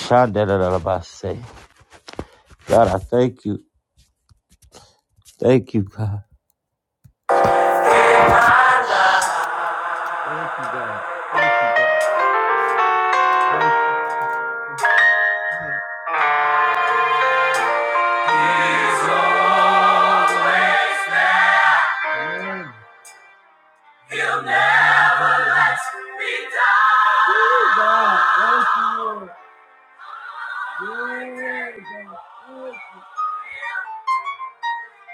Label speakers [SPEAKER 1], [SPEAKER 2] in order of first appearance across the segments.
[SPEAKER 1] Shandarabase. God, I thank you. Thank you, God. You'll never let me down.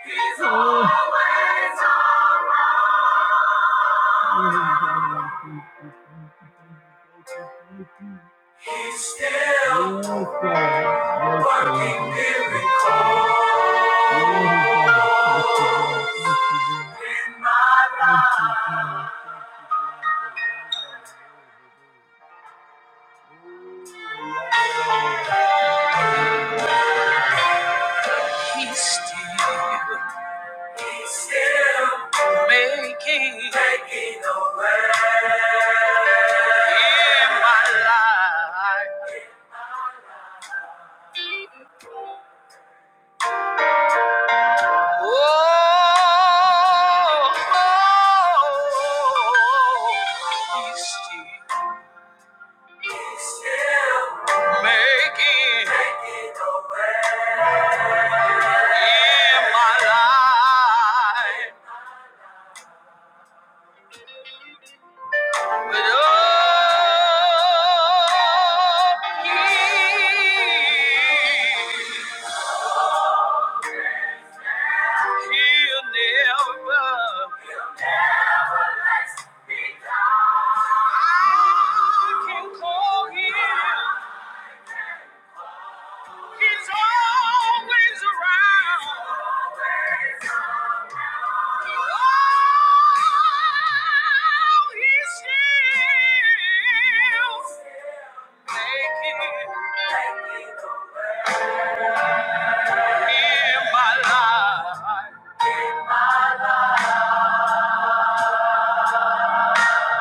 [SPEAKER 1] He's always around. He's still Yes, Yes, working miracles in my life. He's still making a way. Oh, oh, oh, he's still making in my life. But oh, he'll never. I can call him. He's always around.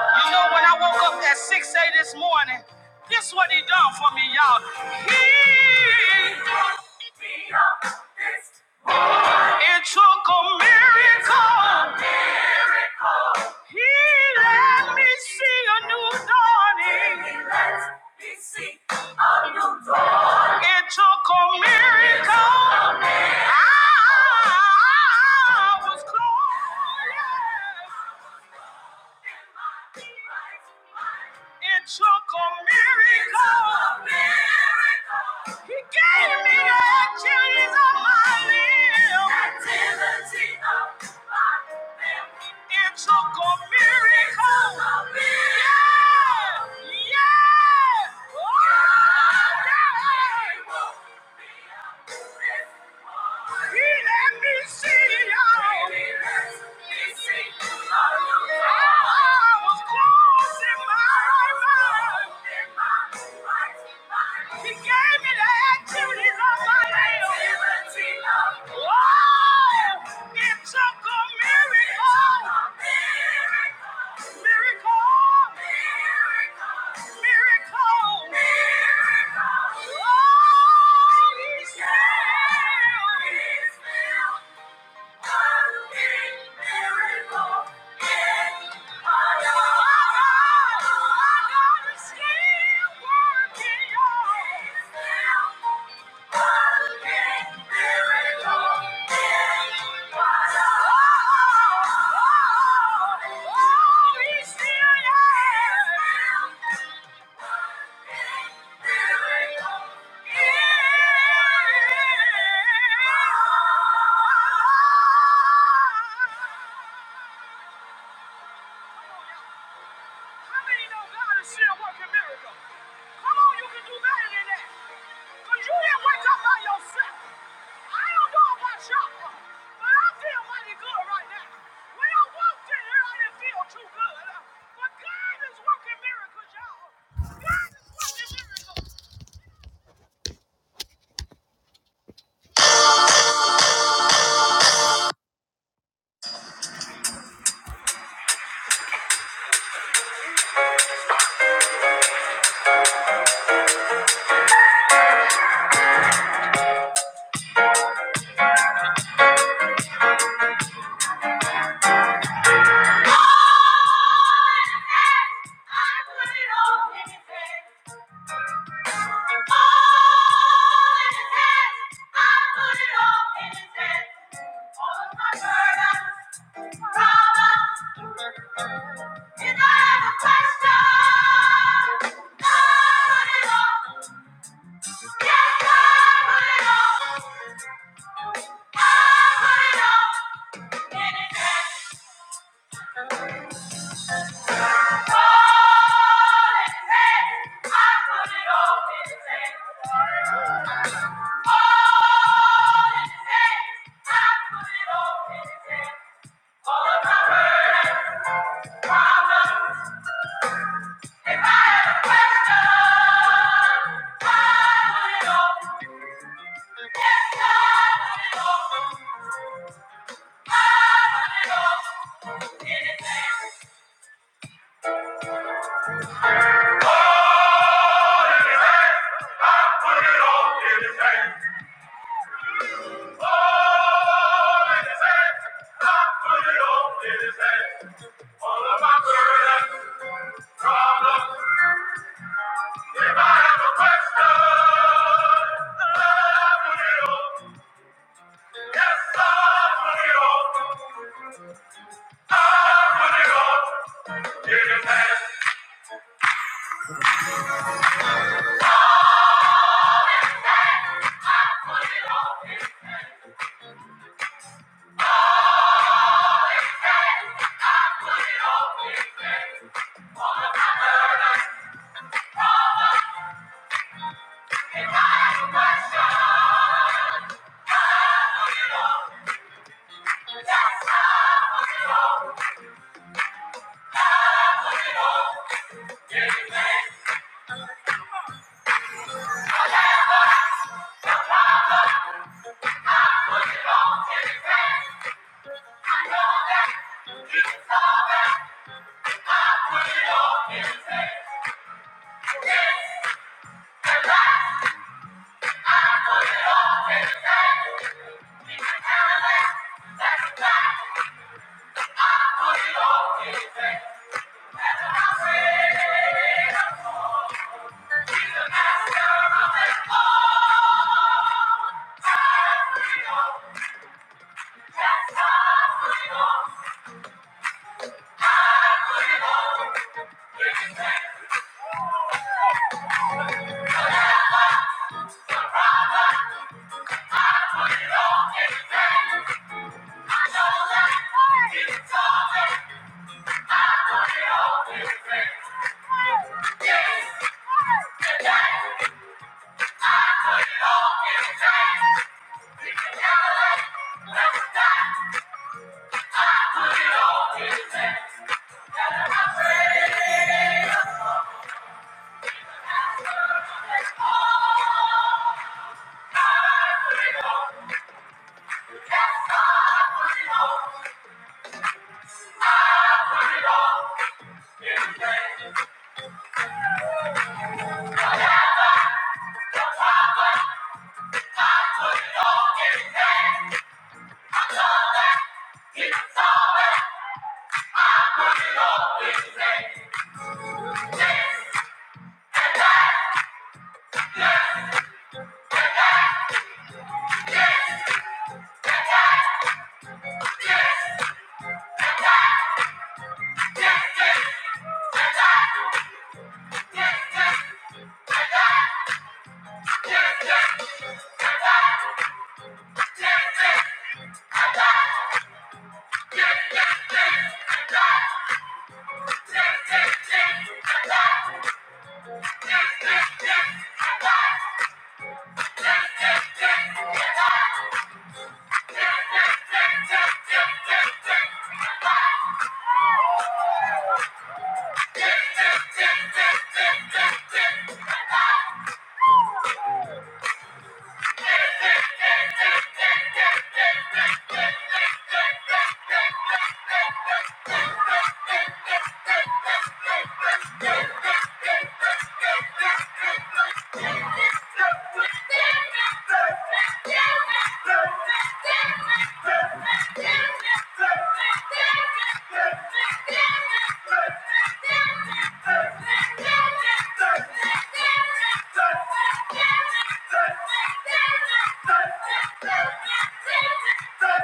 [SPEAKER 1] You know, when I woke up at 6 a.m. this morning, this what he done for me, y'all. He It took a miracle. He let me see a new dawning. It took a miracle. I was close. It took a miracle. He gave me the activities of my limbs. It took a miracle. Yeah, yeah. Oh, yeah. He gave me the activities of my life. It's a good miracle. Miracle. Miracle. Miracle. Miracle. Oh, he's there. He's there. Miracle in Thank you. How many know God is still working miracles? Come on, you can do better than that. Because you didn't wake up by yourself. I don't know about y'all, but I feel mighty good right now. When I walked in here, I didn't feel too good. uh, But God is working miracles, y'all. Working miracles. God is Working miracles. Put it All in his put it Oh! Put it All in his head. all of my burdens, problems. Yes,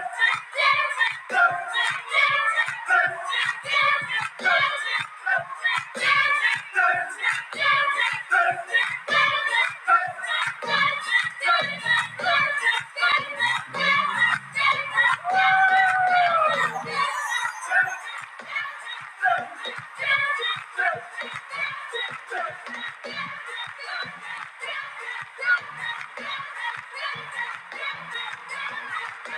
[SPEAKER 1] Perfect. Thank you.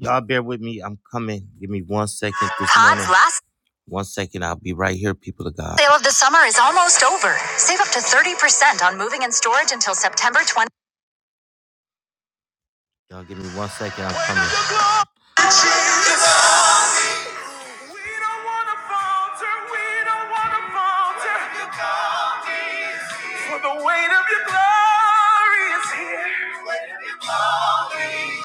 [SPEAKER 1] Y'all bear with me. I'm coming. Give me one second this morning. last. One second. I'll be right here, people of God. Sale of the summer is almost over. Save up to 30% on moving and storage until September 20. Y'all give me one second. I'm coming. We don't wanna falter. We don't wanna falter. For the weight of your glory is here.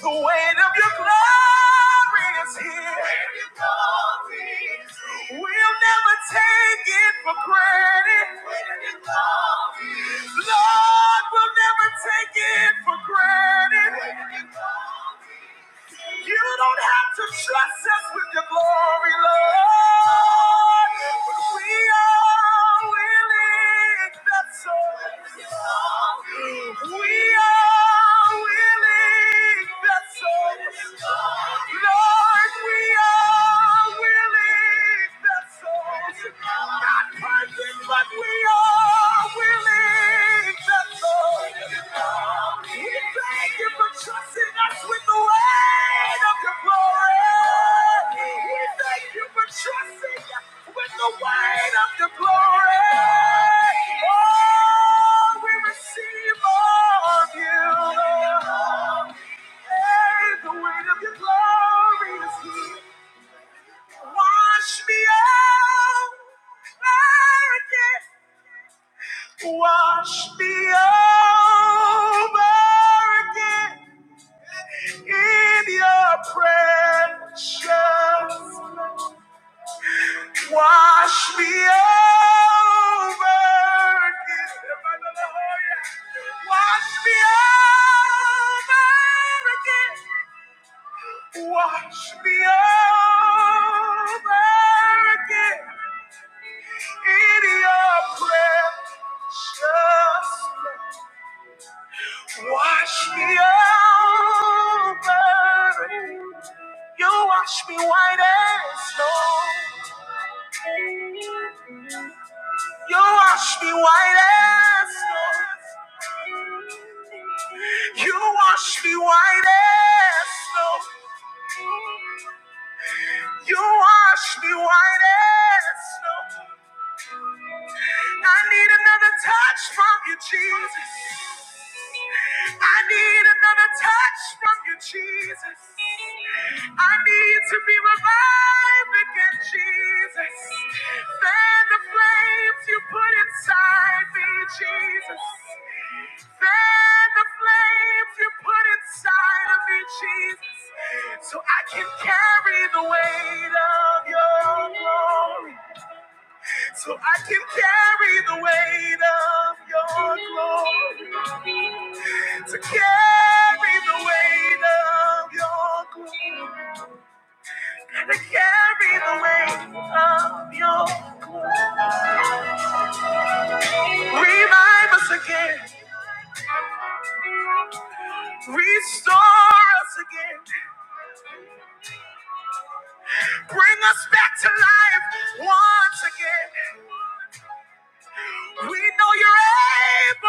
[SPEAKER 1] The weight of your glory is here. We'll never take it for granted. Lord, we'll never take it for granted. You don't have to trust us with your glory, Lord. But we are willing vessels. We are willing vessels. Lord, we are willing vessels. Not perfect. But we are willing to Lord. We thank you for trusting us with the weight of your glory. We thank you for trusting us with the weight of your glory. Oh, we receive of you. Hey, the weight of your glory is here. Wash me out. Lord, yes. Wash me over again in your precious. Wash me over again. Wash me over again. Wash me over again in your precious. Wash me over. You wash me white as snow. You wash me white as snow. You wash me white as snow. You wash me white as snow. I need another touch from you, Jesus. I need touch from you, Jesus. I need to be revived again, Jesus. Fan the flames you put inside me, Jesus. Fan the flames you put inside of me, Jesus. So I can carry the weight of your glory. So I can carry the weight of your glory. To carry the weight of your to carry the weight of your revive us again, restore us again, bring us back to life once again. We know you're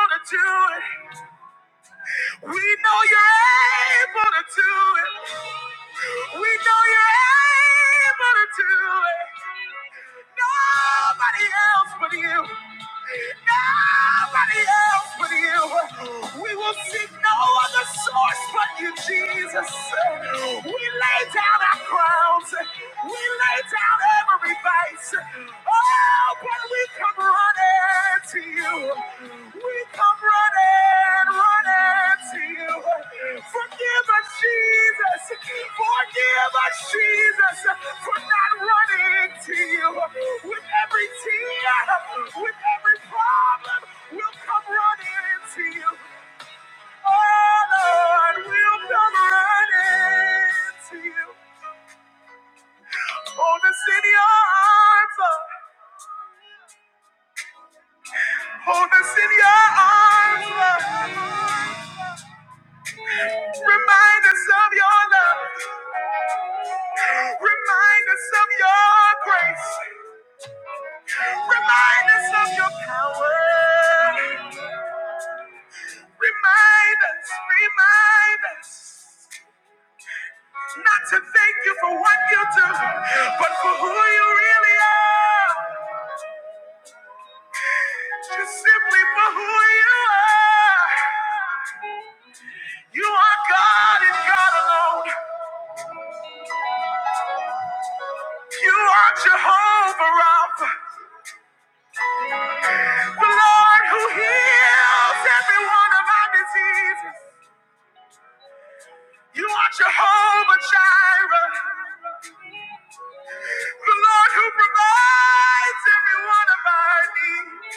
[SPEAKER 1] able to do it. We know you're able to do it. We know you're able to do it. Nobody else but you. Nobody else but you. We will seek no other source but you, Jesus. We lay down our crowns. We lay down every vice. Oh, but we come running to you. We come running, running to you. Forgive us, Jesus. Forgive us, Jesus, for not running to you. With every tear, with every problem, we'll come running to you. Oh, Lord, we'll come running to you. Not to thank you for what you do, but for who you really are. Just simply for who you are. You are God and God alone. You are Jehovah Rapha, the Lord who heals every one of our diseases. You are Jehovah Jireh, the Lord who provides every one of our needs.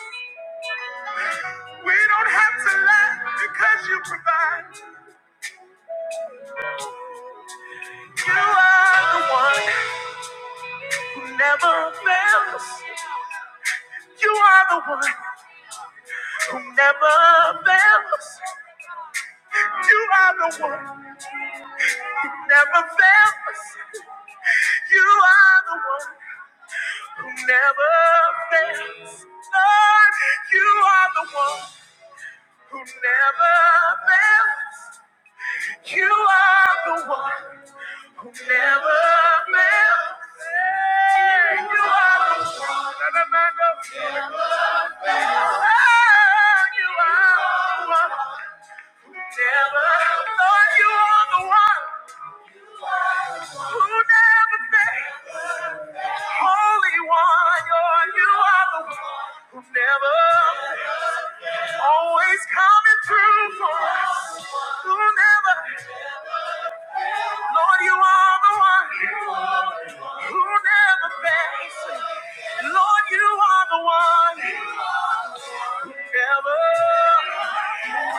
[SPEAKER 1] We don't have to lack because you provide. You are the one who never fails. You are the one. who never fails us. You are the one who never fails us. You are the one who never fails. Lord, you are the one who never fails. You are the one who never fails. Hey, You are the one Who never fails. Oh, you are the one. Never thought you were the one who never failed. Holy one, you're, you are the one who never always coming through for us. Who never Lord, you are the one who never fails. Lord, you are the one who never.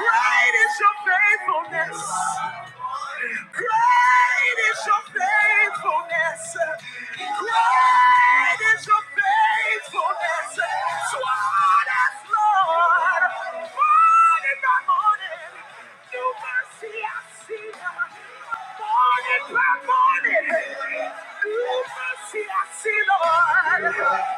[SPEAKER 1] Great is your faithfulness. Great is is your faithfulness. Great is your faithfulness. Sworn as Lord. Morning by morning, new mercy I see. Morning by morning, you are the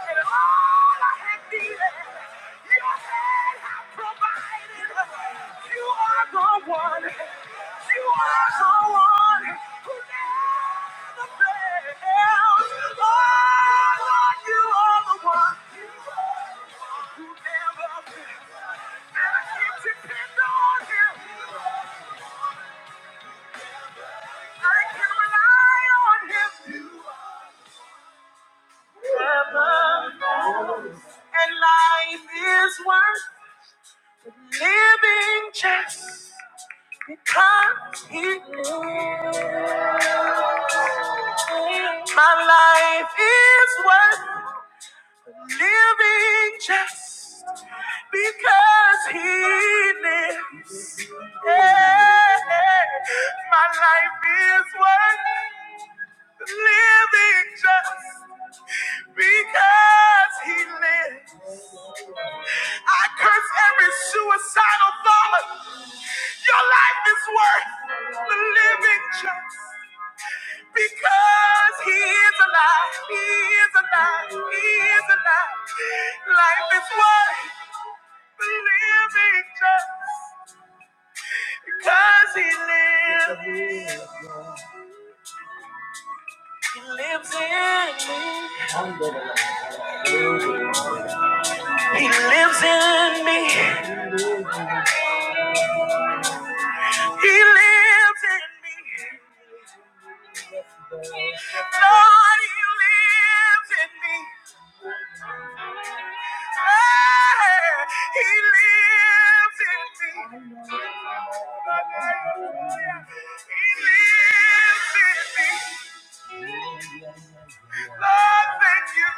[SPEAKER 1] one. You are the one who never fails. Oh, Lord, you are the one who never fails. And life is worth living just because he lives. My life is worth living just because he lives. Yeah, my life is worth living just because he lives. I curse every suicidal thought. Your life is worth the living just. Because he is alive, he is alive, he is alive. Life is worth living just because he lives. He lives in me. He lives in me. He lives in me. Lord, he lives in me. Ah, He lives in me. He lives in me. Lord, thank you.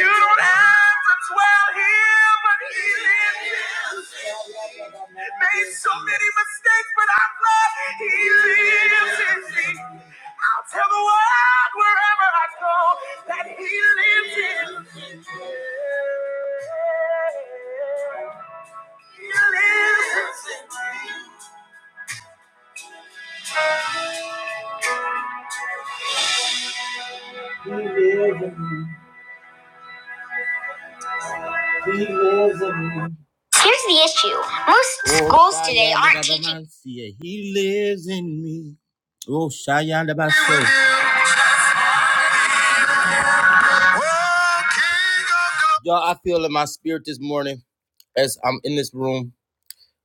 [SPEAKER 1] You don't have to dwell here, but he lives. Made so many mistakes, but I'm glad he lives in me. I tell the world wherever I go that he lives in me. He lives in me. Here's the issue. Most Oh, schools today aren't teaching. He lives in me. Oh, Shayanda Y'all, I feel in my spirit this morning as I'm in this room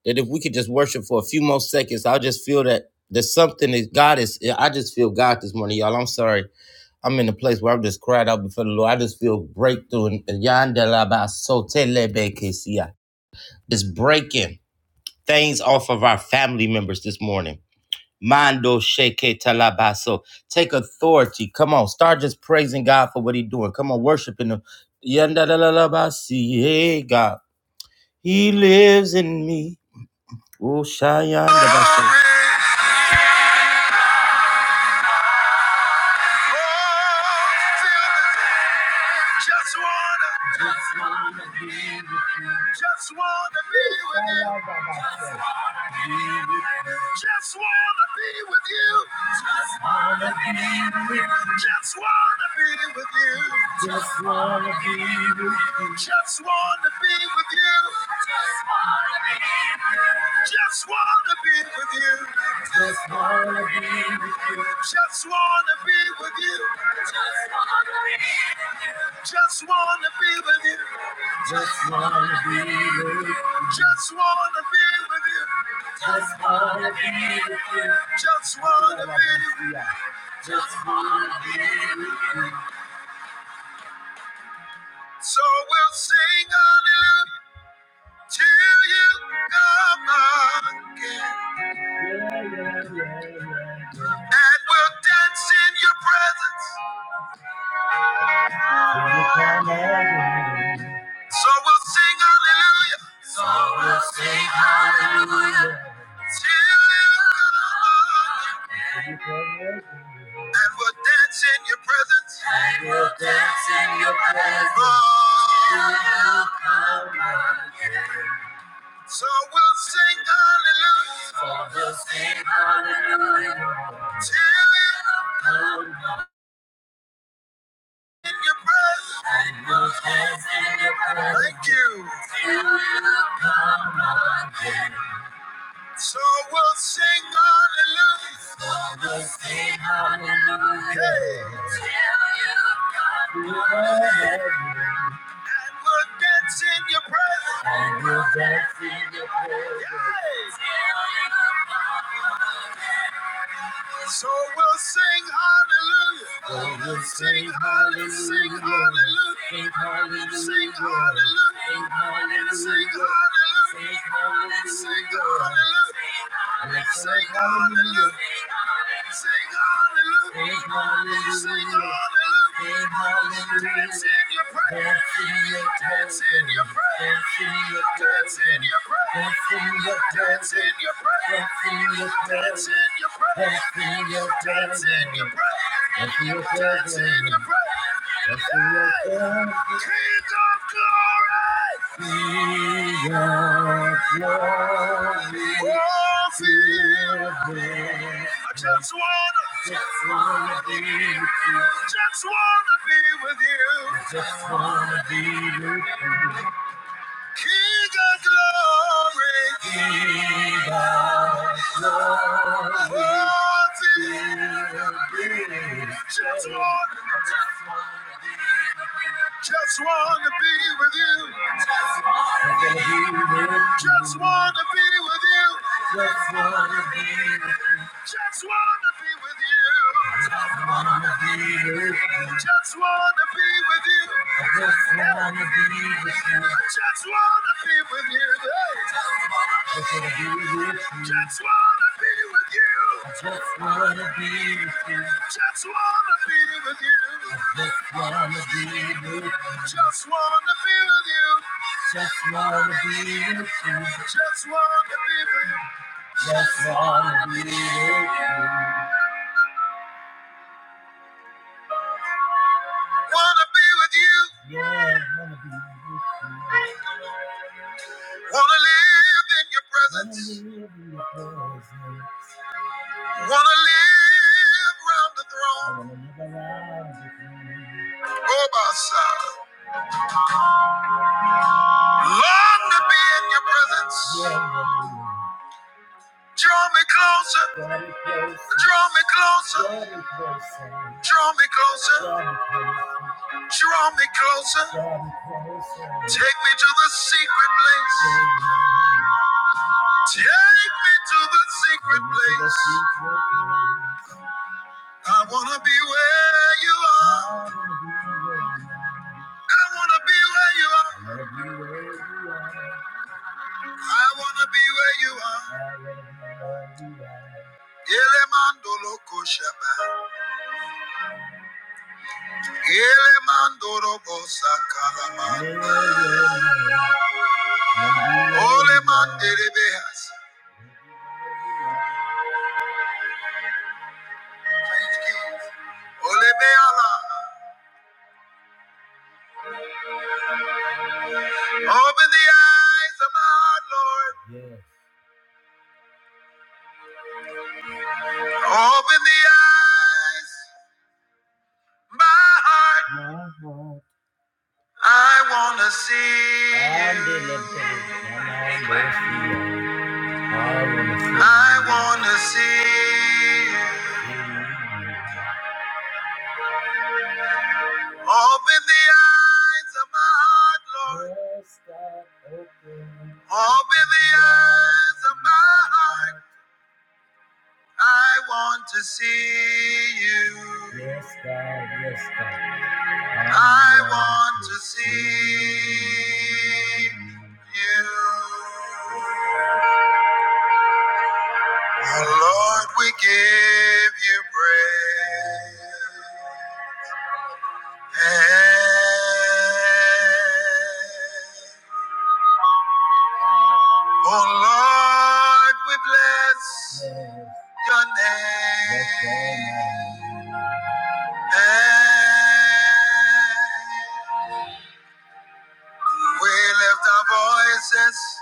[SPEAKER 1] that if we could just worship for a few more seconds, I'll just feel that there's something that God is. yeah, I just feel God this morning, y'all. I'm sorry. I'm in a place where I'm just cried out before the Lord. I just feel breakthrough and yandala ba so telebekesia. This breaking things off of our family members this morning. Mando sheke talabaso. Take authority. Come on. Start just praising God for what He's doing. Come on, worshiping Him. Yandalalalabasi, hey, God. He lives in me. Oh, Shayan. I just wanna be with you. Just wanna be with you. Just wanna be with you. Just wanna be with you. Just wanna be with you. Just wanna be with you. Just wanna be with you. Just wanna be with you. So we'll sing hallelujah. We'll sing hallelujah. And we'll dance in your presence. And we'll dance in your presence. Oh, we'll sing hallelujah. We'll sing hallelujah. Till you come in your presence. And we'll dance in your presence. Thank you. Till you come again. So we'll sing hallelujah. So we'll sing hallelujah. Hey. Till you come home. And we'll dance in your presence. And we'll dance in your presence. Yay. Till you come home. So we'll sing hallelujah. We'll sing hallelujah. Sing hallelujah. Sing hallelujah. Sing hallelujah. Sing hallelujah. Sing hallelujah. Sing hallelujah. Sing hallelujah. Sing hallelujah. King of glory! Just wanna, just wanna be, with you. just wanna be with you, King of Glory. worthy. Just wanna, just wanna be with you, just wanna be with you, just wanna be with you. Just wanna be with you. Just wanna be with you. Just wanna be with you. Just wanna be with you. Just wanna be with you. Just wanna be with you. Just wanna be with you. Just wanna be with you. Just wanna be with you. Just wanna be with you. Wanna be with you. Wanna live in your presence. Wanna live round the throne. Go by side. Long to be in your presence. Draw me closer. Draw me closer. Draw me closer. Draw me closer. Take me to the secret place. Take me to the secret place. I wanna be where you are. I wanna be where you are. I wanna be where you are. Elemandolo koshaba. Elemandoro bosa kalama. Ole mandere behas. Ole beala. Open the eyes of my heart, Lord. Open the eyes. My heart. I wanna see you. I wanna see you. Open the eyes of my heart, Lord. Open the eyes of my heart. I want to see you. Yeah. I want to see you. Oh Lord, we give you praise. Oh Lord, we bless your name. And we lift our voices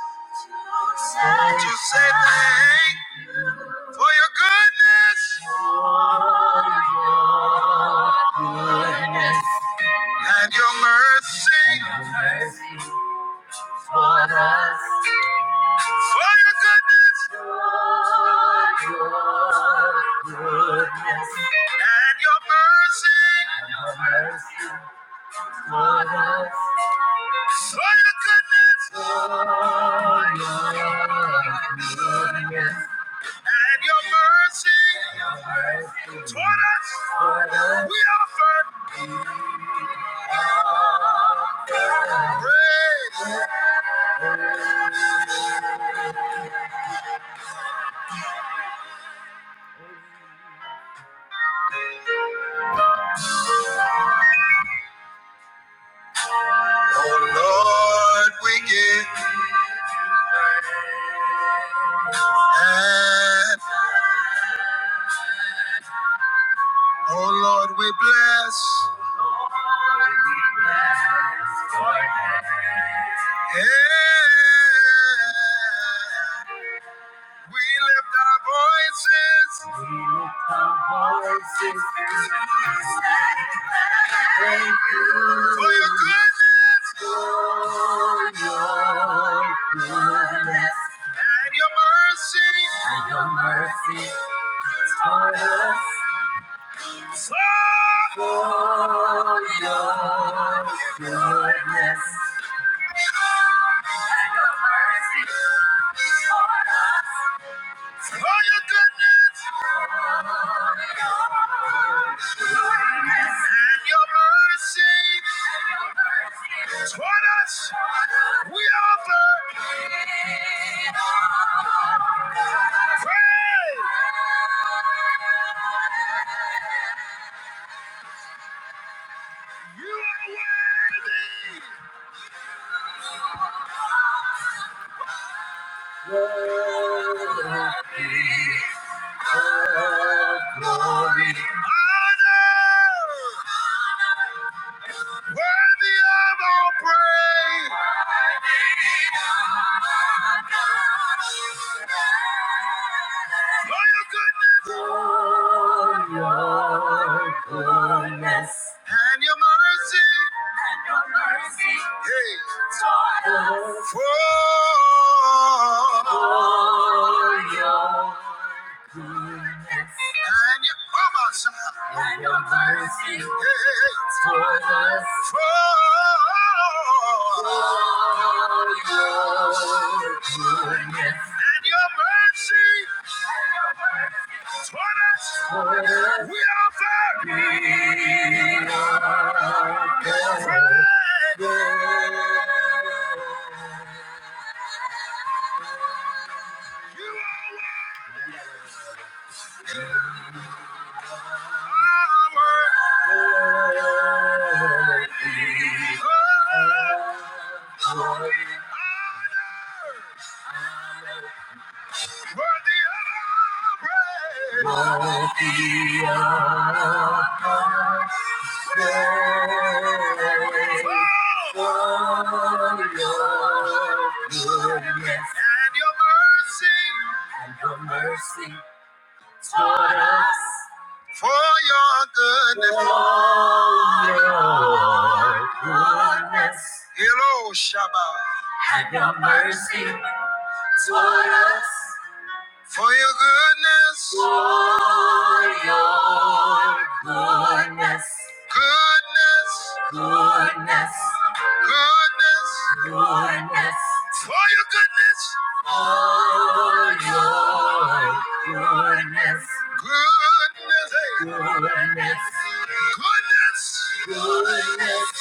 [SPEAKER 1] to say thank for your goodness and your mercy. For your goodness and your mercy. For your goodness and your mercy toward us. We offer praise. Oh Lord, we give and oh Lord, we bless. Yeah. We lift our voices for your goodness and your mercy. Oh, your goodness and your mercy. For your goodness and your mercy toward us, we offer praise. Honor Worthy of all praise. For your goodness. For your goodness. And your mercy. And your mercy. Hey. Toward us. For. For your and your promise, And your mercy is for us. For your goodness. And your mercy toward us. Toward us. We We offer. Praise. You are our. Mercy toward us for your goodness. For your goodness. Hello, Shabbat. Have your mercy toward us. for your goodness, for your goodness, goodness, goodness, goodness, goodness, for your goodness, for your goodness, goodness, hey. goodness, goodness, goodness,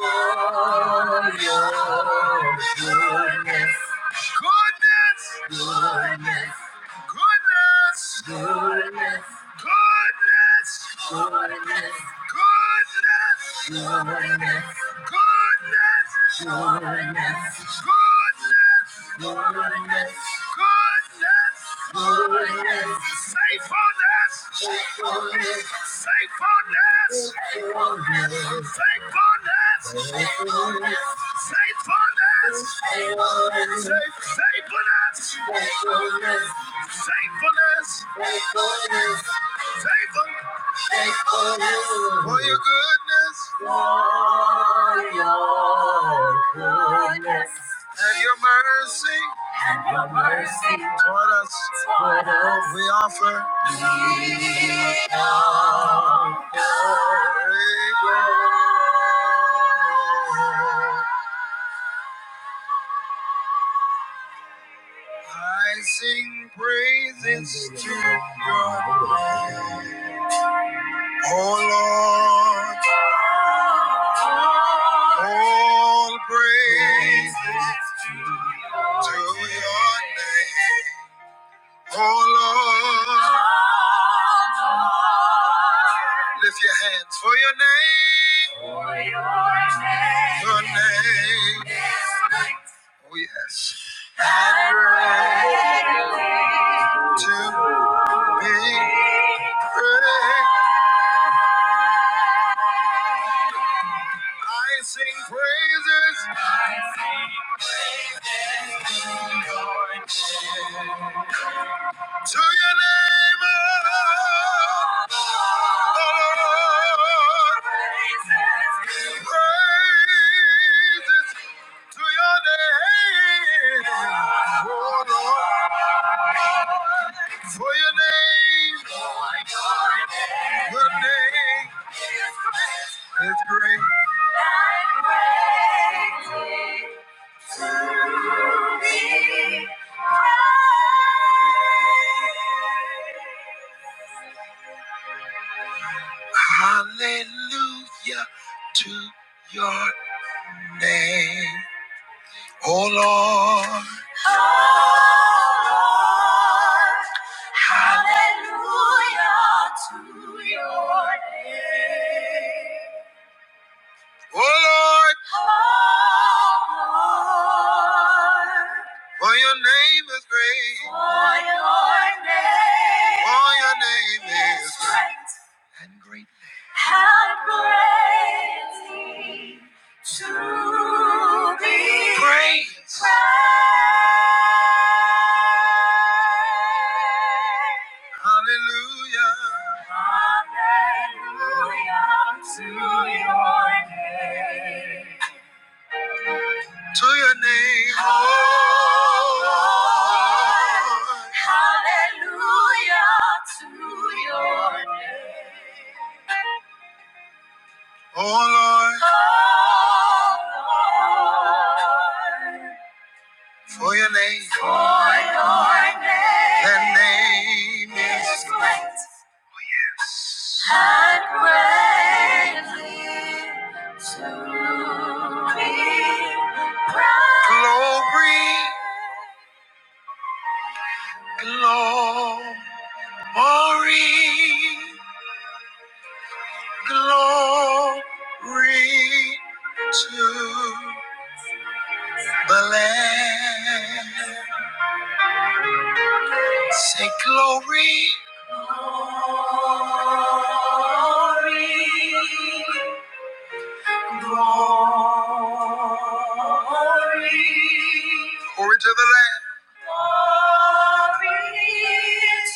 [SPEAKER 1] for for your goodness. Goodness. Goodness. Goodness. Goodness. Goodness. Goodness. Goodness. Goodness. Goodness. Goodness. Goodness. Goodness. Faithfulness. Faithfulness. Faithfulness. Faithfulness. Faithfulness. Faithfulness. Faithfulness. Faithful. For your goodness. for your goodness, And your mercy. and your mercy Toward us. toward us, We offer. Praise. I sing praises to your name. Oh Lord, all praises to your name. Oh Lord, lift your hands for your name. For your name. Your name. is great. Oh yes. And great to be praised. I sing praises to your name. Thank you. Hallelujah to your name. Oh Lord. Oh Lord. Hallelujah to your name. Oh Lord, oh Lord, for your name is great. For your name for Your name is great. And greatly. great. praised! Hallelujah. Hallelujah to your name. to your name. Oh, Lord. hallelujah to your name. Oh Lord, oh, Lord. for your name, for your name, the name is great glory, glory, glory to the Lamb. Say glory. Glory glory to the Lamb. Glory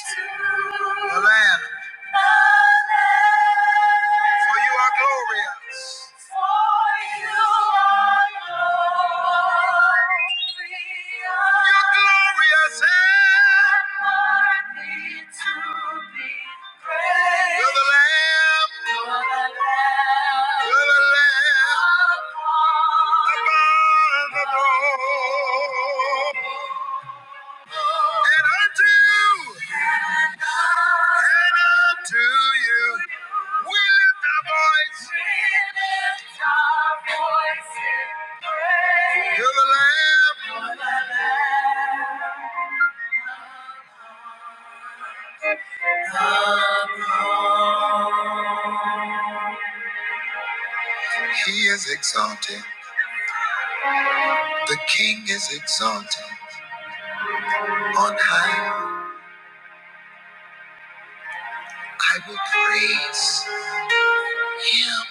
[SPEAKER 1] to the Lamb. The Lamb. For you are glorious. And unto, and unto you, we lift our voice. We lift To the Lamb. He is exalted. The King is exalted. On high, I will praise him.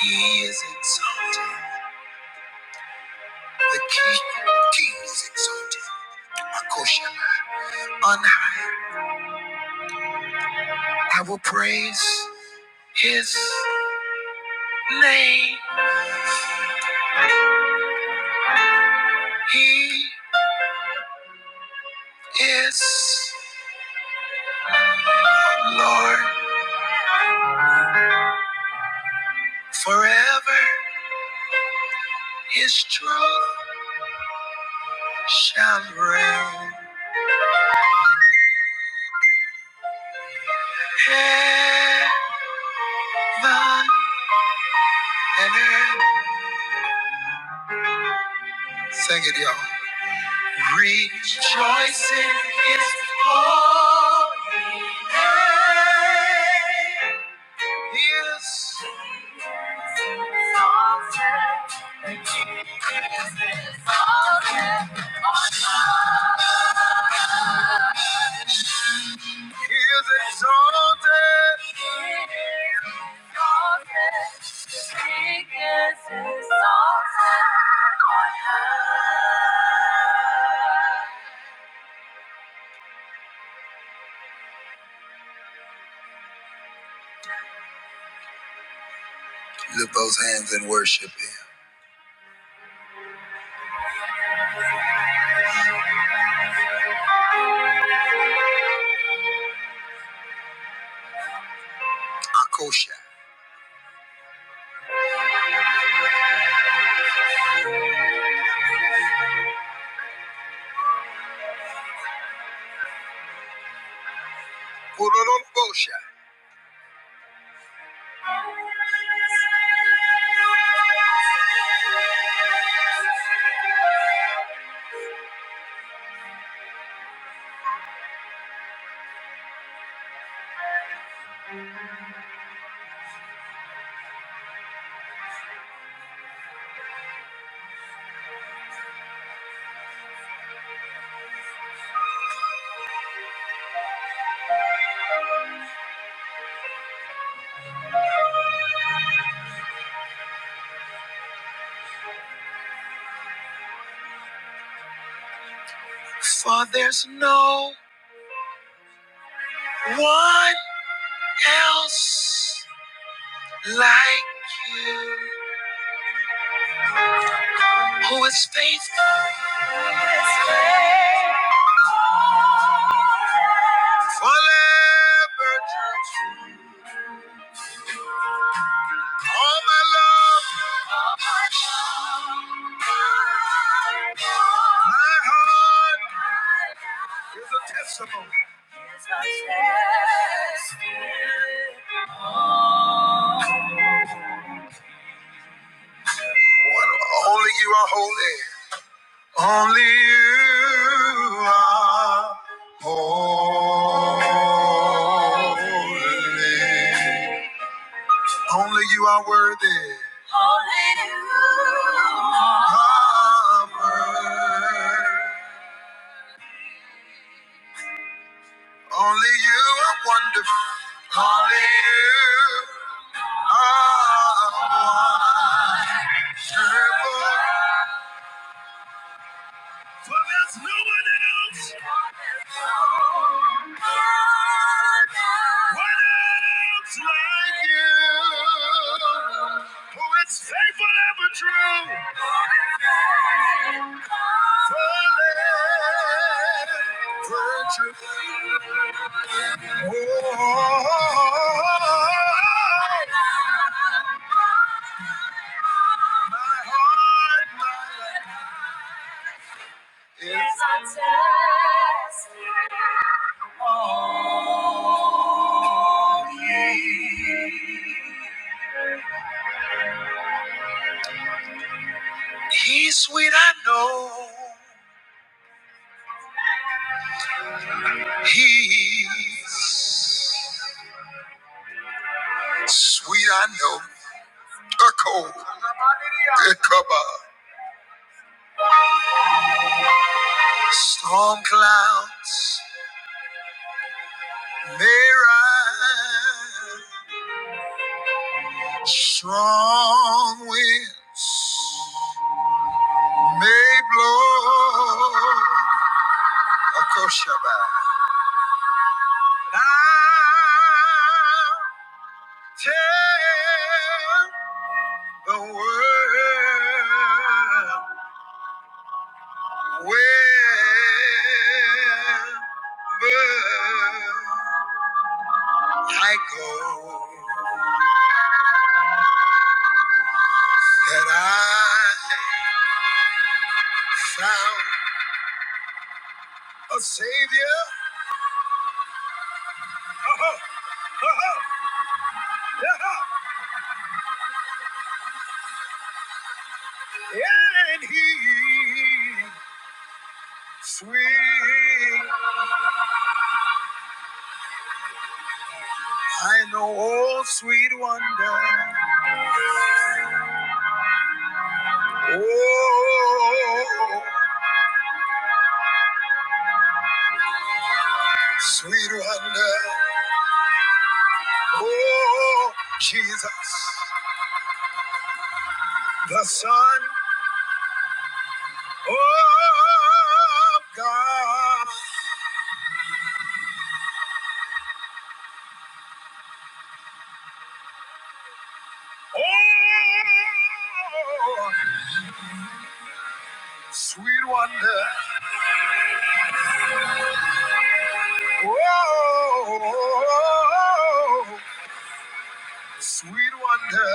[SPEAKER 1] He is exalted. The King, King is exalted. Akosha. On high. I will praise his name. He is Lord forever. His truth shall reign. Heaven and earth. Sing it, y'all. Rejoice in his holy Yes. He is exalted. He is exalted on high. Lift those hands and worship him. Akosha. Kurorobosha. For there's no one else like you. Forever true. All my love. my heart is a testimony. Is a testimony. One, only you are holy. Only you are holy. Only you are worthy. Only you are worthy. Only you are wonderful. Only you are wonderful. There's no one else. What else like you? Who is faithful ever true? Forever true. Oh, my heart, my life. Yes, I just want you. He's sweet, I know. He's sweet, I know. Turco, Ikaba. Storm clouds may rise. Strong winds may blow. Akosha Now tell the world wherever I go that I found a savior. Oh, oh, yeah, yeah, and he sweet. I know, oh, sweet wonder. Oh, Sweet wonder, oh Jesus, the Son of God. Oh, sweet wonder, oh, sweet wonder,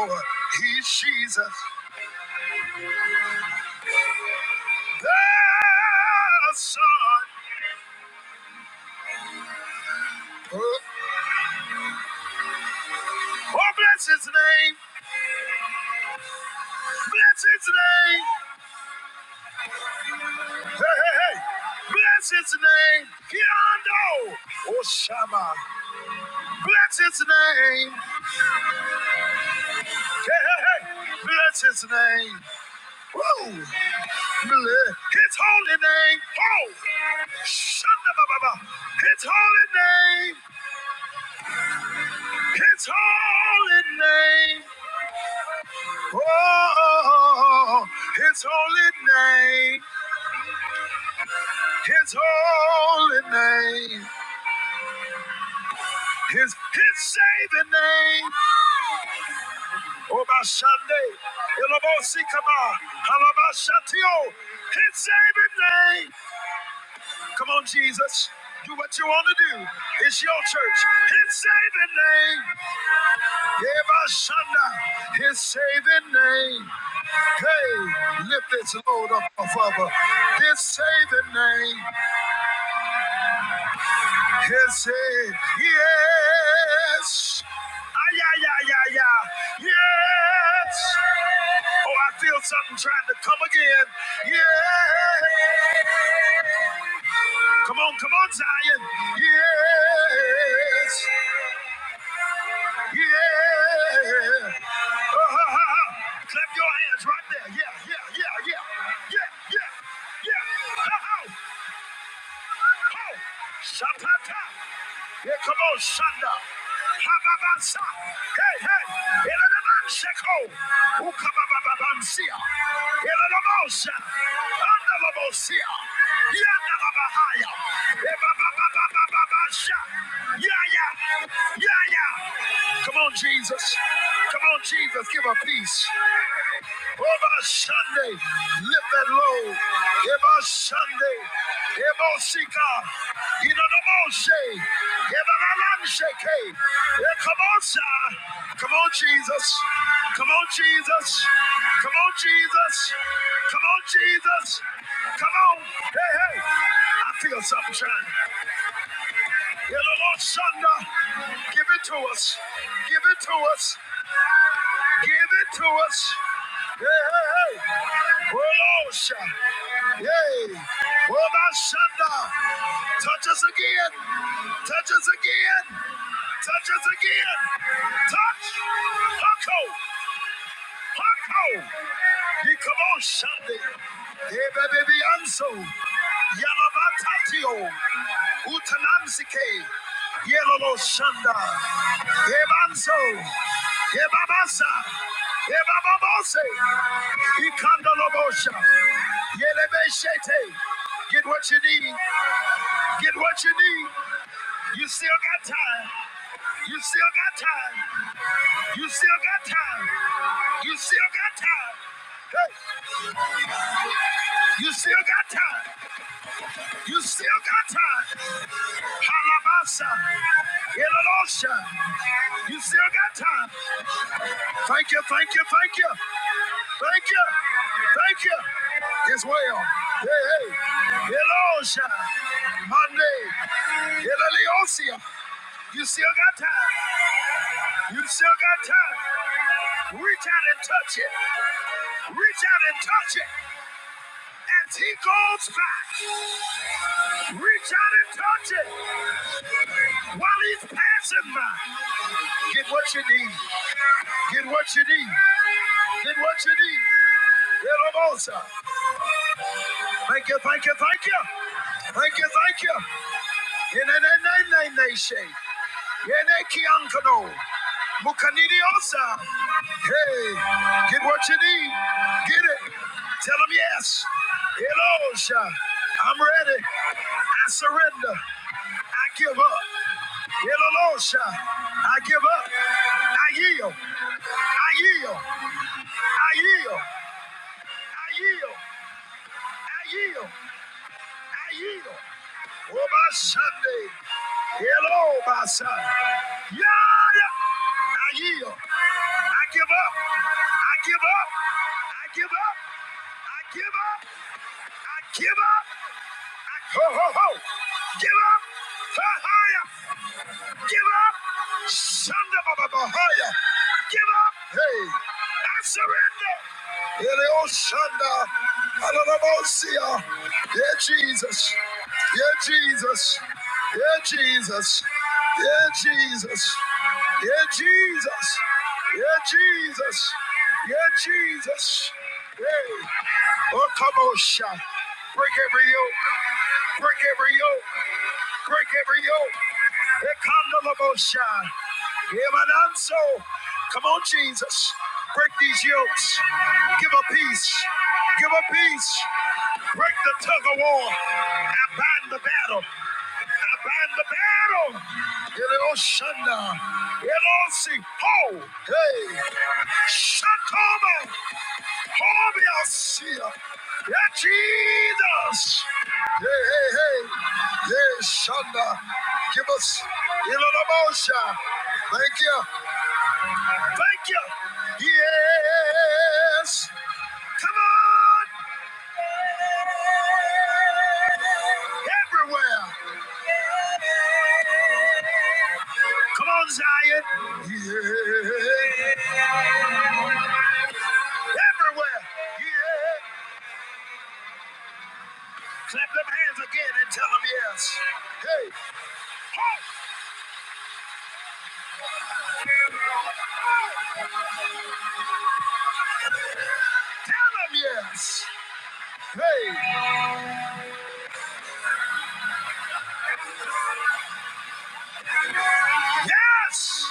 [SPEAKER 1] oh, He's Jesus, the Son. Oh, bless His name, bless His name. Hey, hey, hey. Bless his name. Kiando. Oshama. Bless his name. Hey, hey, hey. Bless his name. Woo. Bless his holy name. Shandabababa. His holy name. His holy name. Oh, his holy name. His holy name. His his saving name. Obashande, Elobosikaba, Halabashatio. It's saving name. Come on, Jesus. Do what you want to do. It's your church. It's saving name. Ebashanda. His saving name. Hey, lift this load up, my Father. His saving name. Yes, eh, yes. Ay, ay, ay, ay, ay. Yes. Oh, I feel something trying to come again. Yeah. Come on, come on, Zion. Yes. Yeah. Uh, ha, ha, ha. Clap your hands right there. Yeah, yeah, yeah, yeah. Yeah, yeah, yeah. Ha ha! Hey, Shatata. Yeah, come on, Shanda. Hababasa. Hey, hey. Elalaman Sheko. Ukabababansia. Elalamosa. Andalamosia. Yandalabahaya. Ebabababababasha. Yeah, yeah. Yeah, yeah. Come on, Jesus. Come on, Jesus. Give her peace. Over Sunday, lift that load. Eba Sunday, Ebo Sika, you know Inanomoshe, Ebalalamsheke. Yeah, Come on, sir. Come on, Jesus. Come on, Jesus. Come on, Jesus. Come on, Jesus. Come on. Hey, hey. I feel something shining. Yeah, the Lord Shanda, give it to us. Give it to us. Give it to us. Hey, hey, hey. Well, Lord Shanda. Yay. Well, Lord Shanda. Touch us again. Touch us again. Touch us again. Touch. Touch. Paco. You come Hey, Yalabatatio. Utanamsike. Yelolo Shanda. Ebanzo. Ebabasa. Ebababose. Ikandalobosha. Yelebeshete. Get what you need. Get what you need. You still got time. You still got time. You still got time. You still got time. Hey, you still got time. You still got time. Halabasa. Elolosha. You still got time. Thank you, thank you, thank you, thank you, thank you. Yes, well. Hey, hey. Elosia, Monday, Eleliosia. You still got time. You still got time. Reach out and touch it. Reach out and touch it. as he goes back. Reach out and touch it. While he's passing by. Get what you need. Get what you need. Get what you need. Get them also. Thank you, thank you, thank you. Thank you, thank you. In the name, name, name, nation. Yene kiankano. Mukanidi osa. Hey, get what you need. Get it. Tell them yes. Hello, Sha. I'm ready. I surrender. I give up. Hello, Sha. I give up. I yield. I yield. I yield. I yield. I yield. I yield. Oh, my Sunday. Hello, my son. Yeah, yeah. I yield. I give up. I give up. I give up. I give up. I give up. Ho, ho, ho. Give up. Ha, ha, yeah. Give up. Shanda Baba Bahaya. Give up. Hey. I surrender. Eleo Shanda. Alalabosia. Yeah, Jesus. Yeah, Jesus. Yeah, Jesus. Yeah, Jesus. Yeah, Jesus. Yeah, Jesus. Yeah, Jesus. Hey. Oh, come on, shout. Break every yoke. Break every yoke. Break every yoke. Ekandalabosha. Emananso. Come on, Jesus. Break these yokes. Give a peace. Give a peace. Break the tug of war. I bind the battle. I bind the battle. Eleoshanda. Elosi. Ho. Hey. Shatoma. Hobiasia. Yeah, Jesus. Hey, hey, hey. Hey, Shonda. Give us a little motion. Thank you. Thank you. Yes. Come on. Everywhere. Come on, Zion. Yeah. Everywhere. Yeah. Clap them hands again and tell them yes. Hey, tell them yes. Hey, yes.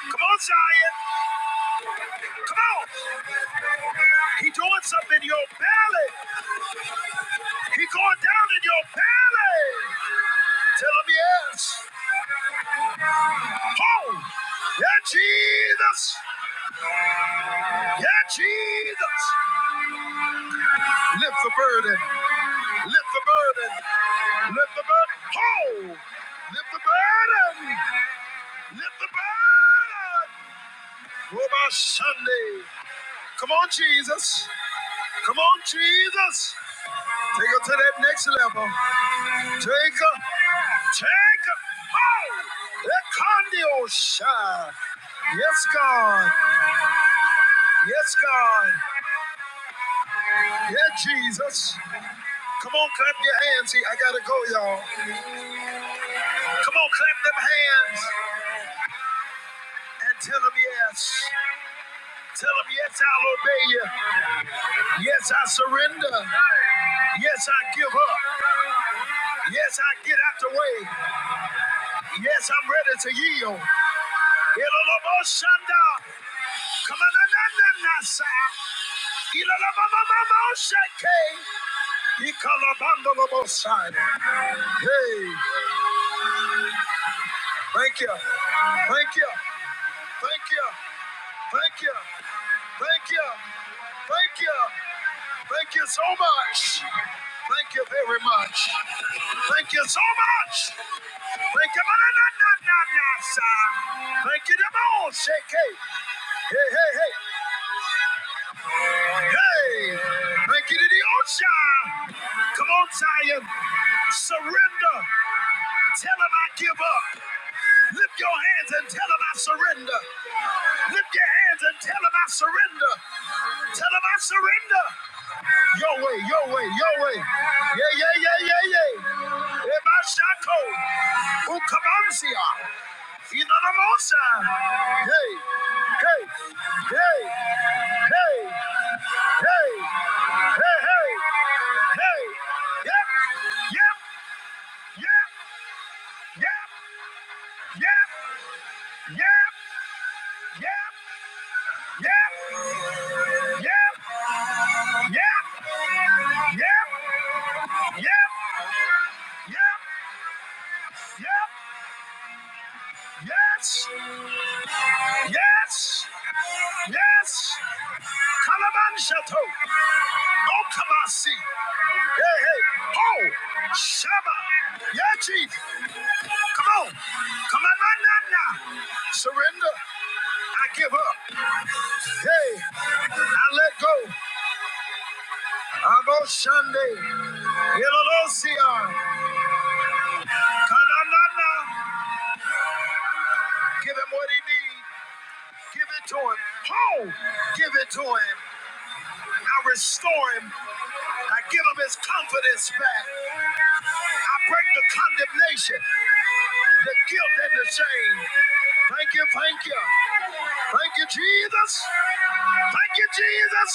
[SPEAKER 1] Come on, Zion. Come on. He doing something in your belly. He's going down in your belly. Tell him yes. Oh, yeah, Jesus. Yeah, Jesus. Lift the burden. Lift the burden. Lift the burden. Oh, lift the burden. Lift the burden. Oh, my Sunday. Come on, Jesus. Come on, Jesus. Take her to that next level. Take her. Take her. Oh, that condio shine. Yes, God. Yes, God. Yeah, Jesus. Come on, clap your hands. See, I gotta go, y'all. Come on, clap them hands and tell them yes. Tell them yes, I'll obey you. Yes, I surrender. Yes, I give up. Yes, I get out the way. Yes, I'm ready to yield. Iloloboshanda. Come on, na na na na, sir. Ilolobobobobosake. Ikalabandolobosai. Hey. Thank you. Thank you. Thank you. Thank you. Thank you. Thank you. Thank you so much. Thank you very much. Thank you so much. Thank you. na- na- na- na- na, sir. Thank you the most. Shake it. Hey, hey, hey. Hey, make it in the ocean. Come on, Zion. Surrender. Tell him I give up. Lift your hands and tell him I surrender. Lift your hands and tell him I surrender. Tell him I surrender. Your way, your way, your way. Yeah, yeah, yeah, yeah, yeah. Eba shako. Ukabansia. Inanamosa. Hey, hey, hey, hey. Hey! Hey, hey! Hey! Yep! Yep! Yep! Yep! Yep! Yep! Yep! Yep! Yep! Yep! Yep! Yep! Yep! Yep! Yes! Yes! Yes! Calaban Chateau! Oh, Kamasi! Hey, hey! Oh! Shaba! Yeah, Chief! Come on! Come on, man, now! now. Surrender! I give up! Hey, I let go. I'm on Sunday. Ilolosia. Kananana. Give him what he needs. Give it to him. Ho! Give it to him. I restore him. I give him his confidence back. I break the condemnation, the guilt, and the shame. Thank you, thank you. Thank you, Jesus. Thank you, Jesus.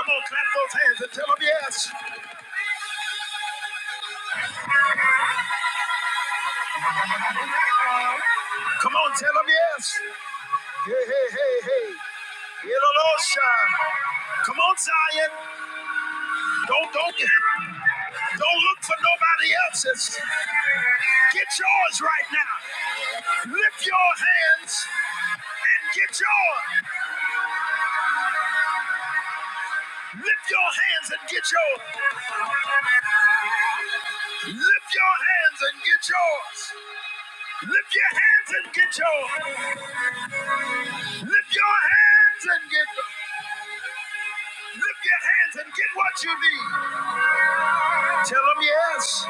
[SPEAKER 1] Come on, clap those hands and tell them yes. Come on, tell them yes. Hey, hey, hey, hey. Yelolosha. Come on, Zion. Don't don't don't look for nobody else's. Get yours right now. Lift your hands and get yours. Lift your hands and get yours. Lift your hands and get yours. Lift your hands and get yours. Lift your hands and get yours. Lift your hands and get what you need. Tell him yes.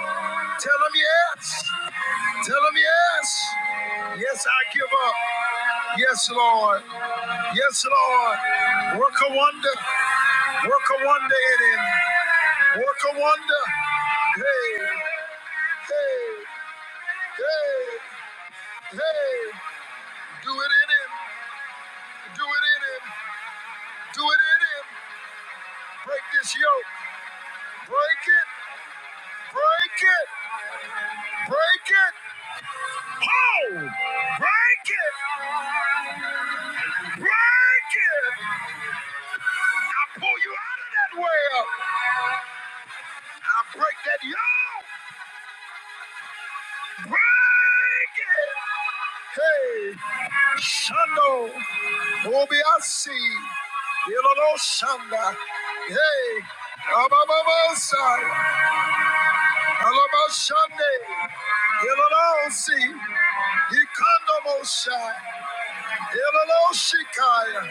[SPEAKER 1] Tell him yes. Tell him yes. Yes, I give up. Yes, Lord. Yes, Lord. Work a wonder. Work a wonder in him. Work a wonder. Hey, hey, hey, hey. Do it in him. Do it in him. Do it in him. Break this yoke. Break it. Break it. Break it. Oh! Break it. Break it. I pull you out of that well. I break that yoke. Break it. Hey, Shando, Obiasi, Ilolo Shanda. Hey, Abababosa, Alabashande, Ilolo Si, Ikandomosha, Ilolo Shikaya,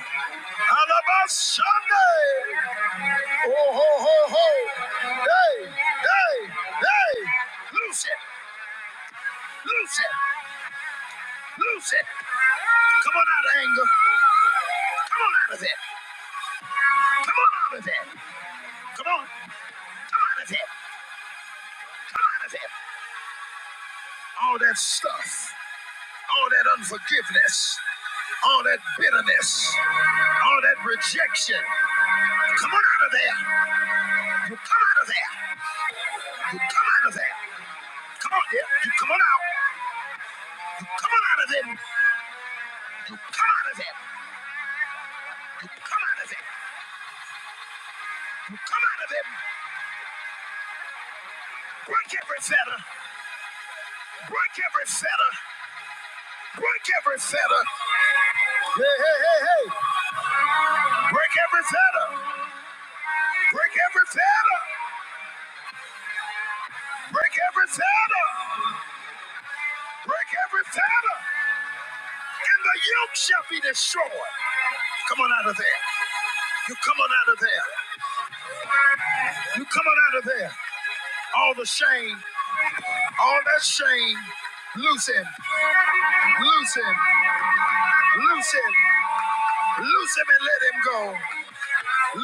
[SPEAKER 1] Alabashande. Ho, ho, ho, ho. Hey, hey, hey. Loose it, loose it, loose it. Come on out of anger. Come on out of it. Come on out of it. Come on, come out of it. Come out of it. All that stuff, all that unforgiveness, all that bitterness, all that rejection. Come on out of there. You come out of there. You come out of there. Come on, yeah. You come on out. You come out of him. You come out of him. You come out of him. You come out of him. Break every fetter. Break every fetter. Break every fetter. Hey, hey, hey, hey. Break every fetter. Break every fetter. Break every fetter. Break every fetter. And the yoke shall be destroyed. Come on out of there. You come on out of there. You come on out of there. All the shame, all that shame, loosen, loosen, Loose him. Loose him and let him go.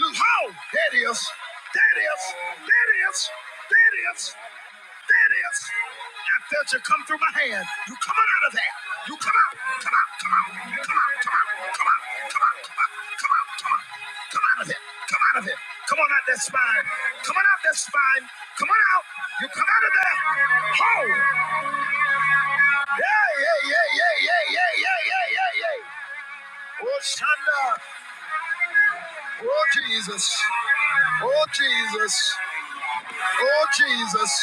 [SPEAKER 1] Loose. Oh, there it is. There it is. There it is. There it is. There it is. I felt you come through my hand. You coming out of there. You come out. Come out. Come out. Come out. Come out. Come out. Come out. Come out. Come out. Come out. Come out of it. Come out of it. Come on out that spine. Come on out that spine. Come on out. You come out of there. Ho! Yeah, yeah, yeah, yeah, yeah, yeah, yeah, yeah, yeah, yeah. Oh, Shonda. Oh Jesus. Oh Jesus. Oh Jesus.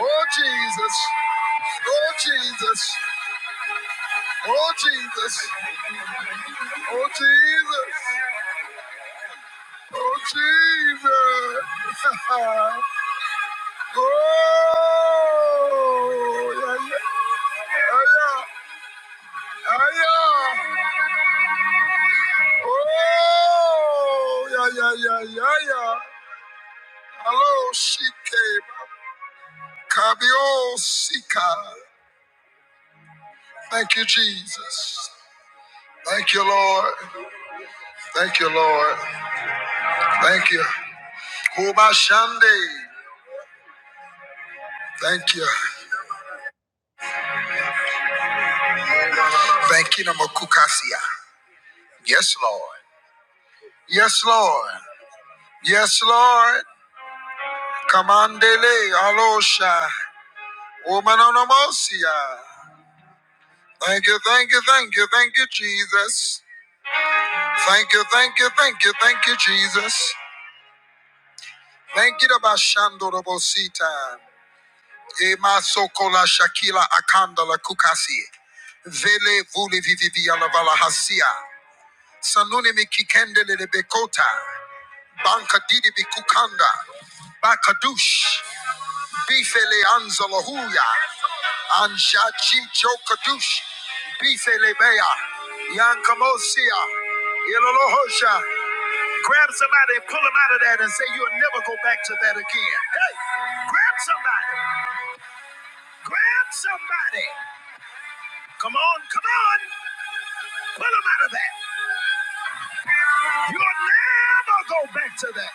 [SPEAKER 1] Oh Jesus. Oh Jesus. Oh Jesus. Oh Jesus. Oh Jesus. oh yeah, yeah. Aya, aya. Oh, ya, ya, ya, ya, ya. Hello, she came. Kabio Sika. Thank you, Jesus. Thank you, Lord. Thank you, Lord. Thank you. Kubashande. Thank you. Thank you, Namakukasia. Yes, Lord. Yes, Lord. Yes, Lord. Kamandele Alosha. Woman on Thank you, thank you, thank you, thank you, Jesus. Thank you, thank you, thank you, thank you, Jesus. Thank you, Dabashando Robosita. Ema Sokola Shakila Akandala Kukasi. Vele vuli vivivi alla vala hasia. Sanunimi kikendele de bekota. Banka didi bikukanda. Bakadush. Bifele anzalahuya. Anjaji jokadush. Bifele bea. Yankamosia. Ilalohosha. Grab somebody and pull them out of that and say you'll never that again. Hey, grab somebody. Grab somebody. Come on, come on. Pull them out of that. You'll never go back to that.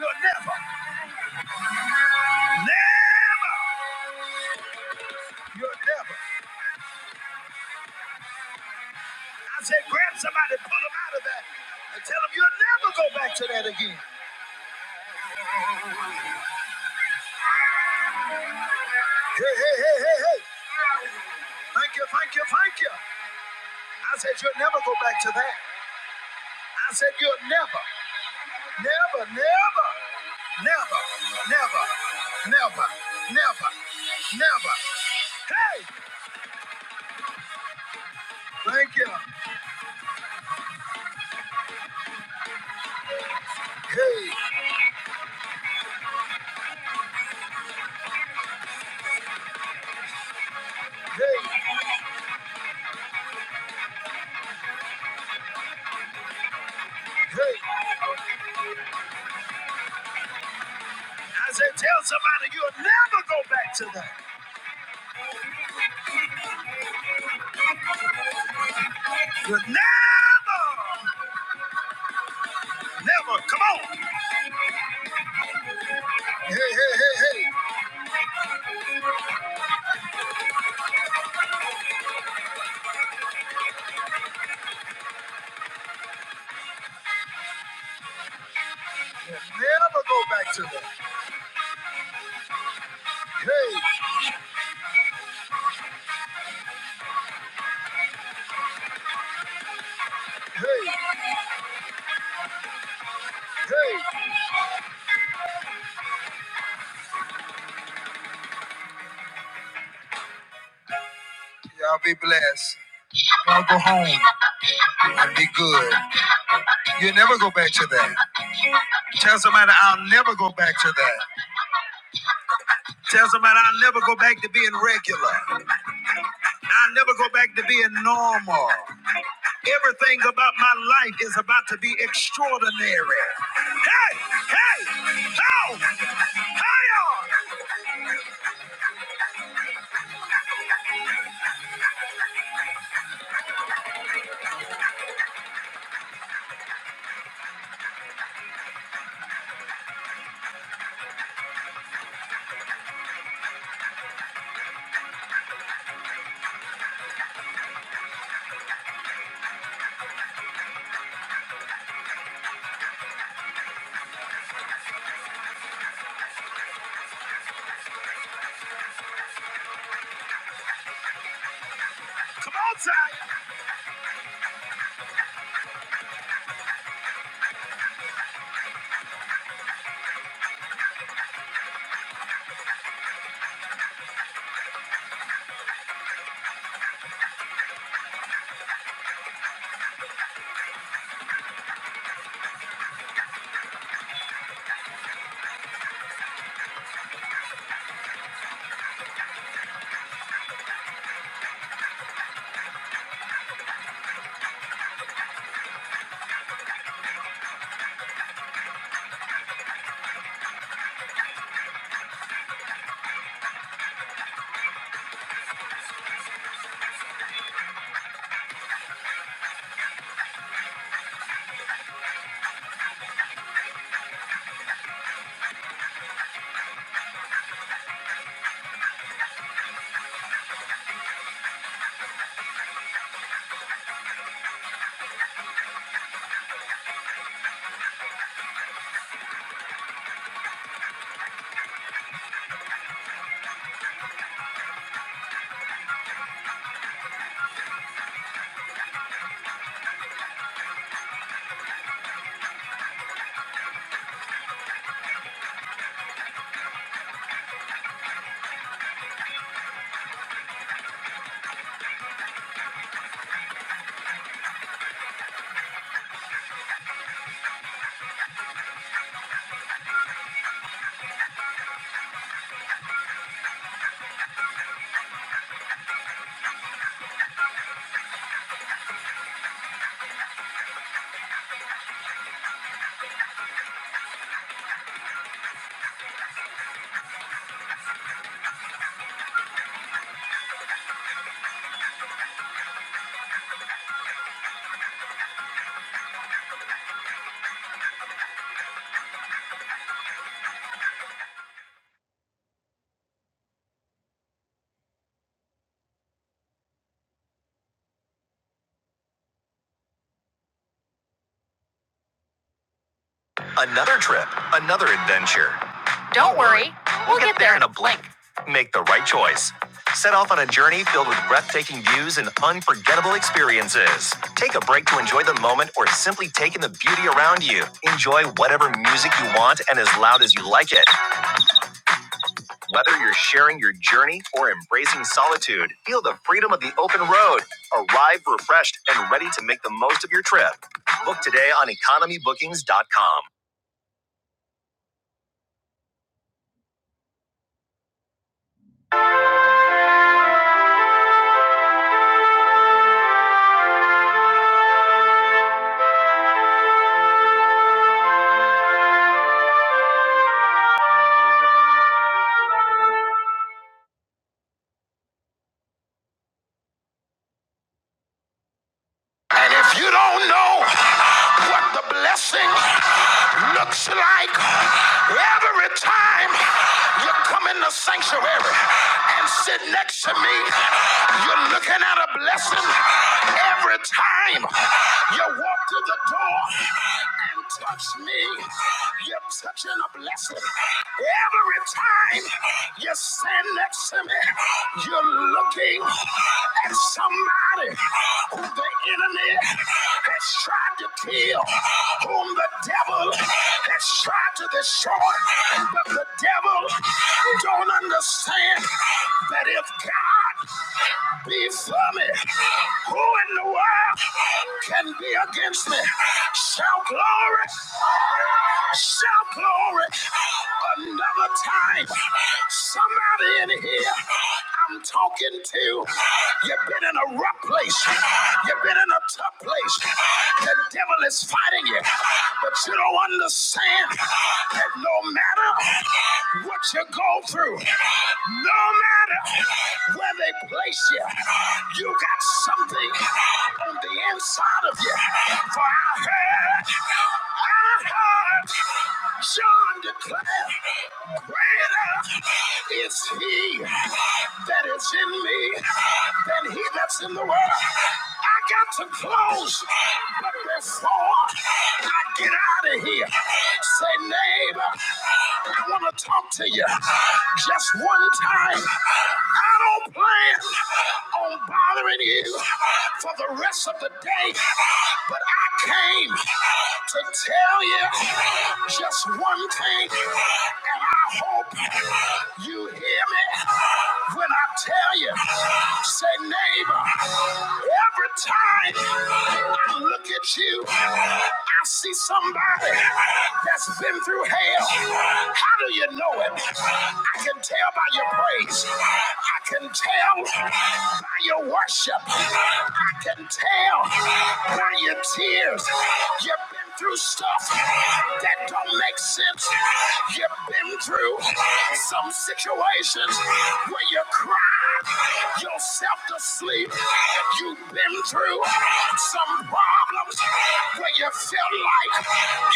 [SPEAKER 1] You'll never, never, you'll never. I said, grab somebody, pull them out of that, and tell them you'll never go back to that again. Thank you, thank you. Never, never, never, never. Hey, thank you. I said, tell somebody you'll never go back to that. You'll never, never, come on, never go back to that. Y'all be blessed. I'll go home and be good. You'll never go back to that. Tell somebody I'll never go back to that. Tell somebody I'll never go back to being regular. I'll never go back to being normal. Everything about my life is about to be extraordinary. Hey, hey, oh, hi on. Another trip, another adventure. Don't worry, we'll we'll get get there in a blink. Make the right choice. Set off on a journey filled with breathtaking views and unforgettable experiences. Take a break to enjoy the moment or simply take in the beauty around you. Enjoy whatever music you want and as loud as you like it. Whether you're sharing your journey or embracing solitude, feel the freedom of the open road. Arrive refreshed and ready to make the most of your trip. Book today on economybookings.com. If you don't know what the blessing looks like, Every time you come in the sanctuary and sit next to me, you're looking at a blessing. Every time you walk through the door and touch me, you're touching a blessing. Every time you stand next to me, you're looking at somebody who the enemy has tried to kill, whom the devil has tried to destroy. But the devil don't understand that if God be for me, who in the world can be against me? Shout glory! Shout glory! Another time. some in here I'm talking to. You've been in a sand, no matter what you go through, no matter where they place you, you got something on the inside of you. For I heard John declare, Greater is he that is in me than he that's in the world. I got to close, but before I get out of here, say, neighbor, I want to talk to you just one time. I don't plan on bothering you for the rest of the day, but I came to tell you just one thing, and I hope you hear me when I tell you. Say, neighbor, every time I look at you, I see somebody that's been through hell. How do you know it? I can tell by your praise. I can tell by your worship. I can tell by your tears. You've been through stuff that don't make sense. You've been through some situations where you cried yourself to sleep. You've been through some problems where you felt like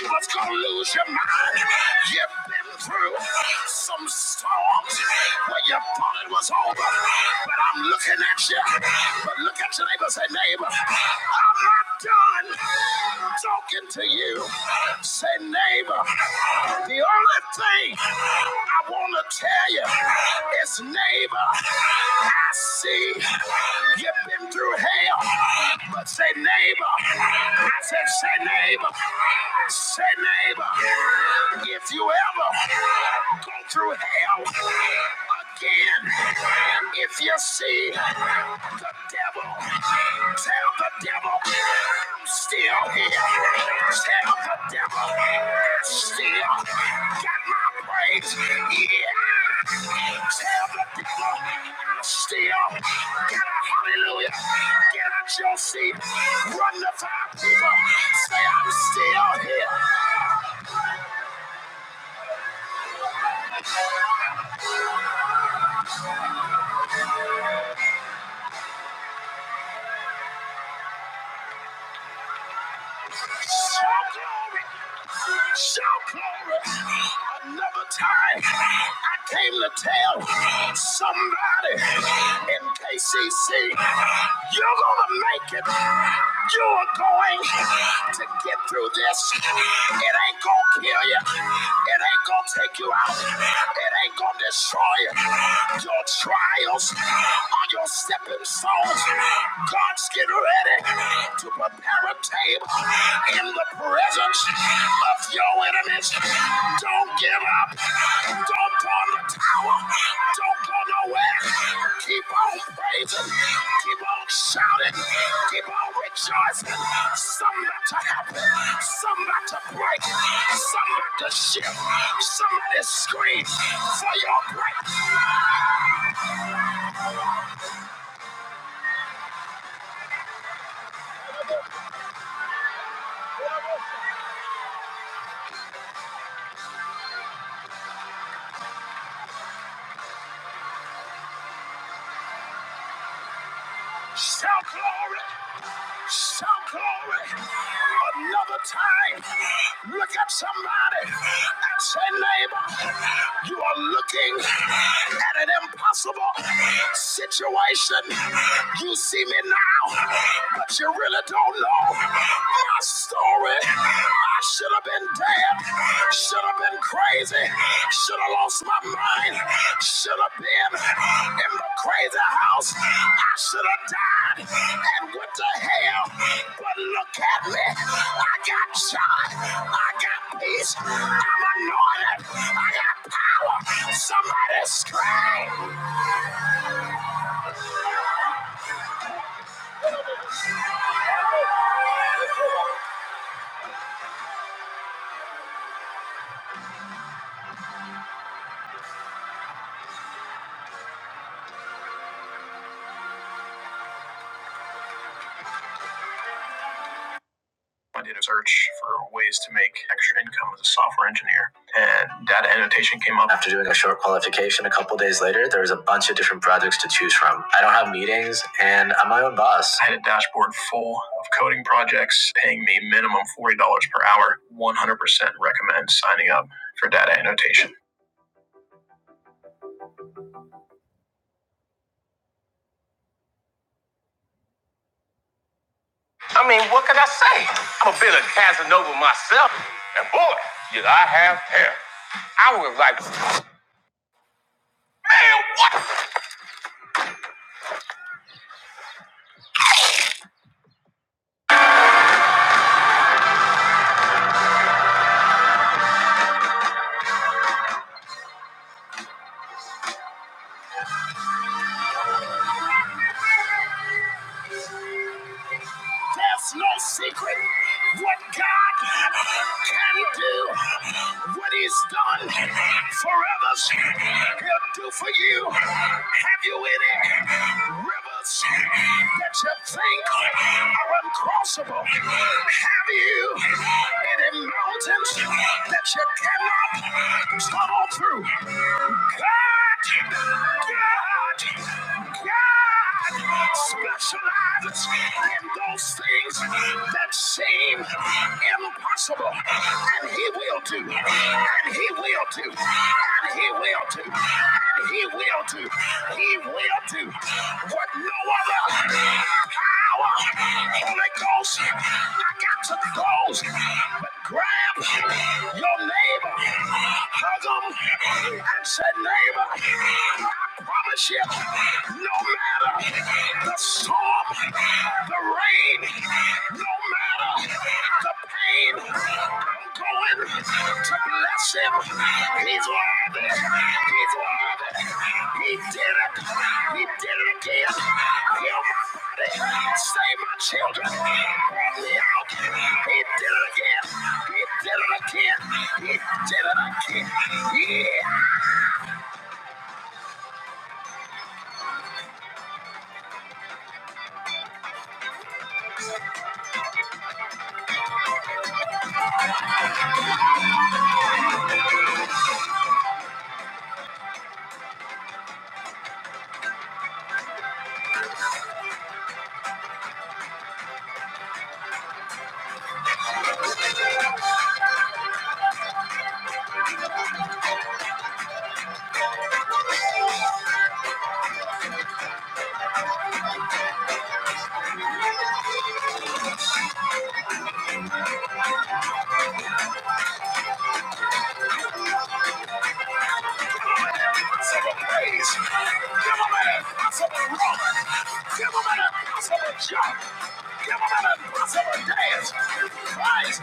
[SPEAKER 1] you was gonna lose your mind. You've been been through some storms where you thought it was over, but I'm looking at you. But look at your neighbor, say, neighbor, I'm not done talking to you. Say, neighbor, the only thing I want to tell you is, neighbor, I see you've been through hell, but say, neighbor, I said, say, neighbor, say, neighbor. If you ever go through hell again, if you see the devil, tell the devil I'm still here. Tell the devil I still got my praise. Yeah. Tell the devil I am still got a hallelujah. Get out your seat. Run to five people. Say I'm still here. Shout came to tell some in KCC, you're going to make it. You are going to get through this. It ain't gonna kill you. It ain't gonna take you out. It ain't gonna destroy you. Your trials are your stepping stones. God's getting ready to prepare a table in the presence of your enemies. Don't give up. Don't throw in the towel. Don't go nowhere. Keep on praising. Keep on shouting. Keep on rejoicing. Somebody, take it. Shout glory another time. Look at somebody and say, neighbor, you are looking at an impossible situation. You see me now, but you really don't know my story. I should have been dead, should have been crazy, should have lost my mind, should have been in the crazy house. I should have died. What the hell? But look at me. I got zombies. I'm annoyed. I did a search for ways to make extra income as a software engineer, and data annotation came up. After doing a short project, to I don't have man us. I had a dashboard full of coding projects paying me minimum $40 per hour. 100% recommend signing up for data annotation. I mean, what can I say? I'm a bit of Casanova myself, and boy, did I have hair. I was like, it's no secret what can do, What he's done for others, he'll do for you. Have you any Rivers that you think are uncrossable. Have you any mountains that you cannot stumble through? God, God, God specializes in those things that seem impossible. And He will do. And He will do. And he will do. And he will do. He will do. What no other power, Holy Ghost, I got to close. But grab your neighbor, hug him, and say, neighbor, I promise you, no matter the storm, the rain, pain, No matter the pain, I'm going to bless him. He's worthy. He's worthy. He did it. He did it again. Heal my body. Save my children. Brought me out. He did it again. He did it again. He did it again. Yeah. Give him Give him an impossible rock. Give him an impossible jump. Give him an impossible dance. Christ.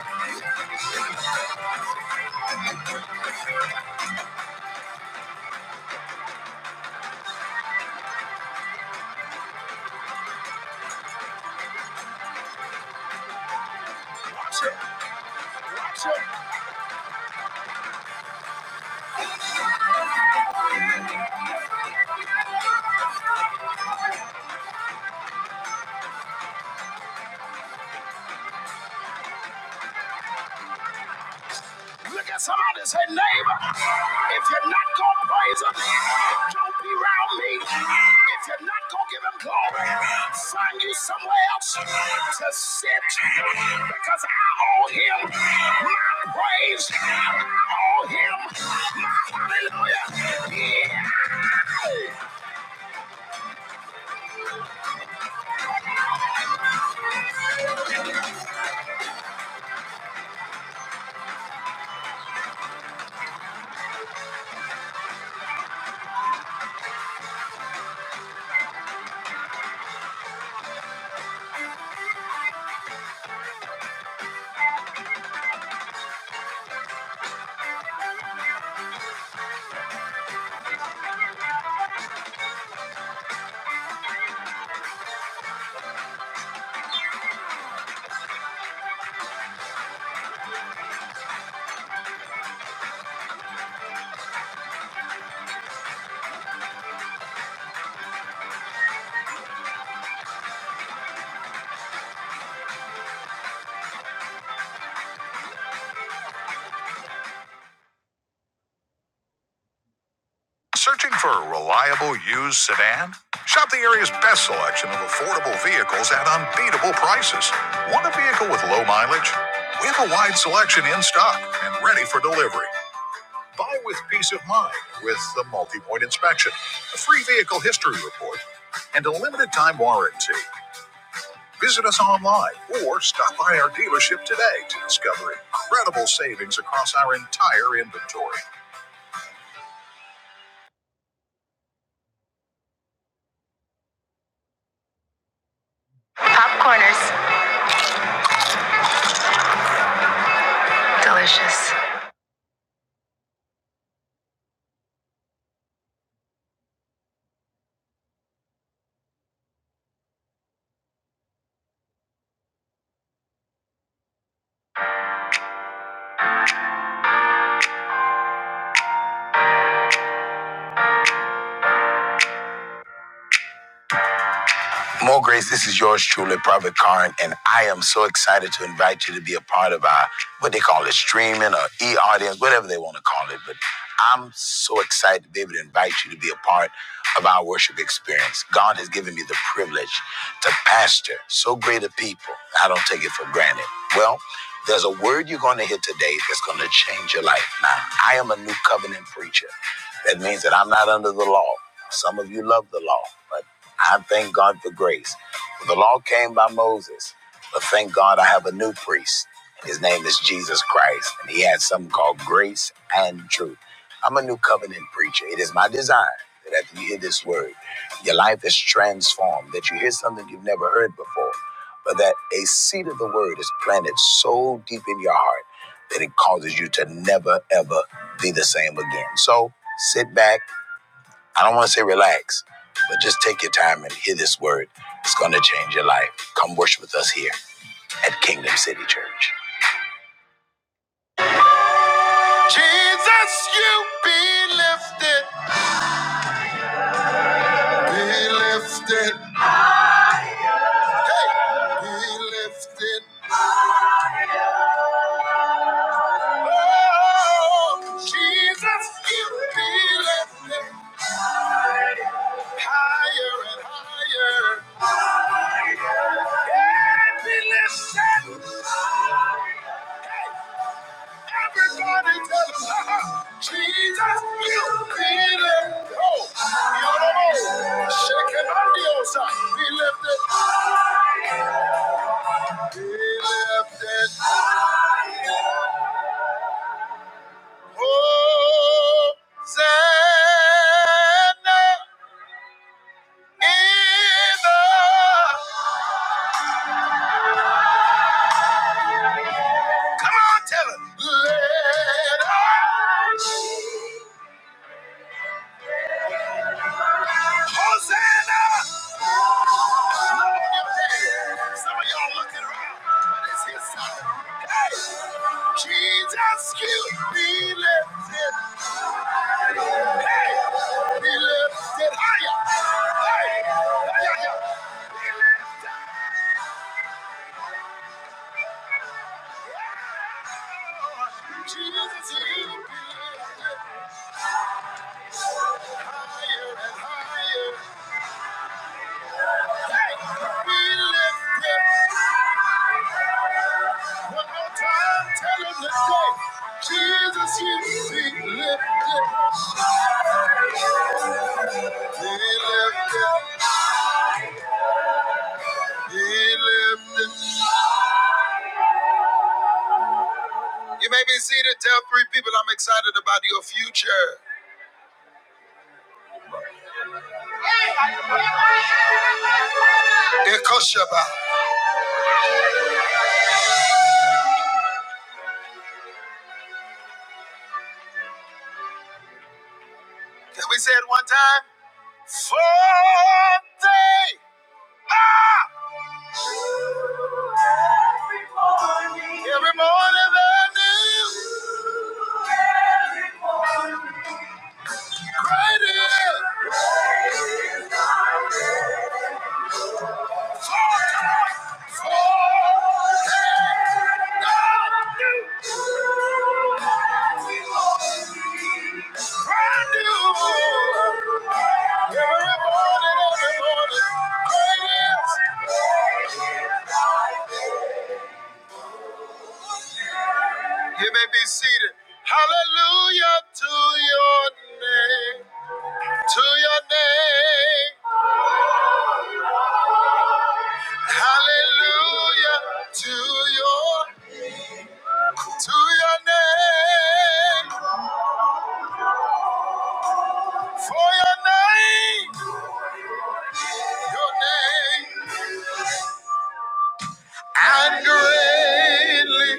[SPEAKER 1] Searching for a reliable used sedan? Shop the area's best selection of affordable vehicles at unbeatable prices. Want a vehicle with low mileage? We have a wide selection in stock and ready for delivery. Buy with peace of mind with the multi-point inspection, a free vehicle history report, and a limited time warranty. Visit us online or stop by our dealership today to discover incredible savings across our entire inventory. Popcorn is delicious. More Grace, this is yours truly, Private Karn, and I am so excited to invite you to be a part of our, what they call it, streaming or e audience, whatever they want to call it. But I'm so excited to be able to invite you to be a part of our worship experience. God has given me the privilege to pastor so great a people. I don't take it for granted. Well, there's a word you're going to hear today that's going to change your life. Now, I am a new covenant preacher. That means that I'm not under the law. Some of you love the law, but. I thank God for grace. For the law came by Moses, but thank God I have a new priest. his name is Jesus Christ, and he has something called grace and truth. I'm a new covenant preacher. It is my desire that after you hear this word, your life is transformed, that you hear something you've never heard before, but that a seed of the word is planted so deep in your heart that it causes you to never, ever be the same again. So sit back. I don't want to say relax. Just take your time and hear this word it's going to change your life. Come worship with us here, Kingdom City Church. Jesus, you be lifted, be lifted, hey, be lifted. Oh, Jesus, you be lifted higher and higher. Yeah, Be lifted. Hey, Everybody tell him, "Ah, Jesus, you be lifted. Oh, you don't know, shake him on the outside. Be lifted. Be lifted. Oh, Zanna in the. Come on, tell him. Let us Hosanna! Some of y'all looking around, but it's his son. Hey! Jesus, you be lifted. Hey! Be lifted higher. Hey! Hey, hey, hey. Jesus, you be lifted higher and higher. Hey! Be lifted. One more time, tell him, let's go. Jesus, you be lifted. Be lifted. Be lifted. You may be seated. Tell three people I'm excited about your future. Ekoshaba. Can we say it one time? Four day. Four day. Four day. God knew. Brand You may be seated. Hallelujah to your name. To your name. Hallelujah to your to your name. For your name. Your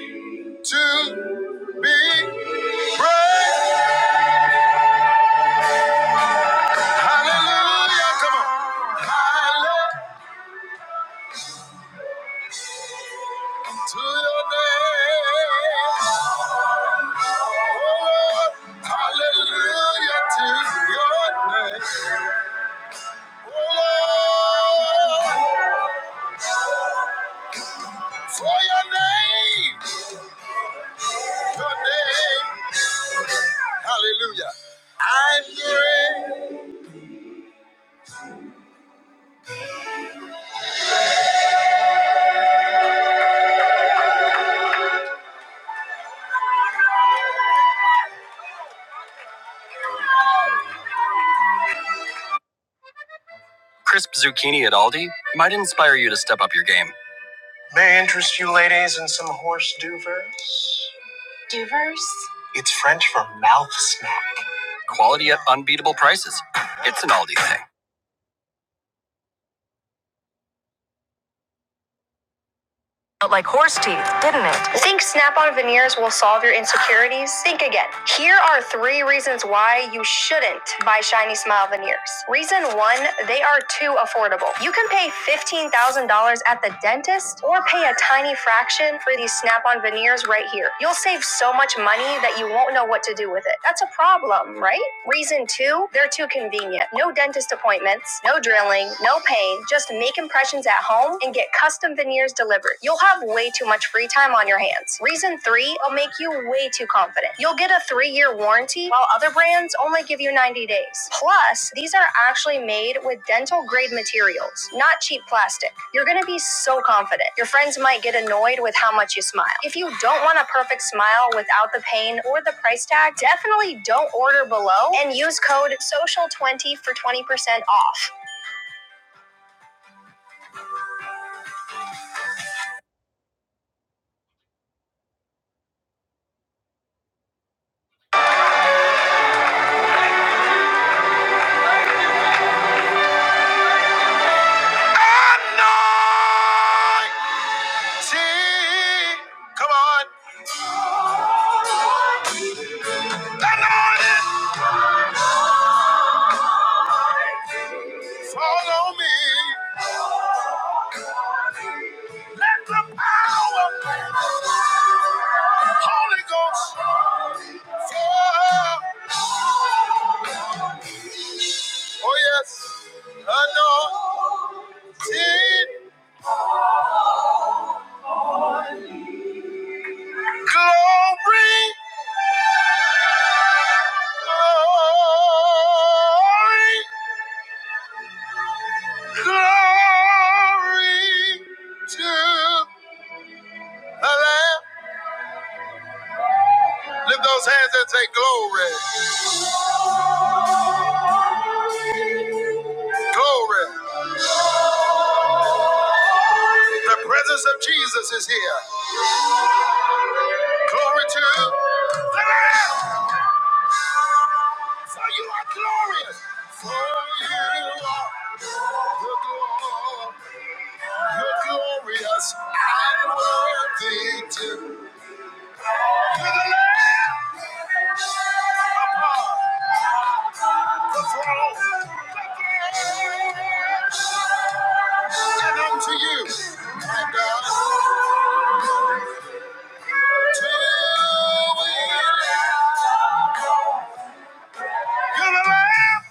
[SPEAKER 1] name. And greatly to be praised. Hallelujah. Come on. Hallelujah to your name. Oh, hallelujah to your name. Oh, for your name. Your name. Hallelujah. I'm great. May I interest you ladies in some horse duver? It's French for mouth smell. like horse teeth, didn't it? Think snap on veneers will solve your insecurities? Think again. Here are three reasons why you shouldn't buy Shiny Smile veneers. Reason one, they are too affordable. You can pay $15,000 at the dentist or pay a tiny fraction for these snap on veneers right here. You'll save so much money that you won't know what to do with it. That's a problem, right? Reason two, they're too convenient. No dentist appointments, no drilling, no pain. Just make impressions at home and get Custom veneers delivered. You'll have way too much free time on your hands. Reason three, it'll make you way too confident. You'll get a three year warranty, while other brands only give you 90 days. Plus, these are actually made with dental grade materials, not cheap plastic. You're gonna be so confident. Your friends might get annoyed with how much you smile. If you don't want a perfect smile without the pain or the price tag, definitely don't order below and use code SOCIAL20 for 20% off. I'm not- See, come on, follow me. Oh, oh yes, anointed glory, glory, glory to the Lamb. Lift those hands and say glory, glory. The presence of Jesus is here. Glory to, you, for you are glorious, for you are the glory. You're glorious. I'm worthy to. You're the Lamb upon the throne. And unto you, my God, to the Lamb.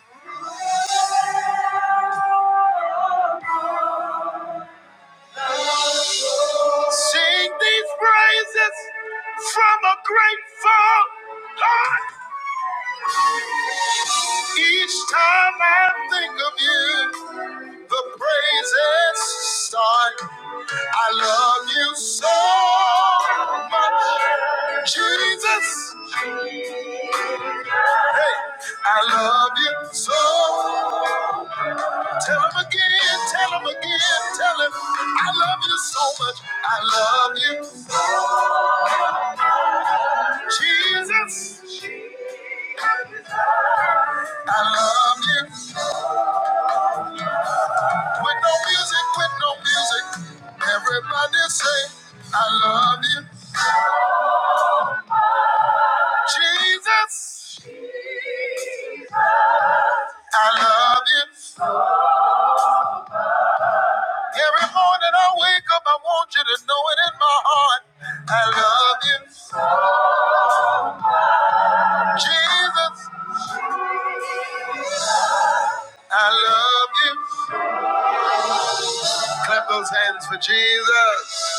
[SPEAKER 1] Sing these praises from a grateful heart. Each time I think, start, I love you so. Jesus, hey, I love you so. Tell him again, tell him again, tell him I love you so much. I love you, Jesus. I love you. With no music, with no music, everybody say I love you, Jesus. I love you. Every morning I wake up, I want you to know it in my heart. I love you, Jesus. I love you. Clap those hands for Jesus.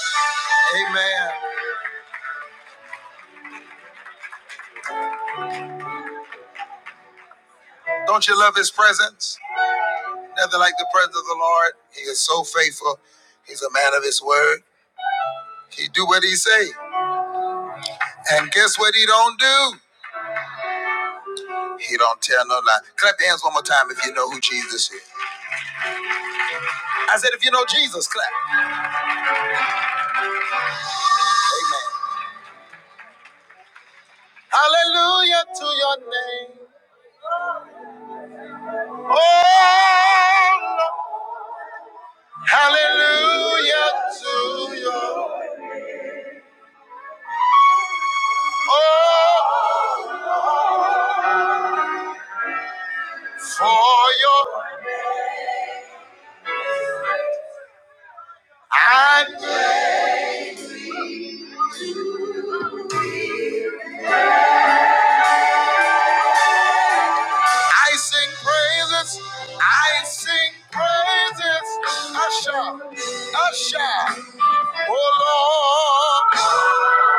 [SPEAKER 1] Amen. Don't you love his presence? Nothing like the presence of the Lord. He is so faithful. He's a man of his word. He do what he say. And guess what he don't do? He don't tell no lie. Clap your hands one more time if you know who Jesus is. I said if you know Jesus, clap. Amen. Hallelujah to your name. Oh, Lord. hallelujah to your oh, for your I I sing praises. I sing praises. Usher, usher. Oh Lord,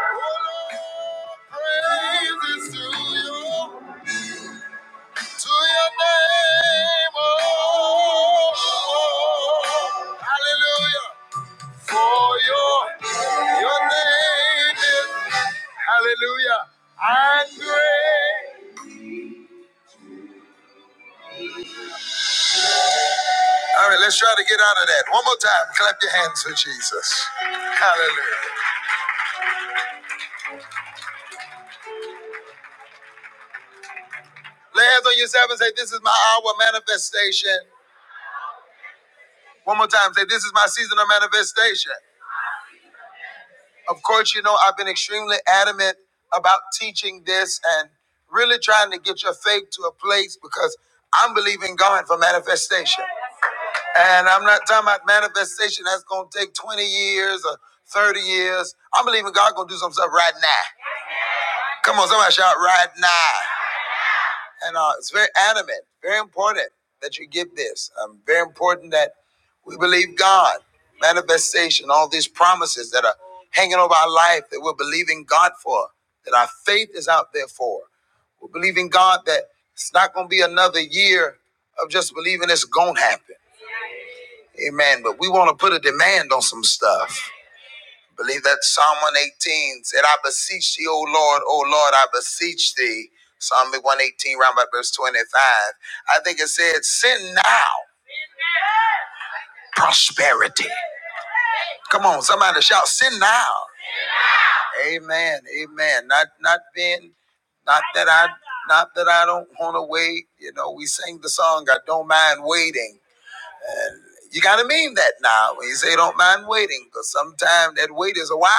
[SPEAKER 1] oh Lord, praises to you, to your name. Oh, oh, oh. hallelujah. For your your name is hallelujah and great. All right, let's try to get out of that. One more time. Clap your hands for Jesus. Hallelujah. Lay hands on yourself and say, This is my hour of manifestation. One more time. Say, This is my season of manifestation. Of course, you know, I've been extremely adamant about teaching this and really trying to get your faith to a place because I'm believing God for manifestation. And I'm not talking about manifestation that's going to take 20 years or 30 years. I'm believing God going to do some stuff right now. Come on, somebody shout right now. and uh, it's very adamant, very important that you give this. Um, very important that we believe God, manifestation, all these promises that are hanging over our life that we're believing God for, that our faith is out there for. We're believing God that it's not going to be another year of just believing it's going to happen. Amen. But we want to put a demand on some stuff. Believe that Psalm 118 said, I beseech thee, O Lord, O Lord, I beseech thee. Psalm 118, round about verse 25. I think it said, Sin now. Come on, somebody shout, Sin now. Amen. Amen. Not not being not that I not that I don't want to wait. You know, we sing the song, I don't mind waiting. You gotta mean that now when you say don't mind waiting, because sometimes that wait is a while.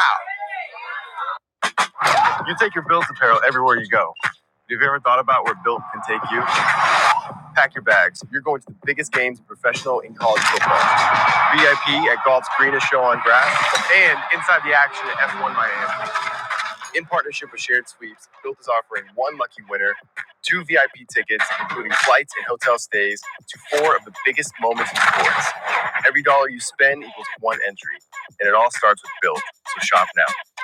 [SPEAKER 1] You take your built apparel everywhere you go. Have you ever thought about where Built can take you? Pack your bags. You're going to the biggest games in professional and college football. VIP at golf's greenest show on grass and inside the action at F1 Miami. In partnership with Shared Sweeps, Built is offering one lucky winner, two VIP tickets, including flights and hotel stays to four of the biggest moments in sports. Every dollar you spend equals one entry, and it all starts with Built. So shop now.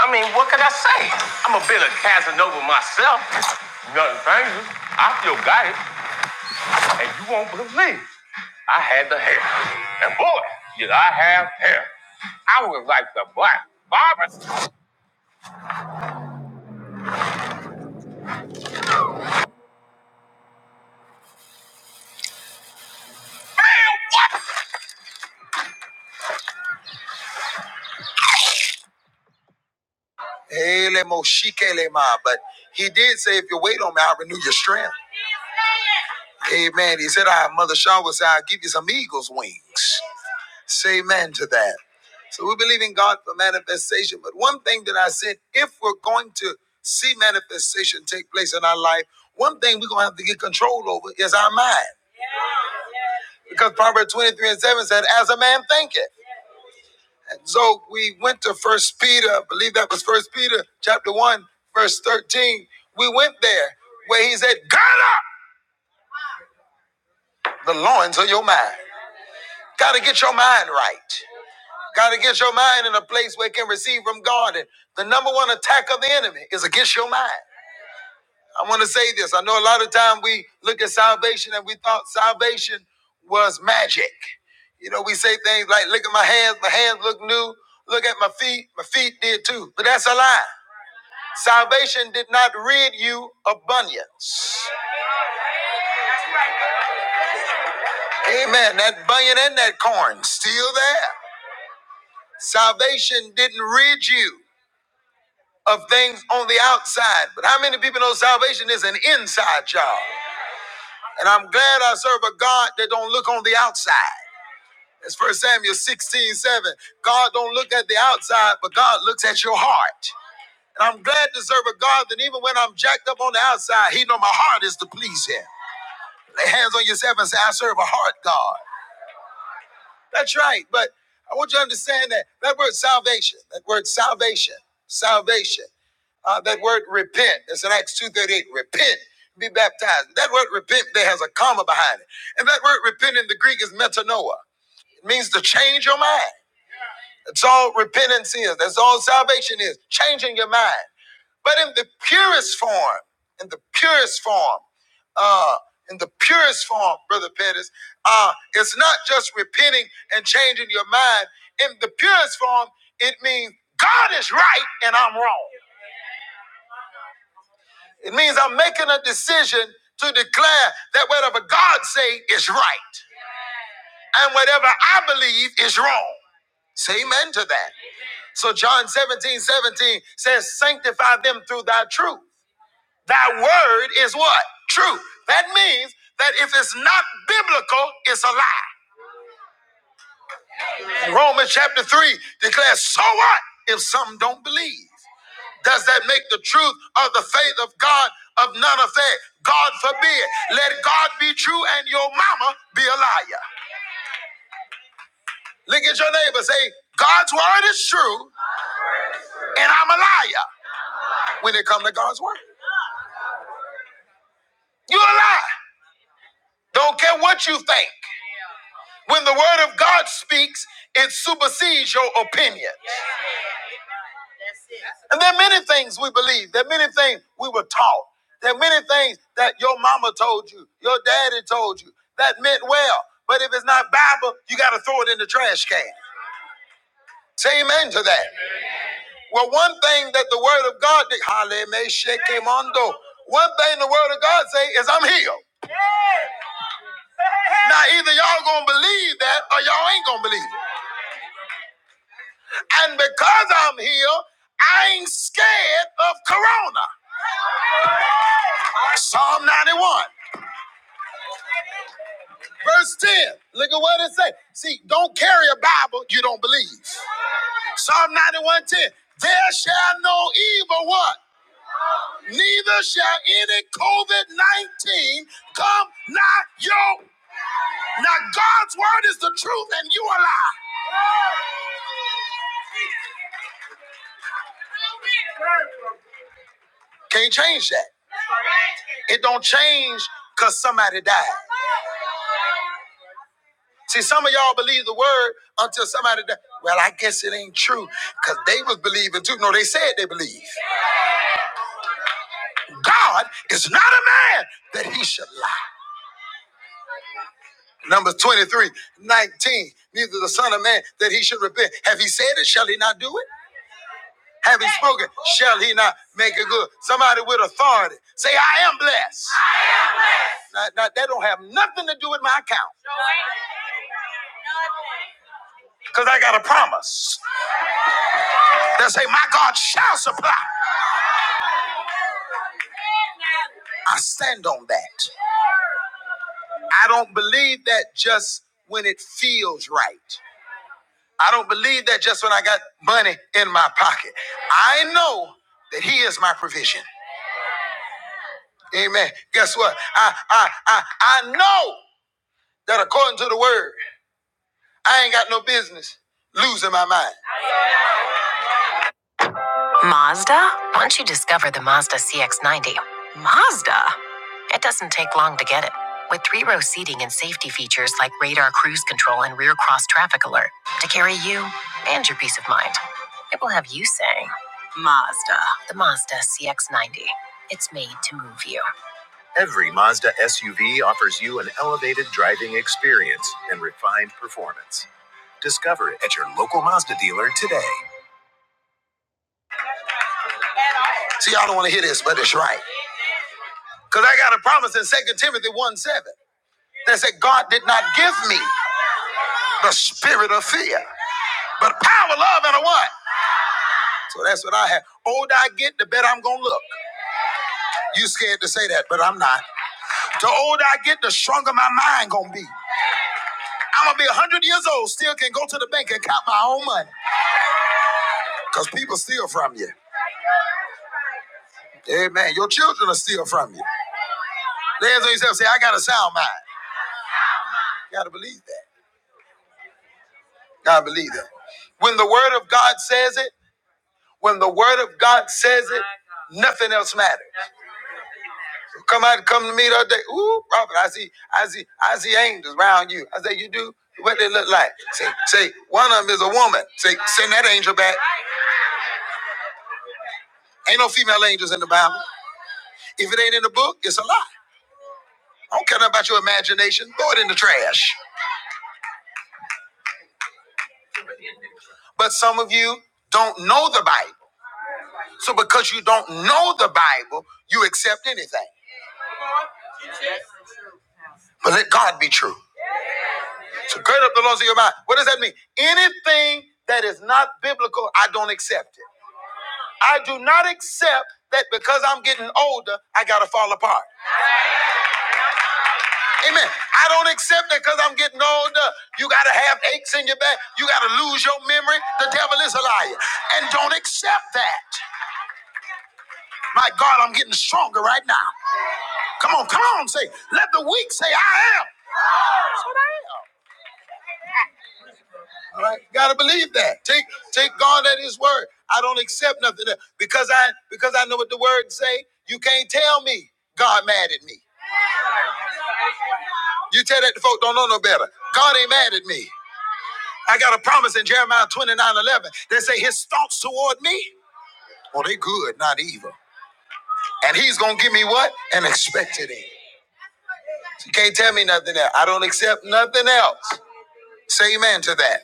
[SPEAKER 1] I mean, what could I say? I'm a bit of Casanova myself. Nothing fancy. I still got it. And you won't believe I had the hair. And boy, did I have hair. I was like the black barber. Hele moshikele ma. But he did say, if you wait on me, I'll renew your strength. Amen. He said, I, Mother Shaw, will say, I'll give you some eagle's wings. Say amen to that. So we believe in God for manifestation. But one thing that I said, if we're going to see manifestation take place in our life, one thing we're going to have to get control over is our mind. Because Proverbs 23 and 7 said, As a man thinketh. So we went to First Peter, I believe that was First Peter chapter 1, verse 13. We went there where he said, God, the loins of your mind. Gotta get your mind right. Gotta get your mind in a place where it can receive from God. And the number one attack of the enemy is against your mind. I want to say this. I know a lot of time we look at salvation and we thought salvation was magic. You know, we say things like, look at my hands, my hands look new. Look at my feet, my feet did too. But that's a lie. Salvation did not rid you of bunions. Amen. That bunion and that corn still there. Salvation didn't rid you of things on the outside. But how many people know salvation is an inside job? And I'm glad I serve a God that don't look on the outside. That's first Samuel 16:7. God don't look at the outside, but God looks at your heart. And I'm glad to serve a God that even when I'm jacked up on the outside, he know my heart is to please him. Lay hands on yourself and say, I serve a heart God. That's right. But I want you to understand that that word salvation, that word salvation, salvation, uh, that word repent, that's in Acts 2.38, repent, be baptized. That word repent there has a comma behind it. And that word repent in the Greek is metanoia. It means to change your mind. That's all repentance is. That's all salvation is. Changing your mind. But in the purest form, in the purest form, uh, in the purest form, Brother Pettis, uh, it's not just repenting and changing your mind. In the purest form, it means God is right and I'm wrong. It means I'm making a decision to declare that whatever God say is right and whatever I believe is wrong. Say amen to that. Amen. So John 17 17 says, Sanctify them through thy truth. Thy word is what? Truth. That means that if it's not biblical, it's a lie. And Romans chapter 3 declares, So what if some don't believe? Does that make the truth of the faith of God of none effect? God forbid. Let God be true and your mama be a liar. Look at your neighbor, say, God's word is true and I'm a liar when it comes to God's word. You a lie. Don't care what you think. When the word of God speaks, it supersedes your opinion. And there are many things we believe. There are many things we were taught. There are many things that your mama told you, your daddy told you. That meant well. But if it's not Bible, you got to throw it in the trash can. Say amen to that. Well, one thing that the word of God did, Halemeschekemondo. one thing the word of God say is I'm healed. Now either y'all gonna believe that or y'all ain't gonna believe it. And because I'm healed, I ain't scared of corona. Psalm 91, verse 10. Look at what it says. See, don't carry a Bible you don't believe. Psalm 91, 10. There shall no evil what? Neither shall any COVID 19 come nigh your. Now, God's word is the truth and you a lie. Can't change that. It don't change because somebody died. See, some of y'all believe the word until somebody died. Well, I guess it ain't true because they was believing too. No, they said they believe. God is not a man that he should lie. Numbers 23 19. Neither the son of man that he should repent. Have he said it? Shall he not do it? Have he spoken? Shall he not make it good? Somebody with authority. Say, I am blessed. Now, now, that don't have nothing to do with my account because I got a promise. They'll say, My God shall supply. I stand on that. I don't believe that just when it feels right. I don't believe that just when I got money in my pocket. I know that He is my provision. Amen. Guess what? I I I I know that according to the word, I ain't got no business losing my mind. Mazda? Once you discover the Mazda CX90, Mazda? It doesn't take long to get it. With three row seating and safety features like radar cruise control and rear cross traffic alert to carry you and your peace of mind. It will have you saying, Mazda. The Mazda CX90. It's made to move you. Every Mazda SUV offers you an elevated driving experience and refined performance. Discover it at your local Mazda dealer today. See, y'all don't want to hear this, but it's right. Because I got a promise in Second Timothy 1 7 that said, God did not give me. the spirit of fear, but power, love, and a what? So that's what I have. Older I get, the better I'm gonna look. You scared to say that, but I'm not. The older I get, the stronger my mind gonna be. I'm gonna be 100 years old, still can go to the bank and count my own money. Cause people steal from you. Amen. Your children are steal from you. Lay Hands on yourself, say, I got a sound mind. You gotta believe that. Gotta believe that. When the word of God says it, when the word of God says it, nothing else matters. Come out, come to me the other day. Ooh, prophet, I see, I see, I see angels around you. I say, you do? What they look like? Say, say, one of them is a woman. Say, send that angel back. Ain't no female angels in the Bible. If it ain't in the book, it's a lie. I don't care nothing about your imagination. Throw it in the trash. But some of you don't know the Bible. So because you don't know the Bible, you accept anything. But let God be true. So gird up the loins of your mind. What does that mean? Anything that is not biblical, I don't accept it. I do not accept that because I'm getting older, I gotta fall apart. Amen. I don't accept that because I'm getting older, you gotta have aches in your back, you gotta lose your memory. The devil is a liar. And don't accept that. My God, I'm getting stronger right now. Come on, come on, say, let the weak say, I am. All right, gotta believe that. Take take God at His word. I don't accept nothing else. because I because I know what the word say. You can't tell me God mad at me. You tell that the folk don't know no better. God ain't mad at me. I got a promise in Jeremiah 29 11 that say his thoughts toward me, well, they good, not evil. And he's gonna give me what? An expected end. You can't tell me nothing else. I don't accept nothing else. Say amen to that.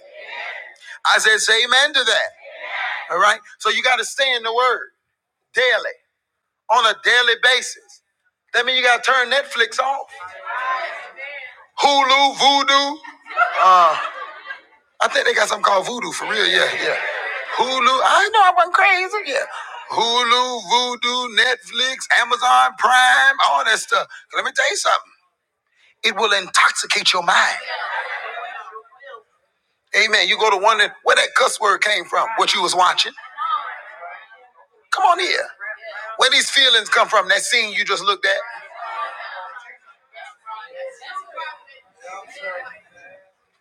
[SPEAKER 1] I said, say amen to that. All right? So you gotta stay in the word daily, on a daily basis. That means you gotta turn Netflix off. Hulu, voodoo. I think they got something called voodoo for real. Yeah, yeah. Hulu. I know I wasn't crazy. Yeah. Hulu, voodoo, Netflix, Amazon Prime, all that stuff. Let me tell you something. It will intoxicate your mind. Amen. You go to wondering where that cuss word came from, what you was watching. Come on here. Where these feelings come from, that scene you just looked at.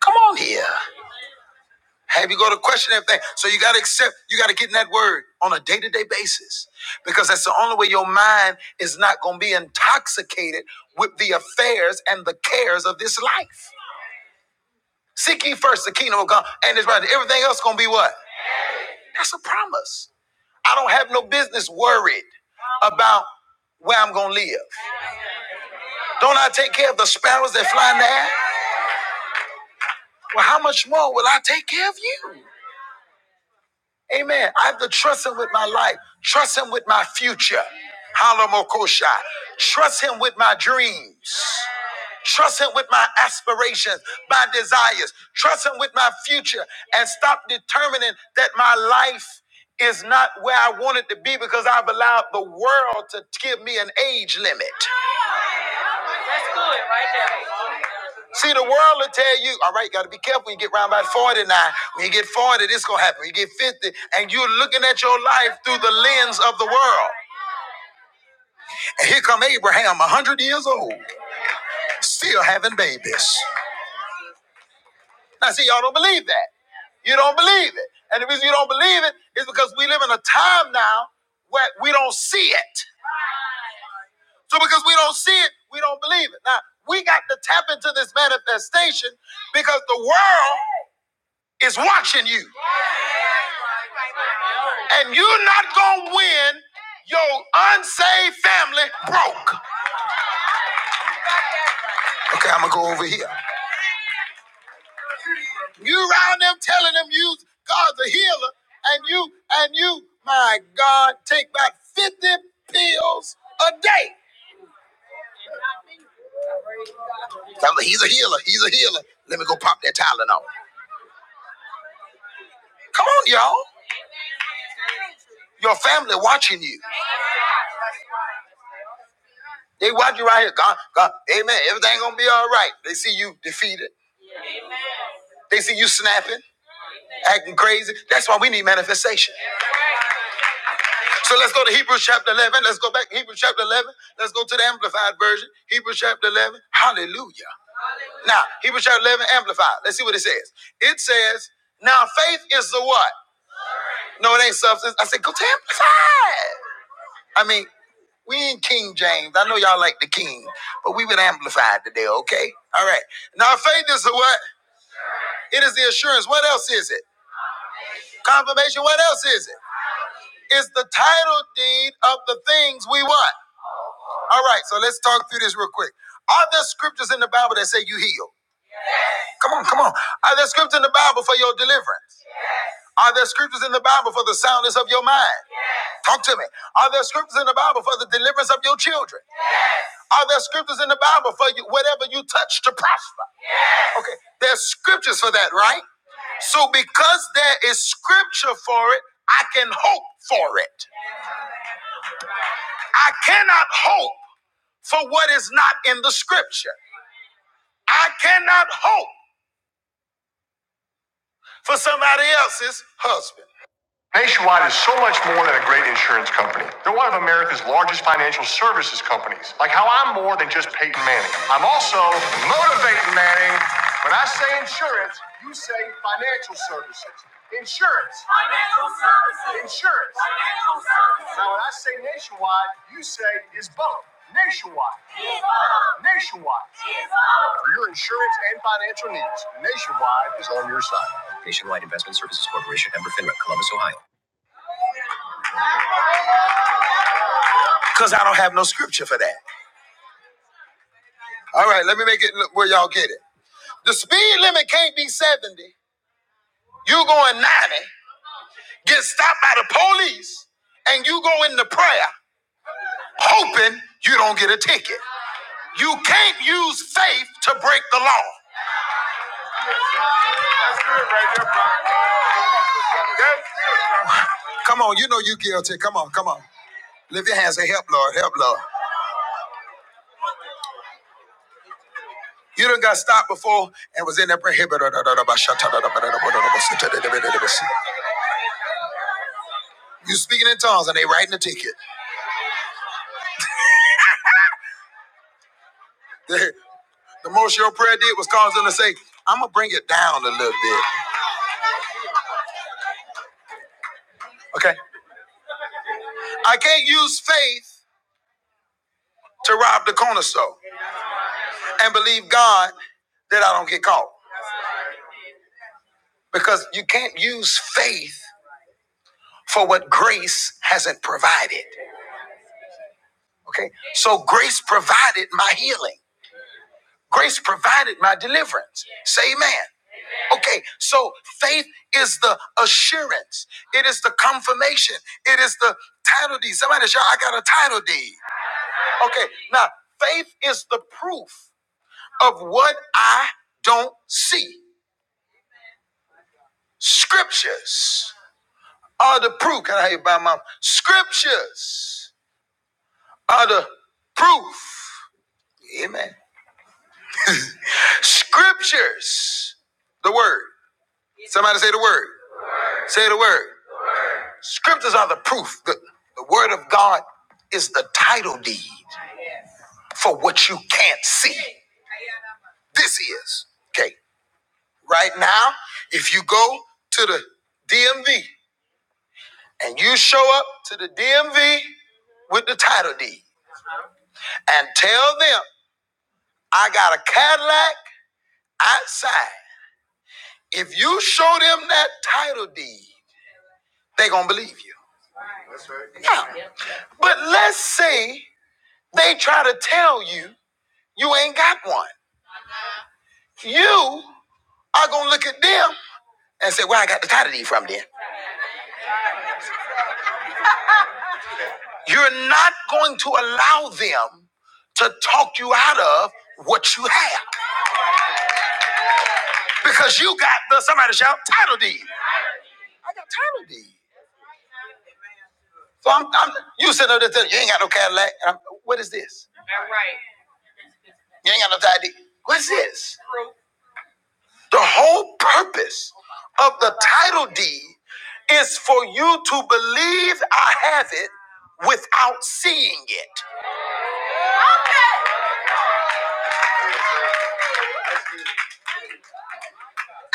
[SPEAKER 1] Come on here. Have you got to question everything? So you got to accept, you got to get in that word on a day to day basis because that's the only way your mind is not going to be intoxicated with the affairs and the cares of this life. Seek ye first the kingdom of God and his right. Everything else going to be what? That's a promise. I don't have no business worried about where I'm going to live. Don't I take care of the sparrows that fly in the air? Well, how much more will I take care of you? Amen. I have to trust him with my life, trust him with my future. Halamokosha. Trust him with my dreams. Trust him with my aspirations, my desires. Trust him with my future and stop determining that my life is not where I want it to be because I've allowed the world to give me an age limit. That's good, right there. See, the world will tell you, all right, got to be careful. when You get around about 49. When you get 40, this going to happen. When You get 50, and you're looking at your life through the lens of the world. And here come Abraham, 100 years old, still having babies. Now, see, y'all don't believe that. You don't believe it. And the reason you don't believe it is because we live in a time now where we don't see it. So because we don't see it, we don't believe it. Now, we got to tap into this manifestation because the world is watching you. and you're not gonna win your unsaved family broke. Okay, I'm gonna go over here. You around them telling them you God's a healer, and you and you, my God, take about 50 pills a day. Tell them, He's a healer, he's a healer. Let me go pop that Tylenol. Come on, y'all. Your family watching you. They watch you right here. God, God, amen. Everything gonna be all right. They see you defeated. They see you snapping, acting crazy. That's why we need manifestation. So let's go to Hebrews chapter 11. Let's go back to Hebrews chapter 11. Let's go to the Amplified version. Hebrews chapter 11. Hallelujah. Now, Hebrews chapter 11, Amplified. Let's see what it says. It says, now faith is the what? No, it ain't substance. I said, go to Amplified. I mean, we ain't King James. I know y'all like the King, but we been amplified today, okay? All right. Now, faith is the what? It is the assurance. What else is it? Confirmation. What else is it? is the title deed of the things we want. All right, so let's talk through this real quick. Are there scriptures in the Bible that say you heal? Come on, come on. Are there scriptures in the Bible for your deliverance? Are there scriptures in the Bible for the soundness of your mind? Talk to me. Are there scriptures in the Bible for the deliverance of your children? Are there scriptures in the Bible for you, whatever you touch to prosper? Okay, there's scriptures for that, right? So because there is scripture for it, I can hope for it. I cannot hope for what is not in the scripture. I cannot hope for somebody else's husband. Nationwide is so much more than a great insurance company. They're one of America's largest financial services companies. Like how I'm more than just Peyton Manning. I'm also motivating Manning. When I say insurance, you say financial services. Insurance. Financial services. Insurance. Financial services. Now, when I say nationwide, you say is both. Nationwide. both. Nationwide. Your insurance and financial needs nationwide is on your side. Because I don't have no scripture for that. All right, let me make it look where y'all get it. The speed limit can't be 70. You going 90, get stopped by the police, and you go into prayer hoping you don't get a ticket. You can't use faith to break the law. Come on, you know you guilty. Come on, come on. Lift your hands and help, Lord. Help, Lord. You done got stopped before and was in that prohibitor. You speaking in tongues and they writing a ticket. The, the most your prayer did was cause them to say, I'm gonna bring it down a little bit. Okay. I can't use faith to rob the cornerstone and believe God that I don't get caught. Because you can't use faith for what grace hasn't provided. Okay. So grace provided my healing. Grace provided my deliverance. Say amen. Okay, so faith is the assurance. It is the confirmation. It is the title deed. Somebody shout, I got a title deed. Okay, now faith is the proof of what I don't see. Scriptures are the proof. Can I hear you by mom? Scriptures are the proof. Amen. Scriptures, the word. Somebody say the word. Say the word. Scriptures are the proof. The, the word of God is the title deed for what you can't see. This is. Okay. Right now, if you go to the DMV and you show up to the DMV with the title deed and tell them, I got a Cadillac outside. If you show them that title deed, they going to believe you. Now, but let's say they try to tell you you ain't got one. You are going to look at them and say, Well, I got the title deed from them. You're not going to allow them to talk you out of what you have because you got the somebody shout title deed. I got title deed. So I'm, I'm you sitting up there telling you ain't got no Cadillac. And I'm, what is this? All right. You ain't got no title deed. What's this? The whole purpose of the title deed is for you to believe I have it without seeing it.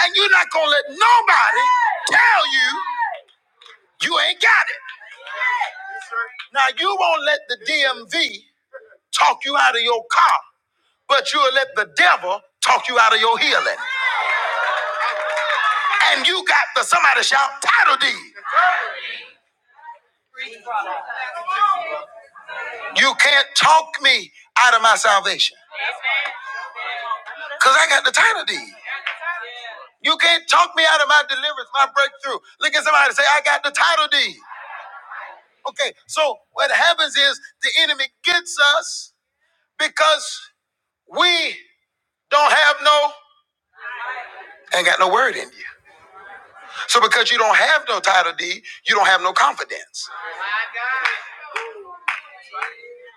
[SPEAKER 1] And you're not going to let nobody tell you you ain't got it. Now, you won't let the DMV talk you out of your car, but you'll let the devil talk you out of your healing. And you got the somebody shout title deed. You can't talk me out of my salvation because I got the title deed. You can't talk me out of my deliverance, my breakthrough. Look at somebody and say, I got the title deed. Okay, so what happens is the enemy gets us because we Don't have no, ain't got no word in you. So because you don't have no title deed, you don't have no confidence.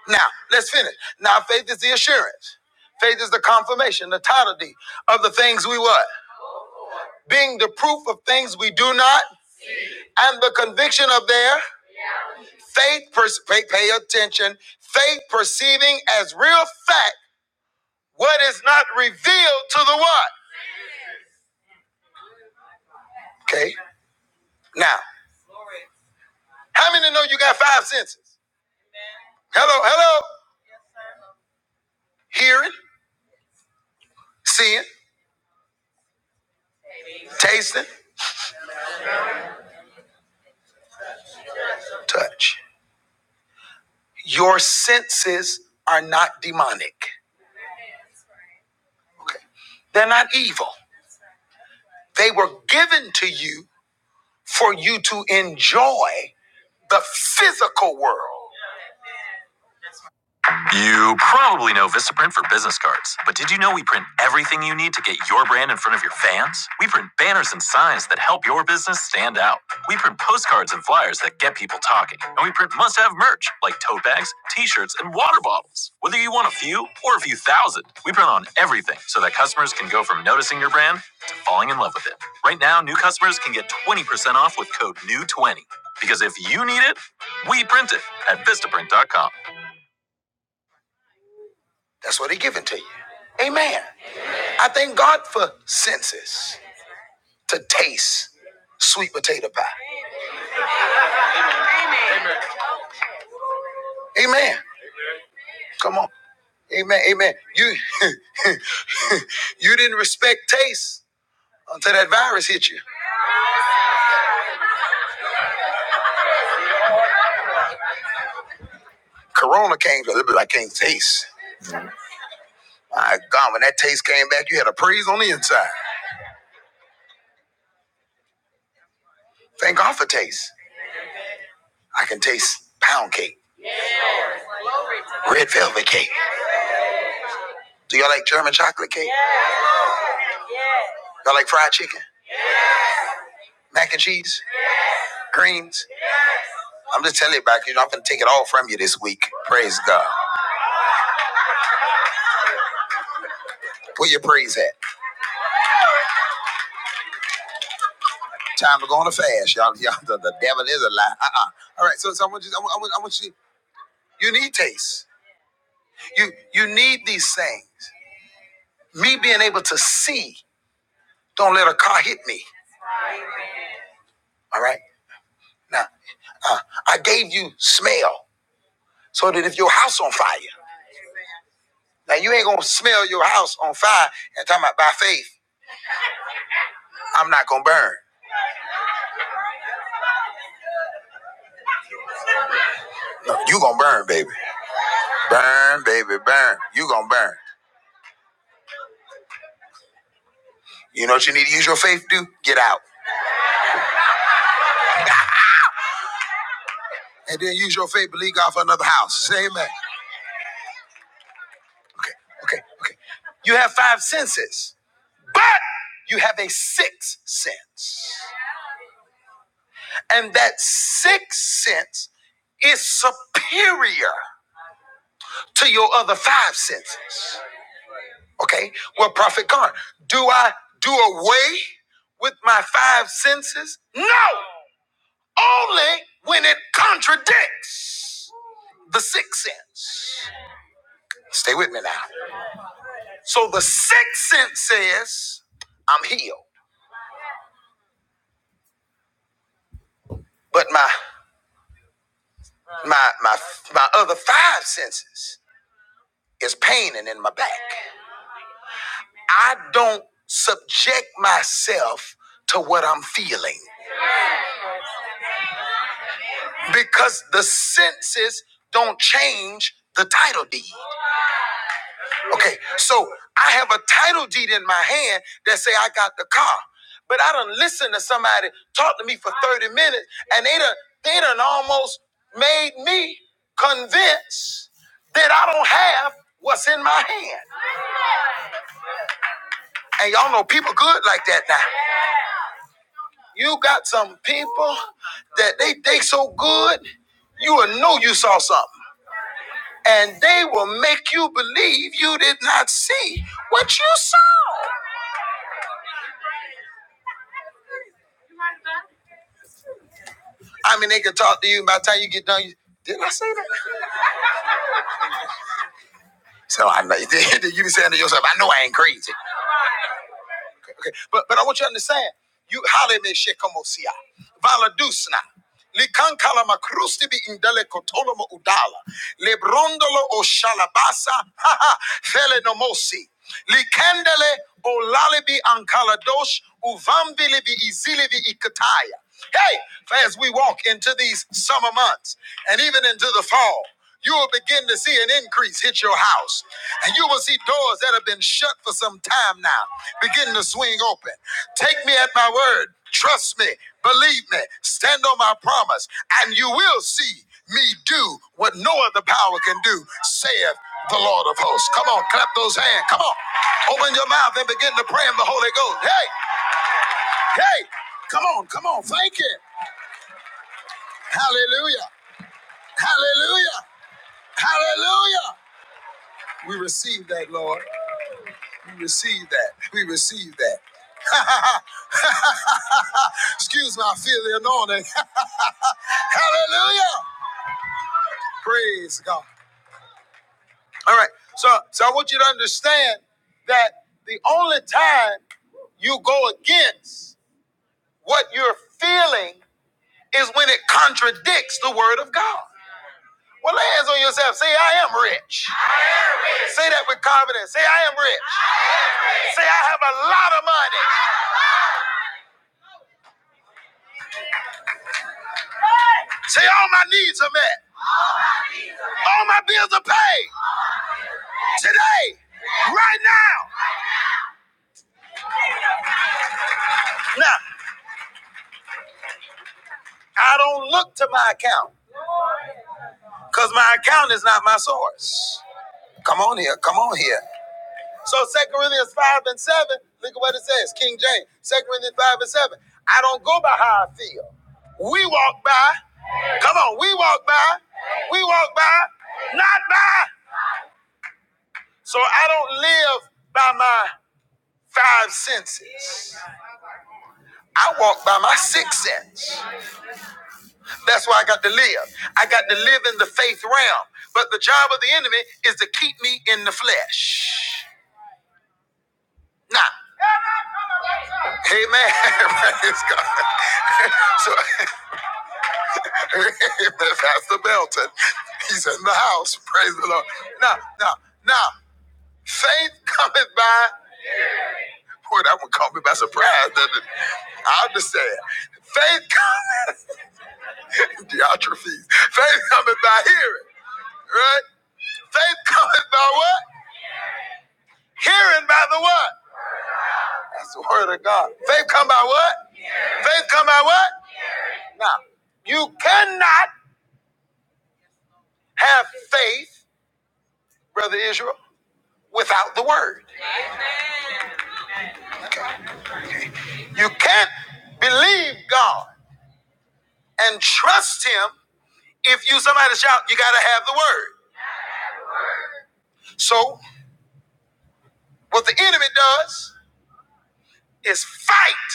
[SPEAKER 1] Now, let's finish. Now, faith is the assurance. Faith is the confirmation, the title deed of the things we what? Being the proof of things we do not and the conviction of their faith, pers- pay, pay attention, faith perceiving as real fact what is not revealed to the what? Okay, now, how many know you got five senses? Hello, hello, hearing. seeing, tasting, touch. Your senses are not demonic. Okay. They're not evil. They were given to you for you to enjoy the physical world. You probably know Vistaprint for business cards, but did you know we print everything you need to get your brand in front of your fans? We print banners and signs that help your business stand out. We print postcards and flyers that get people talking. And we print must have merch like tote bags, t shirts, and water bottles. Whether you want a few or a few thousand, we print on everything so that customers can go from noticing your brand to falling in love with it. Right now, new customers can get 20% off with code NEW20. Because if you need it, we print it at Vistaprint.com. That's what he given to you. Amen. I thank God for senses to taste sweet potato pie. Amen. Come on. Amen. Amen. You you didn't respect taste until that virus hit you. Corona came to a little bit. I can't taste. My God, when that taste came back, you had a praise on the inside. Thank God for taste. I can taste pound cake, red velvet cake. Do y'all like German chocolate cake? Y'all like fried chicken, mac and cheese, greens? I'm just telling you back, you know, I'm gonna take it all from you this week. Praise God. Where your praise at? Time to go on a fast, y'all. Y'all, the, the devil is a lie. Uh-uh. All right, so, so I want you, I want, I want you, you need taste. You you need these things. Me being able to see, don't let a car hit me. All right. Now, uh, I gave you smell so that if your house on fire, now you ain't gonna smell your house on fire and talking about by faith, I'm not gonna burn. No, you gonna burn, baby. Burn, baby, burn. You gonna burn. You know what you need to use your faith to do? Get out. And then use your faith, believe God for another house. Say amen. Okay, okay. You have five senses, but you have a sixth sense. And that sixth sense is superior to your other five senses. Okay? Well, Prophet God, do I do away with my five senses? No! Only when it contradicts the sixth sense. Stay with me now. So the sixth sense says I'm healed, but my my my my other five senses is paining in my back. I don't subject myself to what I'm feeling because the senses don't change the title deed. Okay, so I have a title deed in my hand that say I got the car, but I done listened to somebody talk to me for 30 minutes, and they done, they done almost made me convinced that I don't have what's in my hand. And y'all know people good like that now. You got some people that they they so good, you will know you saw something. and they will make you believe you did not see what you saw. I mean, they can talk to you by the time you get done. You, did I say that? So I know you You be saying to yourself, I know I ain't crazy. But but I want you to understand. You halime shekomosia. Valadusna. Likankala makrusti bi indele kotolomo udala. Lebrondolo o shalabasa. Haha. Fele nomosi. Likendele o lalibi ankaladosh. Uvambili bi izili bi ikataya. Hey, for as we walk into these summer months and even into the fall you will begin to see an increase hit your house. And you will see doors that have been shut for some time now begin to swing open. Take me at my word. Trust me. Believe me. Stand on my promise. And you will see me do what no other power can do, saith the Lord of hosts. Come on, clap those hands. Come on. Open your mouth and begin to pray in the Holy Ghost. Hey, hey, come on, come on. Thank you. Hallelujah. Hallelujah. Hallelujah. We receive that, Lord. We receive that. We receive that. Excuse my feeling anointing. Hallelujah. Praise God. All right. So, so I want you to understand that the only time you go against what you're feeling is when it contradicts the word of God. Well, lay hands on yourself. Say, I am rich. Say that with confidence. Say, I am rich. Say, I have a lot of money. Say, all my needs are met. All my bills are paid today, right now. Now, I don't look to my account because my account is not my source. Come on here, come on here. So Second Corinthians 5 and 7, look at what it says, King James, Second Corinthians 5 and 7. I don't go by how I feel. We walk by. Come on, we walk by. We walk by, not by. So I don't live by my five senses. I walk by my six sense. That's why I got to live. I got to live in the faith realm. But the job of the enemy is to keep me in the flesh. Now, Amen. Praise God. so, Pastor Belton, he's in the house. Praise the Lord. Now, now, now, faith cometh by, boy, that one caught me by surprise, doesn't it? I understand. Faith cometh, Diotrephes. Faith cometh by hearing, right? Faith cometh by what? Hearing by the what? That's the word of God. Faith come by what? Hearing. Faith come by what? Now, you cannot have faith, brother Israel, without the word. You can't believe God and trust him if you somebody shout, you gotta have the word. So what the enemy does is fight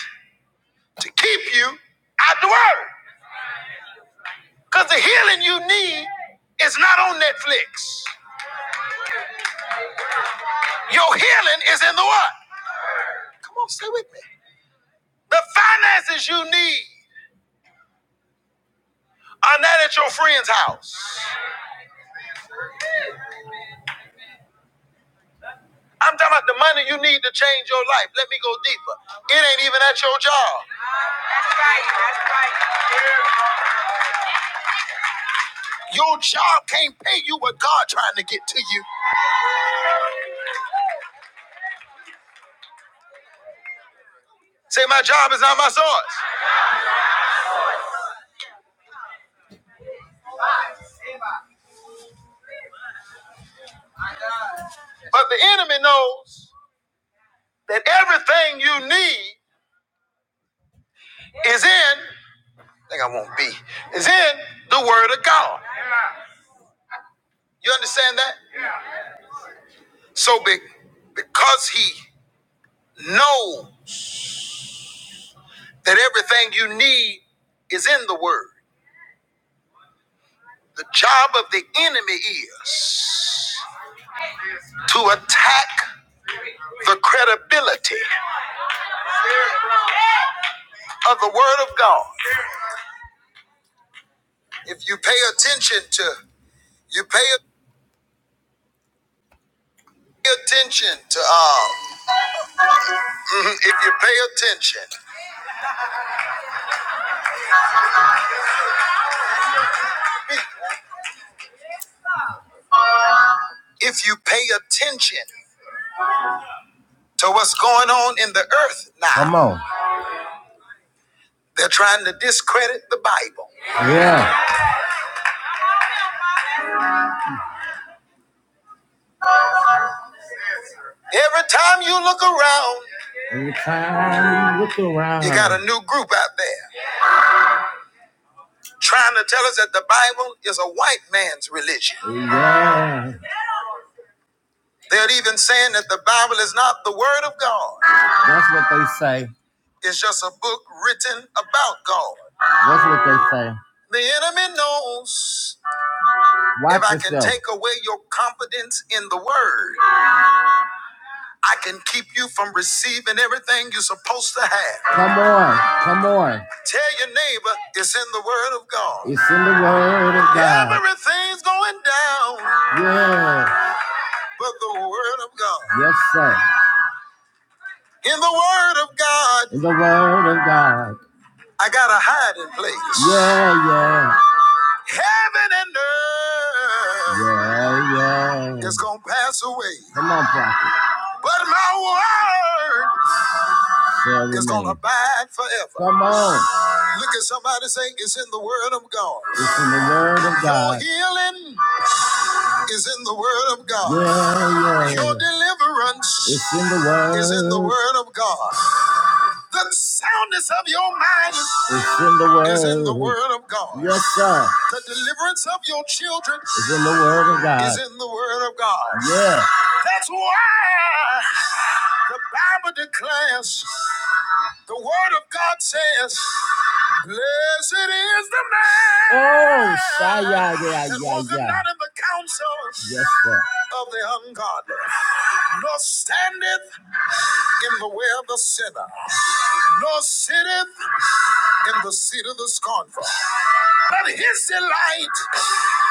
[SPEAKER 1] to keep you out the word. Because the healing you need is not on Netflix. Your healing is in the what? Come on, stay with me. The finances you need are not at your friend's house. I'm talking about the money you need to change your life. Let me go deeper. It ain't even at your job. Your job can't pay you what God trying to get to you. Say my job is not my source. But the enemy knows that everything you need is in, I think I won't be, is in the word of God. You understand that? So be, because he knows that everything you need is in the word. The job of the enemy is to attack the credibility of the word of God. If you pay attention to, you pay attention to, um, mhm, if you pay attention, if you pay attention to what's going on in the earth now, come on. They're trying to discredit the Bible. Yeah. Every time you look around, every time you look around, you got a new group out there. trying to tell us that the Bible is a white man's religion. Amen. They're even saying that the Bible is not the Word of God. That's what they say. It's just a book written about God. That's what they say. The enemy knows Watch if I can yourself. can take away your confidence in the Word. I can keep you from receiving everything you're supposed to have. Come on, come on. Tell your neighbor it's in the Word of God. It's in the Word of God. Everything's going down, Yeah, but the Word of God. yes, sir. In the Word of God, In the Word of God. I got a hiding place. Yeah, yeah, Heaven and earth yeah, yeah. It's going to pass away, Come on, prophet. but my word. shall remain. It's going to abide forever. Come on. Look at somebody saying it's in the word of God. It's in the word of God. Your healing is in the word of God. Yeah, yeah. Your deliverance It's in the word. is in the word. of God. The soundness of your mind It's in the word. is in the word. of God. Yes, sir. The deliverance of your children is in the word of God. is in the word of God. Yeah. That's why the Bible declares. The word of God says, Blessed is the man. Oh, shy, yeah, yeah, that yeah, walketh yeah. not in the counsel yes, of the ungodly, nor standeth in the way of the sinner, nor sitteth in the seat of the scornful. But his delight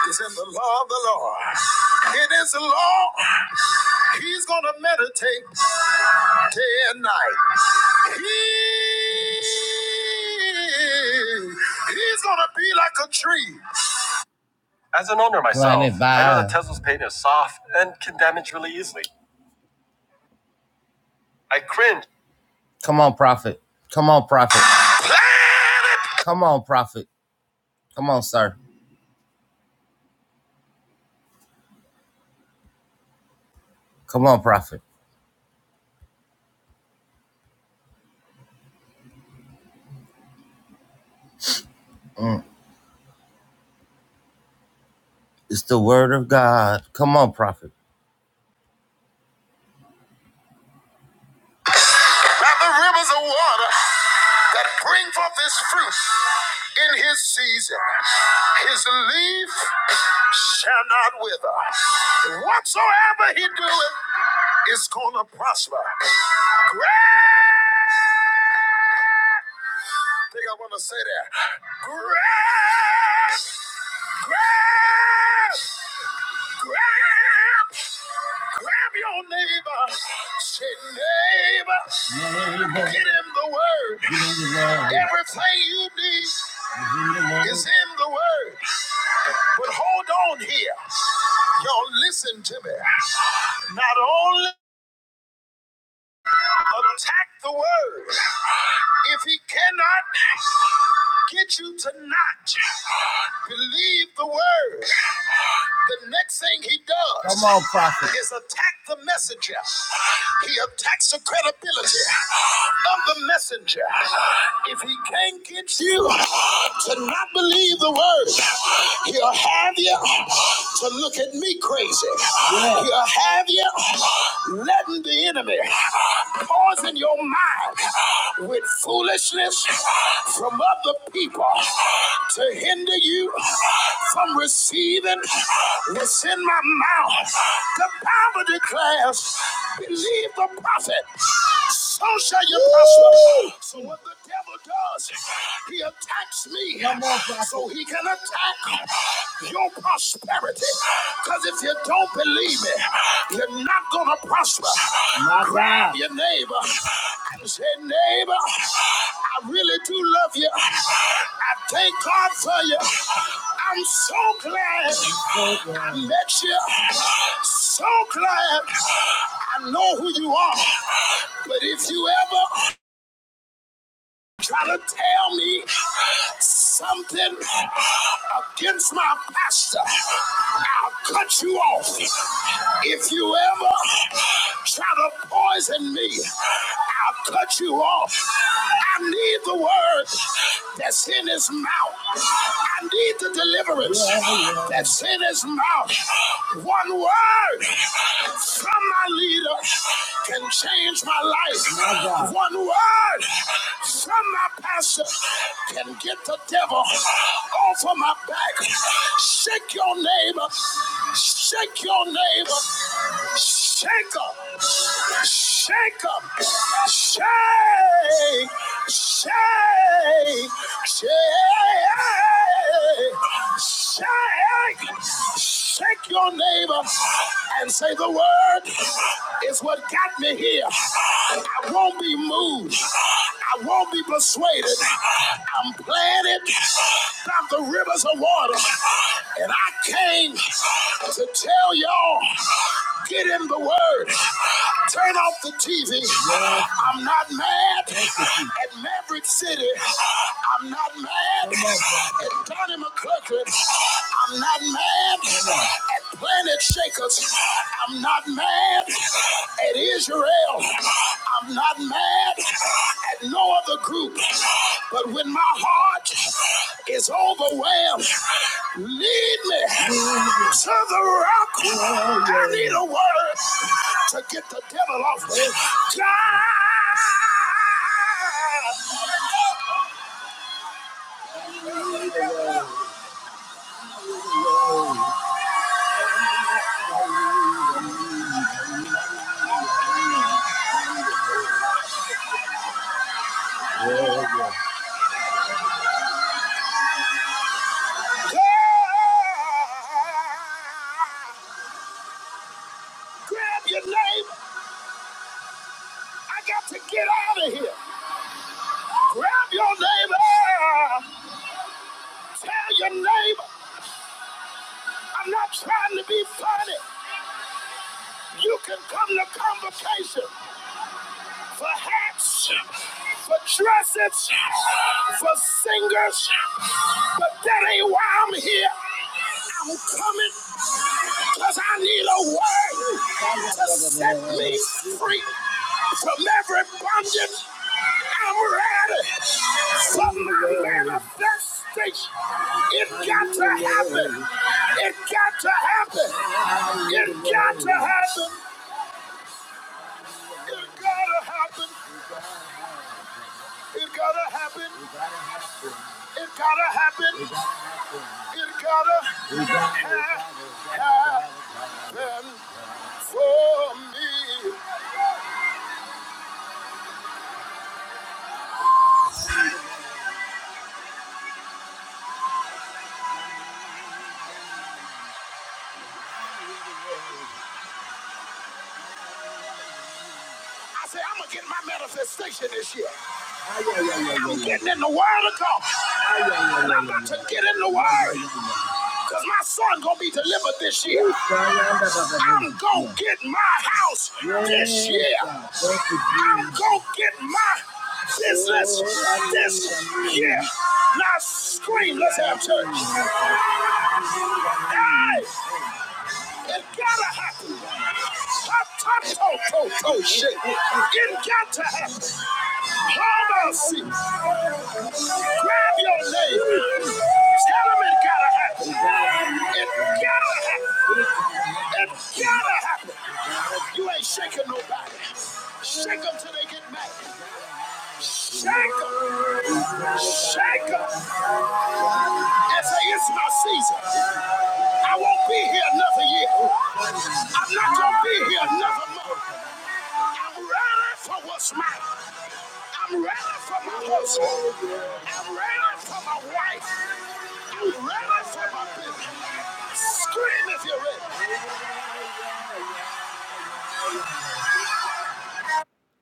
[SPEAKER 1] is in the law of the Lord. It is the law he's going to meditate day and night. He, he's going to be like a tree. As an owner myself, I know that Tesla's paint is soft and can damage really easily. I cringe. Come on, prophet. Come on, prophet. Come on, prophet. Come on, sir. Come on, prophet. It's the word of God. Come on, prophet. by the rivers of water that bring forth his fruit in his season. His leaf shall not wither. Whatsoever he doeth is going to prosper. Great, I think I want to say that. Great, great, great. Grab your neighbor. Say, neighbor, get him the word. Everything you need is in the word. But hold on here. Y'all listen to me. Not only Attack the word. If he cannot get you to not believe the word, the next thing he does Come on, prophet. is attack the messenger. He attacks the credibility of the messenger. If he can't get you to not believe the word, he'll have you to look at me crazy crazy. Yeah. You have you letting the enemy poison your mind with foolishness from other people to hinder you from receiving what's in my mouth. The Bible declares, believe the prophet, so shall you prosper. So what the devil devil does, he attacks me so he can attack your prosperity. Because if you don't believe me, you're not going to prosper. My Grab God. your neighbor and say, neighbor, I really do love you. I thank God for you. I'm so so glad. I met you. So glad I know who you are. But if you ever try to tell me something against my pastor, I'll cut you off. If you ever try to poison me, I'll cut you off. I need the word that's in his mouth. I need the deliverance that's in his mouth. One word from my leader can change my life. One word from my pastor can get the devil off of my back. Shake your neighbor. Shake your neighbor shake up, Shake 'em. Shake 'em. Shake. Shake, shake, shake, shake your neighbor and say the word is what got me here. I won't be moved. I won't be persuaded. I'm planted by the rivers of water. And I came to tell y'all Get in the word. Turn off the TV. Yeah. I'm not mad at Maverick City. I'm not mad at Donnie McClurkin. I'm not mad at Planet Shakers. I'm not mad at Israel. I'm not mad at no other group. But when my heart is overwhelmed, lead me to the right. I need a way out of here. You're the name, not trying to be funny. You can offer singers, but that ain't why I'm here. I'm coming because I need a word to set me free from every bondage. I'm ready for my manifestation. It got to happen. It got to happen. It got to happen. It got to happen. It got to happen. It gotta happen. It gotta ha- happen for me. I say I'm gonna get my manifestation this year. I'm getting in the word of God. And I'm about to get in the word. Because my son going to be delivered this year. I'm going to get my house this year. I'm going to get my business this year. Now scream, let's have church. Hey! It gotta happen. Top, top, toe, toe, toe, shit. It got to happen. Pharmacy. Grab your neighbor. Tell him it gotta happen. It gotta happen. It gotta happen. You ain't shaking nobody. Shake them till they get mad. Shake up. Shake up. And say, it's my season. I won't be here another year. I'm not going to be here another month. I'm ready for what's mine. I'm ready for my husband. I'm ready for my wife. I'm ready for my business. Scream if you're ready.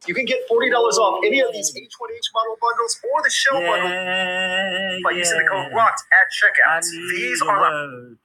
[SPEAKER 1] You can get $40 off any of these H1H model bundles or the shell bundle Yeah, bundle by yeah. using the code yeah. ROCKED at checkout. These are the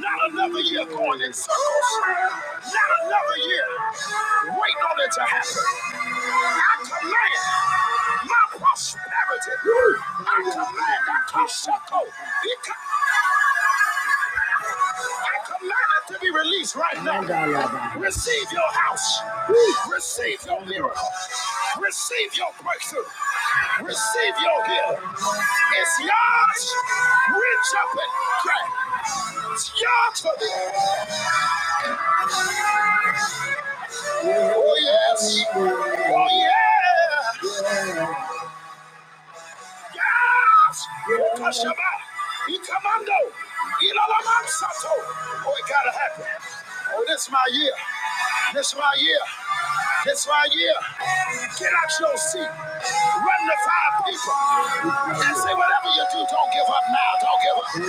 [SPEAKER 1] Not another year going in circles. Not another year waiting on it to happen. I command my prosperity. I command that to circle. Because... I command it to be released right now. Receive your house. Receive your miracle. Receive your breakthrough. Receive your healing. It's yours. Reach up and grab. It's yours for me. Oh yes. Oh yeah. Yes, Yerukoshaba, Ikamando, Ilalamansato. Oh, it gotta happen. Oh, this is my year. This is my year. This is my year. Get out your seat. Run to five people. And say whatever you do, don't give up now. Don't give up.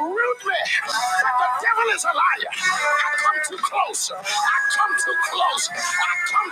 [SPEAKER 1] Root me. I'm too close. Come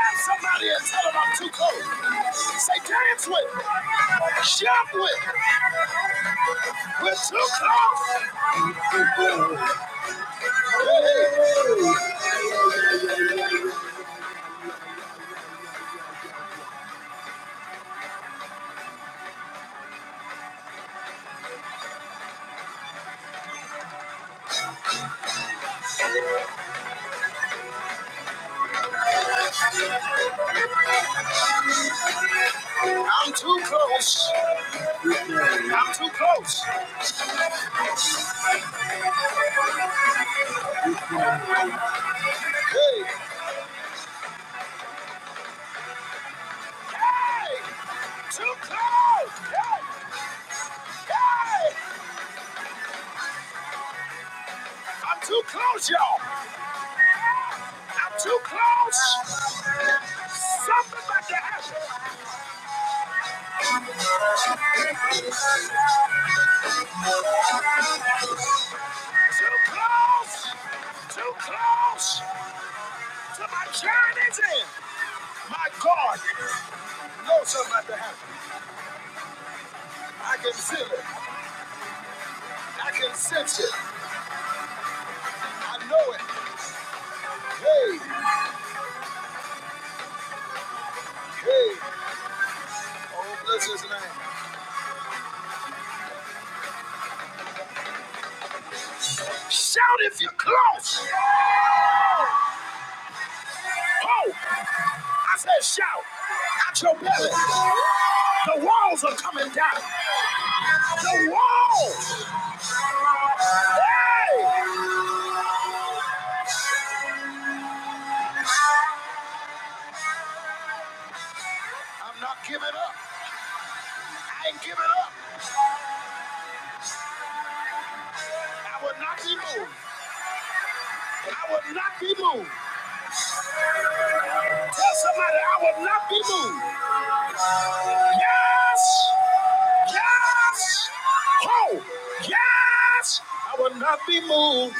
[SPEAKER 1] back. Someone too jump with. We're too close. I'm too close. I'm too close. I'm too close, y'all. Too close. Something about to happen. No, something about to happen. I can feel it. I can sense it. I know it. Hey, hey. Oh, bless his name. I will not be moved. I will not be moved. Somebody, I will not be moved. Yes. Yes. Oh, yes. I will not be moved.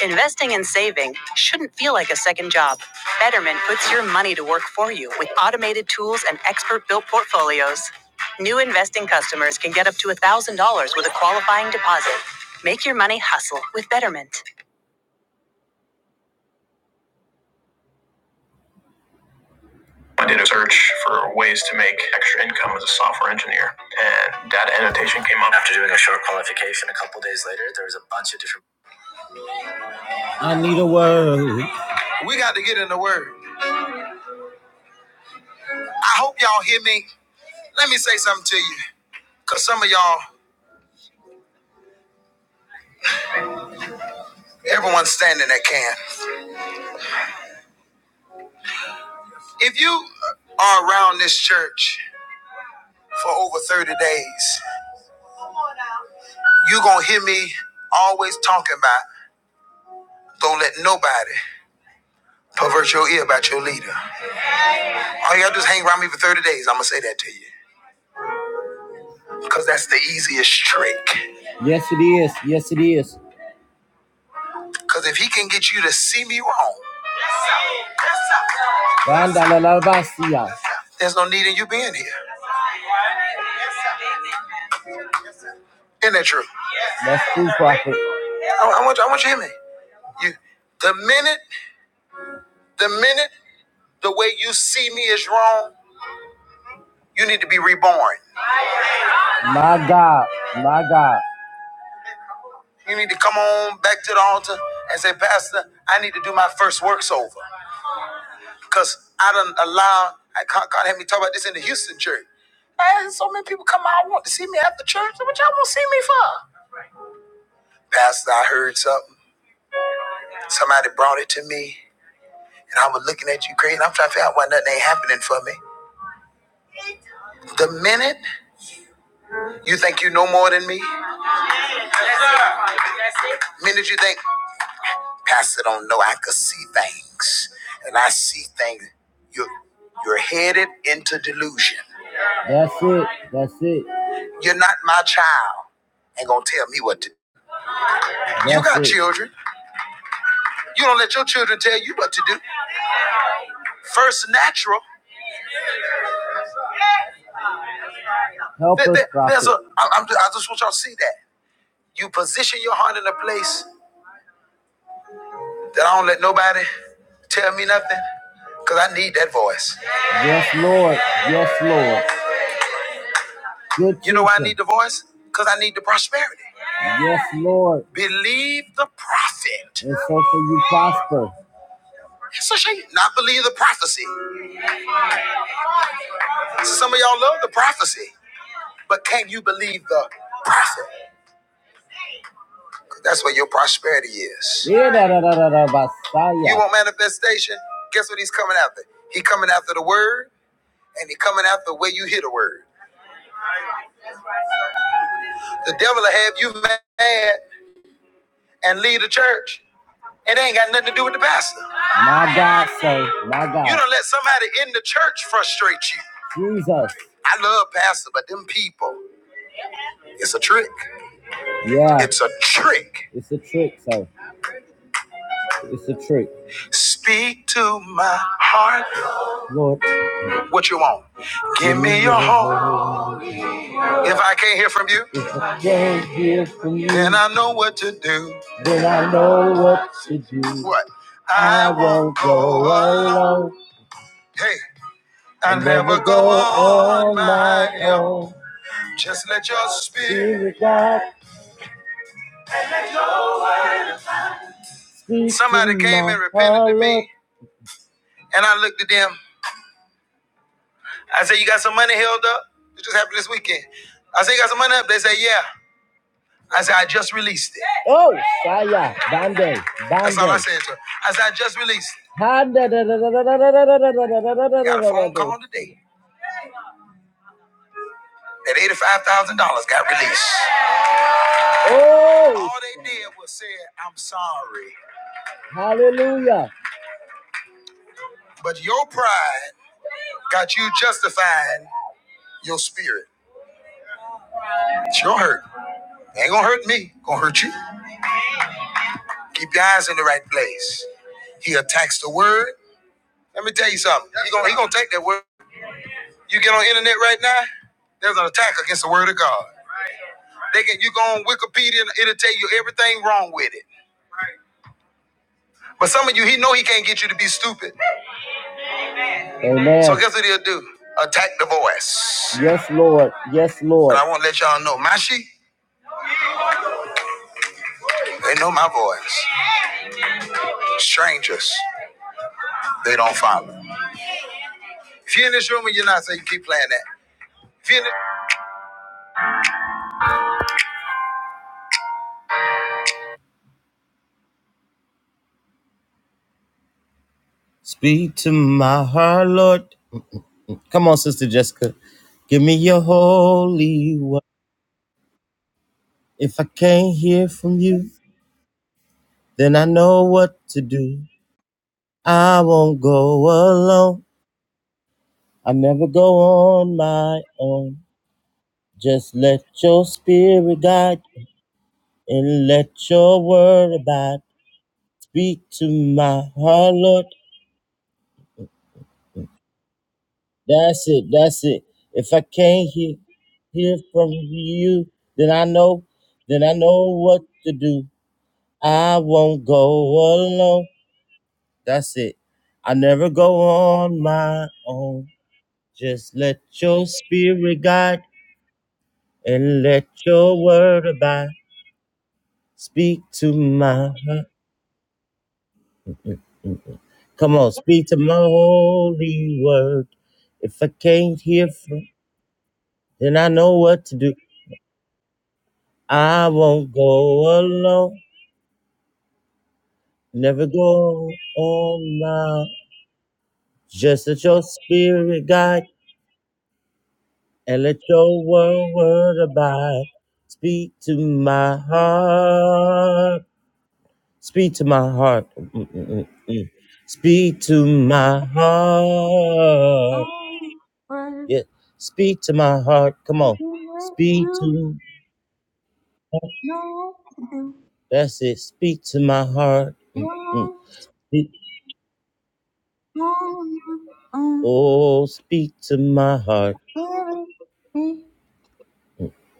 [SPEAKER 1] Investing and saving shouldn't feel like a second job. Betterment for you with automated tools and expert built pros. Buying deposit. For a way income as a software engineer, and data annotation came up. After doing a short qualification, a couple days later, there was a bunch of different. I need a word. We got to get in the word. I hope y'all hear me. Let me say something to you. Because some of y'all, everyone's standing that can. If you are around this church for over 30 days, you going to hear me always talking about don't let nobody pervert your ear about your leader. All you got to do is hang around me for 30 days. I'm going to say that to you. Because that's the easiest trick. Yes, it is. Yes, it is. Because if he can get you to see me wrong, Randalalabasia. there's no need in you being here. Yes, Isn't that true? Yes, That's true, prophet. I, I want you, I want you to hear me. You, the minute, the minute, the way you see me is wrong, you need to be reborn. My God, my God. You need to come on back to the altar and say, Pastor, I need to do my first works over. Because I don't allow, I can't, God had me talk about this in the Houston church. And so many people come out want to see me after church. So What y'all want to see me for? Pastor, I heard something. Somebody brought it to me. And I was looking at you crazy. I'm trying to figure out why nothing ain't happening for me. The minute you think you know more than me, minute you think, Pastor don't know I could see things. And I see things. You're, you're headed into delusion. That's it. That's it. You're not my child. Ain't gonna tell me what to That's You got it. children. You don't let your children tell you what to do. First natural. Help There- us, there- there's a. I, I'm just, I just want y'all to see that. You position your heart in a place that I don't let nobody tell me nothing, cause I need that voice. Yes, Lord. Yes, Lord. Good You teacher. know why I need the voice? Cause I need the prosperity. Yes, Lord. Believe the prophet. And so shall you prosper. So she not believe the prophecy. I said, some of y'all love the prophecy, but can you believe the prophet? 'Cause that's where your prosperity is. Yeah, da, da, da, da, da, Messiah. You want manifestation? Guess what he's coming after? He coming after the word, and he coming after where you hear the word. The devil will have you mad and leave the church. It ain't got nothing to do with the pastor. My God, say, my God. You don't let somebody in the church frustrate you. Jesus. I love pastor, but them people, it's a trick. Yeah. It's a trick. It's a trick, sir. It's a trick. Speak to my heart. Lord. What you want? Give me your heart. If I can't hear from you, if I can't hear from you, then I know what to do. Then I know what to do. What? I I won't won't go go alone. alone Hey, I will never never go go on on my my own. own. Just let your spirit. Spirit guide. Speak to Somebody came my and repented to heart. me, and I looked at them. I said, You got some money held up? It just happened this weekend. I said, You got some money up? They said, Yeah. I said, I just released it. Oh, Saya, Bande, That's all I Bande. said to her. I said, I just released it. I Got a phone call Oh, today that $85,000 got released. All they did was say, I'm sorry. hallelujah. But your pride got you justifying your spirit. It's your hurt. ain't gonna hurt me, gonna hurt you. Keep your eyes in the right place. He attacks the word. Let me tell you something. He gonna, he gonna take that word. You get on the internet right now, there's an attack against the word of God. They can you go on Wikipedia and it'll tell you everything wrong with it. But some of you, he know he can't get you to be stupid. Amen. So guess what he'll do? Attack the voice. Yes, Lord. Yes, Lord. But I want to let y'all know, my sheep, they know my voice. Strangers, they don't follow. If you're in this room and you're not, say you keep playing that. If you're in the- Speak to my heart, Lord. Come on, Sister Jessica. Give me your holy word. If I can't hear from you, then I know what to do. I won't go alone. I never go on my own. Just let your spirit guide and let your word abide. Speak to my heart, Lord. That's it. That's it. If I can't hear, hear from you, then I know, then I know what to do. I won't go alone. That's it. I never go on my own. Just let your spirit guide and let your word abide. Speak to my heart. Come on, speak to my holy word. If I can't hear from, then I know what to do. I won't go alone. Never go on my. Just let your spirit guide and let your word, word abide. Speak to my heart. Speak to my heart. Mm, mm, mm, mm. mm. Speak to my heart.
[SPEAKER 2] Only word
[SPEAKER 1] Yeah. Speak to my heart. Come on.
[SPEAKER 2] you
[SPEAKER 1] Speak
[SPEAKER 2] you
[SPEAKER 1] to.
[SPEAKER 2] know what to do.
[SPEAKER 1] That's it. Speak to my heart. Mm, mm.
[SPEAKER 2] Now
[SPEAKER 1] Speak-
[SPEAKER 2] on your own.
[SPEAKER 1] Oh, speak to my heart.
[SPEAKER 2] Everything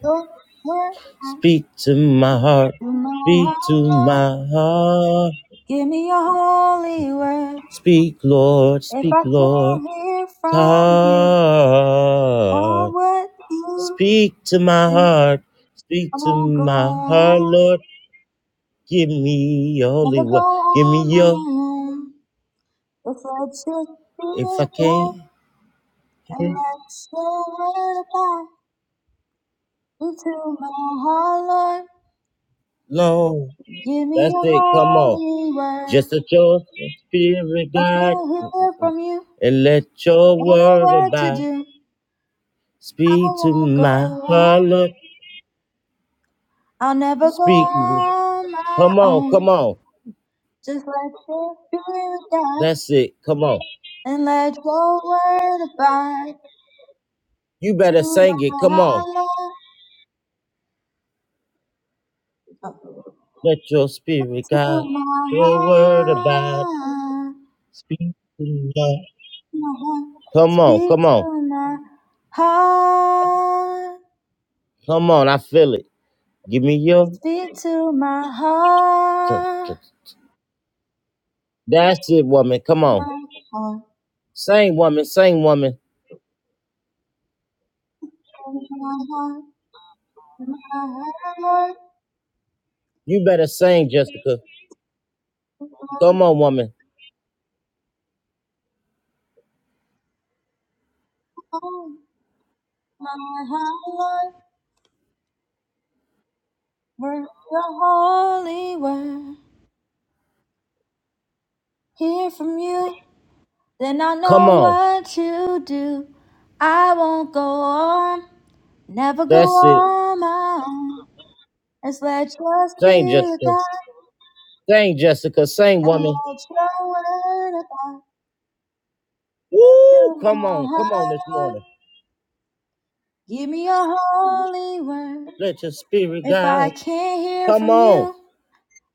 [SPEAKER 2] goes where I
[SPEAKER 1] Speak to my heart.
[SPEAKER 2] do my
[SPEAKER 1] Speak to
[SPEAKER 2] heart.
[SPEAKER 1] my heart.
[SPEAKER 2] Give me your holy word.
[SPEAKER 1] Speak, Lord.
[SPEAKER 2] If
[SPEAKER 1] Speak,
[SPEAKER 2] I
[SPEAKER 1] Lord.
[SPEAKER 2] can't hear from you, I
[SPEAKER 1] heart.
[SPEAKER 2] would do.
[SPEAKER 1] Speak to my
[SPEAKER 2] do.
[SPEAKER 1] heart. Speak
[SPEAKER 2] I
[SPEAKER 1] to
[SPEAKER 2] won't go
[SPEAKER 1] my heart,
[SPEAKER 2] on,
[SPEAKER 1] Lord. Give me your holy
[SPEAKER 2] never go
[SPEAKER 1] word. Give me
[SPEAKER 2] on
[SPEAKER 1] your,
[SPEAKER 2] my own. If I just let you be
[SPEAKER 1] if I
[SPEAKER 2] it
[SPEAKER 1] can't,
[SPEAKER 2] right and let your word abide. Into my heart, Lord,
[SPEAKER 1] Lord.
[SPEAKER 2] give me
[SPEAKER 1] That's
[SPEAKER 2] a
[SPEAKER 1] it. Come on.
[SPEAKER 2] holy word.
[SPEAKER 1] Just let your spirit
[SPEAKER 2] I
[SPEAKER 1] guide
[SPEAKER 2] can't hear from you,
[SPEAKER 1] and let your
[SPEAKER 2] I don't know
[SPEAKER 1] word
[SPEAKER 2] what to
[SPEAKER 1] abide.
[SPEAKER 2] do. I
[SPEAKER 1] Speak to
[SPEAKER 2] won't go
[SPEAKER 1] my heart,
[SPEAKER 2] on,
[SPEAKER 1] Lord.
[SPEAKER 2] I'll never go
[SPEAKER 1] Speak.
[SPEAKER 2] on my
[SPEAKER 1] Come on. Come
[SPEAKER 2] own.
[SPEAKER 1] on.
[SPEAKER 2] Just let your spirit
[SPEAKER 1] That's
[SPEAKER 2] guide
[SPEAKER 1] it. Come on.
[SPEAKER 2] and let your word abide.
[SPEAKER 1] You
[SPEAKER 2] To
[SPEAKER 1] better
[SPEAKER 2] my
[SPEAKER 1] sing it. Come
[SPEAKER 2] heart,
[SPEAKER 1] on.
[SPEAKER 2] Lord,
[SPEAKER 1] Let your spirit
[SPEAKER 2] to
[SPEAKER 1] guide
[SPEAKER 2] my
[SPEAKER 1] your word about
[SPEAKER 2] heart,
[SPEAKER 1] speaking love.
[SPEAKER 2] my heart,
[SPEAKER 1] Come on,
[SPEAKER 2] speak
[SPEAKER 1] come on,
[SPEAKER 2] to my heart.
[SPEAKER 1] come on. I feel it. Give me your.
[SPEAKER 2] Speak to my
[SPEAKER 1] t- t-
[SPEAKER 2] heart,
[SPEAKER 1] t- That's it, woman. Come
[SPEAKER 2] my
[SPEAKER 1] on.
[SPEAKER 2] heart,
[SPEAKER 1] Sing, woman. Sing, woman.
[SPEAKER 2] my heart, my heart,
[SPEAKER 1] You better sing, Jessica. Come on, woman.
[SPEAKER 2] oh, my heart. Bring the holy word. Hear from you, then I know
[SPEAKER 1] Come on.
[SPEAKER 2] what to do. I won't go on, never go
[SPEAKER 1] That's it.
[SPEAKER 2] on my own. Just let your
[SPEAKER 1] Sing,
[SPEAKER 2] spirit
[SPEAKER 1] Jessica.
[SPEAKER 2] guide
[SPEAKER 1] Sing, Jessica. Sing,
[SPEAKER 2] and
[SPEAKER 1] woman.
[SPEAKER 2] let your word abide. Speak
[SPEAKER 1] Woo!
[SPEAKER 2] to
[SPEAKER 1] Come on.
[SPEAKER 2] my
[SPEAKER 1] Come on this
[SPEAKER 2] heart.
[SPEAKER 1] morning.
[SPEAKER 2] Give me a holy word.
[SPEAKER 1] Let your spirit
[SPEAKER 2] If I
[SPEAKER 1] guide.
[SPEAKER 2] can't hear
[SPEAKER 1] Come
[SPEAKER 2] from
[SPEAKER 1] on.
[SPEAKER 2] you,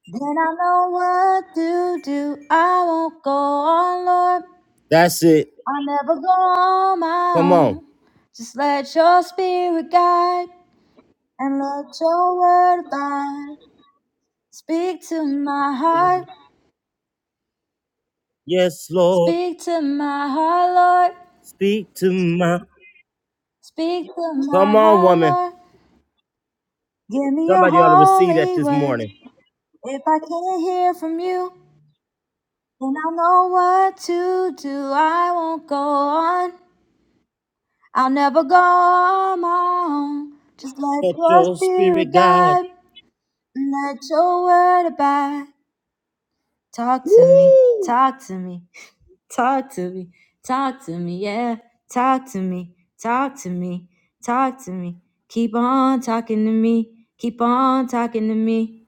[SPEAKER 2] then I know what to do. I won't go on, Lord.
[SPEAKER 1] That's it.
[SPEAKER 2] I'll never go on my
[SPEAKER 1] Come on.
[SPEAKER 2] own. Just let your spirit guide and let your word abide. Speak to my heart.
[SPEAKER 1] Yes, Lord.
[SPEAKER 2] Speak to my heart, Lord.
[SPEAKER 1] Speak to my
[SPEAKER 2] Speak to
[SPEAKER 1] Come
[SPEAKER 2] my
[SPEAKER 1] on,
[SPEAKER 2] heart,
[SPEAKER 1] woman.
[SPEAKER 2] Lord. Give me your
[SPEAKER 1] Somebody ought to receive that
[SPEAKER 2] holy
[SPEAKER 1] this
[SPEAKER 2] word.
[SPEAKER 1] morning.
[SPEAKER 2] If I can't hear from you, And I know what to do. I won't go on. I'll never go on my own. Just let
[SPEAKER 1] Let
[SPEAKER 2] your
[SPEAKER 1] your
[SPEAKER 2] spirit
[SPEAKER 1] spirit guide.
[SPEAKER 2] guide and let your word abide. Talk to me,
[SPEAKER 1] Woo!
[SPEAKER 2] talk to me, talk to me, talk to me, yeah. Talk to me, talk to me, talk to me. Keep on talking to me, keep on talking to me,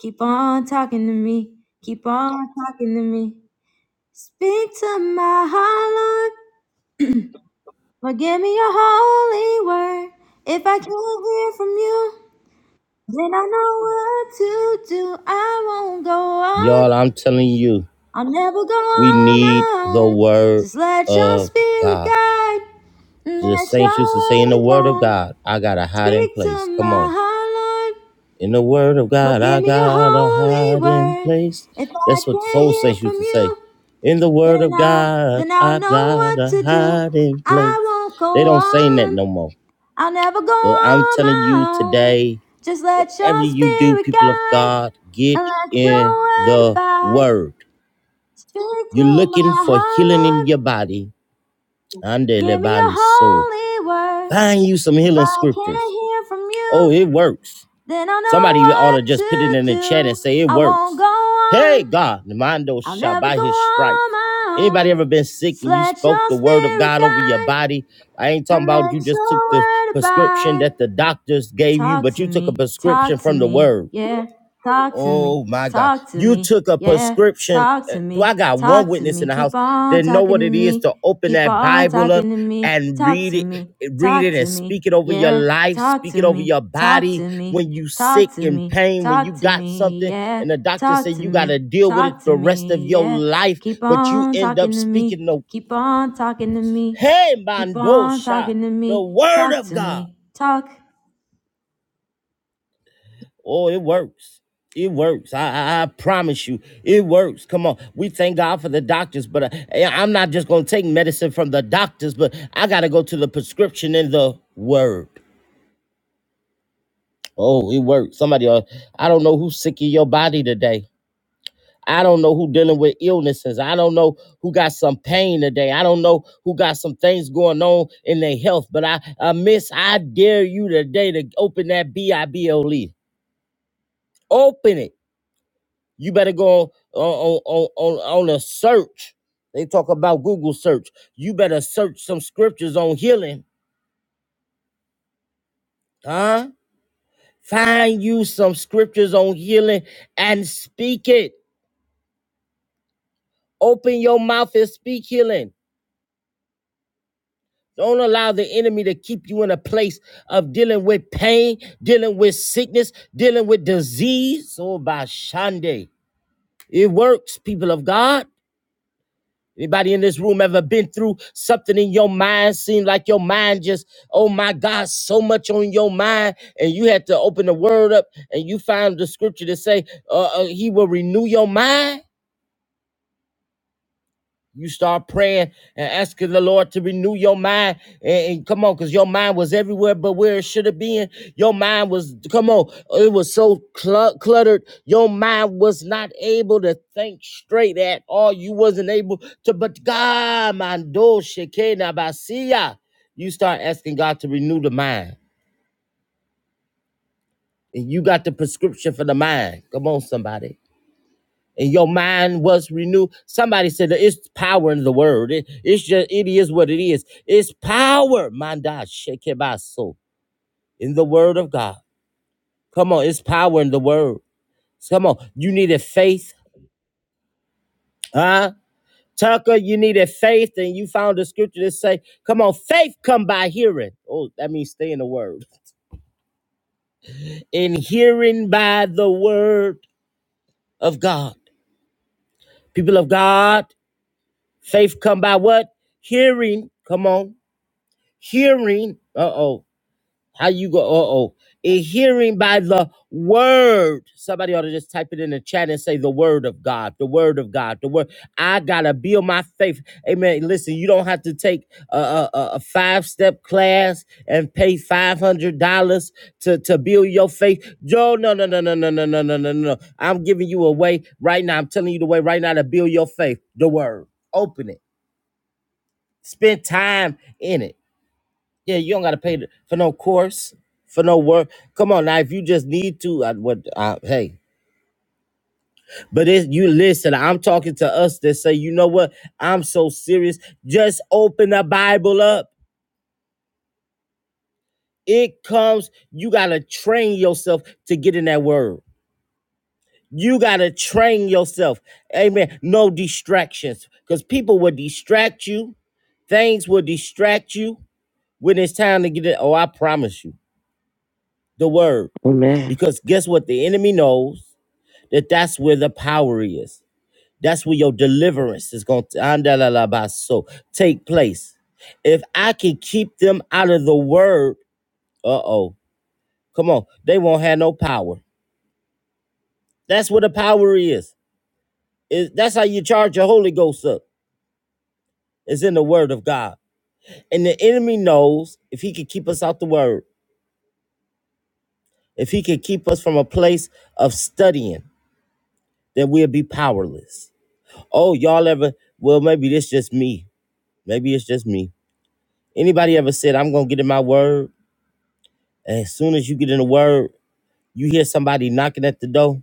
[SPEAKER 2] keep on talking to me, keep on talking to me. Speak to my heart, Lord. Well, give me your holy word. If I can't hear from you, then I know what to do. I won't go on.
[SPEAKER 1] Y'all, I'm telling you,
[SPEAKER 2] I'll never go
[SPEAKER 1] we
[SPEAKER 2] on
[SPEAKER 1] need
[SPEAKER 2] my
[SPEAKER 1] the
[SPEAKER 2] own.
[SPEAKER 1] word
[SPEAKER 2] Just let your
[SPEAKER 1] of
[SPEAKER 2] spirit
[SPEAKER 1] God.
[SPEAKER 2] guide and
[SPEAKER 1] The
[SPEAKER 2] let
[SPEAKER 1] saints
[SPEAKER 2] your
[SPEAKER 1] used to say,
[SPEAKER 2] word
[SPEAKER 1] in the word of
[SPEAKER 2] abide.
[SPEAKER 1] God, I got a hiding
[SPEAKER 2] Speak to
[SPEAKER 1] place. Come
[SPEAKER 2] my
[SPEAKER 1] on.
[SPEAKER 2] heart, Lord.
[SPEAKER 1] In the word of
[SPEAKER 2] Lord,
[SPEAKER 1] God,
[SPEAKER 2] give
[SPEAKER 1] I
[SPEAKER 2] me your
[SPEAKER 1] got a
[SPEAKER 2] holy
[SPEAKER 1] hiding
[SPEAKER 2] word.
[SPEAKER 1] place.
[SPEAKER 2] If I
[SPEAKER 1] That's what the
[SPEAKER 2] can't
[SPEAKER 1] soul
[SPEAKER 2] hear
[SPEAKER 1] saints used
[SPEAKER 2] from
[SPEAKER 1] to say.
[SPEAKER 2] you,
[SPEAKER 1] In the word
[SPEAKER 2] then
[SPEAKER 1] of
[SPEAKER 2] I'll,
[SPEAKER 1] God,
[SPEAKER 2] then I'll
[SPEAKER 1] I
[SPEAKER 2] know
[SPEAKER 1] got
[SPEAKER 2] what
[SPEAKER 1] a
[SPEAKER 2] to do.
[SPEAKER 1] hiding
[SPEAKER 2] I
[SPEAKER 1] place.
[SPEAKER 2] won't
[SPEAKER 1] They
[SPEAKER 2] go
[SPEAKER 1] don't say that
[SPEAKER 2] on.
[SPEAKER 1] no more.
[SPEAKER 2] I'll never go
[SPEAKER 1] But I'm
[SPEAKER 2] on
[SPEAKER 1] telling
[SPEAKER 2] my
[SPEAKER 1] you
[SPEAKER 2] own.
[SPEAKER 1] today,
[SPEAKER 2] Just let
[SPEAKER 1] Whatever
[SPEAKER 2] your
[SPEAKER 1] you do,
[SPEAKER 2] spirit
[SPEAKER 1] people of
[SPEAKER 2] guide
[SPEAKER 1] God,
[SPEAKER 2] and
[SPEAKER 1] get
[SPEAKER 2] let
[SPEAKER 1] in
[SPEAKER 2] your word
[SPEAKER 1] the
[SPEAKER 2] abide.
[SPEAKER 1] word.
[SPEAKER 2] Speak
[SPEAKER 1] You're
[SPEAKER 2] to
[SPEAKER 1] looking
[SPEAKER 2] my
[SPEAKER 1] for
[SPEAKER 2] heart,
[SPEAKER 1] healing in
[SPEAKER 2] Lord.
[SPEAKER 1] your body. Andele
[SPEAKER 2] Give me your
[SPEAKER 1] banso.
[SPEAKER 2] holy word.
[SPEAKER 1] Find you some
[SPEAKER 2] If
[SPEAKER 1] healing
[SPEAKER 2] I can't
[SPEAKER 1] scriptures.
[SPEAKER 2] hear from
[SPEAKER 1] Oh,
[SPEAKER 2] you,
[SPEAKER 1] it works.
[SPEAKER 2] then I'll know
[SPEAKER 1] Somebody ought to
[SPEAKER 2] what
[SPEAKER 1] just put it
[SPEAKER 2] to
[SPEAKER 1] in the chat and
[SPEAKER 2] do.
[SPEAKER 1] say it
[SPEAKER 2] I won't
[SPEAKER 1] works.
[SPEAKER 2] go
[SPEAKER 1] Hey
[SPEAKER 2] on.
[SPEAKER 1] God, Mando
[SPEAKER 2] I'll
[SPEAKER 1] shot
[SPEAKER 2] never
[SPEAKER 1] by
[SPEAKER 2] go
[SPEAKER 1] his
[SPEAKER 2] on
[SPEAKER 1] stripes.
[SPEAKER 2] my
[SPEAKER 1] Anybody
[SPEAKER 2] own.
[SPEAKER 1] ever been sick
[SPEAKER 2] Just
[SPEAKER 1] and you
[SPEAKER 2] let
[SPEAKER 1] spoke
[SPEAKER 2] your
[SPEAKER 1] the word of
[SPEAKER 2] spirit
[SPEAKER 1] God over your
[SPEAKER 2] guide
[SPEAKER 1] body? I ain't talking
[SPEAKER 2] and
[SPEAKER 1] about
[SPEAKER 2] let
[SPEAKER 1] you just took
[SPEAKER 2] your
[SPEAKER 1] the
[SPEAKER 2] word
[SPEAKER 1] prescription
[SPEAKER 2] abide.
[SPEAKER 1] that the doctors gave you,
[SPEAKER 2] Talk
[SPEAKER 1] but
[SPEAKER 2] to
[SPEAKER 1] you took a
[SPEAKER 2] me, talk
[SPEAKER 1] prescription
[SPEAKER 2] to
[SPEAKER 1] from the
[SPEAKER 2] me,
[SPEAKER 1] word.
[SPEAKER 2] yeah. Talk to me,
[SPEAKER 1] Oh my God.
[SPEAKER 2] talk to
[SPEAKER 1] You
[SPEAKER 2] me,
[SPEAKER 1] took a
[SPEAKER 2] yeah.
[SPEAKER 1] prescription.
[SPEAKER 2] Talk
[SPEAKER 1] Uh,
[SPEAKER 2] to
[SPEAKER 1] Do I
[SPEAKER 2] me,
[SPEAKER 1] got one
[SPEAKER 2] talk to
[SPEAKER 1] witness
[SPEAKER 2] me.
[SPEAKER 1] in the house
[SPEAKER 2] Keep on
[SPEAKER 1] that know
[SPEAKER 2] talking
[SPEAKER 1] what
[SPEAKER 2] to
[SPEAKER 1] it is
[SPEAKER 2] me,
[SPEAKER 1] to open
[SPEAKER 2] keep
[SPEAKER 1] that
[SPEAKER 2] on
[SPEAKER 1] Bible up
[SPEAKER 2] talking to me.
[SPEAKER 1] and
[SPEAKER 2] Talk
[SPEAKER 1] read
[SPEAKER 2] to me,
[SPEAKER 1] it, read it
[SPEAKER 2] talk
[SPEAKER 1] and
[SPEAKER 2] to me,
[SPEAKER 1] speak it over your
[SPEAKER 2] yeah.
[SPEAKER 1] life,
[SPEAKER 2] Talk
[SPEAKER 1] speak
[SPEAKER 2] to
[SPEAKER 1] it over
[SPEAKER 2] me,
[SPEAKER 1] your
[SPEAKER 2] talk
[SPEAKER 1] body
[SPEAKER 2] to me,
[SPEAKER 1] when you sick
[SPEAKER 2] talk to
[SPEAKER 1] in
[SPEAKER 2] me,
[SPEAKER 1] pain, when you
[SPEAKER 2] talk to
[SPEAKER 1] got
[SPEAKER 2] me,
[SPEAKER 1] something
[SPEAKER 2] yeah.
[SPEAKER 1] and the doctor
[SPEAKER 2] Talk
[SPEAKER 1] said
[SPEAKER 2] to
[SPEAKER 1] you got to
[SPEAKER 2] me,
[SPEAKER 1] deal with it
[SPEAKER 2] talk to
[SPEAKER 1] the rest of
[SPEAKER 2] me,
[SPEAKER 1] your
[SPEAKER 2] yeah.
[SPEAKER 1] life,
[SPEAKER 2] Keep
[SPEAKER 1] but you
[SPEAKER 2] on
[SPEAKER 1] end up
[SPEAKER 2] talking to me,
[SPEAKER 1] speaking the
[SPEAKER 2] keep on talking to me,
[SPEAKER 1] hey
[SPEAKER 2] keep on
[SPEAKER 1] mandosha,
[SPEAKER 2] talking to
[SPEAKER 1] the
[SPEAKER 2] me.
[SPEAKER 1] word
[SPEAKER 2] Talk
[SPEAKER 1] of
[SPEAKER 2] to
[SPEAKER 1] God.
[SPEAKER 2] me, talk.
[SPEAKER 1] Oh, it works. It works. I, I I promise you, it works. Come on, we thank God for the doctors, but uh, eh, I'm not just gonna take medicine from the doctors, but I gotta go to the prescription in the Word. Oh, it works. Somebody else. I don't know who's sick in your body today. I don't know who dealing with illnesses. I don't know who got some pain today. I don't know who got some things going on in their health. But I, uh, miss, I dare you today to open that B I B L E. Open it You better go on, on, on, on a search. They talk about Google search. You better search some scriptures on healing, huh? Find you some scriptures on healing and speak it. Open your mouth and speak healing. Don't allow the enemy to keep you in a place of dealing with pain, dealing with sickness, dealing with disease. Oh, by Shande. It works, people of God. Anybody in this room ever been through something in your mind? Seemed like your mind just, oh my God, so much on your mind, and you had to open the Word up and you find the scripture to say, uh, uh, "He will renew your mind." You start praying and asking the Lord to renew your mind. And, and come on, because your mind was everywhere but where it should have been. Your mind was, come on, it was so clu- cluttered. Your mind was not able to think straight at all. You wasn't able to, but God, mando shekena basia. You start asking God to renew the mind. And you got the prescription for the mind. Come on, somebody. and your mind was renewed. Somebody said it's power in the word. It- it's just it is what it is. It's power, manda shekebaso, in the word of God. Come on, it's power in the word. Come on, you needed faith, huh? Tucker, you needed faith, and you found the scripture to say, "Come on, faith come by hearing." Oh, that means stay in the word. In hearing by the word of God, people of God, faith come by what? Hearing. Come on hearing, uh-oh, how you go, uh-oh, a hearing by the word. Somebody ought to just type it in the chat and say the word of God, the word of God, the word. I gotta build my faith. Amen. Listen, you don't have to take a, a, a five-step class and pay five hundred dollars to, to build your faith. Joe, no, no, no, no, no, no, no, no, no, no. I'm giving you a way right now. I'm telling you the way right now to build your faith. The word. Open it. Spend time in it. Yeah, you don't got to pay th- for no course, for no work. Come on now, if you just need to, I would. I, hey, but it, you listen. I'm talking to us that say, you know what? I'm so serious. Just open the Bible up. It comes. You gotta train yourself to get in that word. You gotta train yourself. Amen. No distractions, because people will distract you. Things will distract you when it's time to get it. Oh, I promise you, the word.
[SPEAKER 3] Amen.
[SPEAKER 1] Because guess what? The enemy knows. that that's where the power is. That's where your deliverance is going to take place. If I can keep them out of the word, uh oh, come on, they won't have no power. That's where the power is. Is that's how you charge your Holy Ghost up. It's in the Word of God, and the enemy knows if he can keep us out the Word, if he can keep us from a place of studying, then we'll be powerless. Oh, y'all ever? Well, maybe this just me. Maybe it's just me Anybody ever said, I'm gonna get in my word? as soon as you get in the word, you hear somebody knocking at the door.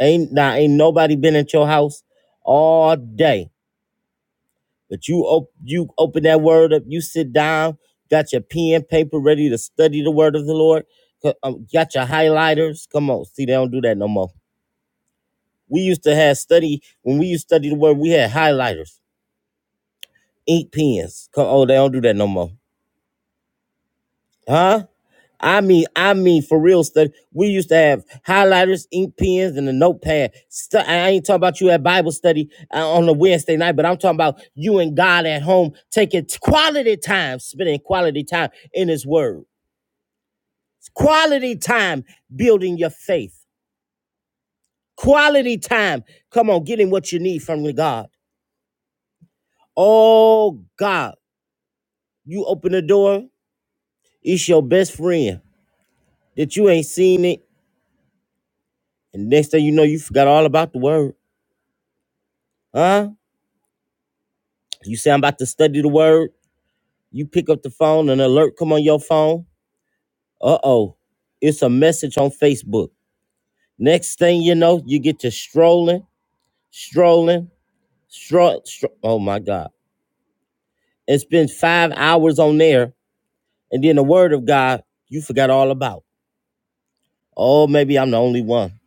[SPEAKER 1] Ain't now ain't nobody been at your house all day. But you op- you open that word up, you sit down, got your pen, paper ready to study the word of the Lord. Co- um, Got your highlighters. Come on, see they don't do that no more. We used to have study when we used to study the word. We had highlighters, ink pens. Come, oh, they don't do that no more, huh? I mean, I mean, for real study. We used to have highlighters, ink pens, and a notepad. Stu- I ain't talking about you at Bible study uh, on a Wednesday night, but I'm talking about you and God at home taking t- quality time, spending quality time in His Word. Quality time building your faith. Quality time. Come on, getting what you need from God. Oh God, you open the door. It's your best friend that you ain't seen it, and next thing you know, you forgot all about the Word, huh? You say I'm about to study the word. You pick up the phone, an alert come on your phone. Uh oh, it's a message on Facebook. Next thing you know, you get to strolling, strolling, stro- stro- Oh my God! And spend five hours on there, and then the word of God you forgot all about. Oh, maybe I'm the only one.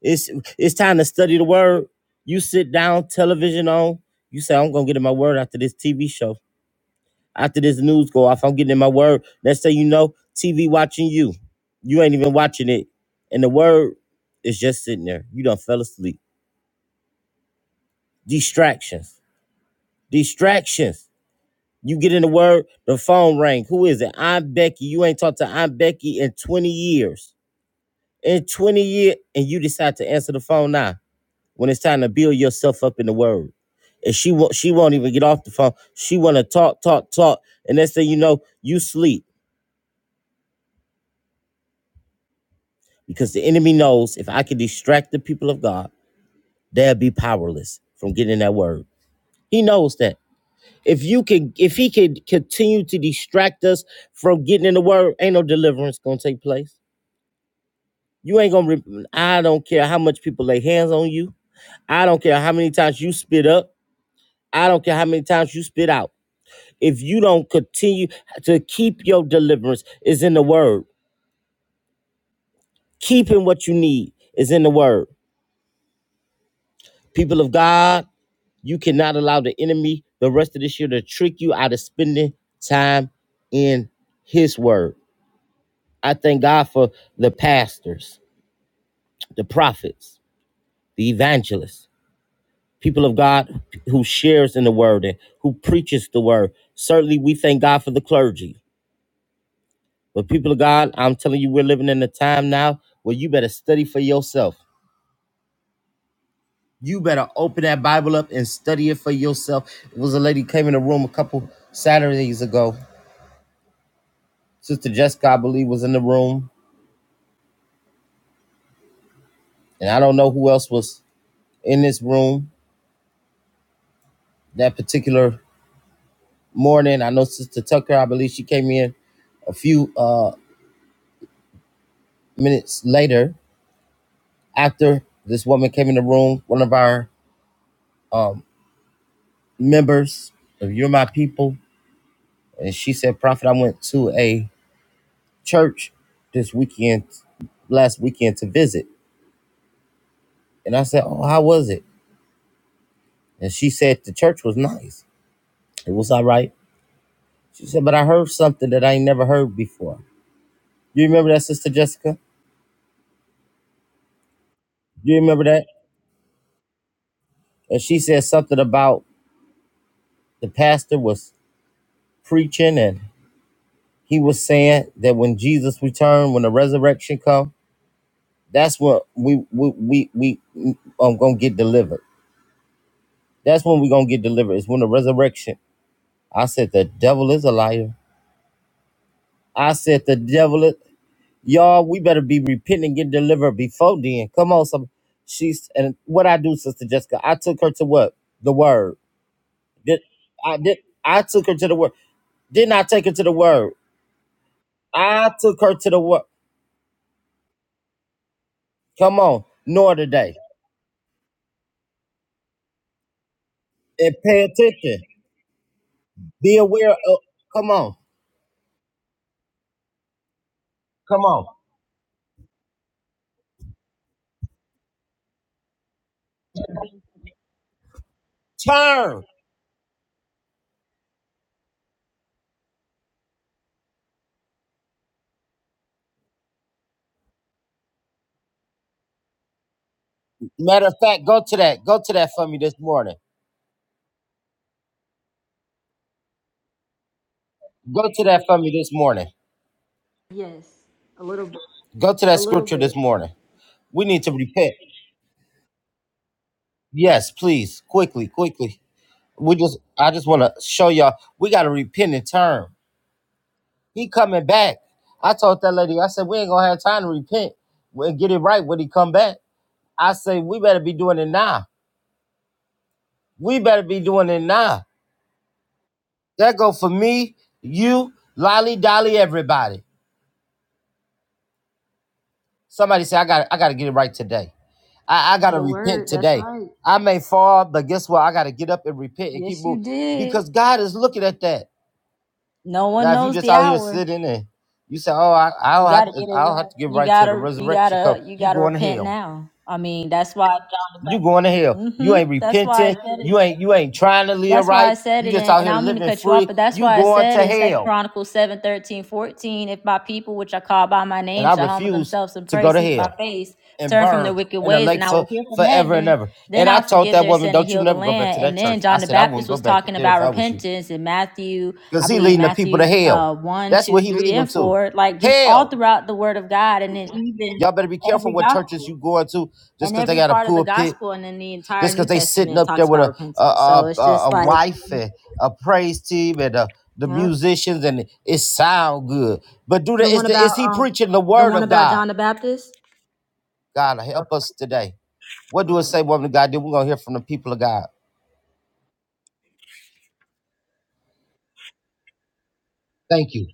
[SPEAKER 1] It's it's time to study the word. You sit down, television on. You say I'm gonna get in my word after this TV show. After this news go off, I'm getting in my word. Let's say you know TV watching you. You ain't even watching it. And the word is just sitting there. You done fell asleep. Distractions. Distractions. You get in the word, the phone ring. Who is it? I'm Becky. You ain't talked to I'm Becky in 20 years. In 20 years, and you decide to answer the phone now when it's time to build yourself up in the word. And she won't she won't even get off the phone. She wanna talk, talk, talk. And next thing you know, you sleep. because the enemy knows if I can distract the people of God, they'll be powerless from getting that word. He knows that. If you can, if he can continue to distract us from getting in the word, ain't no deliverance gonna take place. You ain't gonna. Re- I don't care how much people lay hands on you. I don't care how many times you spit up. I don't care how many times you spit out. If you don't continue to keep your deliverance is in the word. Keeping what you need is in the word. People of God, You cannot allow the enemy the rest of this year to trick you out of spending time in his word. I thank God for the pastors, the prophets, the evangelists, people of God who shares in the word and who preaches the word. Certainly we thank God for the clergy. But people of God, I'm telling you, we're living in a time now where you better study for yourself. You better open that Bible up and study it for yourself. It was a lady came in the room a couple Saturdays ago Sister Jessica, I believe, was in the room, and I don't know who else was in this room that particular morning. I know Sister Tucker, I believe, she came in a few uh, minutes later after this woman came in the room, one of our um, members of You're My People, and she said, Prophet, I went to a church this weekend, last weekend to visit. And I said, Oh, how was it? And she said, The church was nice. It was all right. She said, But I heard something that I ain't never heard before. You remember that, Sister Jessica? You remember that? And she said something about the pastor was preaching and he was saying that when Jesus returned, when the resurrection come, that's when we we we, we um, gonna get delivered. That's when we gonna get delivered. It's when the resurrection. I said the devil is a liar. I said the devil is y'all, we better be repenting and get delivered before then. Come on, some she's and what I do, Sister Jessica, I took her to what? The word. Did I did I took her to the word. Didn't I take her to the word? I took her to the word. Come on, nor today. And pay attention. Be aware of come on. Come on. Turn. Matter of fact, go to that. Go to that for me this morning. Go to that for me this morning.
[SPEAKER 2] Yes, a little, bit-
[SPEAKER 1] Go to
[SPEAKER 2] a
[SPEAKER 1] that
[SPEAKER 2] little
[SPEAKER 1] scripture this
[SPEAKER 2] bit.
[SPEAKER 1] morning. We need to repent. Yes, please. Quickly, quickly. We just I just wanna show y'all we gotta repent and turn. He coming back. I told that lady, I said, we ain't gonna have time to repent and get it right when he come back. I say we better be doing it now. We better be doing it now. That go for me, you, lolly dolly, everybody. Somebody say I got I got to get it right today. I, I got to
[SPEAKER 2] The
[SPEAKER 1] repent
[SPEAKER 2] word. That's
[SPEAKER 1] today.
[SPEAKER 2] right.
[SPEAKER 1] I may fall, but guess what? I got to get up and repent and keep
[SPEAKER 2] Yes, you
[SPEAKER 1] moving
[SPEAKER 2] did.
[SPEAKER 1] because God is looking at that.
[SPEAKER 2] No one
[SPEAKER 1] Now, if you
[SPEAKER 2] knows
[SPEAKER 1] just
[SPEAKER 2] the
[SPEAKER 1] out here
[SPEAKER 2] hour.
[SPEAKER 1] sitting and you say, "Oh, I,
[SPEAKER 2] You
[SPEAKER 1] I'll have
[SPEAKER 2] gotta
[SPEAKER 1] to,
[SPEAKER 2] get it
[SPEAKER 1] I'll have
[SPEAKER 2] right.
[SPEAKER 1] to get
[SPEAKER 2] You
[SPEAKER 1] right to the
[SPEAKER 2] gotta, you
[SPEAKER 1] resurrection cup,"
[SPEAKER 2] gotta, you
[SPEAKER 1] you
[SPEAKER 2] gotta
[SPEAKER 1] going to
[SPEAKER 2] repent
[SPEAKER 1] hell.
[SPEAKER 2] now. I mean, that's why John the
[SPEAKER 1] You going to hell.
[SPEAKER 2] Baptist.
[SPEAKER 1] You
[SPEAKER 2] Mm-hmm.
[SPEAKER 1] ain't
[SPEAKER 2] That's why I
[SPEAKER 1] repenting.
[SPEAKER 2] said it.
[SPEAKER 1] You ain't you ain't trying to live
[SPEAKER 2] That's why I
[SPEAKER 1] right.
[SPEAKER 2] said
[SPEAKER 1] You
[SPEAKER 2] it, in,
[SPEAKER 1] just out
[SPEAKER 2] and
[SPEAKER 1] here
[SPEAKER 2] I don't mean to
[SPEAKER 1] living
[SPEAKER 2] cut you off,
[SPEAKER 1] free.
[SPEAKER 2] but that's
[SPEAKER 1] You
[SPEAKER 2] why I
[SPEAKER 1] going
[SPEAKER 2] said
[SPEAKER 1] to
[SPEAKER 2] in Second
[SPEAKER 1] hell.
[SPEAKER 2] Chronicles 7 13 14, if my people which I call by my
[SPEAKER 1] and
[SPEAKER 2] name
[SPEAKER 1] I
[SPEAKER 2] shall humble
[SPEAKER 1] refuse
[SPEAKER 2] themselves and
[SPEAKER 1] to
[SPEAKER 2] pray,
[SPEAKER 1] go to
[SPEAKER 2] seek my
[SPEAKER 1] hell
[SPEAKER 2] face,
[SPEAKER 1] and
[SPEAKER 2] turn from their
[SPEAKER 1] burn
[SPEAKER 2] wicked
[SPEAKER 1] in the
[SPEAKER 2] ways, and
[SPEAKER 1] lake
[SPEAKER 2] I will
[SPEAKER 1] for
[SPEAKER 2] hear from
[SPEAKER 1] forever and
[SPEAKER 2] heaven,
[SPEAKER 1] ever.
[SPEAKER 2] then
[SPEAKER 1] And I
[SPEAKER 2] I'll
[SPEAKER 1] told
[SPEAKER 2] forgive
[SPEAKER 1] that
[SPEAKER 2] their
[SPEAKER 1] woman,
[SPEAKER 2] sin and
[SPEAKER 1] "Don't you
[SPEAKER 2] heal the
[SPEAKER 1] never go back
[SPEAKER 2] land.
[SPEAKER 1] to
[SPEAKER 2] And
[SPEAKER 1] that church."
[SPEAKER 2] then
[SPEAKER 1] I
[SPEAKER 2] John the
[SPEAKER 1] said, "I wouldn't
[SPEAKER 2] Baptist
[SPEAKER 1] go
[SPEAKER 2] was
[SPEAKER 1] back
[SPEAKER 2] talking
[SPEAKER 1] there if
[SPEAKER 2] about
[SPEAKER 1] I was you,
[SPEAKER 2] repentance in Matthew, I
[SPEAKER 1] because he
[SPEAKER 2] believe
[SPEAKER 1] leading the people to
[SPEAKER 2] Matthew
[SPEAKER 1] hell.
[SPEAKER 2] uh one
[SPEAKER 1] That's what
[SPEAKER 2] 2
[SPEAKER 1] he
[SPEAKER 2] 3
[SPEAKER 1] leading them
[SPEAKER 2] and
[SPEAKER 1] to,
[SPEAKER 2] 4, like just all
[SPEAKER 1] hell."
[SPEAKER 2] throughout the word of God and then even
[SPEAKER 1] Y'all better be careful
[SPEAKER 2] every
[SPEAKER 1] what churches
[SPEAKER 2] gospel
[SPEAKER 1] you going to, just
[SPEAKER 2] and
[SPEAKER 1] because they
[SPEAKER 2] every
[SPEAKER 1] got a
[SPEAKER 2] part of the
[SPEAKER 1] pulpit,
[SPEAKER 2] gospel and in the entire
[SPEAKER 1] just because
[SPEAKER 2] New
[SPEAKER 1] they sitting
[SPEAKER 2] Testament
[SPEAKER 1] up there
[SPEAKER 2] talks
[SPEAKER 1] with
[SPEAKER 2] about
[SPEAKER 1] a a,
[SPEAKER 2] repentance. So
[SPEAKER 1] a, a
[SPEAKER 2] it's just
[SPEAKER 1] a
[SPEAKER 2] like
[SPEAKER 1] wife and a praise team and the the
[SPEAKER 2] yeah.
[SPEAKER 1] musicians and it sound good. But do the
[SPEAKER 2] the
[SPEAKER 1] is
[SPEAKER 2] one
[SPEAKER 1] the,
[SPEAKER 2] about
[SPEAKER 1] is he
[SPEAKER 2] um
[SPEAKER 1] preaching the
[SPEAKER 2] the
[SPEAKER 1] word
[SPEAKER 2] one
[SPEAKER 1] of
[SPEAKER 2] about
[SPEAKER 1] God?
[SPEAKER 2] John the Baptist.
[SPEAKER 1] God help
[SPEAKER 2] Okay.
[SPEAKER 1] us today What do it
[SPEAKER 2] Okay.
[SPEAKER 1] say, woman of God? Then we're going to hear from the people of God. Thank you.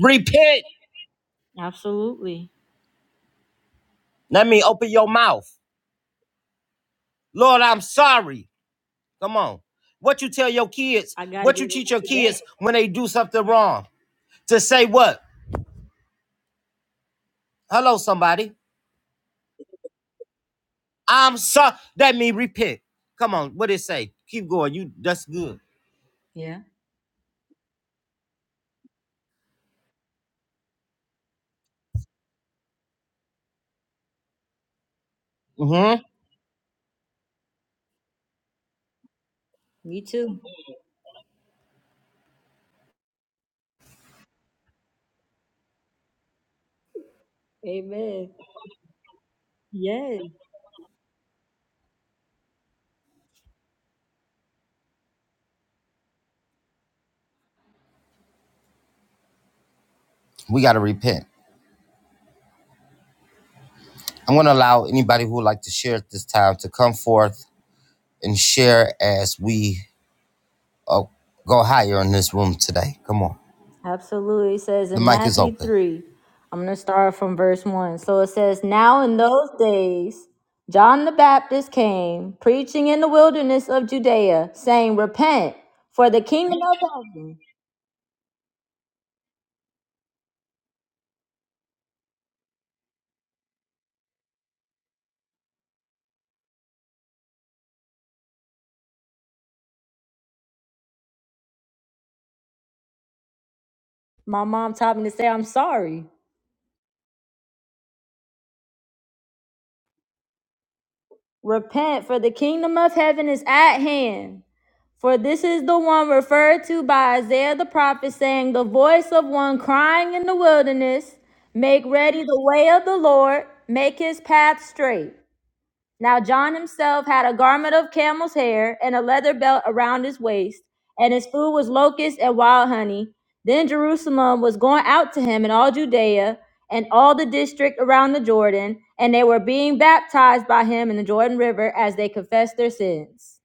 [SPEAKER 1] Repent.
[SPEAKER 2] Absolutely.
[SPEAKER 1] That mean open your mouth. Lord, I'm sorry. Come on. What you tell your kids,
[SPEAKER 2] I gotta
[SPEAKER 1] what
[SPEAKER 2] get
[SPEAKER 1] you
[SPEAKER 2] it
[SPEAKER 1] teach
[SPEAKER 2] right
[SPEAKER 1] your
[SPEAKER 2] today.
[SPEAKER 1] kids when they do something wrong. To say what? Hello, somebody. I'm sorry. That mean repent. Come on. What it say? Keep going. You that's good.
[SPEAKER 2] Yeah.
[SPEAKER 1] Mm-hmm.
[SPEAKER 2] Me too. Amen. Yes.
[SPEAKER 1] We gotta repent. I'm gonna allow anybody who would like to share at this time to come forth and share as we uh, go higher in this room today. Come on.
[SPEAKER 2] Absolutely. It says
[SPEAKER 1] The
[SPEAKER 2] in
[SPEAKER 1] mic is
[SPEAKER 2] Matthew
[SPEAKER 1] open.
[SPEAKER 2] three. I'm gonna start from verse one. So it says, Now in those days John the Baptist came, preaching in the wilderness of Judea, saying, Repent, for the kingdom of heaven My mom taught me to say, I'm sorry. Repent, for the kingdom of heaven is at hand. For this is the one referred to by Isaiah the prophet, saying, The voice of one crying in the wilderness, Make ready the way of the Lord, make his path straight. Now John himself had a garment of camel's hair and a leather belt around his waist, and his food was locusts and wild honey. Then Jerusalem was going out to him in all Judea and all the district around the Jordan, and they were being baptized by him in the Jordan River as they confessed their sins.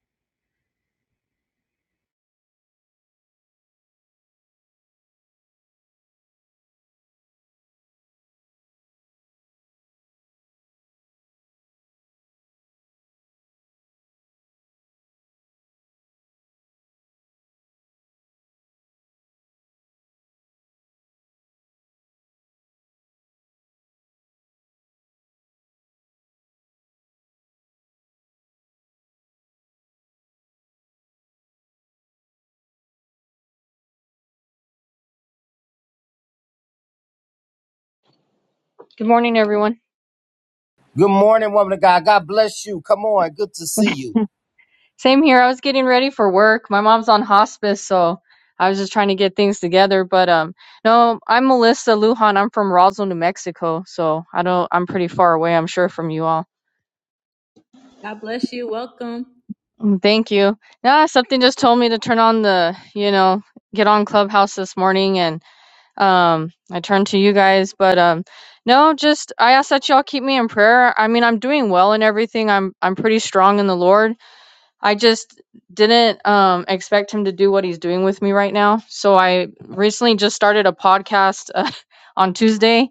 [SPEAKER 4] Good morning, everyone.
[SPEAKER 1] Good morning, woman of God. God bless you. Come on. Good to see you.
[SPEAKER 4] Same here. I was getting ready for work. My mom's on hospice, so I was just trying to get things together. But um, no, I'm Melissa Lujan. I'm from Roswell, New Mexico, so I don't. I'm pretty far away. I'm sure from you all.
[SPEAKER 2] God bless you. Welcome.
[SPEAKER 4] Mm, Thank you. Nah, something just told me to turn on the, you know, get on Clubhouse this morning, and um, I turned to you guys. But um, no, just I ask that y'all keep me in prayer. I mean, I'm doing well and everything. I'm I'm pretty strong in the Lord I just didn't um, expect him to do what he's doing with me right now. So I recently just started a podcast uh, on Tuesday,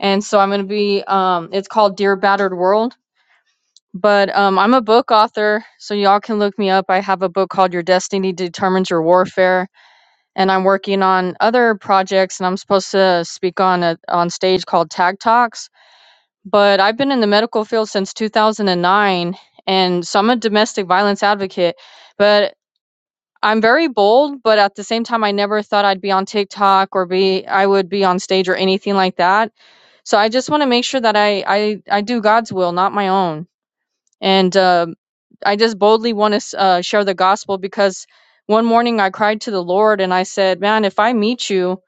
[SPEAKER 4] and so I'm going to be. Um, it's called Dear Battered World. But um, I'm a book author, so y'all can look me up. I have a book called Your Destiny Determines Your Warfare, and I'm working on other projects. And I'm supposed to speak on a on stage called Tag Talks. But I've been in the medical field since 2009, and so I'm a domestic violence advocate. But I'm very bold, but at the same time, I never thought I'd be on TikTok or be I would be on stage or anything like that. So I just want to make sure that I I I do God's will, not my own. And uh, I just boldly want to uh, share the gospel because one morning I cried to the Lord and I said, "Man, if I meet you,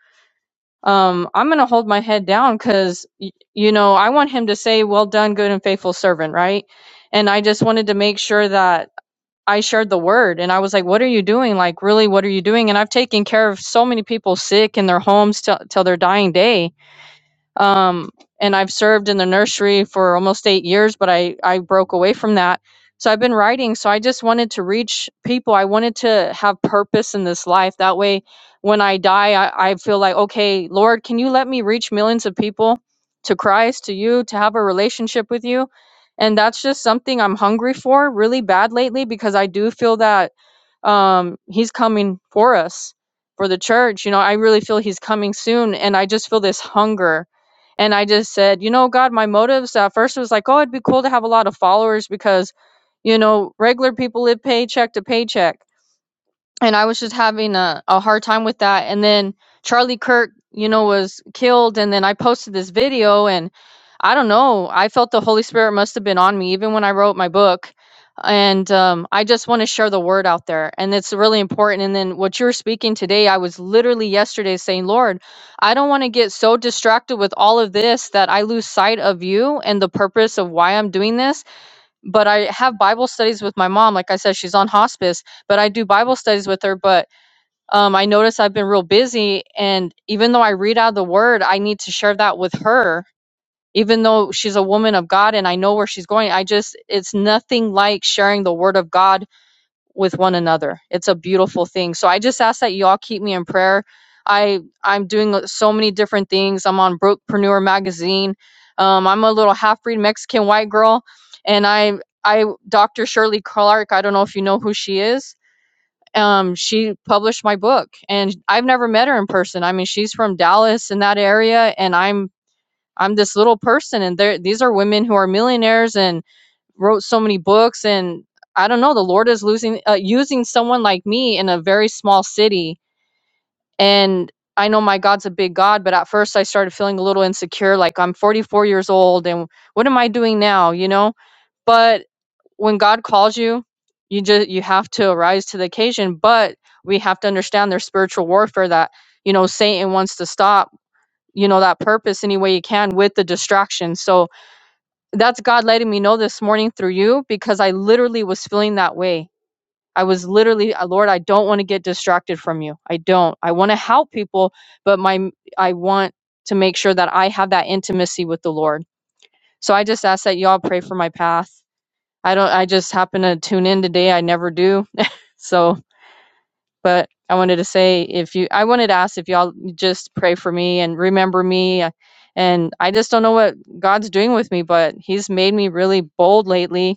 [SPEAKER 4] um, I'm gonna hold my head down because y- you know I want Him to say, 'Well done, good and faithful servant," right? And I just wanted to make sure that I shared the word and I was like, what are you doing? Like, really, what are you doing? And I've taken care of so many people sick in their homes till till their dying day um, and I've served in the nursery for almost eight years, but I I broke away from that. So I've been writing. So I just wanted to reach people. I wanted to have purpose in this life. That way, when I die, I, I feel like, okay, Lord, can you let me reach millions of people to Christ, to you, to have a relationship with you? And that's just something I'm hungry for really bad lately because I do feel that um he's coming for us for the church you know i really feel he's coming soon and i just feel this hunger and i just said you know god my motives at first it was like oh it'd be cool to have a lot of followers because you know regular people live paycheck to paycheck and I was just having a, a hard time with that. And then Charlie Kirk, you know, was killed. And then I posted this video, and I don't know. I felt the Holy Spirit must have been on me, even when I wrote my book. And um, I just want to share the word out there, and it's really important. And then what you're speaking today, I was literally yesterday saying, Lord, I don't want to get so distracted with all of this that I lose sight of you and the purpose of why I'm doing this but I have Bible studies with my mom. Like I said, she's on hospice, but I do Bible studies with her. But um, I notice I've been real busy. And even though I read out of the word, I need to share that with her, even though she's a woman of God and I know where she's going. I just, it's nothing like sharing the word of God with one another. It's a beautiful thing. So I just ask that y'all keep me in prayer. I I'm doing so many different things. I'm on Brookpreneur magazine. Um, I'm a little half breed Mexican white girl, and I I Dr. Shirley Clark. I don't know if you know who she is. Um, she published my book, and I've never met her in person. I mean, she's from Dallas in that area, and I'm I'm this little person, and there these are women who are millionaires, and wrote so many books and i don't know the lord is losing uh, using someone like me in a very small city and i know my god's a big god but at first i started feeling a little insecure like i'm 44 years old and what am i doing now you know but when god calls you you just you have to arise to the occasion but we have to understand there's spiritual warfare that you know satan wants to stop you know that purpose any way he can with the distraction so that's God letting me know this morning through you because I literally was feeling that way. I was literally, "Uh, Lord, I don't want to get distracted from you. I don't. I want to help people, but my I want to make sure that I have that intimacy with the Lord. So I just ask that y'all pray for my path. I don't I just happen to tune in today. I never do. so, but I wanted to say if you I wanted to ask if y'all just pray for me and remember me uh, and I just don't know what God's doing with me, but he's made me really bold lately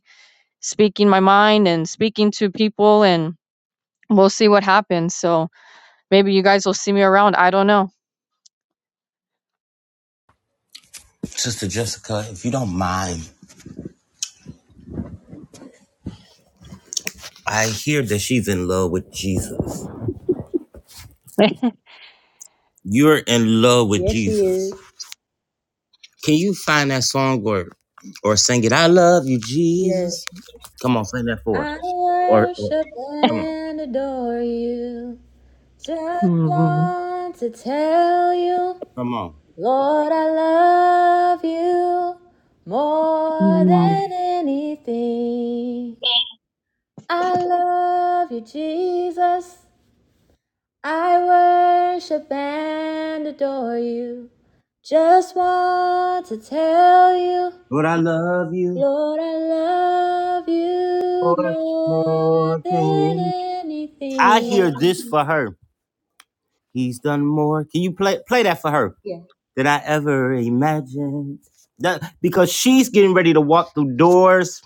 [SPEAKER 4] speaking my mind and speaking to people and we'll see what happens so maybe you guys will see me around i don't know
[SPEAKER 1] Sister Jessica, if you don't mind, I hear that she's in love with Jesus. You're in love with
[SPEAKER 2] Yes, she
[SPEAKER 1] Jesus.
[SPEAKER 2] is.
[SPEAKER 1] Can you find that song or or sing it? I love you,
[SPEAKER 2] Yes.
[SPEAKER 1] Jesus. Come on, sing that for her.
[SPEAKER 2] I
[SPEAKER 1] Or, or
[SPEAKER 2] worship
[SPEAKER 1] come on,
[SPEAKER 2] and adore you. Just want to tell you.
[SPEAKER 1] come on.
[SPEAKER 2] Lord, I love you more than anything. I love you, Jesus. I worship and adore you. Just want to tell you,
[SPEAKER 1] Lord, I love you.
[SPEAKER 2] Lord, I love you more than
[SPEAKER 1] I hear this
[SPEAKER 2] anything.
[SPEAKER 1] for her. He's done more. Can you play play that for her
[SPEAKER 2] Yeah.
[SPEAKER 1] than I ever imagined? That, because she's getting ready to walk through doors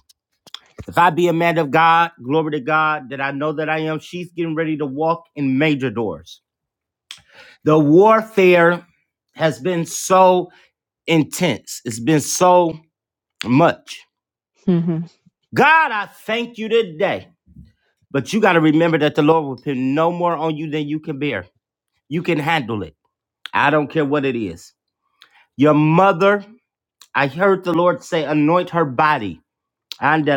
[SPEAKER 1] If I be a man of God, glory to God that I know that I am, she's getting ready to walk in major doors. The warfare has been so intense, it's been so much.
[SPEAKER 4] mm-hmm.
[SPEAKER 1] God, I thank you today. But you got to remember that the Lord will put no more on you than you can bear. You can handle it. I don't care what it is. Your mother, I heard the Lord say, anoint her body.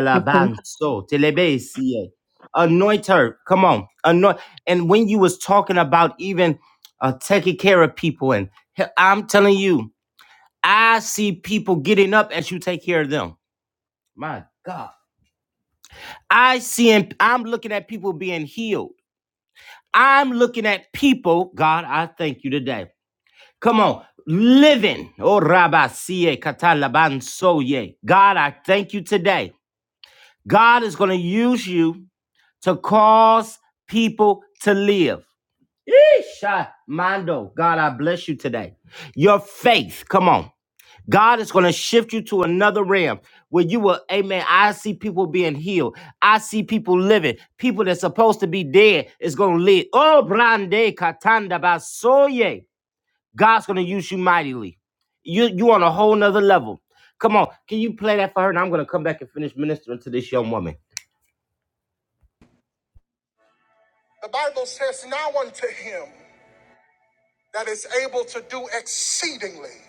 [SPEAKER 4] okay.
[SPEAKER 1] banso telebesie. Anoint her. Come on. Anoint. And when you was talking about even uh, taking care of people, and he- I'm telling you, I see people getting up as you take care of them. My God. I see and I'm looking at people being healed. I'm looking at people, God, I thank you today. Come on, living. Oh, Rabba Siye Katalaban Soye. God, I thank you today. God is going to use you to cause people to live. Yeesh, ah, Mondo, God, I bless you today. Your faith, come on. God is going to shift you to another realm where you will, amen. I see people being healed. I see people living. People that's supposed to be dead is going to live. Oh, brande katanda basoye. God's going to use you mightily. You, you on a whole nother level. Come on. Can you play that for her? And I'm going to come back and finish ministering to this young woman.
[SPEAKER 2] The Bible says, Now unto him that is able to do exceedingly.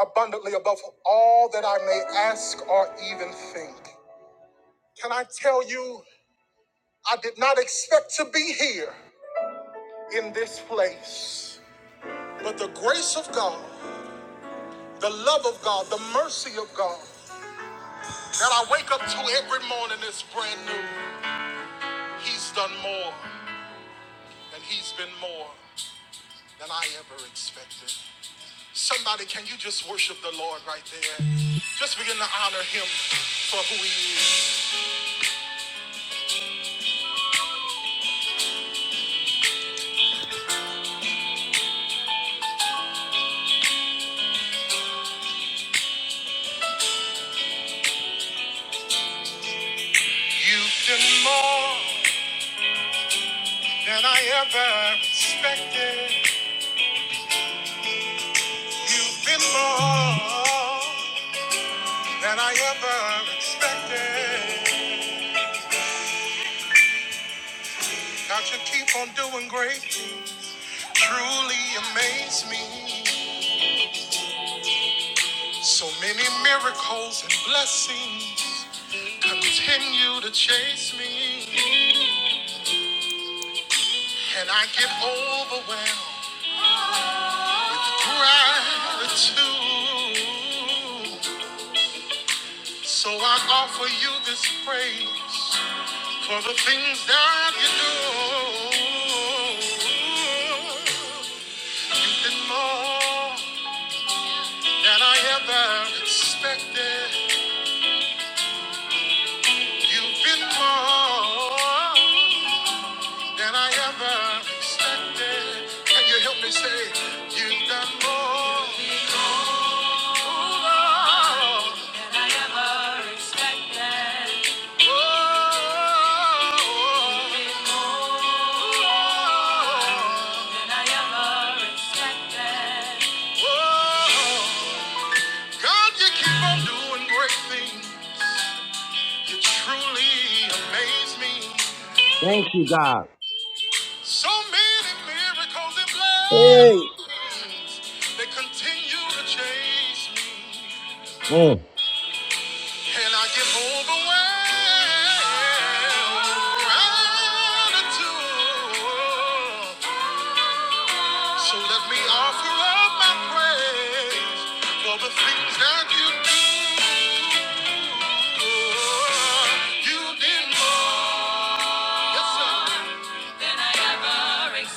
[SPEAKER 2] abundantly above all that I may ask or even think. Can I tell you, I did not expect to be here in this place, but the grace of God, the love of God, the mercy of God that I wake up to every morning is brand new. He's done more, and He's been more than I ever expected. Somebody, can you just worship the Lord right there? Just begin to honor Him for who He is. You've done more. than I ever expected. You've been more than I ever expected. God, you keep on doing great things. Truly amaze me. So many miracles and blessings continue to chase me. And I get overwhelmed with gratitude. So I offer you this praise for the things that you do. You've been more than I ever expected. You've been more than I ever expected. Can you help me say, You've done more? You've been more. God, you keep on doing great things. You truly amaze me.
[SPEAKER 1] Thank you, God.
[SPEAKER 2] So many miracles and
[SPEAKER 1] Hey.
[SPEAKER 2] blessings, they continue to chase me. And I get overwhelmed with gratitude. So let me offer up my praise for the things that you do. You did more. Yes,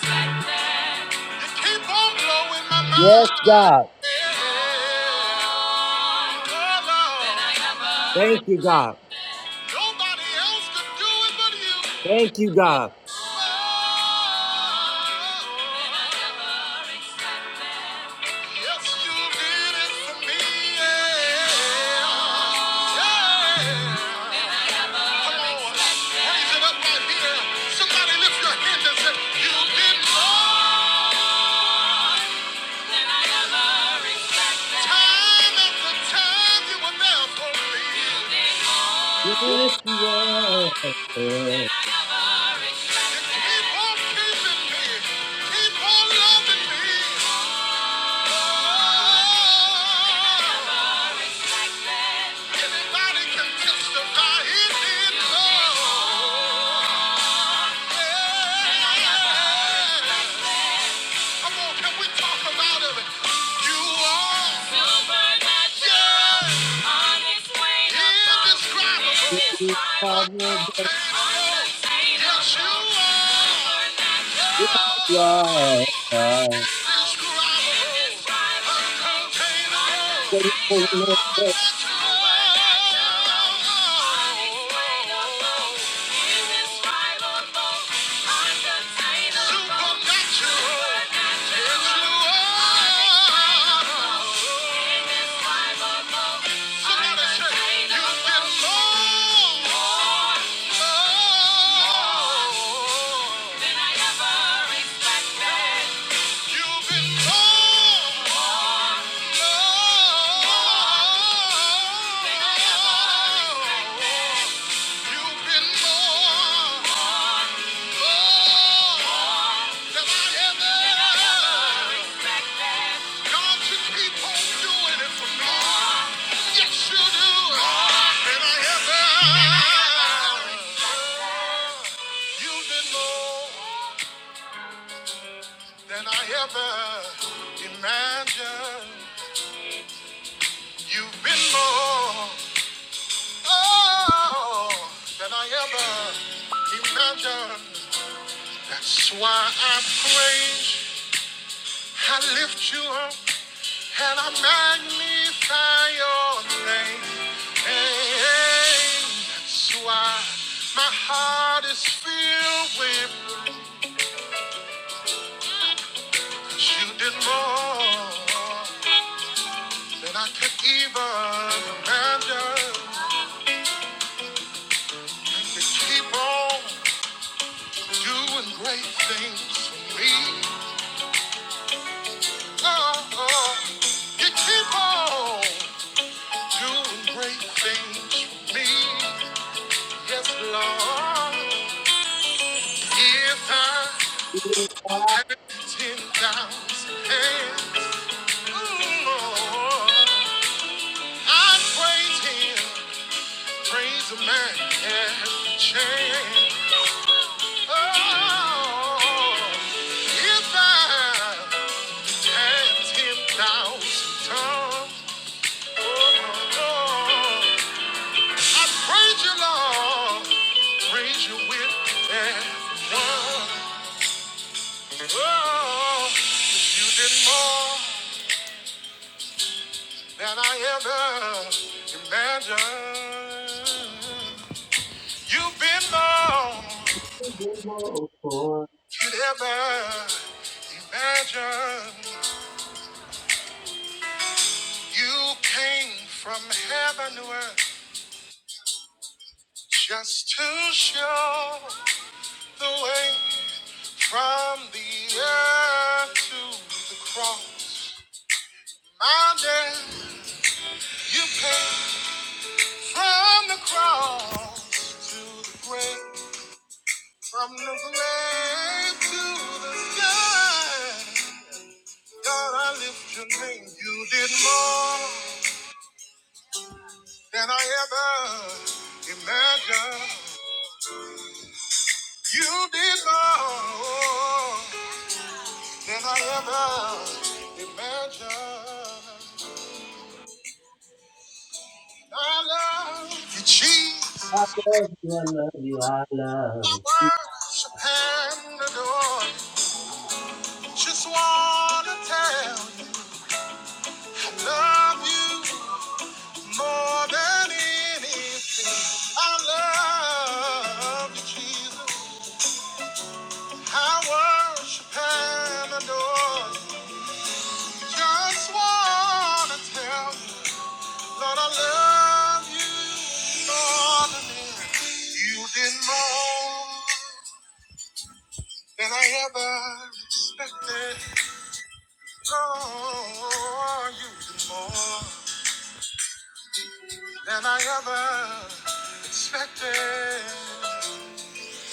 [SPEAKER 2] sir. You keep on blowing my
[SPEAKER 1] Yes,
[SPEAKER 2] mind.
[SPEAKER 1] God.
[SPEAKER 2] Yeah. Oh, Lord.
[SPEAKER 1] Thank you, God.
[SPEAKER 2] Nobody else could do it but you.
[SPEAKER 1] Thank you, God.
[SPEAKER 2] Yes, you did it for me. Yeah. Yeah. Come on. Raise it up right here. Somebody lift your hands and say, You did more. Time after time, you were there for me.
[SPEAKER 1] Yes, you are.
[SPEAKER 2] keep on keeping me. Keep on loving me. Oh, anybody can testify. He did more. Come on, can we talk about it? You are supernatural, unexplainable, indescribable,
[SPEAKER 1] I
[SPEAKER 2] indescribable,
[SPEAKER 1] will be
[SPEAKER 2] uncontainable. Yes, you are supernatural.
[SPEAKER 1] glad. Faithfulness that
[SPEAKER 2] Than I ever expected. You've been Than I ever imagined. You've been more oh, than I ever imagined. That's why I praise, I lift you up, and I magnify your name. Hey, that's why my heart is filled with praise. You did more than I could even imagine. And you keep on. doing great things for me. Oh, oh. you keep on doing great things for me. Yes, Lord. If I had 10,000 hands, mm, Lord, I'd praise Him, praise the man every chance. Oh, if I had 10,000 tongues, I praise you, Lord. Praise you with everyone. Oh, you did more than I ever imagined. You've been more
[SPEAKER 1] you know for.
[SPEAKER 2] than ever imagined. You came from heaven to earth just to show. the way from the earth to the cross. my debt you paid from the cross to the grave, from the grave to the sky. God, I lift your name. You did more than I ever imagined. You did more than I ever imagined. I love you, Jesus.
[SPEAKER 1] Yes, I love you, I
[SPEAKER 2] I
[SPEAKER 1] love.
[SPEAKER 2] worship and adore you. Just wanna tell you, I love you more than anything. I love you, Jesus. I worship and adore you. Just wanna tell you, Lord, I love you more than anything. You did more than I ever expected. Oh, you did more than I ever expected.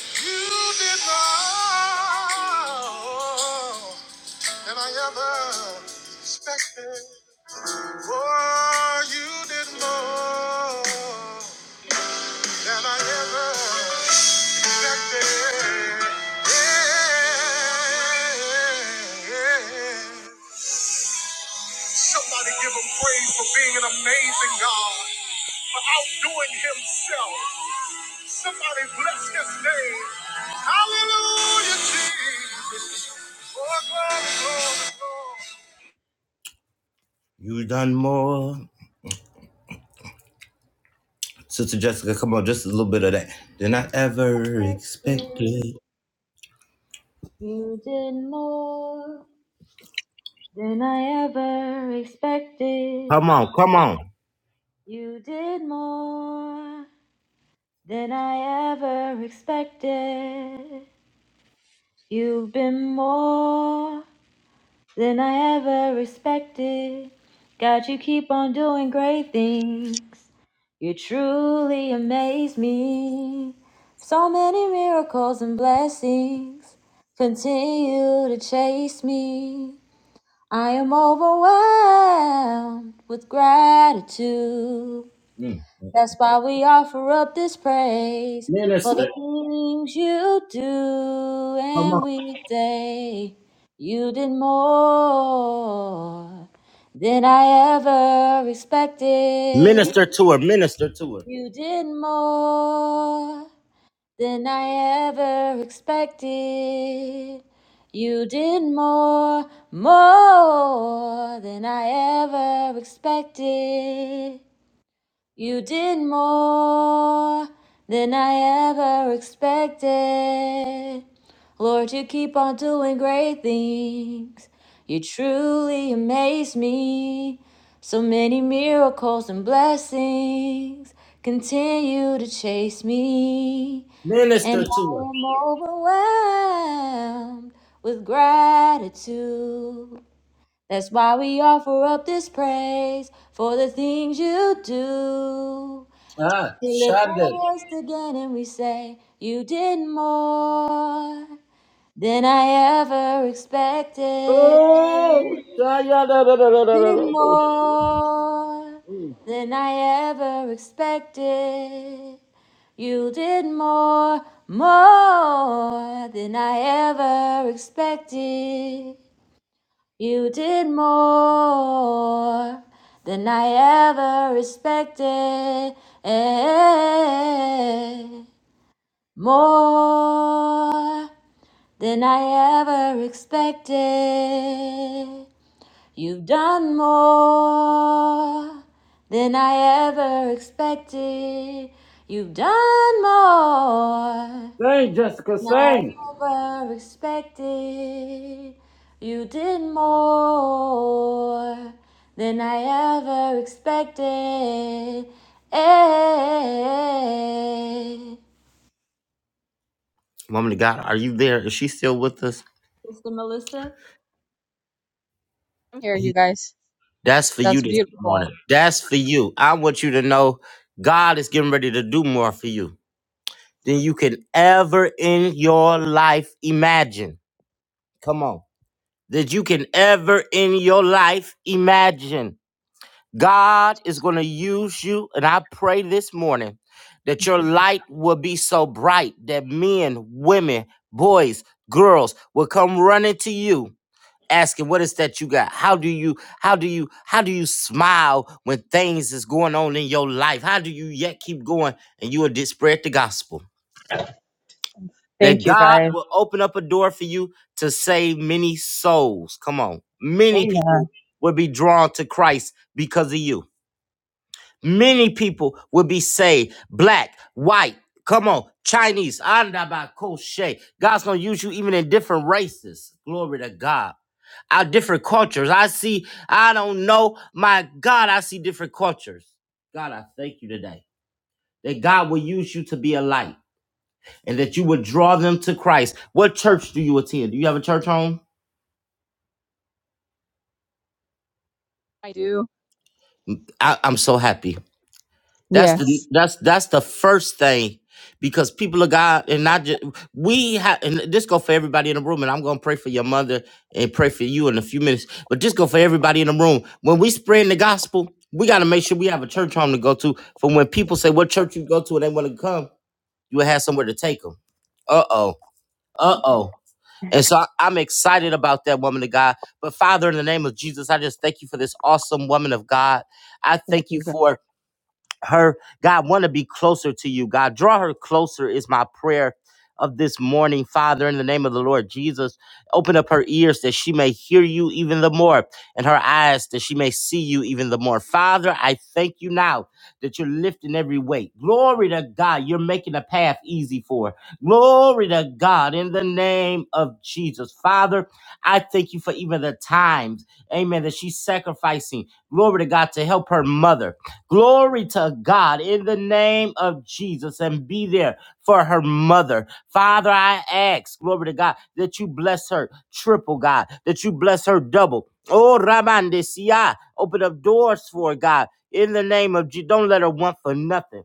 [SPEAKER 2] You did more than I ever expected. Oh, you did more than I ever expected. Yeah, yeah. yeah. Somebody give him praise for being an amazing God, for outdoing himself. Somebody bless his name. Hallelujah, Jesus. Oh, glory,
[SPEAKER 1] Sister Jessica, come on, just a little bit of that. Than I ever
[SPEAKER 2] glory, glory.
[SPEAKER 1] expected.
[SPEAKER 2] You did more than I ever expected.
[SPEAKER 1] Come on, come on.
[SPEAKER 2] You did more than I ever expected. You've been more. than I ever respected. God, you keep on doing great things. You truly amaze me. So many miracles and blessings continue to chase me. I am overwhelmed with gratitude.
[SPEAKER 1] Mm.
[SPEAKER 2] That's why we offer up this praise for
[SPEAKER 1] Minister,
[SPEAKER 2] the things you do
[SPEAKER 1] come on.
[SPEAKER 2] and we say you did more than I ever expected.
[SPEAKER 1] Minister to her, minister to her.
[SPEAKER 2] You did more than I ever expected. You did more, more than I ever expected. You did more than I ever expected. Lord, you keep on doing great things. You truly amaze me. So many miracles and blessings continue to chase me. And
[SPEAKER 1] Minister to
[SPEAKER 2] I am overwhelmed with gratitude. That's why we offer up this praise for the things you do.
[SPEAKER 1] her. Ah,
[SPEAKER 2] We lift
[SPEAKER 1] Shonda.
[SPEAKER 2] our voice again and we say, You did more than I ever expected.
[SPEAKER 1] Oh,
[SPEAKER 2] Did
[SPEAKER 1] Shonda.
[SPEAKER 2] more
[SPEAKER 1] Mm.
[SPEAKER 2] than I ever expected. You did more, more than I ever expected. You did more than I ever expected more than I ever expected. You've done more than I ever expected. You've done more
[SPEAKER 1] Sing, Jessica,
[SPEAKER 2] than I
[SPEAKER 1] sing.
[SPEAKER 2] ever expected. You did more than I ever expected. Hey.
[SPEAKER 1] Woman of God, are you there? Is she still with us?
[SPEAKER 2] Sister Melissa?
[SPEAKER 4] i'm here you
[SPEAKER 1] He-
[SPEAKER 4] guys
[SPEAKER 1] That's for you
[SPEAKER 4] that's
[SPEAKER 1] this
[SPEAKER 4] beautiful
[SPEAKER 1] morning. That's for you. I want you to know God is getting ready to do more for you than you can ever in your life imagine. Come on. That you can ever in your life imagine. God is going to use you. And I pray this morning that your light will be so bright that men, women, boys, girls will come running to you asking what is that you got how do you how do you how do you smile when things is going on in your life how do you yet keep going and you will di- spread the gospel that
[SPEAKER 4] thank you
[SPEAKER 1] god
[SPEAKER 4] guys
[SPEAKER 1] will open up a door for you to save many souls come on many
[SPEAKER 4] amen
[SPEAKER 1] people will be drawn to christ because of you Many people will be saved. Black, white, come on, Chinese, Andabakoshe. God's gonna use you even in different races. Glory to God. Our different cultures. I see, I don't know. My God, I see different cultures. God, I thank you today. That God will use you to be a light and that you would draw them to Christ. What church do you attend? Do you have a church home?
[SPEAKER 4] i do
[SPEAKER 1] I, I'm so happy. That's the
[SPEAKER 4] yes
[SPEAKER 1] that's that's the first thing because people of God and not just we have and this go for everybody in the room and I'm gonna pray for your mother and pray for you in a few minutes but just go for everybody in the room when we spread the gospel we gotta make sure we have a church home to go to for when people say what church you go to and they want to come you will have somewhere to take them uh oh uh oh and so I- I'm excited about that woman of God but Father in the name of Jesus I just thank you for this awesome woman of God I thank
[SPEAKER 4] You
[SPEAKER 1] you
[SPEAKER 4] guys.
[SPEAKER 1] for her god want to be closer to you god draw her closer is my prayer of this morning father in the name of the lord jesus open up her ears that she may hear you even the more and her eyes that she may see you even the more father i thank you now that you're lifting every weight glory to god you're making a path easy for her. glory to god in the name of jesus father i thank you for even the times amen that she's sacrificing glory to god to help her mother Glory to God in the name of Jesus and be there for her mother. Father, I ask, glory to God, that you bless her triple, God, that you bless her double. Oh, Ramandesia, open up doors for her, God in the name of Jesus. Don't let her want for nothing.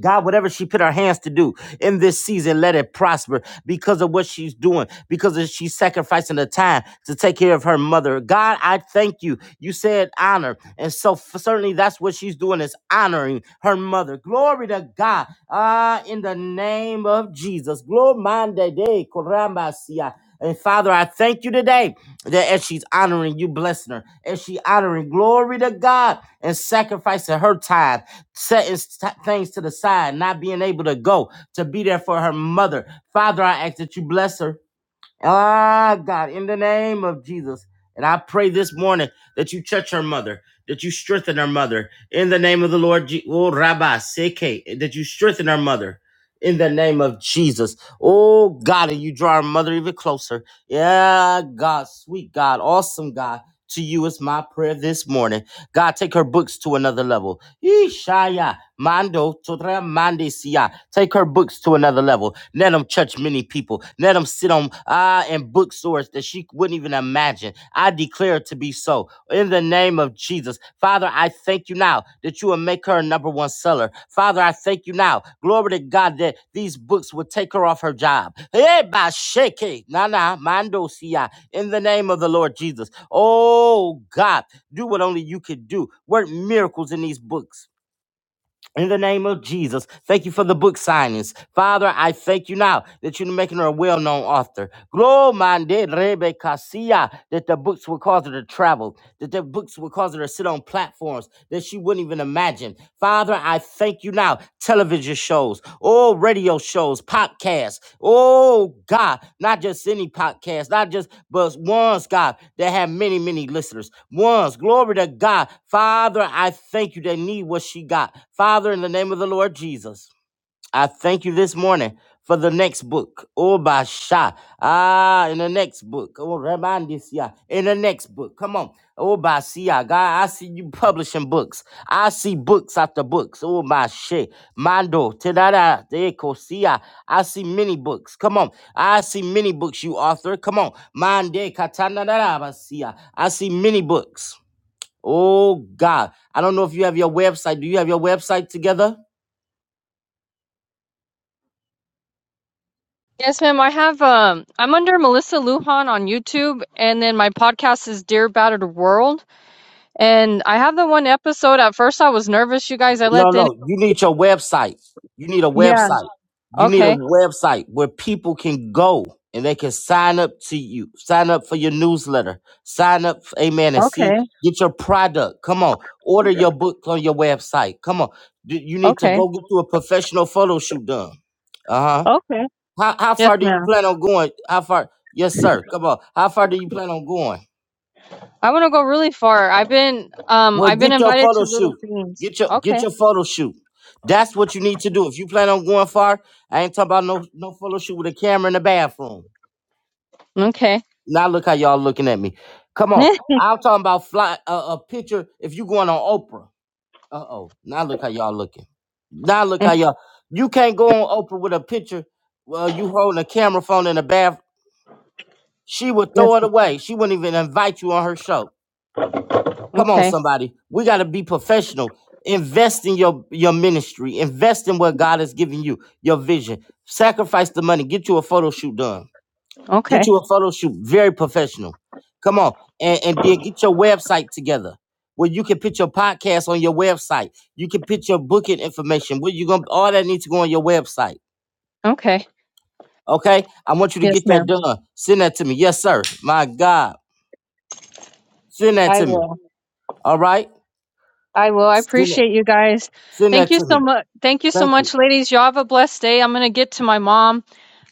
[SPEAKER 1] God, whatever she put her hands to do in this season, let it prosper because of what she's doing, because of she's sacrificing the time to take care of her mother. God, I thank you. You said honor. And so f- certainly that's what she's doing is honoring her mother. Glory to God. Ah, in the name of Jesus. Glory mande de korambasia. And Father, I thank you today that as she's honoring you, blessing her, as she honoring glory to God and sacrificing her time setting st- things to the side, not being able to go to be there for her mother. Father, I ask that you bless her. Ah, God, in the name of Jesus. And I pray this morning that you touch her mother, that you strengthen her mother in the name of the Lord. Je- oh, Rabbi, Seke, that you strengthen her mother in the name of Jesus. Oh, God, and you draw her mother even closer. Yeah, God, sweet God, awesome God. To you is my prayer this morning. God, take her books to another level. Ishaya Mando Totra Mandesia. Take her books to another level. Let them touch many people. Let them sit on ah in bookstores that she wouldn't even imagine. I declare it to be so. In the name of Jesus. Father, I thank you now that you are and make her a number one seller. Father, I thank you now. Glory to God that these books will take her off her job. Hey, by shake, na na, mando siya. In the name of the Lord Jesus. Oh God, do what only you could do. Work miracles in these books in the name of Jesus, thank you for the book signings. Father, I thank you now that you're making her a well known author. Glomande Rebe Casilla, that the books will cause her to travel, that the books will cause her to sit on platforms that she wouldn't even imagine. Father, I thank you now about television shows, all radio shows, podcasts. Oh, God, not just any podcast, not just, but ones, God, that have many, many listeners. Ones, glory to God. Father, I thank you. They need what she got. Father, in the name of the Lord Jesus. I thank you this morning for the next book. Oh, by Sha. Ah, in the next book. Oh, remind this, yeah. In the next book. Come on. Oh, by Sia. God, I see you publishing books. I see books after books. Oh, my shit. Mando. Tadada. Deko. Sia. I see many books. Come on. I see many books, you author. Come on. Mande. Katana. da, da, ba, Sia. I see many books. Oh, God. I don't know if you have your website. Do you have your website together?
[SPEAKER 4] yes ma'am i have um i'm under melissa lujan on youtube and then my podcast is dear battered world and i have the one episode at first i was nervous you guys i
[SPEAKER 1] No,
[SPEAKER 4] let in
[SPEAKER 1] no. You need your website. You need a
[SPEAKER 4] yeah
[SPEAKER 1] website. You need a
[SPEAKER 4] okay
[SPEAKER 1] website where people can go and they can sign up to you, sign up for your newsletter, sign up, amen, and
[SPEAKER 4] okay
[SPEAKER 1] see, get your product. Come on. Order your book on your website. Come on. D- You need to
[SPEAKER 4] okay
[SPEAKER 1] go get you a professional photo shoot done. Uh huh.
[SPEAKER 4] okay
[SPEAKER 1] How, how
[SPEAKER 4] yes
[SPEAKER 1] far do you
[SPEAKER 4] ma'am
[SPEAKER 1] plan on going? How far? Yes, sir. Come on. How far do you plan on going?
[SPEAKER 4] I want to go really far. I've been um
[SPEAKER 1] Well,
[SPEAKER 4] I've been
[SPEAKER 1] get your
[SPEAKER 4] invited to
[SPEAKER 1] photo
[SPEAKER 4] little
[SPEAKER 1] shoot.
[SPEAKER 4] things.
[SPEAKER 1] Get your
[SPEAKER 4] Okay.
[SPEAKER 1] get your photo shoot. That's what you need to do. If you plan on going far, I ain't talking about no no photo shoot with a camera in the bathroom.
[SPEAKER 4] Okay.
[SPEAKER 1] Now look how y'all looking at me. Come on,
[SPEAKER 4] yes.
[SPEAKER 1] I'm talking about fly a, a picture. If you going on Oprah, uh oh. Now look how y'all looking. Now look how y'all. You can't go on Oprah with a picture. Well, you holding a camera phone in the bath. She would throw it
[SPEAKER 4] ma'am.
[SPEAKER 1] away. She wouldn't even invite you on her show. Come on,
[SPEAKER 4] Okay.
[SPEAKER 1] somebody. We got to be professional. Invest in your, your ministry. Invest in what God has given you, your vision. Sacrifice the money. Get you a photo shoot done. Get
[SPEAKER 4] Okay.
[SPEAKER 1] you a photo shoot. Very professional. Come on. And, and then get your website together where you can put your podcast on your website. You can put your booking information. Where you gonna all that needs to go on your website.
[SPEAKER 4] Okay.
[SPEAKER 1] Okay? I want you to
[SPEAKER 4] Yes,
[SPEAKER 1] get that
[SPEAKER 4] ma'am.
[SPEAKER 1] done. Send that to me. Yes, sir. My God. Send that
[SPEAKER 4] I
[SPEAKER 1] to me.
[SPEAKER 4] will.
[SPEAKER 1] All right?
[SPEAKER 4] I will. I
[SPEAKER 1] Send that.
[SPEAKER 4] appreciate you guys.
[SPEAKER 1] Send
[SPEAKER 4] Thank
[SPEAKER 1] that
[SPEAKER 4] you
[SPEAKER 1] to
[SPEAKER 4] so
[SPEAKER 1] me.
[SPEAKER 4] much. Thank you so
[SPEAKER 1] Thank you.
[SPEAKER 4] much, ladies. Y'all have a blessed day. I'm gonna get to my mom.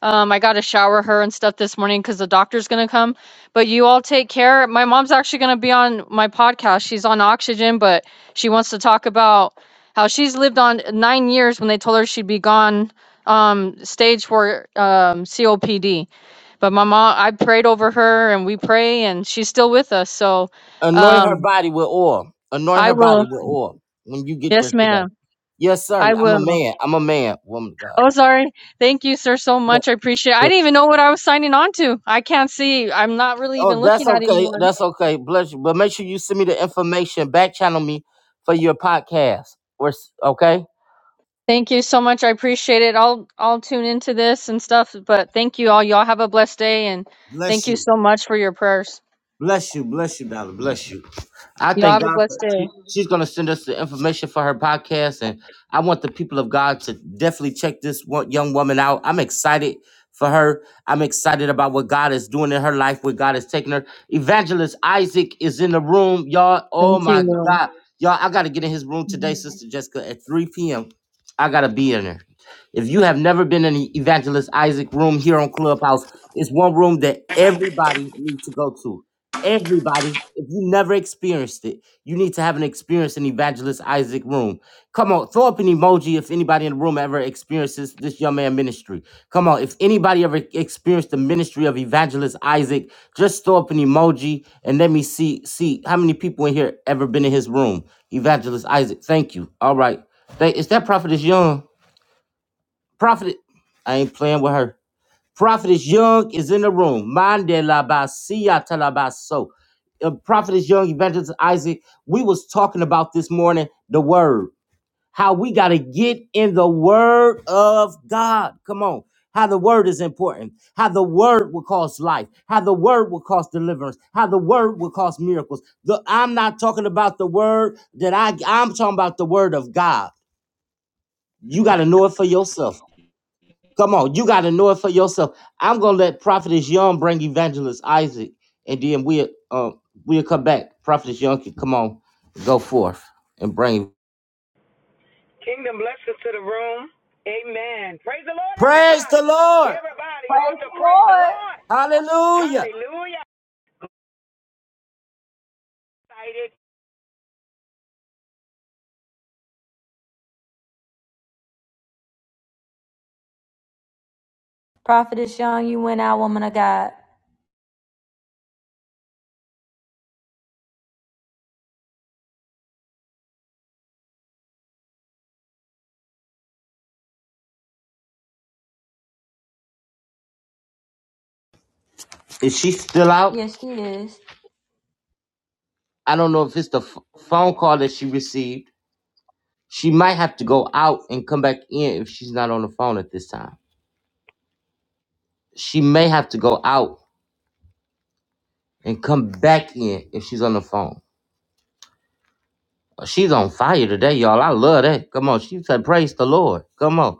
[SPEAKER 4] Um, I gotta shower her and stuff this morning because the doctor's gonna come. But you all take care. My mom's actually gonna be on my podcast. She's on oxygen, but she wants to talk about how she's lived on nine years when they told her she'd be gone um stage four um COPD. But my mom I prayed over her and we pray and she's still with us. So
[SPEAKER 1] Anoint her
[SPEAKER 4] um
[SPEAKER 1] body with oil. Anoint
[SPEAKER 4] I
[SPEAKER 1] her body
[SPEAKER 4] will
[SPEAKER 1] with oil when you get there
[SPEAKER 4] yes ma'am.
[SPEAKER 1] today. Yes, sir.
[SPEAKER 4] I
[SPEAKER 1] I'm a
[SPEAKER 4] will.
[SPEAKER 1] man. I'm a man. Woman of God.
[SPEAKER 4] Oh, sorry. Thank you, sir, so
[SPEAKER 1] Yeah,
[SPEAKER 4] much. I appreciate it. I
[SPEAKER 1] yeah.
[SPEAKER 4] didn't even know what I was signing on to. I can't see. I'm not really even
[SPEAKER 1] Oh, that's
[SPEAKER 4] looking at
[SPEAKER 1] okay.
[SPEAKER 4] anyone.
[SPEAKER 1] That's okay. Bless you. But make sure you send me the information. Back channel me for your podcast. Or s- okay.
[SPEAKER 4] Thank you so much. I appreciate it. I'll I'll tune into this and stuff, but thank you all. Y'all have a blessed day and thank
[SPEAKER 1] Bless
[SPEAKER 4] you
[SPEAKER 1] you.
[SPEAKER 4] so much for your prayers.
[SPEAKER 1] Bless you, bless you, darling, bless you. I
[SPEAKER 4] Y'all
[SPEAKER 1] thank
[SPEAKER 4] have a
[SPEAKER 1] God for
[SPEAKER 4] blessed day.
[SPEAKER 1] she, she's gonna send us the information for her podcast, and I want the people of God to definitely check this one, young woman out. I'm excited for her. I'm excited about what God is doing in her life, where God is taking her. Evangelist Isaac is in the room, y'all. Oh
[SPEAKER 4] Thank
[SPEAKER 1] my
[SPEAKER 4] you.
[SPEAKER 1] God, y'all! I gotta get in his room today, Sister Jessica, at 3 p.m. I gotta be in there. If you have never been in the Evangelist Isaac room here on Clubhouse, it's one room that everybody needs to go to. Everybody, if you never experienced it, you need to have an experience in Evangelist Isaac Room. Come on, throw up an emoji if anybody in the room ever experiences this young man ministry. Come on, if anybody ever experienced the ministry of Evangelist Isaac, just throw up an emoji and let me see see how many people in here ever been in his room. Evangelist Isaac, thank you. All right, Thank- is that prophetess young? Prophet, I ain't playing with her. Prophetess Young is in the room. Mande la basia talabaso. Uh, Prophetess Young, Evangelist Isaac, we was talking about this morning the word, how we got to get in the word of God. Come on. How the word is important, how the word will cause life, how the word will cause deliverance, how the word will cause miracles. The, I'm not talking about the word that I, I'm talking about the word of God. You got to know it for yourself. Come on, you got to know it for yourself. I'm gonna let Prophetess Young bring Evangelist Isaac, and then we'll uh, we'll come back. Prophetess Young can come on, go forth and bring.
[SPEAKER 5] Kingdom blessings to the room. Amen. Praise the Lord,
[SPEAKER 1] Praise
[SPEAKER 5] everybody.
[SPEAKER 1] the Lord,
[SPEAKER 5] Everybody ought
[SPEAKER 2] Praise
[SPEAKER 5] to
[SPEAKER 2] the
[SPEAKER 5] praise the
[SPEAKER 2] Lord.
[SPEAKER 5] Lord.
[SPEAKER 1] Hallelujah.
[SPEAKER 5] Hallelujah. Excited.
[SPEAKER 2] Prophetess Young, you went out, woman of God.
[SPEAKER 1] Is she still out?
[SPEAKER 2] Yes, she is.
[SPEAKER 1] I don't know if it's the f- phone call that she received. She might have to go out and come back in if she's not on the phone at this time. She may have to go out and come back in if she's on the phone. Oh, she's on fire today, y'all. I love that. Come on. She said, Praise the Lord. Come on.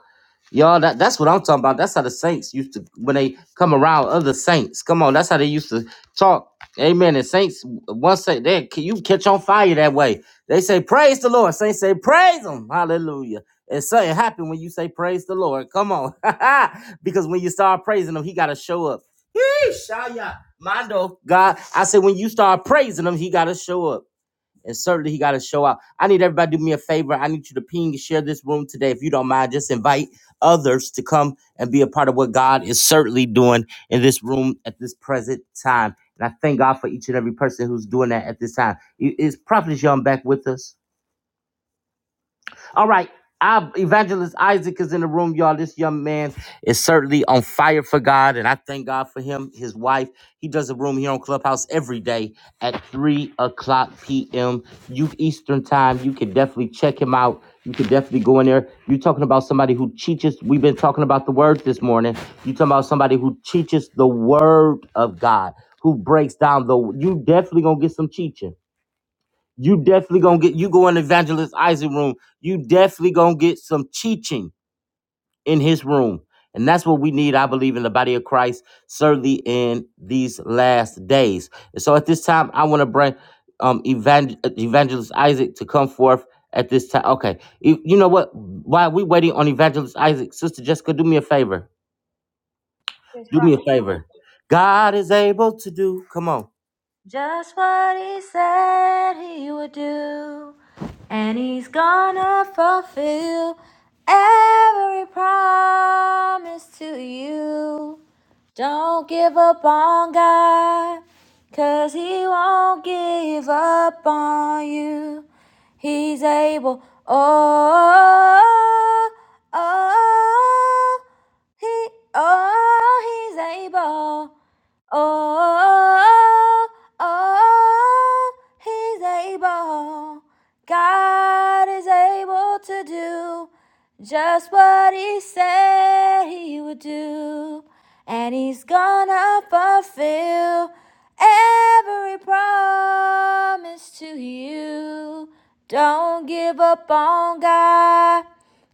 [SPEAKER 1] Y'all, that, that's what I'm talking about. That's how the saints used to, when they come around other saints. Come on. That's how they used to talk. Amen. And saints, once they, they you catch on fire that way. They say, Praise the Lord. Saints say, Praise Him. Hallelujah. And something happened when you say, Praise the Lord. Come on. because when you start praising Him, He got to show up. Yeesh, ah, yeah. Mondo, God, I said, when you start praising Him, He got to show up and certainly he got to show out. I need everybody to do me a favor. I need you to ping and share this room today. If you don't mind, just invite others to come and be a part of what God is certainly doing in this room at this present time. And I thank God for each and every person who's doing that at this time. I- Is Prophet Young back with us? All right. Our evangelist Isaac is in the room, y'all. This young man is certainly on fire for God, and I thank God for him, his wife. He does a room here on Clubhouse every day at 3 o'clock p.m. You Eastern time. You can definitely check him out. You can definitely go in there. You're talking about somebody who teaches. We've been talking about the word this morning. You're talking about somebody who teaches the word of God, who breaks down the you definitely gonna get some teaching you definitely gonna get you go in evangelist isaac room you definitely gonna get some teaching in his room and that's what we need i believe in the body of christ certainly in these last days and so at this time i want to bring um evangel- evangelist isaac to come forth at this time okay you, you know what while we waiting on evangelist isaac sister jessica do me a favor
[SPEAKER 2] Yes,
[SPEAKER 1] do me a
[SPEAKER 2] prophet.
[SPEAKER 1] favor god is able to do come on
[SPEAKER 2] Just what he said he would do, and he's gonna fulfill every promise to you. Don't give up on God, cause he won't give up on you. He's able, oh, oh, oh, He, oh, he's able. Oh, oh, he's able. God is able to do just what he said he would do. And he's gonna fulfill every promise to you. Don't give up on God.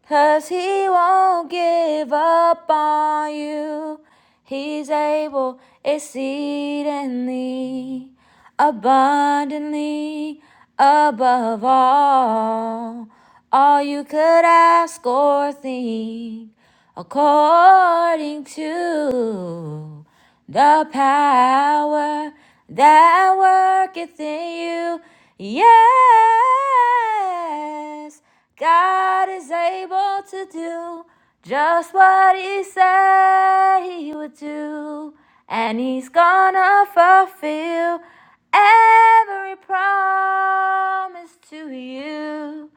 [SPEAKER 2] Cause he won't give up on you. He's able exceedingly, abundantly, above all, all you could ask or think, according to the power that worketh in you. Yeah. God is able to do just what He said He would do, and He's gonna fulfill every promise to you.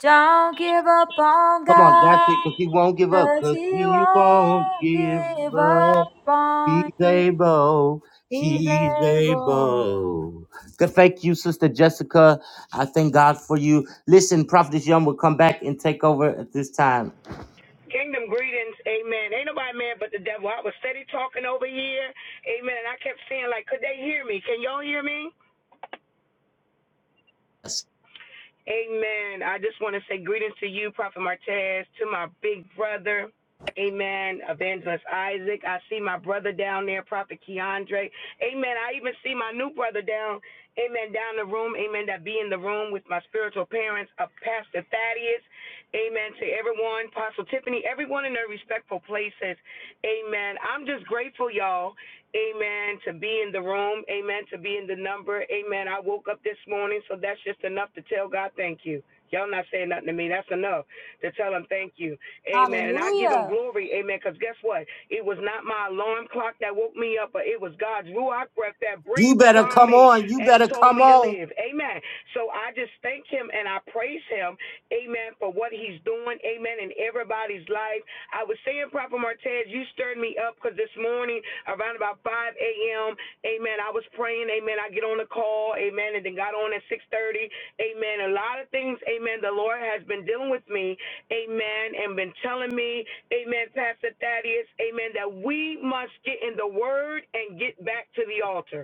[SPEAKER 2] Don't give up on
[SPEAKER 1] Come on, that's
[SPEAKER 2] God,
[SPEAKER 1] it, because he won't
[SPEAKER 2] 'cause
[SPEAKER 1] give up, because
[SPEAKER 2] He
[SPEAKER 1] he won't
[SPEAKER 2] won't
[SPEAKER 1] give
[SPEAKER 2] give
[SPEAKER 1] up.
[SPEAKER 2] up on
[SPEAKER 1] He's
[SPEAKER 2] you.
[SPEAKER 1] able.
[SPEAKER 2] He's
[SPEAKER 1] He's
[SPEAKER 2] able.
[SPEAKER 1] able. Good. Thank you, Sister Jessica. I thank God for you. Listen, Prophetess Young will come back and take over at this time.
[SPEAKER 5] Kingdom greetings. Amen. Ain't nobody mad but the devil. I was steady talking over here. Amen. And I kept saying, like, could they hear me? Can y'all hear me?
[SPEAKER 1] Yes.
[SPEAKER 5] Amen. I just want to say greetings to you, Prophet Martez, to my big brother. Amen. Evangelist Isaac. I see my brother down there, Prophet Keandre. Amen. I even see my new brother down, amen, down the room. Amen. That be in the room with my spiritual parents, uh, Pastor Thaddeus. Amen. To everyone, Apostle Tiffany, everyone in their respectful places. Amen. I'm just grateful, y'all. Amen. To be in the room. Amen. To be in the number. Amen. I woke up this morning, so that's just enough to tell God thank you. Y'all not saying nothing to me. That's enough to tell him thank you. Amen. And I give him
[SPEAKER 2] Hallelujah.
[SPEAKER 5] glory. Amen. Because guess what? It was not my alarm clock that woke me up, but it was God's Ruach breath that
[SPEAKER 1] You
[SPEAKER 5] breathed
[SPEAKER 1] better
[SPEAKER 5] upon
[SPEAKER 1] come
[SPEAKER 5] me
[SPEAKER 1] on. You
[SPEAKER 5] and
[SPEAKER 1] better
[SPEAKER 5] told
[SPEAKER 1] come
[SPEAKER 5] me to
[SPEAKER 1] on.
[SPEAKER 5] live. Amen. So I just thank him and I praise him. Amen. For what he's doing. Amen. In everybody's life. I was saying, Prophet Martez, you stirred me up because this morning around about 5 a.m., amen, I was praying, amen, I get on the call, amen, and then got on at 6.30, amen, a lot of things, amen, the Lord has been dealing with me, amen, and been telling me, amen, Pastor Thaddeus, amen, that we must get in the word and get back to the altar.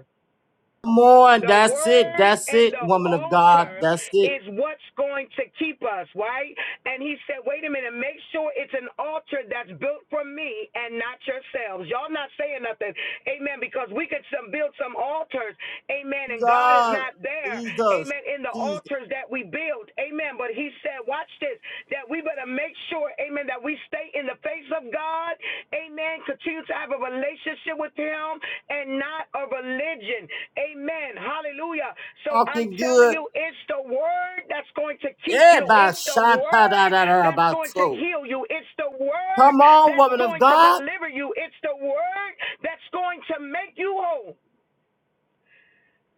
[SPEAKER 1] Come on.
[SPEAKER 5] The
[SPEAKER 1] That's it.
[SPEAKER 5] word
[SPEAKER 1] That's
[SPEAKER 5] and
[SPEAKER 1] it,
[SPEAKER 5] the
[SPEAKER 1] woman of God.
[SPEAKER 5] altar
[SPEAKER 1] That's it.
[SPEAKER 5] is what's going to keep us, right? And he said, wait a minute, make sure it's an altar that's built for me and not yourselves. Y'all not saying nothing. Amen. Because we could some build some altars. Amen. And God is
[SPEAKER 1] God,
[SPEAKER 5] not there.
[SPEAKER 1] Jesus.
[SPEAKER 5] Amen. In the
[SPEAKER 1] He's
[SPEAKER 5] altars that we build. Amen. But he said, watch this, that we better make sure, amen, that we stay in the face of God. Amen. Continue to have a relationship with him and not a religion. Amen. Hallelujah. So I'm
[SPEAKER 1] talking
[SPEAKER 5] telling
[SPEAKER 1] good.
[SPEAKER 5] you, it's the word that's going to keep
[SPEAKER 1] Yeah,
[SPEAKER 5] you.
[SPEAKER 1] by
[SPEAKER 5] It's the
[SPEAKER 1] Shanta da da
[SPEAKER 5] word
[SPEAKER 1] da da,
[SPEAKER 5] that's
[SPEAKER 1] about
[SPEAKER 5] going to
[SPEAKER 1] so.
[SPEAKER 5] heal you. It's the word
[SPEAKER 1] Come on,
[SPEAKER 5] that's
[SPEAKER 1] woman of
[SPEAKER 5] going to
[SPEAKER 1] God.
[SPEAKER 5] deliver you. It's the word that's going to make you whole.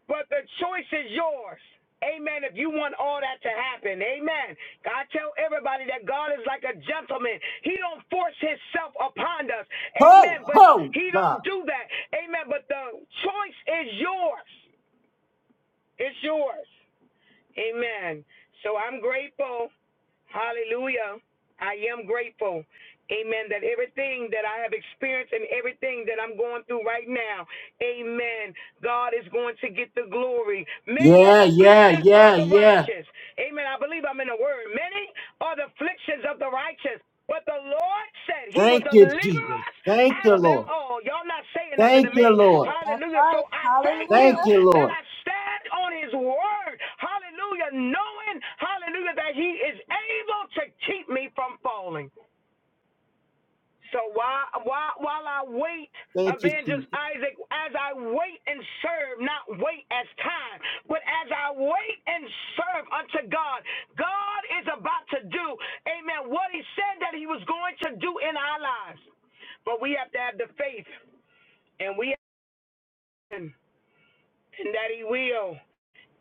[SPEAKER 5] But the choice is yours. Amen. If you want all that to happen, amen. I tell everybody that God is like a gentleman. He don't force himself upon us.
[SPEAKER 1] Ho,
[SPEAKER 5] Amen. But
[SPEAKER 1] ho,
[SPEAKER 5] he
[SPEAKER 1] God.
[SPEAKER 5] don't do that. Amen. But the choice is yours. It's yours. Amen. So I'm grateful. Hallelujah. I am grateful. Amen. That everything that I have experienced and everything that I'm going through right now, amen. God is going to get the glory. Many of
[SPEAKER 1] Yeah,
[SPEAKER 5] the
[SPEAKER 1] yeah,
[SPEAKER 5] afflictions of
[SPEAKER 1] yeah,
[SPEAKER 5] the
[SPEAKER 1] yeah.
[SPEAKER 5] righteous. Amen. I believe I'm in the word. Many are the afflictions of the righteous. But the Lord said he will
[SPEAKER 1] Thank you,
[SPEAKER 5] deliver
[SPEAKER 1] Jesus.
[SPEAKER 5] us
[SPEAKER 1] Thank you,
[SPEAKER 5] out of them
[SPEAKER 1] Lord.
[SPEAKER 5] all. Y'all not saying nothing
[SPEAKER 1] Thank
[SPEAKER 5] to
[SPEAKER 1] you,
[SPEAKER 5] me.
[SPEAKER 1] Lord.
[SPEAKER 5] Hallelujah. So I thank
[SPEAKER 1] Thank
[SPEAKER 5] him
[SPEAKER 1] you,
[SPEAKER 5] that
[SPEAKER 1] Lord.
[SPEAKER 5] I stand on his word, hallelujah, knowing, hallelujah, that he is able to keep me from falling. So while, while, while I wait,
[SPEAKER 1] Thank you,
[SPEAKER 5] Evangelist
[SPEAKER 1] Jesus.
[SPEAKER 5] Isaac, as I wait and serve, not wait as time, but as I wait and serve unto God, God is about to do, amen, what he said that he was going to do in our lives. But we have to have the faith and we have, and that he will.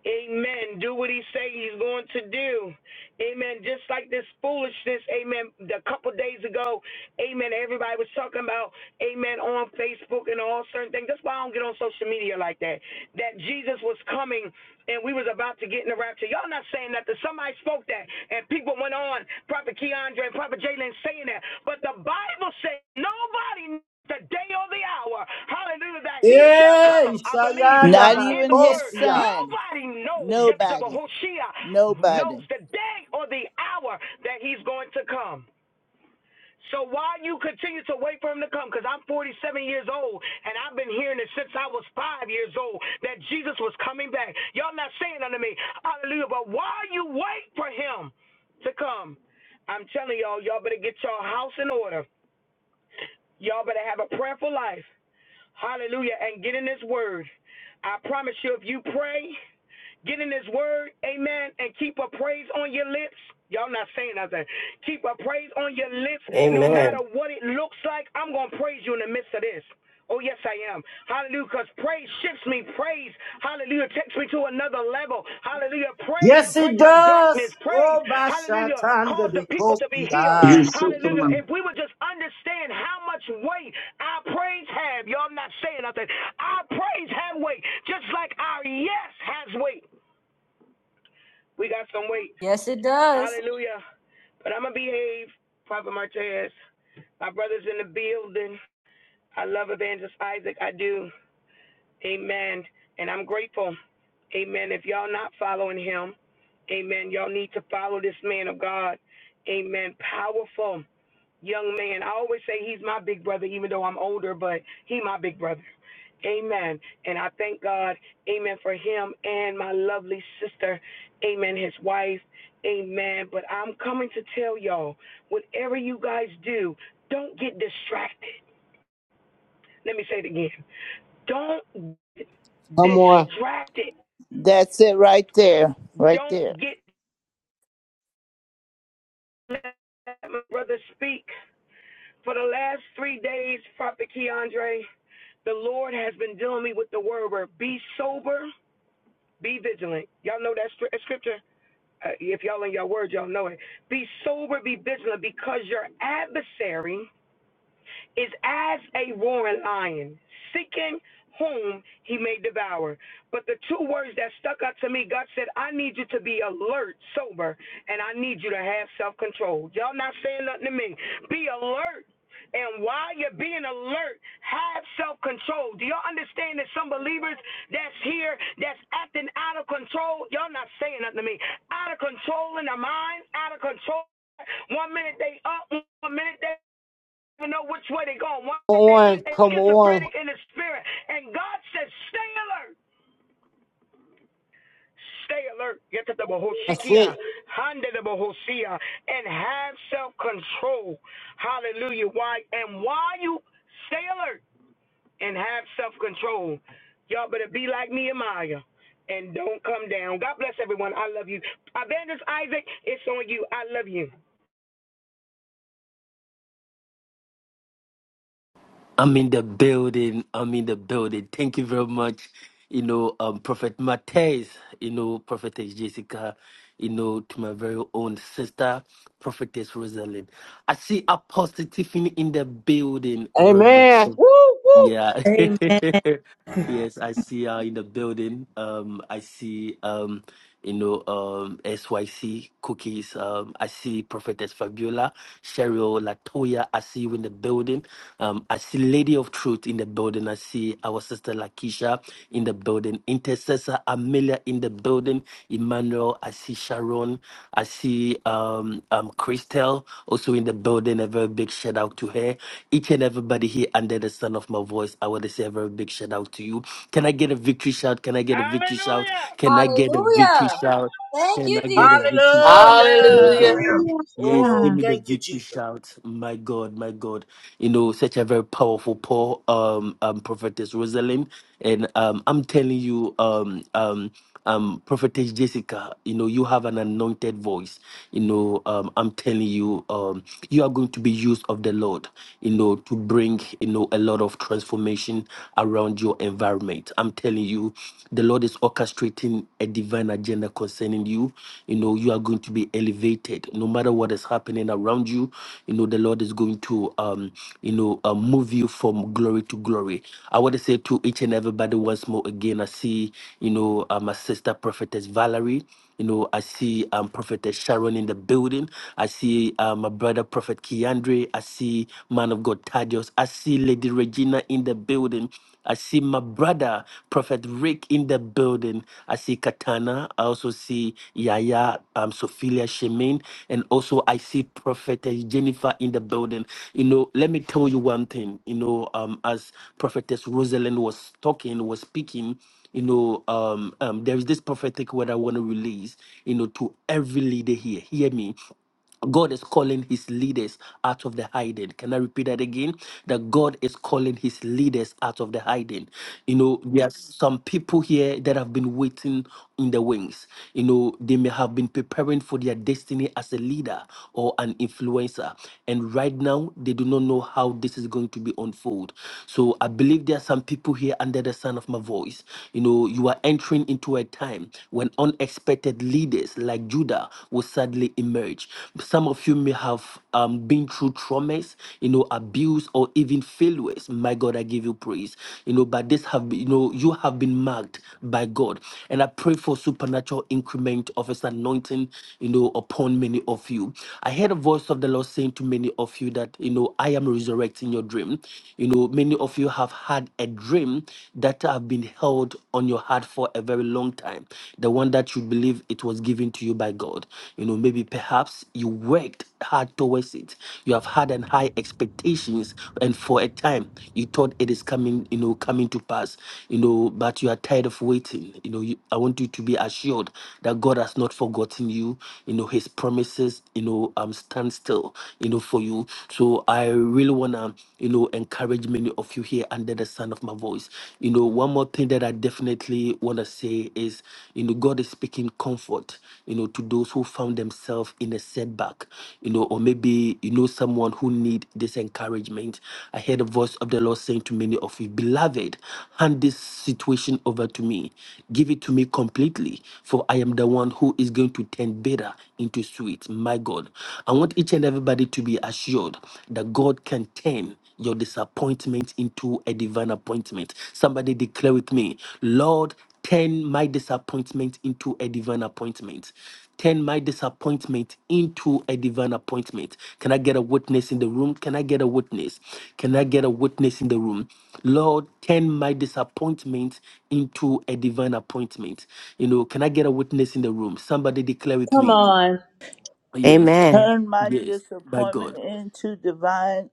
[SPEAKER 5] Amen. Do what he say he's going to do. Amen. Just like this foolishness, amen. A couple days ago, amen. Everybody was talking about, amen, on Facebook and all certain things. That's why I don't get on social media like that. That Jesus was coming, and we was about to get in the rapture. Y'all not saying nothing. Somebody spoke that, and people went on, Prophet Keandre and Prophet Jalen saying that. But the Bible says nobody knows the day or the hour, hallelujah, that he shall come.
[SPEAKER 1] Hey,
[SPEAKER 5] I believe
[SPEAKER 1] Shayanda
[SPEAKER 6] Not
[SPEAKER 5] I'm in
[SPEAKER 6] even
[SPEAKER 5] the
[SPEAKER 6] his
[SPEAKER 5] word.
[SPEAKER 1] Bakostia.
[SPEAKER 6] son.
[SPEAKER 5] Nobody knows, Yehovah
[SPEAKER 6] Nobody. Nobody.
[SPEAKER 5] knows the day or the hour that he's going to come. So why you continue to wait for him to come? Because I'm 47 years old, and I've been hearing it since I was five years old that Jesus was coming back. Y'all not saying unto me, Hallelujah. But why you wait for him to come? I'm telling y'all, y'all better get y'all house in order. Y'all better have a prayerful life. Hallelujah, and get in this word. I promise you, if you pray. Get in His Word, amen, and keep a praise on your lips. Y'all not saying nothing. Keep a praise on your lips no
[SPEAKER 3] Amen.
[SPEAKER 5] matter what it looks like. I'm going to praise you in the midst of this. Oh, yes, I am. Hallelujah. Because praise shifts me. Praise, hallelujah, takes me to another level. Hallelujah. Praise,
[SPEAKER 1] Yes, it
[SPEAKER 5] break up
[SPEAKER 1] does.
[SPEAKER 5] darkness. Praise,
[SPEAKER 1] Oh,
[SPEAKER 5] hallelujah,
[SPEAKER 1] Bashatanda
[SPEAKER 5] cause the people to be healed.
[SPEAKER 7] You
[SPEAKER 1] Bakostia.
[SPEAKER 5] Hallelujah.
[SPEAKER 7] Superman.
[SPEAKER 5] If we would just understand how much weight our praise have, y'all not saying nothing. Our praise have weight, just like our yes has weight. We got some weight.
[SPEAKER 2] Yes, it does.
[SPEAKER 5] Hallelujah. But I'm going to behave, Prophet Martez. My brother's in the building. I love Evangelist Isaac. I do. Amen. And I'm grateful. Amen. If y'all not following him, amen, y'all need to follow this man of God. Amen. Powerful young man. I always say he's my big brother, even though I'm older, but he my big brother. Amen. And I thank God, amen, for him and my lovely sister, amen, his wife, amen. But I'm coming to tell y'all, whatever you guys do, don't get distracted. Let me say it again. Don't
[SPEAKER 1] Come on.
[SPEAKER 5] distracted.
[SPEAKER 6] That's it right there. Right there.
[SPEAKER 5] Don't get my brother speak. For the last three days, Prophet Keandre, the Lord has been dealing me with the word where be sober, be vigilant. Y'all know that scripture? Uh, if y'all in your word, y'all know it. Be sober, be vigilant, because your adversary is as a roaring lion, seeking whom he may devour. But the two words that stuck out to me, God said, I need you to be alert, sober, and I need you to have self control. Y'all not saying nothing to me. Be alert. And while you're being alert, have self control. Do y'all understand that some believers that's here, that's acting out of control? Y'all not saying nothing to me. Out of control in their minds, out of control. One minute they up, one minute they even know which way they are going. One
[SPEAKER 1] Come
[SPEAKER 5] day,
[SPEAKER 1] on.
[SPEAKER 5] they're
[SPEAKER 1] Come on.
[SPEAKER 5] schizophrenic in the spirit. And God says, stay alert. Stay alert. Get to the
[SPEAKER 1] That's it.
[SPEAKER 5] Bahoshikia, Honda the Bahosia, and have self control. Hallelujah. Why and while you stay alert and have self control. Y'all better be like Nehemiah and don't come down. God bless everyone. I love you. Evangelist Isaac, it's on you. I love you.
[SPEAKER 8] I'm in the building. I'm in the building. Thank you very much. You know, um, Prophet Matthias, you know, Prophetess Jessica, you know, to my very own sister, Prophetess Rosalind. I see a positive in, in the building. A very good
[SPEAKER 1] Amen. Woo, woo.
[SPEAKER 8] yeah.
[SPEAKER 9] Amen. Come
[SPEAKER 8] Yes, I see her in the building. Um, I see um, you know, um SYC cookies. Um, I see Prophetess Fabiola, Cheryl Latoya. I see you in the building. Um, I see Lady of Truth in the building. I see our sister Lakisha in the building. Intercessor Amelia in the building. Emmanuel. I see Sharon. I see um um Christelle also in the building. A very big shout out to her each and everybody here under the sound of my voice, I want to say a very big shout out to you. Can I get a victory shout? Can I get a victory shout?
[SPEAKER 5] Hallelujah.
[SPEAKER 8] Can I get a
[SPEAKER 2] Hallelujah.
[SPEAKER 8] victory shout?
[SPEAKER 2] Thank
[SPEAKER 8] Can
[SPEAKER 2] you,
[SPEAKER 8] I get a
[SPEAKER 2] Jesus.
[SPEAKER 8] victory shout?
[SPEAKER 1] Hallelujah.
[SPEAKER 8] My God.
[SPEAKER 3] Hallelujah.
[SPEAKER 10] Hallelujah.
[SPEAKER 8] Yes,
[SPEAKER 1] Oh,
[SPEAKER 8] give
[SPEAKER 11] Yeah.
[SPEAKER 8] me the
[SPEAKER 1] thank you,
[SPEAKER 8] victory
[SPEAKER 1] Jesus.
[SPEAKER 8] shout. My God, my God. You know, such a very powerful Paul, um, um, prophetess Rosalind. And um, I'm telling you, um, um, um, prophetess Jessica, you know, you have an anointed voice you know, um, I'm telling you, um, you are going to be used of the Lord, you know, to bring, you know, a lot of transformation around your environment. I'm telling you, the Lord is orchestrating a divine agenda concerning you. You know, you are going to be elevated no matter what is happening around you. You know, the Lord is going to, um, you know, uh, move you from glory to glory. I want to say to each and everybody once more again, I see, you know, uh, my sister prophetess Valerie. You know, I see um, Prophetess Sharon in the building. I see uh, my brother Prophet Keandre. I see man of God Thaddeus. I see Lady Regina in the building. I see my brother Prophet Rick in the building. I see Katana. I also see Yaya, um, Sophia Shemin, and also I see Prophetess Jennifer in the building. You know, let me tell you one thing. You know, um, as Prophetess Rosalind was talking, was speaking. You know, um, um, there is this prophetic word I want to release, you know, to every leader here. Hear me. God is calling his leaders out of the hiding. Can I repeat that again? That God is calling his leaders out of the hiding. You know, there are some people here that have been waiting in the wings. You know, they may have been preparing for their destiny as a leader or an influencer. And right now, they do not know how this is going to be unfold. So I believe there are some people people here under the sound of my voice. You know, you are entering into a time when unexpected leaders like Judah will suddenly emerge. Some of you may have um, been through traumas, you know, abuse or even failures. My God, I give you praise. You know, but this have been, you know, you have been marked by God. And I pray for supernatural increment of his anointing, you know, upon many of you. I heard a voice of the Lord saying to many of you that, you know, I am resurrecting your dream. You know, many of you have had a dream that have been held on your heart for a very long time. The one that you believe it was given to you by God. You know, maybe perhaps you worked hard towards it. You have had an high expectations, and for a time you thought it is coming, you know, coming to pass. You know, but you are tired of waiting. You know, you, I want you to be assured that God has not forgotten you. You know, His promises, you know, um, stand still, you know, for you. So so I really wanna, you know, encourage many of you here under the sound of my voice. You know, one more thing that I definitely wanna say is, you know, God is speaking comfort, you know, to those who found themselves in a setback, you know, or maybe you know someone who need this encouragement. I heard the voice of the Lord saying to many of you, beloved, hand this situation over to me. Give it to me completely, for I am the one who is going to turn bitter into sweet. My God. I I want each and everybody to be assured that God can turn your disappointment into a divine appointment. Somebody declare with me, Lord, turn my disappointment into a divine appointment. Turn my disappointment into a divine appointment. Can I get a witness in the room? Can I get a witness? Can I get a witness in the room? Lord, turn my disappointment into a divine appointment. You know, can I get a witness in the room? Somebody declare with me.
[SPEAKER 9] on.
[SPEAKER 8] Yes.
[SPEAKER 3] Amen.
[SPEAKER 6] Turn my
[SPEAKER 8] Yes, by
[SPEAKER 6] disappointment
[SPEAKER 8] God.
[SPEAKER 6] into divine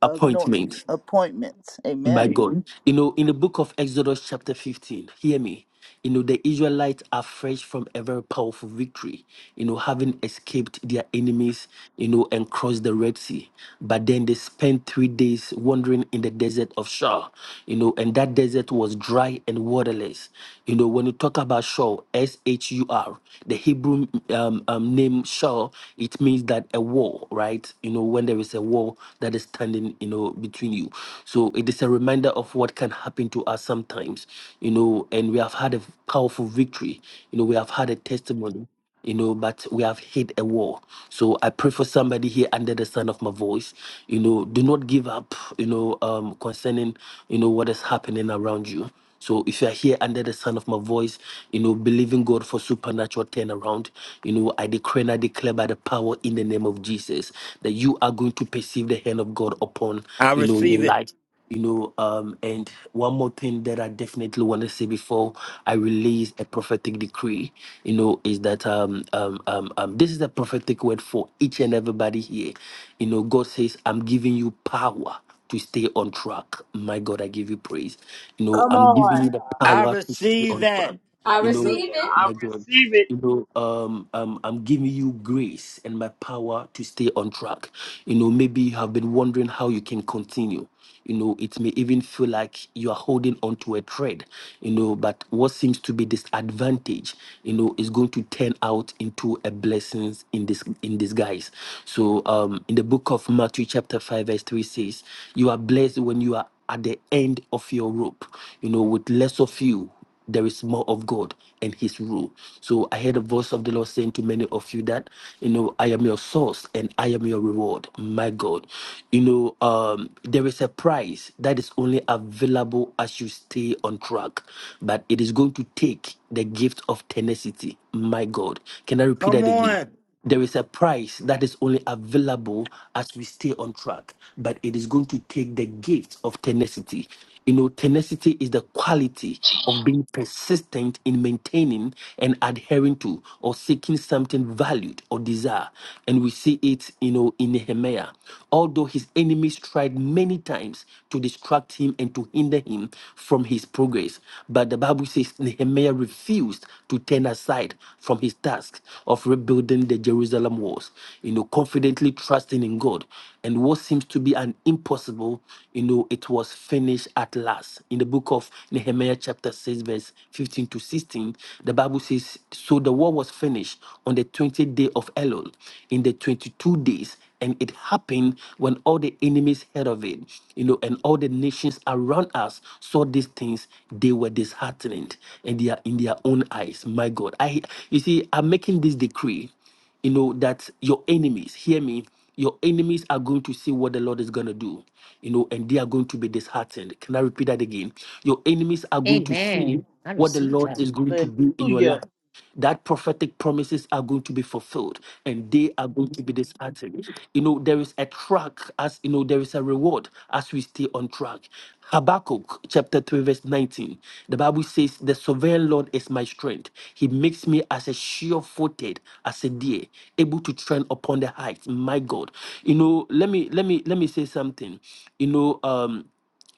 [SPEAKER 6] anoint-
[SPEAKER 8] Appointment
[SPEAKER 6] appointments.
[SPEAKER 8] by
[SPEAKER 6] Amen.
[SPEAKER 8] God. You know, in the book of Exodus, chapter 15, hear me. You know, the Israelites are fresh from a very powerful victory, you know, having escaped their enemies, you know, and crossed the Red Sea. But then they spent three days wandering in the desert of Shur, you know, and that desert was dry and waterless. You know, when you talk about Shur, S H U R, the Hebrew um, um, name Shur, it means that a wall, right? You know, when the when there is a wall that is standing, you know, between you. So it is a reminder of what can happen to us sometimes, you know, and we have had a powerful victory. You know, we have had a testimony you know, but we have hit a wall. So I pray for somebody here under the sound of my voice. You know, do not give up, you know, um, concerning, you know, what is happening around you. So if you are here under the sound of my voice, you know, believing God for supernatural turnaround, you know, I decree and I declare by the power in the name of Jesus that you are going to perceive the hand of God upon,
[SPEAKER 1] I
[SPEAKER 8] you know, your
[SPEAKER 1] receive it.
[SPEAKER 8] life. You know, um, and one more thing that I definitely want to say before I release a prophetic decree, you know, is that um, um, um, um, this is a prophetic word for each and everybody here. You know, God says, I'm giving you power to stay on track. My God, I give you praise. You know,
[SPEAKER 9] Come
[SPEAKER 8] I'm giving you
[SPEAKER 9] on.
[SPEAKER 8] the
[SPEAKER 1] I
[SPEAKER 8] power to stay
[SPEAKER 1] receive
[SPEAKER 8] on track
[SPEAKER 1] that.
[SPEAKER 2] I
[SPEAKER 8] you know
[SPEAKER 12] Hallelujah.
[SPEAKER 2] receive it.
[SPEAKER 12] I
[SPEAKER 8] my god
[SPEAKER 12] receive
[SPEAKER 8] you know um, um i'm giving you grace and my power to stay on track you know maybe you have been wondering how you can continue you know it may even feel like you are holding on to a thread you know but what seems to be disadvantage you know is going to turn out into a blessings in this in disguise so um in the book of matthew chapter 5 verse 3 says you are blessed when you are at the end of your rope you know with less of you there is more of God and His rule. So I heard a voice of the Lord saying to many of you that, you know, I am your source and I am your reward. My God. You know, um, there is a price that is only available as you stay on track, but it is going to take the gift of tenacity. My God. Can I repeat
[SPEAKER 1] Come
[SPEAKER 8] that again?
[SPEAKER 1] on.
[SPEAKER 8] There is a price that is only available as we stay on track, but it is going to take the gift of tenacity. You know, tenacity is the quality of being persistent in maintaining and adhering to or seeking something valued or desired. And we see it, you know, in Nehemiah. Although his enemies tried many times to distract him and to hinder him from his progress, but the Bible says Nehemiah refused to to turn aside from his task of rebuilding the Jerusalem walls, you know, confidently trusting in God. And what seems to be an impossible, you know, it was finished at last. In the book of Nehemiah, chapter 6, verse 15 to 16, the Bible says, So the war was finished on the 20th day of Elul, in the 22 days and it happened when all the enemies heard of it you know and all the nations around us saw these things they were disheartened and they are in their own eyes. My God. I you see, I'm making this decree, you know, that your enemies, hear me, your enemies are going to see what the Lord is going to do, you know, and they are going to be disheartened. Can I repeat that again? Your enemies are going to see
[SPEAKER 13] Amen. I
[SPEAKER 8] what the
[SPEAKER 13] receive
[SPEAKER 8] Lord
[SPEAKER 13] that.
[SPEAKER 8] is going to
[SPEAKER 12] it.
[SPEAKER 8] do in your
[SPEAKER 12] Hallelujah.
[SPEAKER 8] life. That prophetic promises are going to be fulfilled and they are going to be disheartened. You know, there is a track, as you know, there is a reward as we stay on track. Habakkuk chapter 3, verse 19. The Bible says, The sovereign Lord is my strength. He makes me as a sure footed as a deer, able to tread upon the heights. My God. You know, let me let me let me say something. You know, um,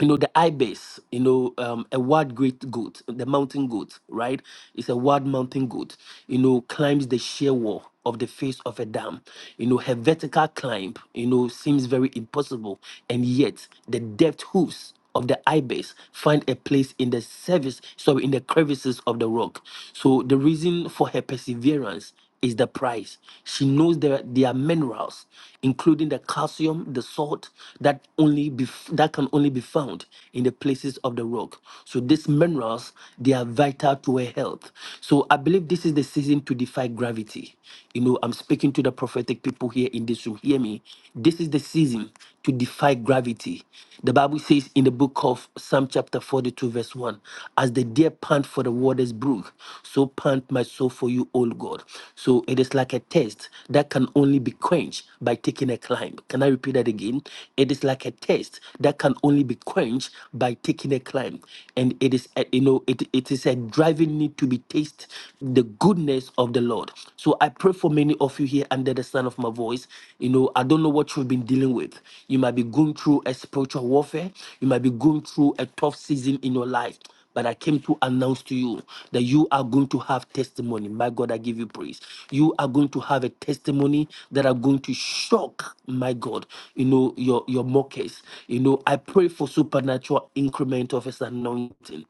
[SPEAKER 8] you know the ibis you know um a wild great goat the mountain goat right it's a wild mountain goat you know climbs the sheer wall of the face of a dam you know her vertical climb you know seems very impossible and yet the deft hooves of the ibis find a place in the service sorry in the crevices of the rock so the reason for her perseverance is the price. She knows there there minerals, including the calcium, the salt that only be, that can only be found in the places of the rock. So these minerals they are vital to her health. So I believe this is the season to defy gravity. You know, I'm speaking to the prophetic people here in this room. Hear me. This is the season to defy gravity. The Bible says in the book of Psalm chapter 42, verse 1, as the deer pant for the waters brook, so pant my soul for you, O God. So it is like a thirst that can only be quenched by taking a climb. Can I repeat that again? It is like a thirst that can only be quenched by taking a climb. And it is, a- you know, it, it is a driving need to be taste the goodness of the Lord. So. So I pray for many of you here under the sound of my voice. You know, I don't know what you've been dealing with. You might be going through a spiritual warfare, you might be going through a tough season in your life. But I came to announce to you that you are going to have testimony. My God, I give you praise. You are going to have a testimony that are going to shock, my God, you know, your, your mockers. You know, I pray for supernatural increment of his anointing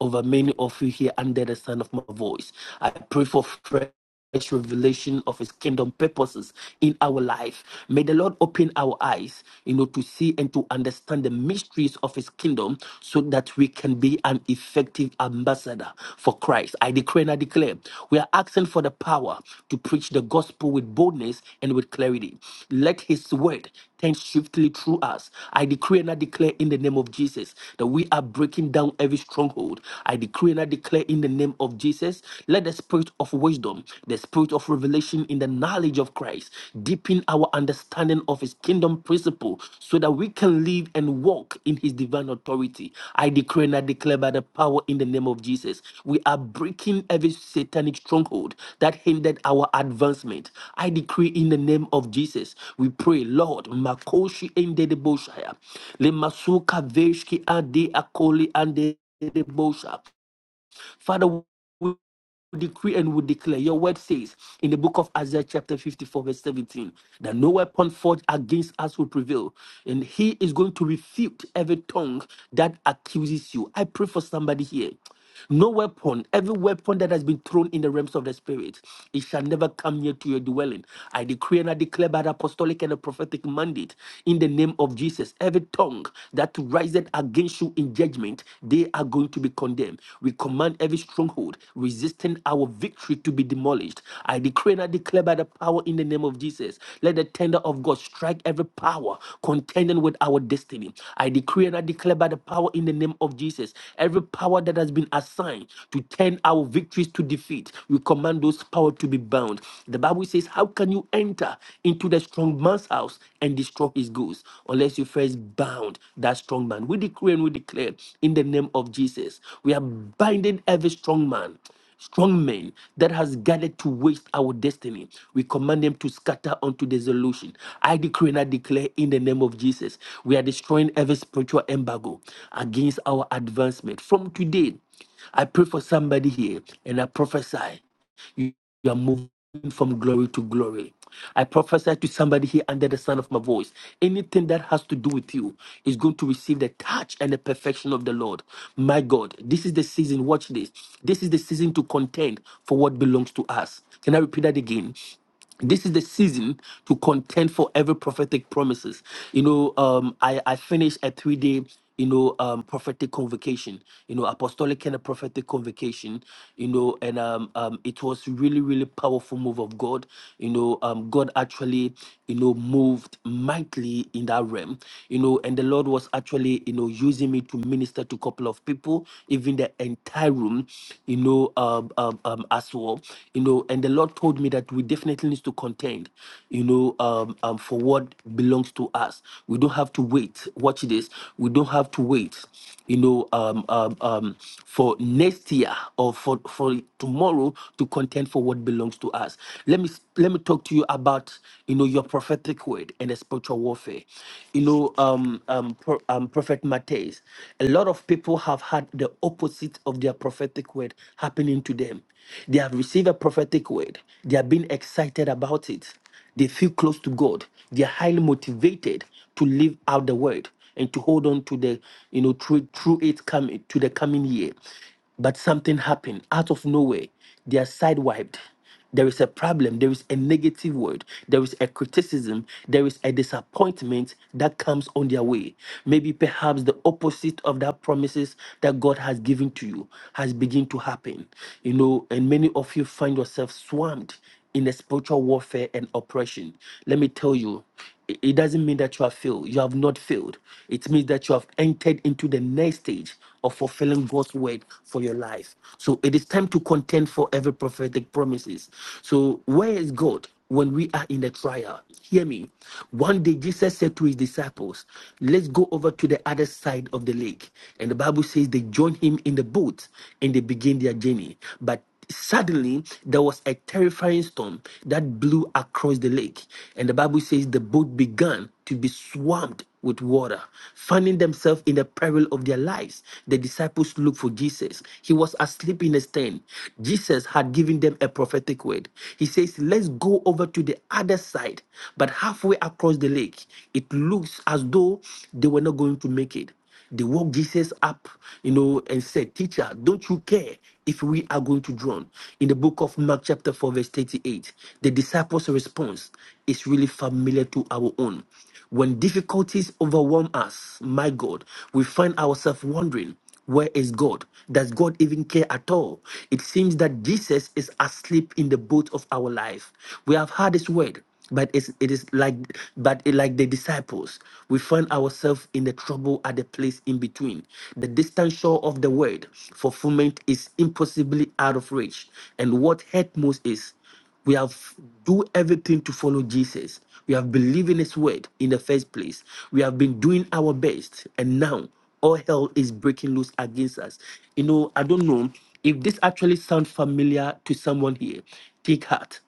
[SPEAKER 8] over many of you here under the sound of my voice. I pray for fresh revelation of his kingdom purposes in our life. May the Lord open our eyes, you know, to see and to understand the mysteries of his kingdom so that we can be an effective ambassador for Christ. I decree and I declare we are asking for the power to preach preach the gospel with boldness and with clarity. Let his word turn swiftly through us. I decree and I declare in the name of Jesus that we are breaking down every stronghold. I decree and I declare in the name of Jesus, let the spirit of wisdom, the spirit of revelation in the knowledge of Christ, deepen our understanding of his kingdom principle so that that we can live and walk in his divine authority. I decree and I declare by the power in the name of Jesus, we are breaking every satanic stronghold that hindered our advancement. I decree in the name of Jesus, we pray, Lord, Makoshi Endedeboshaya, Lemasuka Veshki Ade Akoli Ande Debosha. Father, decree and we declare. Your word says in the book of Isaiah, chapter 54, verse 17, that no weapon forged against us will prevail. And he is going to refute every tongue that accuses you. I pray for somebody here. No weapon, every weapon that has been thrown in the realms of the spirit, it shall never come near to your dwelling. I decree and I declare by the apostolic and the prophetic mandate in the name of Jesus, every tongue that riseth against you in judgment, they are going to be condemned. We command every strong stronghold resisting our victory to be demolished. I decree and I declare by the power in the name of Jesus. Let the tender of God strike every power contending with our destiny. I decree and I declare by the power in the name of Jesus. Every power that has been assigned to turn our victories to defeat, we command those power to be bound. The Bible says, How can you enter into the strong man's house and destroy his goods unless you first bound that strong man? We decree and we declare in the name of Jesus. We are am binding every strong man, strong man that has gathered to waste our destiny. We command them to scatter unto dissolution. I decree and I declare in the name of Jesus, we are destroying every spiritual embargo against our advancement. From today, I pray for somebody here and I prophesy you you are moving from glory to glory. I prophesy to somebody here under the sound of my voice. Anything that has to do with you is going to receive the touch and the perfection of the Lord. My God, this is the season. Watch this. This is the season to contend for what belongs to us. Can I repeat that again? this is the season to contend for every prophetic promises you know um i i finished a three day you know um prophetic convocation you know apostolic and a prophetic convocation you know and um, um it was really really powerful move of god you know um god actually you know moved mightily in that realm you know and the lord was actually you know using me to minister to a couple of people even the entire room you know um, um, um as well you know, and the Lord told me that we definitely need to contend, you know, um, um, for what belongs to us. We don't have to wait. Watch this. We don't have to wait, you know, um, um, um, for next year or for for tomorrow to contend for what belongs to us. Let me let me talk to you about you know your prophetic word and the spiritual warfare. You know, um, um, pro, um, Prophet Matthias. A lot of people have had the opposite of their prophetic word prophetic word happening to them. They have received a prophetic word. They are being excited about it. They feel close to God. They are highly motivated to live out the word and to hold on to the, you know, through, through it coming to the coming year. But something happened out of nowhere. They are sidewiped. There is a problem, there is a negative word, there is a criticism, there is a disappointment that comes on their way. Maybe perhaps the opposite of that promises that God has given to you has begun to happen. You know, and many of you find yourself swamped in the spiritual warfare and oppression. Let me tell you, it it doesn't mean that you have failed. You have not failed. It means that you have entered into the next stage of fulfilling God's word for your life. So it is time to contend for every prophetic promises. So where is God when we are in the trial? Hear me. One day Jesus said to his disciples, Let's go over to the other side of the lake. And the Bible says they joined him in the boat and they began their journey. But suddenly there was a terrifying storm that blew across the lake and the bible says the boat began to be swamped with water finding themselves in the peril of their lives the disciples looked for jesus he was asleep in a stand jesus had given them a prophetic word he says let's go over to the other side but halfway across the lake it looks as though they were not going to make it they woke Jesus up, you know, and said, Teacher, don't you care if we are going to drown? In the book of Mark, chapter 4, verse 38, the disciples' response is really familiar to our own. When difficulties overwhelm us, my God, we find ourselves wondering, where is God? Does God even care at all? It seems that Jesus is asleep in the boat of our life. We have heard this word but it's, it is like but it, like the disciples we find ourselves in the trouble at the place in between the distant shore of the word fulfillment is impossibly out of reach and what hurt most is we have do everything to follow jesus we have believed in his word in the first place we have been doing our best and now all hell is breaking loose against us you know i don't know if this actually sounds familiar to someone here take heart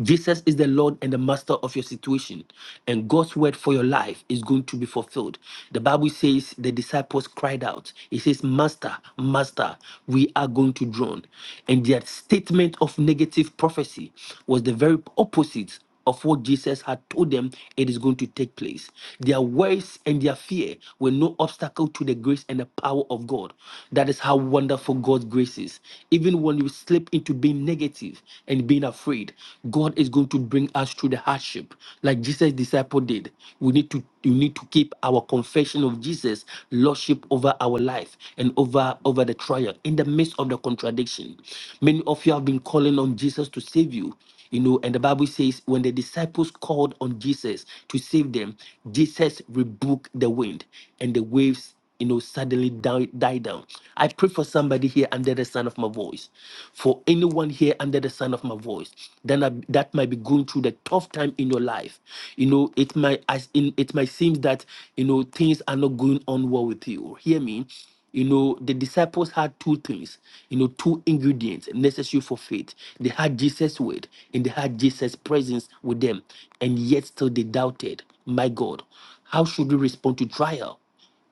[SPEAKER 8] Jesus is the Lord and the master of your situation, and God's word for your life is going to be fulfilled. The Bible says the disciples cried out, It says, Master, Master, we are going to drown. And their statement of negative prophecy was the very opposite of what Jesus had told them it is going to take place. Their worries and their fear were no obstacle to the grace and the power of God. That is how wonderful God's grace is. Even when you slip into being negative and being afraid, God is going to bring us through the hardship, like Jesus' disciple did. We need to you need to keep our confession of Jesus lordship over our life and over over the trial in the midst of the contradiction. Many of you have been calling on Jesus to save you. You know, and the Bible says when the disciples called on Jesus to save them, Jesus rebuked the wind and the waves, you know, suddenly die, die down. I pray for somebody here under the sound of my voice, for anyone here under the sound of my voice, then I- that might be going through the tough time in your life. You know, it might as in it might seem that you know things are not going on well with you. Hear me. You know, the disciples had two things, you know, two ingredients necessary for faith. They had Jesus' word and they had Jesus' presence with them, and yet still they doubted. My God, how should we respond to trial?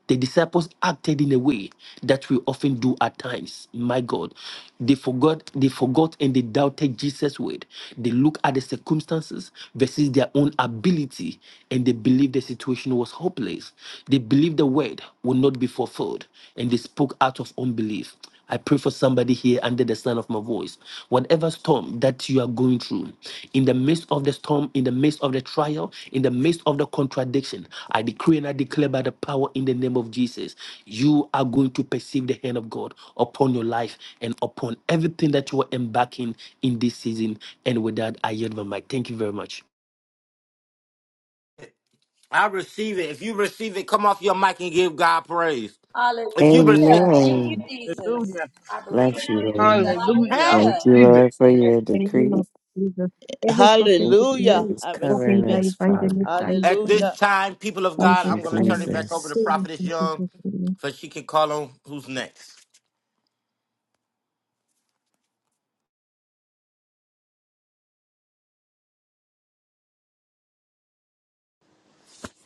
[SPEAKER 8] The disciples acted in a way that we often do at times. My God, they forgot, they forgot, and they doubted Jesus' word. They looked at the circumstances versus their own ability, and they believed the situation was hopeless. They believed the word would not be fulfilled, and they spoke out of unbelief. I pray for somebody here under the sound of my voice. Whatever storm that you are going through, in the midst of the storm, in the midst of the trial, in the midst of the contradiction, I decree and I declare by the power in the name of Jesus, you are going to perceive the hand of God upon your life and upon everything that you are embarking in this season. And with that, I yield my mic. Thank you very much.
[SPEAKER 1] I receive it. If you receive it, come off your mic and give God praise.
[SPEAKER 2] Hallelujah.
[SPEAKER 1] If you receive,
[SPEAKER 2] Thank you,
[SPEAKER 3] Amen.
[SPEAKER 2] Jesus.
[SPEAKER 12] Hallelujah.
[SPEAKER 2] I believe in you,
[SPEAKER 3] Bless you, Lord.
[SPEAKER 2] Jesus.
[SPEAKER 12] Hallelujah. I
[SPEAKER 1] hey,
[SPEAKER 2] Hallelujah.
[SPEAKER 3] Thank you,
[SPEAKER 12] receive it.
[SPEAKER 3] Lord, for
[SPEAKER 11] In
[SPEAKER 3] your
[SPEAKER 11] the name
[SPEAKER 3] decree.
[SPEAKER 11] of Jesus, every prophetic
[SPEAKER 3] Thank you for
[SPEAKER 6] Hallelujah.
[SPEAKER 11] word
[SPEAKER 3] this
[SPEAKER 6] I
[SPEAKER 11] spoken
[SPEAKER 3] covering
[SPEAKER 6] receive
[SPEAKER 11] by
[SPEAKER 6] it.
[SPEAKER 3] us, Father.
[SPEAKER 11] evangelist I
[SPEAKER 1] at this
[SPEAKER 6] Hallelujah.
[SPEAKER 1] time, people of
[SPEAKER 11] all
[SPEAKER 1] God,
[SPEAKER 3] Bless
[SPEAKER 11] that
[SPEAKER 3] you,
[SPEAKER 1] I'm going
[SPEAKER 11] I
[SPEAKER 1] to turn it back over
[SPEAKER 3] Jesus.
[SPEAKER 1] to
[SPEAKER 11] receive
[SPEAKER 1] Prophetess
[SPEAKER 11] in
[SPEAKER 1] Young
[SPEAKER 11] Jesus' name.
[SPEAKER 1] so she can call on who's next.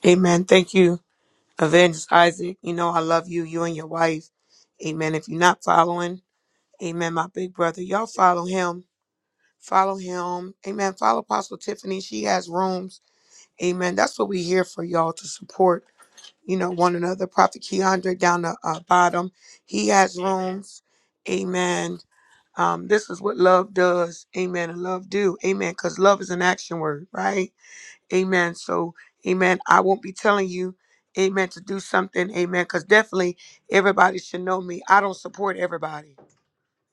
[SPEAKER 5] Amen. Thank you. Avenged Isaac, you know I love you, you and your wife. Amen. If you're not following, amen, my big brother, y'all follow him. Follow him. Amen. Follow Apostle Tiffany. She has rooms. Amen. That's what we here for, y'all, to support, you know, one another. Prophet Keandre down the uh, bottom. He has rooms. Amen. Um, this is what love does. Amen. And love do. Amen. Because love is an action word, right? Amen. So, amen. I won't be telling you, amen, to do something. Amen. Because definitely everybody should know me. I don't support everybody.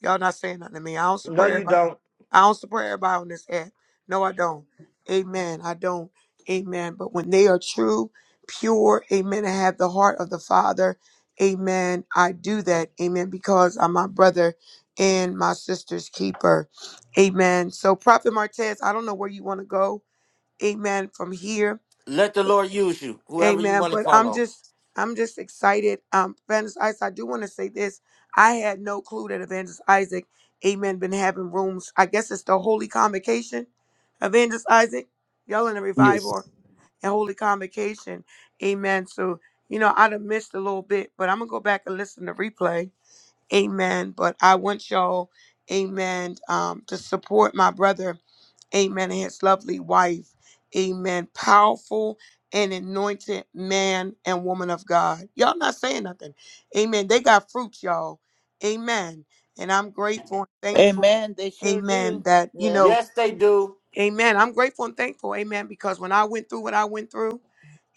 [SPEAKER 5] Y'all not saying nothing to me. I don't
[SPEAKER 1] No,
[SPEAKER 5] support
[SPEAKER 1] you
[SPEAKER 5] everybody.
[SPEAKER 1] don't.
[SPEAKER 5] I don't support everybody on this app. No, I don't. Amen. I don't. Amen. But when they are true, pure, amen, and have the heart of the Father, amen, I do that. Amen. Because I'm my brother and my sister's keeper. Amen. So, Prophet Martez, I don't know where you want to go. Amen. From here.
[SPEAKER 1] Let the Lord use you, whoever you
[SPEAKER 5] Amen.
[SPEAKER 1] want to
[SPEAKER 5] But
[SPEAKER 1] call
[SPEAKER 5] I'm
[SPEAKER 1] on.
[SPEAKER 5] just I'm just excited. Um, Evangelist Isaac, I do want to say this. I had no clue that Evangelist Isaac, Amen, been having rooms. I guess it's the Holy Convocation. Evangelist Isaac, y'all in the
[SPEAKER 8] Yes.
[SPEAKER 5] revival and Holy Convocation. Amen. So, you know, I'd have missed a little bit, but I'm gonna go back and listen to replay. Amen. But I want y'all, Amen, um, to support my brother amen, and his lovely wife, amen, powerful and anointed man and woman of God. Y'all not saying nothing, amen. They got fruits, y'all, amen. And I'm grateful and thankful,
[SPEAKER 6] Amen. They sure
[SPEAKER 5] amen,
[SPEAKER 6] do.
[SPEAKER 5] that you know.
[SPEAKER 6] Yes.
[SPEAKER 1] Yes, they do.
[SPEAKER 5] Amen. I'm grateful and thankful. Amen. Because when I went through what I went through,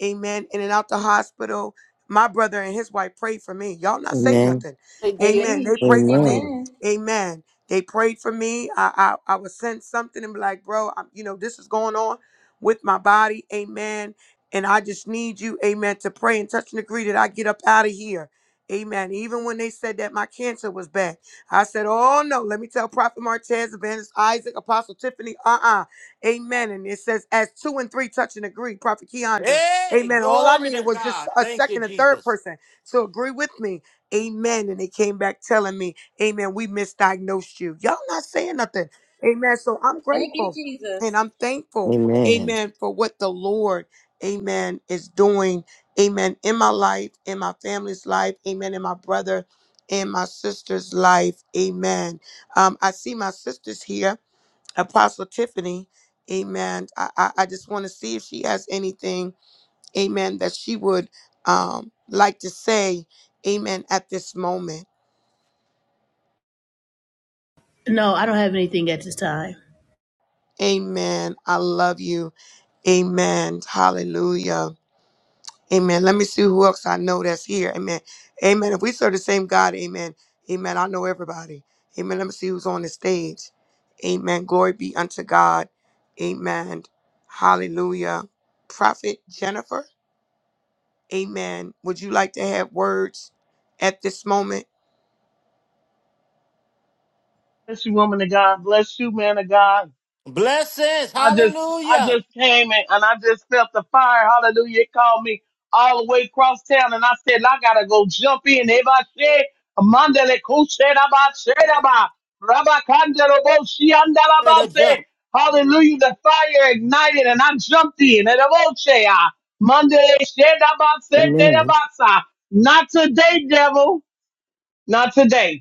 [SPEAKER 5] amen, in and out the hospital, my brother and his wife prayed for me. Y'all not saying
[SPEAKER 3] Amen.
[SPEAKER 5] nothing.
[SPEAKER 1] They did.
[SPEAKER 5] Amen.
[SPEAKER 2] Amen.
[SPEAKER 5] They prayed for me.
[SPEAKER 3] Amen.
[SPEAKER 2] Amen.
[SPEAKER 5] Amen. They prayed for me. I I, I was sent something and be like, bro, I'm, you know, this is going on with my body. Amen. And I just need you, amen, to pray and touch and agree that I get up out of here. Amen. Even when they said that my cancer was back, I said, Oh no, let me tell Prophet Martez, Evangelist Isaac, Apostle Tiffany, uh uh Amen. And it says, as two and three touch and agree, Prophet Keandre.
[SPEAKER 1] Hey,
[SPEAKER 5] Amen. All I
[SPEAKER 1] glory
[SPEAKER 5] needed
[SPEAKER 1] to
[SPEAKER 5] was just
[SPEAKER 1] God.
[SPEAKER 5] a
[SPEAKER 1] Thank you,
[SPEAKER 5] second and third
[SPEAKER 1] Jesus.
[SPEAKER 5] person to agree with me. Amen. And they came back telling me, Amen, we misdiagnosed you. Y'all not saying nothing. Amen. So I'm
[SPEAKER 2] Thank you,
[SPEAKER 5] grateful and
[SPEAKER 2] Jesus.
[SPEAKER 5] I'm thankful.
[SPEAKER 3] Amen.
[SPEAKER 5] Amen. For what the Lord, Amen, is doing. Amen. In my life, in my family's life. Amen. In my brother and my sister's life. Amen. Um, I see my sisters here. Apostle Tiffany, amen. I, I, I just want to see if she has anything, amen, that she would um, like to say, amen, at this moment.
[SPEAKER 9] No, I don't have anything at this time.
[SPEAKER 5] Amen. I love you. Amen. Hallelujah. Amen. Let me see who else I know that's here. Amen. Amen. If we serve the same God, amen. Amen. I know everybody. Amen. Let me see who's on the stage. Amen. Glory be unto God. Amen. Hallelujah. Prophet Jennifer. Amen. Would you like to have words at this moment?
[SPEAKER 12] Bless you, woman of God. Bless you, man of God.
[SPEAKER 1] Blessings.
[SPEAKER 12] I just I
[SPEAKER 1] Hallelujah.
[SPEAKER 12] just came in and I just felt the fire. Hallelujah. It called me all the way across town and I said, I gotta go jump in. Ebashe, Mandele Kusherabasheraba, Rabakandeloboshiandalabase.
[SPEAKER 1] Better jump.
[SPEAKER 12] Hallelujah. The fire ignited and I jumped in. Edebochea, Mandele Shedabase
[SPEAKER 3] Amen.
[SPEAKER 12] Terabasa. Not today, devil. Not today.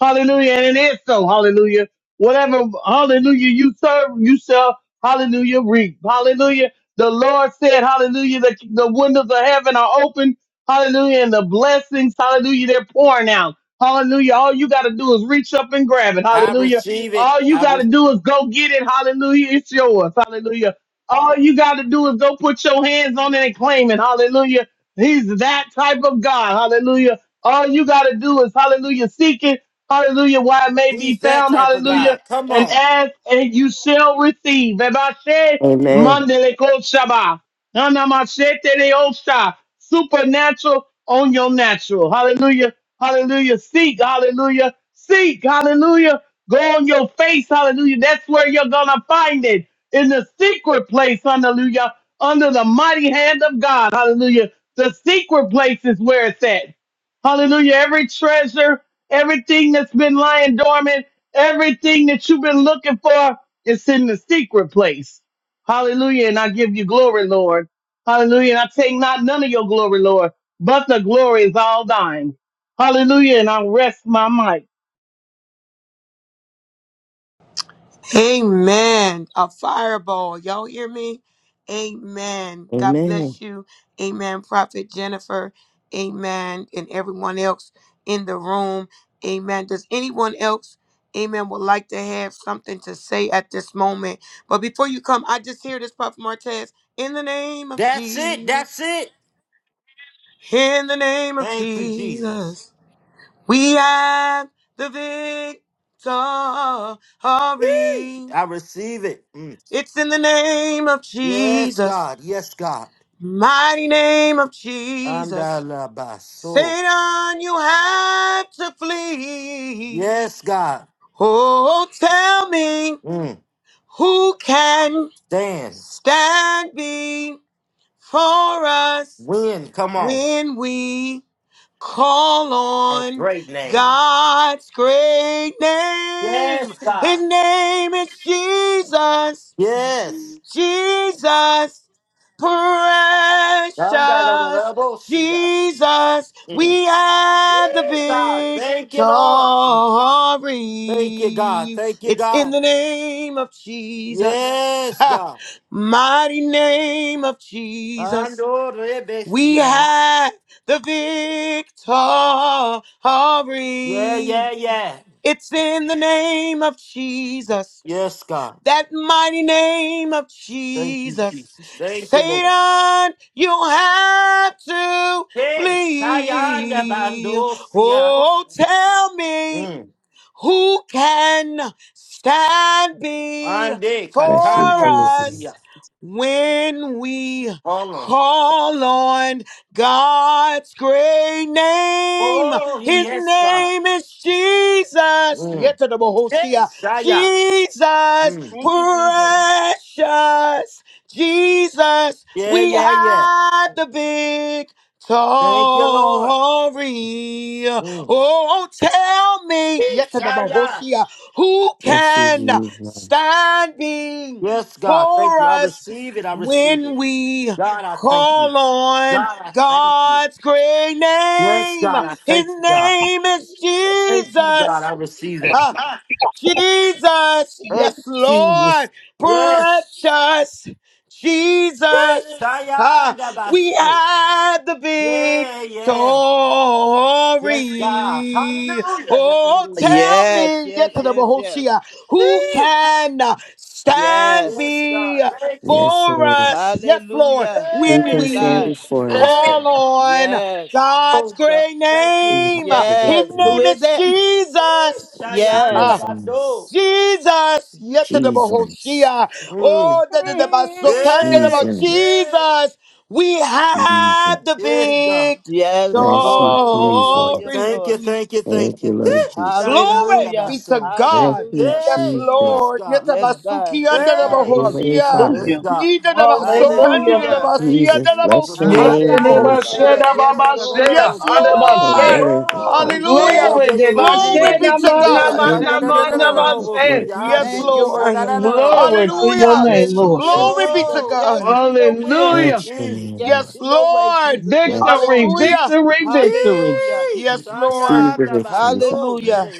[SPEAKER 12] Hallelujah. And it is so. Hallelujah. Whatever, hallelujah, you serve, you shall, hallelujah, reap. Hallelujah. The Lord said, hallelujah, the, the windows of heaven are open. Hallelujah. And the blessings, hallelujah, they're pouring out. Hallelujah. All you got to do is reach up and grab it.
[SPEAKER 1] I
[SPEAKER 12] Hallelujah.
[SPEAKER 1] receive it.
[SPEAKER 12] All you
[SPEAKER 1] I
[SPEAKER 12] got
[SPEAKER 1] receive
[SPEAKER 12] to do is go get it. Hallelujah. It's yours. Hallelujah. All you got to do is go put your hands on it and claim it. Hallelujah. He's that type of God. Hallelujah. All you got to do is, hallelujah, seek it hallelujah, why it may
[SPEAKER 1] He's
[SPEAKER 12] be
[SPEAKER 1] that
[SPEAKER 12] found,
[SPEAKER 1] type of
[SPEAKER 12] hallelujah,
[SPEAKER 1] God. Come
[SPEAKER 12] and
[SPEAKER 1] on.
[SPEAKER 12] ask and you shall receive. Ebashe
[SPEAKER 3] Amen.
[SPEAKER 12] mandele koshaba. Nanamashete leosha. Supernatural on your natural. Hallelujah. Hallelujah. Seek. Hallelujah. Seek. Hallelujah. Go on your face. Hallelujah. That's where you're going to find it in the secret place. Hallelujah. Under the mighty hand of God. Hallelujah. The secret place is where it's at. Hallelujah. Every treasure. Everything that's been lying dormant, everything that you've been looking for is in the secret place. Hallelujah. And I give you glory, Lord. Hallelujah. And I take not none of your glory, Lord, but the glory is all thine. Hallelujah. And I rest my mic.
[SPEAKER 5] Amen. A fireball. Y'all hear me? Amen. God
[SPEAKER 3] Amen.
[SPEAKER 5] bless you. Amen. Prophet Jennifer. Amen. And everyone else in the room. Amen. Does anyone else, amen, would like to have something to say at this moment? But before you come, I just hear this, Prophet Martez. In the name of
[SPEAKER 1] That's it. That's
[SPEAKER 5] Jesus.
[SPEAKER 1] it.
[SPEAKER 5] In the name of
[SPEAKER 1] Thank you, Jesus.
[SPEAKER 5] Jesus. We have the victory.
[SPEAKER 1] Yeesh. I receive it. Mm.
[SPEAKER 5] It's in the name of
[SPEAKER 1] Yes,
[SPEAKER 5] Jesus,
[SPEAKER 1] God. Yes, God.
[SPEAKER 5] mighty name of Jesus.
[SPEAKER 1] Andalabaso.
[SPEAKER 5] Satan, you have to flee.
[SPEAKER 1] Yes, God.
[SPEAKER 5] Oh, tell me
[SPEAKER 1] Mm.
[SPEAKER 5] who can
[SPEAKER 1] Stand.
[SPEAKER 5] stand before us
[SPEAKER 1] Win. Come on.
[SPEAKER 5] when we Call
[SPEAKER 1] That
[SPEAKER 5] on
[SPEAKER 1] great name.
[SPEAKER 5] God's great name.
[SPEAKER 1] Yes,
[SPEAKER 5] His
[SPEAKER 1] God.
[SPEAKER 5] name is Jesus.
[SPEAKER 1] Yes.
[SPEAKER 5] Jesus. Precious
[SPEAKER 1] Andalalabosia.
[SPEAKER 5] Jesus.
[SPEAKER 1] Mm.
[SPEAKER 5] We have the
[SPEAKER 1] Yee, God.
[SPEAKER 5] victory.
[SPEAKER 1] Thank you, Lord. Mm. Thank you, God. Thank you,
[SPEAKER 5] It's in
[SPEAKER 1] God.
[SPEAKER 5] the name of Jesus.
[SPEAKER 1] Yes,
[SPEAKER 5] Ha!
[SPEAKER 1] God.
[SPEAKER 5] Mighty name of Jesus.
[SPEAKER 1] Ando
[SPEAKER 5] We
[SPEAKER 1] rebesia.
[SPEAKER 5] have the victory.
[SPEAKER 1] Yeah, yeah, yeah.
[SPEAKER 5] It's in the name of Jesus,
[SPEAKER 1] Yes, God.
[SPEAKER 5] that mighty name of
[SPEAKER 1] Thank you,
[SPEAKER 5] Jesus.
[SPEAKER 1] Jesus. Thank you, Lord.
[SPEAKER 5] Satan, you have to
[SPEAKER 1] Hey, sayanda
[SPEAKER 5] flee.
[SPEAKER 1] bandosia.
[SPEAKER 5] Oh, tell me.
[SPEAKER 1] Mm.
[SPEAKER 5] Who can stand
[SPEAKER 1] Ande
[SPEAKER 5] before
[SPEAKER 3] Bless you,
[SPEAKER 1] katando
[SPEAKER 3] Jesus.
[SPEAKER 5] us
[SPEAKER 1] bosia.
[SPEAKER 5] when we
[SPEAKER 1] Hold on.
[SPEAKER 5] call on God's great name?
[SPEAKER 1] Oh,
[SPEAKER 5] His
[SPEAKER 1] yes, God.
[SPEAKER 5] name is Jesus. Yet
[SPEAKER 1] Mm.
[SPEAKER 5] to the
[SPEAKER 1] Hey,
[SPEAKER 5] Bohosia.
[SPEAKER 1] saya.
[SPEAKER 5] Jesus,
[SPEAKER 1] Mm.
[SPEAKER 5] precious Jesus,
[SPEAKER 1] Yeah,
[SPEAKER 5] we
[SPEAKER 1] yeah, yeah.
[SPEAKER 5] had the
[SPEAKER 1] Thank you, Lord.
[SPEAKER 5] victory.
[SPEAKER 1] Mm.
[SPEAKER 5] Oh, tell me,
[SPEAKER 1] Hey,
[SPEAKER 5] yet to the
[SPEAKER 1] saya.
[SPEAKER 5] Mahosia, who
[SPEAKER 3] Bless you,
[SPEAKER 5] can
[SPEAKER 3] Jesus.
[SPEAKER 5] stand before
[SPEAKER 1] Yes, God. Thank you. I
[SPEAKER 5] us
[SPEAKER 1] receive it. I receive it.
[SPEAKER 5] when we
[SPEAKER 1] God, I thank you.
[SPEAKER 5] call on
[SPEAKER 1] God, I thank you.
[SPEAKER 5] God's great
[SPEAKER 1] Yes,
[SPEAKER 5] name?
[SPEAKER 1] God, I
[SPEAKER 5] His
[SPEAKER 1] thank you, God.
[SPEAKER 5] name is
[SPEAKER 1] Thank you, God.
[SPEAKER 5] Jesus.
[SPEAKER 1] I receive that.
[SPEAKER 5] Ah, Jesus,
[SPEAKER 1] Thank
[SPEAKER 5] yes,
[SPEAKER 1] you, Jesus.
[SPEAKER 5] Lord,
[SPEAKER 1] Yes.
[SPEAKER 5] precious Jesus.
[SPEAKER 1] Yes, I
[SPEAKER 5] Ha!
[SPEAKER 1] am the
[SPEAKER 5] We
[SPEAKER 1] vessel.
[SPEAKER 5] had the victory.
[SPEAKER 1] Yeah, yeah. Yes, God. Hallelujah.
[SPEAKER 5] Oh, tell
[SPEAKER 6] Yes,
[SPEAKER 5] me, yet
[SPEAKER 6] yes,
[SPEAKER 5] to the
[SPEAKER 6] yes, yes.
[SPEAKER 5] Mahoshia, who
[SPEAKER 1] Yes,
[SPEAKER 5] can uh, stand
[SPEAKER 6] Yes.
[SPEAKER 1] Yes, God. Thank you,
[SPEAKER 3] Yes,
[SPEAKER 1] Lord.
[SPEAKER 5] before
[SPEAKER 3] Lord.
[SPEAKER 5] us? Yes, Lord,
[SPEAKER 6] Hallelujah.
[SPEAKER 3] Who
[SPEAKER 5] when
[SPEAKER 3] can
[SPEAKER 6] Yes,
[SPEAKER 1] Hey,
[SPEAKER 3] stand
[SPEAKER 5] we
[SPEAKER 6] God.
[SPEAKER 3] before us,
[SPEAKER 1] hey.
[SPEAKER 3] Father?
[SPEAKER 5] call on
[SPEAKER 6] Yes.
[SPEAKER 5] God's
[SPEAKER 1] Oh, God.
[SPEAKER 5] great
[SPEAKER 1] Thank you,
[SPEAKER 3] We
[SPEAKER 5] name,
[SPEAKER 3] have
[SPEAKER 1] Jesus.
[SPEAKER 3] the
[SPEAKER 5] His
[SPEAKER 6] Yes. Who
[SPEAKER 3] victory.
[SPEAKER 5] name
[SPEAKER 6] is
[SPEAKER 5] is
[SPEAKER 6] it?
[SPEAKER 5] Jesus.
[SPEAKER 1] Yes, I
[SPEAKER 3] Bless you,
[SPEAKER 1] am
[SPEAKER 5] Ah,
[SPEAKER 6] Yes.
[SPEAKER 1] the vessel.
[SPEAKER 3] Jesus.
[SPEAKER 5] Jesus, yet the
[SPEAKER 3] Jesus,
[SPEAKER 5] Hoshia.
[SPEAKER 1] Mm.
[SPEAKER 5] Oh, the the the so kind
[SPEAKER 3] Jesus,
[SPEAKER 5] about
[SPEAKER 1] Hey, hey.
[SPEAKER 5] Jesus. We
[SPEAKER 3] Jesus.
[SPEAKER 5] have the
[SPEAKER 1] Yeah, God.
[SPEAKER 5] victory.
[SPEAKER 6] Yes,
[SPEAKER 3] Bless
[SPEAKER 6] Lord.
[SPEAKER 3] you,
[SPEAKER 6] Yes,
[SPEAKER 1] Mm.
[SPEAKER 6] Lord.
[SPEAKER 3] Jesus.
[SPEAKER 6] Yes,
[SPEAKER 1] Thank you,
[SPEAKER 6] Lord.
[SPEAKER 1] thank you,
[SPEAKER 3] Thank
[SPEAKER 1] thank
[SPEAKER 3] you,
[SPEAKER 1] you.
[SPEAKER 3] Lord Jesus.
[SPEAKER 5] Glory
[SPEAKER 1] Sayanda
[SPEAKER 5] be
[SPEAKER 6] Hallelujah.
[SPEAKER 5] to
[SPEAKER 1] baso.
[SPEAKER 3] Bless
[SPEAKER 5] God.
[SPEAKER 3] you,
[SPEAKER 6] Hallelujah.
[SPEAKER 5] Yes,
[SPEAKER 3] Jesus.
[SPEAKER 1] Hey,
[SPEAKER 3] Have
[SPEAKER 1] yes,
[SPEAKER 5] Lord. Yet
[SPEAKER 1] God.
[SPEAKER 5] the
[SPEAKER 6] Yes,
[SPEAKER 1] Mm.
[SPEAKER 6] God.
[SPEAKER 5] Basuki
[SPEAKER 6] Yes,
[SPEAKER 5] under the
[SPEAKER 6] God.
[SPEAKER 3] your
[SPEAKER 1] Hey,
[SPEAKER 3] way,
[SPEAKER 5] Hoshia.
[SPEAKER 3] Father.
[SPEAKER 1] yes,
[SPEAKER 12] Hallelujah.
[SPEAKER 1] God.
[SPEAKER 5] Neither the Basokandi
[SPEAKER 12] Hallelujah.
[SPEAKER 5] the
[SPEAKER 3] Lord
[SPEAKER 1] Oh,
[SPEAKER 6] Hallelujah.
[SPEAKER 1] thank you,
[SPEAKER 5] Basia,
[SPEAKER 3] Jesus,
[SPEAKER 5] the
[SPEAKER 3] bless
[SPEAKER 1] Jesus.
[SPEAKER 3] your
[SPEAKER 5] Bosiki
[SPEAKER 12] Yes,
[SPEAKER 5] under the
[SPEAKER 3] name,
[SPEAKER 12] it is. my
[SPEAKER 1] Haya,
[SPEAKER 3] Jesus.
[SPEAKER 1] de- de-
[SPEAKER 6] Hallelujah.
[SPEAKER 1] de-
[SPEAKER 5] Hosea.
[SPEAKER 12] shada,
[SPEAKER 1] de-
[SPEAKER 12] ba,
[SPEAKER 1] de-
[SPEAKER 6] Yes,
[SPEAKER 12] ba,
[SPEAKER 1] de- de- de-
[SPEAKER 6] Lord.
[SPEAKER 1] de-
[SPEAKER 6] Yes,
[SPEAKER 12] shada,
[SPEAKER 1] bo-
[SPEAKER 5] Yes,
[SPEAKER 6] Lord.
[SPEAKER 12] hada,
[SPEAKER 1] siya.
[SPEAKER 6] Yes,
[SPEAKER 3] You're
[SPEAKER 6] Lord.
[SPEAKER 5] Lord.
[SPEAKER 6] Yes,
[SPEAKER 3] worthy,
[SPEAKER 6] Lord.
[SPEAKER 3] Father.
[SPEAKER 1] Oh, yeah,
[SPEAKER 5] Hallelujah.
[SPEAKER 12] Glory
[SPEAKER 1] yeah, yeah, yeah,
[SPEAKER 12] to ba,
[SPEAKER 1] yeah, yeah,
[SPEAKER 5] Glory
[SPEAKER 6] Thank
[SPEAKER 1] yeah.
[SPEAKER 5] be
[SPEAKER 12] shada,
[SPEAKER 6] you,
[SPEAKER 5] to
[SPEAKER 3] We
[SPEAKER 12] ba, na,
[SPEAKER 3] just
[SPEAKER 1] Yeesh,
[SPEAKER 5] God.
[SPEAKER 6] Jesus.
[SPEAKER 12] ba,
[SPEAKER 3] thank
[SPEAKER 1] haya,
[SPEAKER 6] Thank
[SPEAKER 1] de- de-
[SPEAKER 3] you
[SPEAKER 6] you,
[SPEAKER 1] de- de-
[SPEAKER 3] for your
[SPEAKER 1] de-
[SPEAKER 6] Lord.
[SPEAKER 1] de-
[SPEAKER 3] life,
[SPEAKER 1] bo-
[SPEAKER 3] Lord
[SPEAKER 1] siya,
[SPEAKER 5] Yes,
[SPEAKER 1] ande.
[SPEAKER 6] Thank you,
[SPEAKER 3] Jesus.
[SPEAKER 1] Na-
[SPEAKER 6] Lord.
[SPEAKER 1] na-
[SPEAKER 5] Lord.
[SPEAKER 1] na- na- na-
[SPEAKER 12] Glory
[SPEAKER 1] basa.
[SPEAKER 12] to your
[SPEAKER 5] Hallelujah.
[SPEAKER 12] name,
[SPEAKER 3] Bless you,
[SPEAKER 12] Lord.
[SPEAKER 6] Hallelujah,
[SPEAKER 5] Glory
[SPEAKER 3] Jesus.
[SPEAKER 5] be to
[SPEAKER 6] Jesus.
[SPEAKER 1] Oh,
[SPEAKER 6] Yes
[SPEAKER 5] God.
[SPEAKER 6] to your will.
[SPEAKER 1] Jesus,
[SPEAKER 12] Hallelujah.
[SPEAKER 3] Bless your
[SPEAKER 1] Jesus.
[SPEAKER 3] name,
[SPEAKER 6] Yes
[SPEAKER 3] Lord.
[SPEAKER 5] Yes,
[SPEAKER 6] to your way,
[SPEAKER 5] Lord.
[SPEAKER 6] Jesus. Yes,
[SPEAKER 3] Bless you,
[SPEAKER 12] Victory,
[SPEAKER 6] Lord.
[SPEAKER 5] Hallelujah.
[SPEAKER 3] Jesus.
[SPEAKER 12] victory, victory.
[SPEAKER 6] Hallelujah.
[SPEAKER 1] Yeesh,
[SPEAKER 3] We
[SPEAKER 5] Yes, Lord.
[SPEAKER 3] receive
[SPEAKER 1] haya,
[SPEAKER 3] the
[SPEAKER 1] da-
[SPEAKER 3] victory,
[SPEAKER 1] bando.
[SPEAKER 3] Father.
[SPEAKER 6] Hallelujah.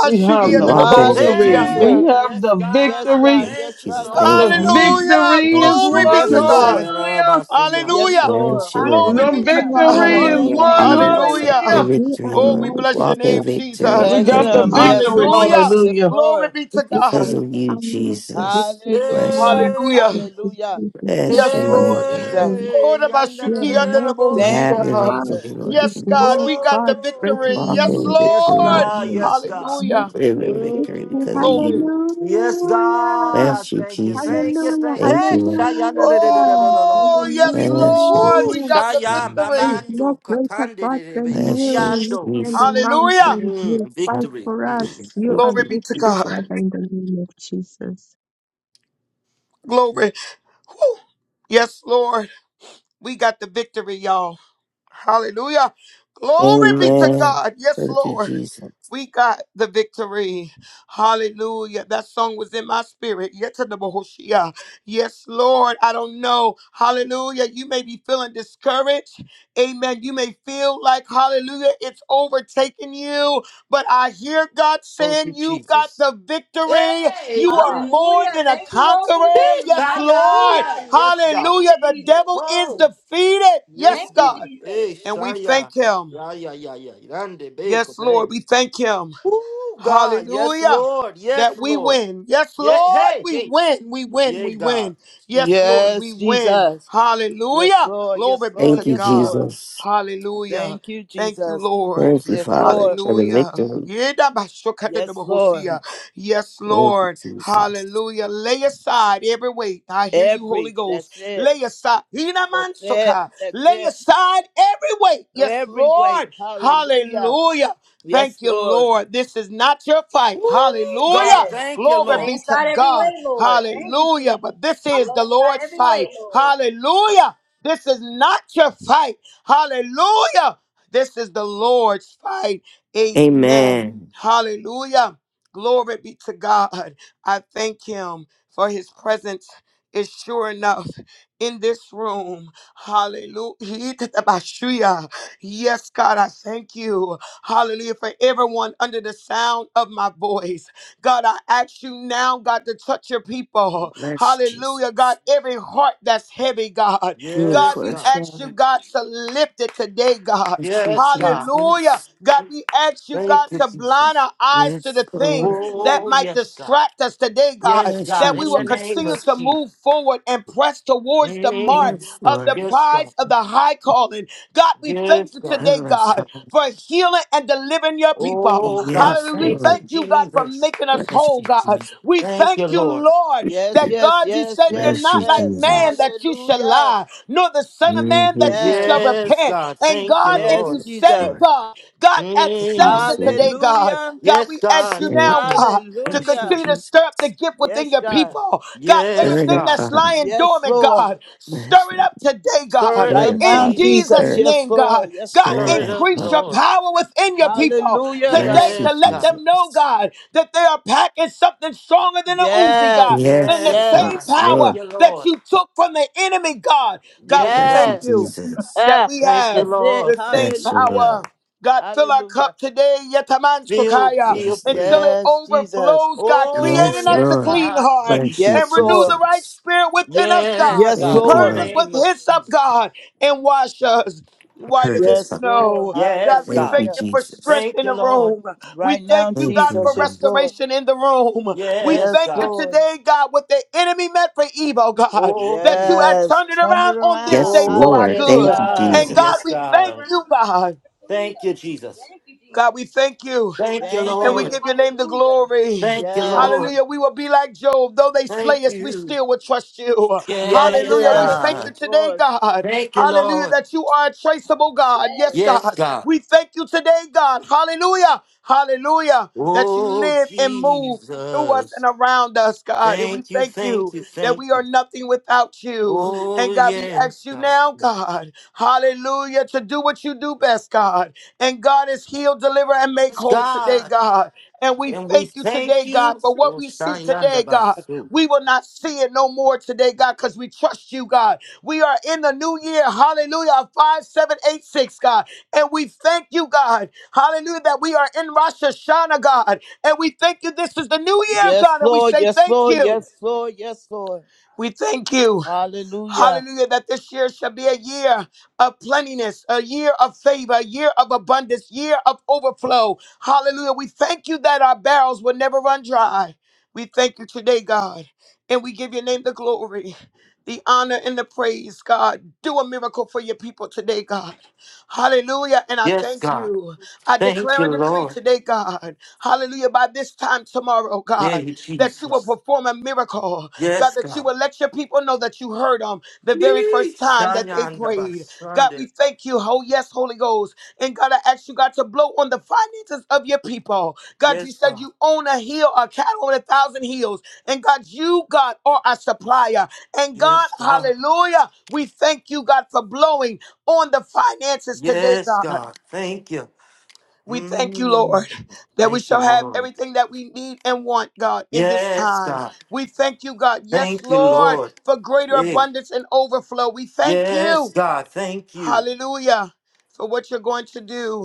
[SPEAKER 12] We
[SPEAKER 3] We
[SPEAKER 12] have the
[SPEAKER 3] walk
[SPEAKER 1] Mm.
[SPEAKER 3] in
[SPEAKER 12] victory.
[SPEAKER 3] victory, Father.
[SPEAKER 12] We
[SPEAKER 6] Hallelujah.
[SPEAKER 1] Hey,
[SPEAKER 12] have
[SPEAKER 1] yes,
[SPEAKER 12] the
[SPEAKER 6] Yes,
[SPEAKER 1] God.
[SPEAKER 6] God.
[SPEAKER 12] victory.
[SPEAKER 3] Mm,
[SPEAKER 1] Thank
[SPEAKER 6] Yes,
[SPEAKER 1] you,
[SPEAKER 6] God.
[SPEAKER 3] Jesus,
[SPEAKER 6] Yes,
[SPEAKER 12] The
[SPEAKER 3] thank
[SPEAKER 6] God.
[SPEAKER 1] Lord.
[SPEAKER 3] you.
[SPEAKER 5] Hallelujah.
[SPEAKER 12] victory is
[SPEAKER 3] Bless
[SPEAKER 5] Glory
[SPEAKER 3] you,
[SPEAKER 5] be
[SPEAKER 12] won.
[SPEAKER 5] to
[SPEAKER 1] We
[SPEAKER 6] Yes,
[SPEAKER 1] shout
[SPEAKER 6] Lord.
[SPEAKER 5] God.
[SPEAKER 3] Jesus.
[SPEAKER 1] that out about
[SPEAKER 12] Hallelujah.
[SPEAKER 1] so young.
[SPEAKER 2] Thank
[SPEAKER 6] Yes,
[SPEAKER 2] you,
[SPEAKER 5] Hallelujah.
[SPEAKER 2] Jesus.
[SPEAKER 11] You
[SPEAKER 6] Lord.
[SPEAKER 3] Bless you,
[SPEAKER 11] please
[SPEAKER 5] Glory
[SPEAKER 3] Lord.
[SPEAKER 12] The
[SPEAKER 5] be to
[SPEAKER 2] Hallelujah.
[SPEAKER 12] victory
[SPEAKER 5] God.
[SPEAKER 12] is
[SPEAKER 2] Glory to
[SPEAKER 6] Thank
[SPEAKER 2] your
[SPEAKER 11] continue.
[SPEAKER 6] you,
[SPEAKER 12] won.
[SPEAKER 2] name,
[SPEAKER 3] We
[SPEAKER 6] Jesus.
[SPEAKER 2] Lord.
[SPEAKER 3] accept the
[SPEAKER 5] Hallelujah.
[SPEAKER 12] Hallelujah.
[SPEAKER 11] You are
[SPEAKER 3] victory,
[SPEAKER 11] a
[SPEAKER 5] Oh, we
[SPEAKER 3] Lord. We
[SPEAKER 5] bless
[SPEAKER 11] mighty
[SPEAKER 5] your
[SPEAKER 3] walk in
[SPEAKER 5] name,
[SPEAKER 11] God. You are
[SPEAKER 3] victory
[SPEAKER 12] We
[SPEAKER 5] Jesus.
[SPEAKER 6] Bless
[SPEAKER 3] because
[SPEAKER 12] got
[SPEAKER 3] of
[SPEAKER 12] the
[SPEAKER 11] powerful.
[SPEAKER 6] him.
[SPEAKER 11] You
[SPEAKER 3] you,
[SPEAKER 11] are
[SPEAKER 6] Yes,
[SPEAKER 11] the
[SPEAKER 12] victory.
[SPEAKER 11] Lord of
[SPEAKER 6] Lord.
[SPEAKER 5] Hallelujah.
[SPEAKER 3] Jesus.
[SPEAKER 11] kings.
[SPEAKER 6] Yes,
[SPEAKER 12] Hallelujah.
[SPEAKER 5] Glory
[SPEAKER 6] Lord.
[SPEAKER 5] be
[SPEAKER 11] The
[SPEAKER 5] to
[SPEAKER 3] Because
[SPEAKER 11] victory
[SPEAKER 5] God.
[SPEAKER 11] is
[SPEAKER 3] of you,
[SPEAKER 11] ours. The
[SPEAKER 3] Jesus.
[SPEAKER 11] victory
[SPEAKER 3] Bless
[SPEAKER 11] is
[SPEAKER 6] Hallelujah.
[SPEAKER 3] you.
[SPEAKER 11] ours.
[SPEAKER 1] Hey,
[SPEAKER 5] Hallelujah.
[SPEAKER 11] Thank you,
[SPEAKER 6] Hallelujah.
[SPEAKER 11] Jesus. Thank
[SPEAKER 3] Bless
[SPEAKER 5] Yes,
[SPEAKER 11] you,
[SPEAKER 6] Thank
[SPEAKER 3] your
[SPEAKER 6] you,
[SPEAKER 11] Holy
[SPEAKER 3] name,
[SPEAKER 5] Lord.
[SPEAKER 3] Lord.
[SPEAKER 6] Jesus.
[SPEAKER 11] Spirit.
[SPEAKER 1] hey, yonder
[SPEAKER 11] You
[SPEAKER 1] the
[SPEAKER 11] are a
[SPEAKER 5] Korabashuki under the
[SPEAKER 11] mighty,
[SPEAKER 1] devil,
[SPEAKER 3] We
[SPEAKER 1] see
[SPEAKER 6] Thank
[SPEAKER 3] have
[SPEAKER 11] mighty
[SPEAKER 6] you,
[SPEAKER 3] the
[SPEAKER 1] ya.
[SPEAKER 5] Bosia.
[SPEAKER 11] God.
[SPEAKER 6] Jesus.
[SPEAKER 3] victory,
[SPEAKER 11] There
[SPEAKER 3] Lord
[SPEAKER 11] is
[SPEAKER 5] Yes,
[SPEAKER 3] Jesus.
[SPEAKER 5] God,
[SPEAKER 11] no
[SPEAKER 5] we got the
[SPEAKER 11] God
[SPEAKER 3] We
[SPEAKER 5] victory.
[SPEAKER 11] greater
[SPEAKER 1] Oh,
[SPEAKER 3] Walk
[SPEAKER 5] Yes,
[SPEAKER 3] in the
[SPEAKER 11] than
[SPEAKER 1] yes,
[SPEAKER 3] victory,
[SPEAKER 5] Lord.
[SPEAKER 3] Lord
[SPEAKER 1] God.
[SPEAKER 11] you.
[SPEAKER 1] Yes, God.
[SPEAKER 3] Jesus.
[SPEAKER 5] Hallelujah.
[SPEAKER 3] We Live in
[SPEAKER 11] Victory, victory,
[SPEAKER 1] Mm.
[SPEAKER 3] victory because of
[SPEAKER 5] Glory.
[SPEAKER 11] hallelujah,
[SPEAKER 3] you.
[SPEAKER 1] Yes, God, I
[SPEAKER 3] Bless you,
[SPEAKER 1] thank you, thank you,
[SPEAKER 3] Jesus.
[SPEAKER 11] hallelujah,
[SPEAKER 1] thank you.
[SPEAKER 3] Thank you,
[SPEAKER 1] Hey,
[SPEAKER 3] Lord.
[SPEAKER 1] Shayan, da, da, da, da, da,
[SPEAKER 11] hallelujah,
[SPEAKER 1] da, da,
[SPEAKER 5] Oh,
[SPEAKER 1] da.
[SPEAKER 5] yes,
[SPEAKER 3] Bless you,
[SPEAKER 5] Lord,
[SPEAKER 1] Ooh,
[SPEAKER 5] we
[SPEAKER 11] hallelujah.
[SPEAKER 5] got the
[SPEAKER 1] Shayan,
[SPEAKER 3] Lord Jesus.
[SPEAKER 11] There's
[SPEAKER 5] victory.
[SPEAKER 11] no
[SPEAKER 1] Bamando,
[SPEAKER 11] greater
[SPEAKER 1] Katande,
[SPEAKER 11] God than
[SPEAKER 3] Bless you,
[SPEAKER 11] you. You
[SPEAKER 1] Siando.
[SPEAKER 11] stand
[SPEAKER 3] Jesus.
[SPEAKER 11] the
[SPEAKER 5] Hallelujah.
[SPEAKER 11] mountains, you
[SPEAKER 1] Mm,
[SPEAKER 3] Hallelujah.
[SPEAKER 11] fight
[SPEAKER 1] victory.
[SPEAKER 11] for
[SPEAKER 1] Mm.
[SPEAKER 11] us. You
[SPEAKER 3] Thank
[SPEAKER 11] are
[SPEAKER 5] Glory
[SPEAKER 3] you,
[SPEAKER 5] be to
[SPEAKER 11] victory,
[SPEAKER 5] God.
[SPEAKER 11] Father,
[SPEAKER 3] Jesus.
[SPEAKER 11] in the name of Jesus.
[SPEAKER 5] Glory. Whew. Yes, Lord, we got the victory, y'all. Hallelujah. Glory be to
[SPEAKER 3] Amen.
[SPEAKER 5] God. Yes,
[SPEAKER 3] Thank you,
[SPEAKER 5] Lord.
[SPEAKER 3] Jesus.
[SPEAKER 5] We got the victory. Hallelujah. That song was in my spirit. Yet the Bohoshia. Yes, Lord. I don't know. Hallelujah. You may be feeling discouraged. Amen. You may feel like, hallelujah, it's overtaking you. But I hear God
[SPEAKER 1] Thank
[SPEAKER 5] saying,
[SPEAKER 1] you,
[SPEAKER 5] You got
[SPEAKER 1] Jesus.
[SPEAKER 5] the victory.
[SPEAKER 1] Hey,
[SPEAKER 5] You are
[SPEAKER 1] God.
[SPEAKER 5] more than a
[SPEAKER 2] Thank you, Lord, for the
[SPEAKER 5] conqueror.
[SPEAKER 1] Hey,
[SPEAKER 2] victory.
[SPEAKER 5] Yes,
[SPEAKER 1] Shaya.
[SPEAKER 5] Lord.
[SPEAKER 2] Hallelujah.
[SPEAKER 1] Yes, God.
[SPEAKER 2] Thank
[SPEAKER 5] Hallelujah.
[SPEAKER 2] you,
[SPEAKER 5] The
[SPEAKER 2] Jesus.
[SPEAKER 5] devil is
[SPEAKER 1] Oh,
[SPEAKER 5] defeated.
[SPEAKER 1] yes,
[SPEAKER 2] Thank
[SPEAKER 5] Yes,
[SPEAKER 2] you,
[SPEAKER 1] God.
[SPEAKER 5] God.
[SPEAKER 1] Hey,
[SPEAKER 2] Jesus.
[SPEAKER 5] And we
[SPEAKER 1] Shaya.
[SPEAKER 5] thank Him.
[SPEAKER 1] Yeah, yeah, yeah, yeah. Grande, bacon,
[SPEAKER 5] Yes,
[SPEAKER 1] bacon.
[SPEAKER 5] Lord. We thank Him.
[SPEAKER 1] Ooh, God. Yes,
[SPEAKER 5] Hallelujah.
[SPEAKER 1] Lord.
[SPEAKER 5] That
[SPEAKER 1] Yes,
[SPEAKER 5] we
[SPEAKER 1] Lord.
[SPEAKER 5] win. Yes,
[SPEAKER 1] Yeah,
[SPEAKER 5] Lord,
[SPEAKER 1] hey,
[SPEAKER 5] we
[SPEAKER 1] hey.
[SPEAKER 5] win. We win.
[SPEAKER 1] Yeah,
[SPEAKER 5] We
[SPEAKER 1] God.
[SPEAKER 5] win. Yes, Lord, we
[SPEAKER 6] Yes,
[SPEAKER 5] win.
[SPEAKER 6] Jesus. Yes,
[SPEAKER 5] Hallelujah.
[SPEAKER 6] Lord. Yes,
[SPEAKER 5] Glory be to
[SPEAKER 6] Lord.
[SPEAKER 3] Thank you,
[SPEAKER 6] Yes,
[SPEAKER 5] God.
[SPEAKER 6] Lord.
[SPEAKER 3] Jesus.
[SPEAKER 5] Hallelujah.
[SPEAKER 6] Thank you,
[SPEAKER 5] Thank you,
[SPEAKER 6] Jesus.
[SPEAKER 5] Lord.
[SPEAKER 3] Thank you,
[SPEAKER 6] Yes,
[SPEAKER 3] Father,
[SPEAKER 6] Lord.
[SPEAKER 3] for the
[SPEAKER 5] Hallelujah.
[SPEAKER 3] victory.
[SPEAKER 6] Yes, Lord.
[SPEAKER 5] Yedabashokadadabahosia. Yes,
[SPEAKER 3] Thank you,
[SPEAKER 5] Lord.
[SPEAKER 3] Jesus.
[SPEAKER 5] Hallelujah. Lay aside every weight. I hear you, Holy
[SPEAKER 6] Every.
[SPEAKER 5] Ghost.
[SPEAKER 6] That's it.
[SPEAKER 5] Lay aside.
[SPEAKER 6] That's it.
[SPEAKER 5] Hinamansoka.
[SPEAKER 6] That's
[SPEAKER 5] Lay
[SPEAKER 6] it.
[SPEAKER 5] aside every weight. Yes,
[SPEAKER 6] Every weight.
[SPEAKER 5] Lord.
[SPEAKER 6] Hallelujah.
[SPEAKER 5] Hallelujah.
[SPEAKER 6] Yes,
[SPEAKER 5] Thank you,
[SPEAKER 6] Lord.
[SPEAKER 5] Lord. This is not your fight.
[SPEAKER 1] Ooh, God.
[SPEAKER 5] Hallelujah.
[SPEAKER 2] Yes.
[SPEAKER 1] Thank you,
[SPEAKER 2] I
[SPEAKER 5] Glory
[SPEAKER 2] lay
[SPEAKER 1] Lord.
[SPEAKER 5] be to
[SPEAKER 2] aside every
[SPEAKER 5] God.
[SPEAKER 2] way, Lord. Thank you,
[SPEAKER 5] Hallelujah.
[SPEAKER 2] Jesus.
[SPEAKER 5] But this
[SPEAKER 2] I
[SPEAKER 5] is
[SPEAKER 2] lay
[SPEAKER 5] the
[SPEAKER 2] aside
[SPEAKER 5] Lord's
[SPEAKER 2] every way,
[SPEAKER 5] fight.
[SPEAKER 2] Lord.
[SPEAKER 5] Hallelujah. This is not your fight. Hallelujah. This is the Lord's fight. Amen.
[SPEAKER 3] Amen.
[SPEAKER 5] Hallelujah. Glory be to God. I thank him for his presence is sure enough in this room. Hallelujah. Yes, God, I thank you. Hallelujah. For everyone under the sound of my voice. God, I ask you now, God, to touch your people.
[SPEAKER 3] Bless
[SPEAKER 5] Hallelujah. God,
[SPEAKER 3] Jesus.
[SPEAKER 5] every heart that's heavy, God.
[SPEAKER 3] Do it
[SPEAKER 5] God,
[SPEAKER 1] Yes,
[SPEAKER 3] for
[SPEAKER 5] we
[SPEAKER 3] us,
[SPEAKER 1] God.
[SPEAKER 5] ask you,
[SPEAKER 3] Father.
[SPEAKER 5] God, to lift it today, God.
[SPEAKER 3] Bless you,
[SPEAKER 1] Yes, God.
[SPEAKER 5] Hallelujah.
[SPEAKER 3] Jesus.
[SPEAKER 5] God, we ask you, God,
[SPEAKER 1] Thank you,
[SPEAKER 5] to blind
[SPEAKER 1] Jesus.
[SPEAKER 5] our eyes to the
[SPEAKER 3] Yes,
[SPEAKER 5] things
[SPEAKER 3] Lord.
[SPEAKER 5] that
[SPEAKER 1] Oh,
[SPEAKER 5] might
[SPEAKER 1] yes, God.
[SPEAKER 5] distract us today, God,
[SPEAKER 1] Yes,
[SPEAKER 3] Bless
[SPEAKER 1] God.
[SPEAKER 5] that
[SPEAKER 3] you,
[SPEAKER 5] we
[SPEAKER 1] In
[SPEAKER 5] will
[SPEAKER 1] the name
[SPEAKER 5] continue
[SPEAKER 1] of
[SPEAKER 3] Jesus.
[SPEAKER 5] to
[SPEAKER 1] Jesus.
[SPEAKER 5] move forward and press towards the mark
[SPEAKER 1] Mm,
[SPEAKER 3] Yes,
[SPEAKER 5] of the
[SPEAKER 3] Lord.
[SPEAKER 1] Yes, God.
[SPEAKER 5] prize of the high calling. God, we thank
[SPEAKER 1] Yes,
[SPEAKER 5] you
[SPEAKER 1] God.
[SPEAKER 5] today,
[SPEAKER 3] Cover us,
[SPEAKER 5] God,
[SPEAKER 3] Father.
[SPEAKER 5] for healing and deliverance delivering your people.
[SPEAKER 1] Oh, God.
[SPEAKER 3] Yes,
[SPEAKER 5] Hallelujah. We
[SPEAKER 1] Thank you,
[SPEAKER 3] Lord.
[SPEAKER 5] thank you, God, for
[SPEAKER 1] Jesus.
[SPEAKER 5] making us
[SPEAKER 3] Bless
[SPEAKER 5] whole,
[SPEAKER 3] you,
[SPEAKER 5] God.
[SPEAKER 3] Jesus.
[SPEAKER 5] We
[SPEAKER 1] Thank you,
[SPEAKER 5] thank you,
[SPEAKER 1] Lord.
[SPEAKER 5] Lord,
[SPEAKER 6] Yes,
[SPEAKER 5] that
[SPEAKER 6] yes,
[SPEAKER 5] God, you
[SPEAKER 6] yes,
[SPEAKER 5] said you're
[SPEAKER 6] yes,
[SPEAKER 3] Bless you,
[SPEAKER 5] not like
[SPEAKER 6] yes.
[SPEAKER 5] man
[SPEAKER 3] Jesus.
[SPEAKER 5] that you shall
[SPEAKER 6] Hallelujah.
[SPEAKER 5] lie, nor the Son of Man
[SPEAKER 3] hmm
[SPEAKER 5] that you shall
[SPEAKER 6] Yes,
[SPEAKER 1] Yes,
[SPEAKER 5] repent.
[SPEAKER 1] God.
[SPEAKER 5] And
[SPEAKER 1] Thank you,
[SPEAKER 5] God, if
[SPEAKER 6] yes,
[SPEAKER 5] you
[SPEAKER 1] Lord.
[SPEAKER 3] Yes,
[SPEAKER 5] said it,
[SPEAKER 3] Lord.
[SPEAKER 6] Jesus.
[SPEAKER 5] God, God, that
[SPEAKER 3] You
[SPEAKER 5] settles
[SPEAKER 1] Mm,
[SPEAKER 5] it
[SPEAKER 3] said
[SPEAKER 5] today,
[SPEAKER 3] it.
[SPEAKER 5] God.
[SPEAKER 6] Hallelujah.
[SPEAKER 5] God,
[SPEAKER 1] Yes,
[SPEAKER 5] we ask
[SPEAKER 1] God.
[SPEAKER 5] you
[SPEAKER 3] Said it
[SPEAKER 5] now,
[SPEAKER 3] well.
[SPEAKER 5] God, to
[SPEAKER 3] Bless you,
[SPEAKER 6] Hallelujah.
[SPEAKER 5] continue to
[SPEAKER 3] Jesus.
[SPEAKER 5] stir up the
[SPEAKER 3] Stir
[SPEAKER 5] gift within
[SPEAKER 6] Yes,
[SPEAKER 5] your
[SPEAKER 6] God.
[SPEAKER 5] people. God,
[SPEAKER 1] Yes,
[SPEAKER 3] it
[SPEAKER 5] everything
[SPEAKER 3] up,
[SPEAKER 1] God.
[SPEAKER 5] that's
[SPEAKER 3] Father.
[SPEAKER 5] lying
[SPEAKER 6] Yes,
[SPEAKER 5] dormant,
[SPEAKER 6] Lord.
[SPEAKER 5] God,
[SPEAKER 3] Bless
[SPEAKER 5] stir it
[SPEAKER 3] you.
[SPEAKER 5] up today,
[SPEAKER 1] Stir
[SPEAKER 5] God.
[SPEAKER 1] it
[SPEAKER 3] Stir it
[SPEAKER 6] Right
[SPEAKER 3] up,
[SPEAKER 1] up,
[SPEAKER 5] In
[SPEAKER 6] now,
[SPEAKER 3] Father.
[SPEAKER 1] Jesus.
[SPEAKER 6] Jesus.
[SPEAKER 3] Stir
[SPEAKER 5] Jesus'
[SPEAKER 3] it.
[SPEAKER 6] Yes,
[SPEAKER 5] name,
[SPEAKER 6] Lord.
[SPEAKER 5] God.
[SPEAKER 6] Yes,
[SPEAKER 5] God,
[SPEAKER 3] Stir
[SPEAKER 1] Stir
[SPEAKER 3] it
[SPEAKER 6] Lord.
[SPEAKER 1] it
[SPEAKER 3] up,
[SPEAKER 1] up,
[SPEAKER 5] increase
[SPEAKER 3] Father.
[SPEAKER 5] your
[SPEAKER 1] Lord.
[SPEAKER 5] power within your people
[SPEAKER 6] Hallelujah,
[SPEAKER 5] today
[SPEAKER 3] Bless
[SPEAKER 6] God.
[SPEAKER 3] you,
[SPEAKER 5] to
[SPEAKER 1] Yes,
[SPEAKER 5] let
[SPEAKER 1] God.
[SPEAKER 5] them know,
[SPEAKER 3] Jesus.
[SPEAKER 5] God, that they are packing something stronger than an Uzi, God.
[SPEAKER 6] Yes,
[SPEAKER 5] And
[SPEAKER 3] Yes,
[SPEAKER 5] the
[SPEAKER 1] Yes,
[SPEAKER 5] same
[SPEAKER 1] God.
[SPEAKER 3] yes,
[SPEAKER 6] yes,
[SPEAKER 1] Thank
[SPEAKER 5] power
[SPEAKER 3] Lord.
[SPEAKER 1] you,
[SPEAKER 5] that
[SPEAKER 1] Lord.
[SPEAKER 5] you took from the enemy, God. God, we
[SPEAKER 1] Yes,
[SPEAKER 3] Bless
[SPEAKER 5] thank
[SPEAKER 1] God.
[SPEAKER 3] you,
[SPEAKER 6] yes.
[SPEAKER 5] you
[SPEAKER 3] Jesus.
[SPEAKER 5] that we
[SPEAKER 1] Thank you,
[SPEAKER 5] have
[SPEAKER 6] That's it.
[SPEAKER 1] Lord.
[SPEAKER 5] the same
[SPEAKER 3] Bless you,
[SPEAKER 6] Hallelujah.
[SPEAKER 3] Lord.
[SPEAKER 5] power. God, fill our
[SPEAKER 6] Hallelujah.
[SPEAKER 5] cup today, Yetaman
[SPEAKER 1] Feel,
[SPEAKER 5] Sukaya,
[SPEAKER 1] feel,
[SPEAKER 3] Yes, Lord.
[SPEAKER 5] until
[SPEAKER 1] feel.
[SPEAKER 5] it
[SPEAKER 6] Yes, Jesus.
[SPEAKER 5] overflows, God,
[SPEAKER 1] Oh,
[SPEAKER 5] creating
[SPEAKER 3] Yes,
[SPEAKER 5] us a
[SPEAKER 1] yes,
[SPEAKER 3] Lord.
[SPEAKER 5] clean
[SPEAKER 1] God.
[SPEAKER 5] heart
[SPEAKER 3] Bless you,
[SPEAKER 5] and
[SPEAKER 6] Yes,
[SPEAKER 5] renew the
[SPEAKER 6] Lord.
[SPEAKER 5] right
[SPEAKER 3] Jesus.
[SPEAKER 5] spirit within us,
[SPEAKER 1] Yes,
[SPEAKER 5] God.
[SPEAKER 6] Yes,
[SPEAKER 1] God.
[SPEAKER 3] Thank
[SPEAKER 1] In
[SPEAKER 3] you,
[SPEAKER 1] the
[SPEAKER 5] Purge
[SPEAKER 6] Lord.
[SPEAKER 3] Lord.
[SPEAKER 5] us with
[SPEAKER 1] name of
[SPEAKER 5] hyssop,
[SPEAKER 1] Jesus.
[SPEAKER 5] God, and wash us whiter
[SPEAKER 3] Purge
[SPEAKER 5] than
[SPEAKER 3] us
[SPEAKER 6] Yes,
[SPEAKER 3] up.
[SPEAKER 6] Lord.
[SPEAKER 5] snow. God,
[SPEAKER 1] Yes,
[SPEAKER 5] we
[SPEAKER 3] Thank
[SPEAKER 1] God.
[SPEAKER 3] you,
[SPEAKER 5] thank
[SPEAKER 6] Hallelujah.
[SPEAKER 5] you for
[SPEAKER 3] Jesus.
[SPEAKER 5] strength
[SPEAKER 1] Thank
[SPEAKER 5] in
[SPEAKER 1] you,
[SPEAKER 5] the
[SPEAKER 1] Lord.
[SPEAKER 5] room. We
[SPEAKER 6] Right
[SPEAKER 5] thank
[SPEAKER 6] now,
[SPEAKER 5] you,
[SPEAKER 3] Thank
[SPEAKER 5] God,
[SPEAKER 3] you,
[SPEAKER 6] Jesus.
[SPEAKER 5] for
[SPEAKER 6] Yes,
[SPEAKER 3] Lord.
[SPEAKER 6] Lord.
[SPEAKER 5] restoration in the room. We
[SPEAKER 1] Yes,
[SPEAKER 6] Yes,
[SPEAKER 5] thank you
[SPEAKER 1] God.
[SPEAKER 6] Lord.
[SPEAKER 5] today, God, what the enemy meant for evil, God,
[SPEAKER 1] Oh,
[SPEAKER 5] that you had
[SPEAKER 1] Jesus.
[SPEAKER 6] Yes.
[SPEAKER 5] turned it
[SPEAKER 6] Turn it
[SPEAKER 5] around on this
[SPEAKER 6] around.
[SPEAKER 3] Yes,
[SPEAKER 5] day for
[SPEAKER 1] Oh,
[SPEAKER 5] our
[SPEAKER 3] Lord.
[SPEAKER 1] yes,
[SPEAKER 2] Thank you, Jesus.
[SPEAKER 3] Thank
[SPEAKER 5] good.
[SPEAKER 3] you,
[SPEAKER 6] Hallelujah.
[SPEAKER 1] God.
[SPEAKER 5] And God,
[SPEAKER 1] Yes,
[SPEAKER 3] Jesus.
[SPEAKER 5] we thank
[SPEAKER 1] God.
[SPEAKER 5] you, God.
[SPEAKER 1] Thank you,
[SPEAKER 2] Hallelujah.
[SPEAKER 1] Jesus.
[SPEAKER 2] Thank you, Jesus.
[SPEAKER 5] God, we thank you.
[SPEAKER 1] Thank you,
[SPEAKER 6] Thank
[SPEAKER 5] And we
[SPEAKER 1] Lord.
[SPEAKER 6] you.
[SPEAKER 5] give your name the
[SPEAKER 2] Hallelujah.
[SPEAKER 5] glory.
[SPEAKER 1] Thank you,
[SPEAKER 6] Yes.
[SPEAKER 1] Lord.
[SPEAKER 5] Hallelujah. We will be like Job. Though they slay
[SPEAKER 1] Thank
[SPEAKER 5] us, we
[SPEAKER 1] you.
[SPEAKER 5] still will trust you.
[SPEAKER 6] Yes,
[SPEAKER 2] That's
[SPEAKER 1] Yes,
[SPEAKER 5] Hallelujah. We
[SPEAKER 6] sir.
[SPEAKER 2] right.
[SPEAKER 5] thank
[SPEAKER 6] Yes,
[SPEAKER 5] you
[SPEAKER 1] God.
[SPEAKER 5] today,
[SPEAKER 6] Lord.
[SPEAKER 5] God.
[SPEAKER 1] Thank you,
[SPEAKER 5] Hallelujah.
[SPEAKER 1] Lord.
[SPEAKER 5] That you are a traceable God. Yes,
[SPEAKER 2] Yes.
[SPEAKER 1] Yes,
[SPEAKER 5] God.
[SPEAKER 1] God.
[SPEAKER 5] We thank you today, God. Hallelujah. Hallelujah. That you
[SPEAKER 1] Oh,
[SPEAKER 5] live and move through us and
[SPEAKER 1] Jesus.
[SPEAKER 5] around us, God. And we
[SPEAKER 1] Thank you,
[SPEAKER 5] thank
[SPEAKER 1] thank
[SPEAKER 5] you
[SPEAKER 1] you,
[SPEAKER 5] that
[SPEAKER 1] thank
[SPEAKER 5] we
[SPEAKER 1] you.
[SPEAKER 5] are nothing without you.
[SPEAKER 1] Oh,
[SPEAKER 5] And God, we ask
[SPEAKER 1] yes,
[SPEAKER 5] you
[SPEAKER 1] God.
[SPEAKER 5] now, God, hallelujah, to do what you do best, God. And God is healed, deliver, and make
[SPEAKER 1] Yes,
[SPEAKER 5] whole today,
[SPEAKER 1] God.
[SPEAKER 5] God. And we
[SPEAKER 1] And we
[SPEAKER 5] thank you
[SPEAKER 1] thank
[SPEAKER 5] today, God,
[SPEAKER 1] you.
[SPEAKER 5] for what
[SPEAKER 1] Oh,
[SPEAKER 5] we see today,
[SPEAKER 1] Shayanda
[SPEAKER 5] God.
[SPEAKER 1] Basu.
[SPEAKER 5] We will not see it no more today, God, because we trust you, God. We are in the new year, hallelujah, 5786, God. And we thank you, God, hallelujah, that we are in Rosh Hashanah, God. And we thank you, this is the new year,
[SPEAKER 6] Yes,
[SPEAKER 5] God. And we
[SPEAKER 6] Lord.
[SPEAKER 5] say
[SPEAKER 6] Yes,
[SPEAKER 5] thank
[SPEAKER 6] Lord.
[SPEAKER 5] you.
[SPEAKER 6] Yes, Lord. Yes, Lord.
[SPEAKER 5] We thank you.
[SPEAKER 6] Hallelujah.
[SPEAKER 5] Hallelujah, that this year shall be a year of plentiness, a year of favor, a year of abundance, year of overflow. Hallelujah. We thank you that our barrels will never run dry. We thank you today, God. And we give your name the glory, the honor, and the praise, God. Do a miracle for your people today, God. Hallelujah. And I
[SPEAKER 1] Yes,
[SPEAKER 5] thank
[SPEAKER 1] God.
[SPEAKER 5] you. I
[SPEAKER 1] Thank
[SPEAKER 5] declare
[SPEAKER 1] you,
[SPEAKER 5] and decree
[SPEAKER 1] Lord.
[SPEAKER 5] today, God. Hallelujah. By this time tomorrow,
[SPEAKER 1] Yeah,
[SPEAKER 5] God, that you will
[SPEAKER 1] Jesus.
[SPEAKER 5] perform a miracle. God,
[SPEAKER 1] Yes,
[SPEAKER 5] that you
[SPEAKER 1] God.
[SPEAKER 5] will let your people know that you heard them the very
[SPEAKER 1] Yee,
[SPEAKER 5] first time that they
[SPEAKER 1] Shayanda
[SPEAKER 5] prayed. God, we
[SPEAKER 1] Basande.
[SPEAKER 5] thank you. Oh, yes, Holy Ghost. And God, I ask you, God, to blow on the finances of your people. God, you
[SPEAKER 1] Yes,
[SPEAKER 5] said
[SPEAKER 1] God.
[SPEAKER 5] you own a hill, a cattle on a thousand hills. And God, you, God, are our supplier. And God,
[SPEAKER 1] Yes, God.
[SPEAKER 5] hallelujah, we thank you, God, for blowing on the finances today,
[SPEAKER 1] Yes,
[SPEAKER 5] God.
[SPEAKER 1] God. Thank you.
[SPEAKER 5] We thank you,
[SPEAKER 1] Mm.
[SPEAKER 5] Lord, that we
[SPEAKER 1] Thank you,
[SPEAKER 5] shall have
[SPEAKER 1] Lord.
[SPEAKER 5] everything that we need and want, God, in this
[SPEAKER 1] Yes,
[SPEAKER 5] time.
[SPEAKER 1] God.
[SPEAKER 5] We thank you, God. Yes,
[SPEAKER 1] Thank you,
[SPEAKER 5] Lord,
[SPEAKER 1] Lord.
[SPEAKER 5] for greater
[SPEAKER 1] Hey,
[SPEAKER 5] abundance and overflow. We thank
[SPEAKER 1] yes,
[SPEAKER 5] you.
[SPEAKER 1] God, thank you.
[SPEAKER 5] Hallelujah. For what you're going to do.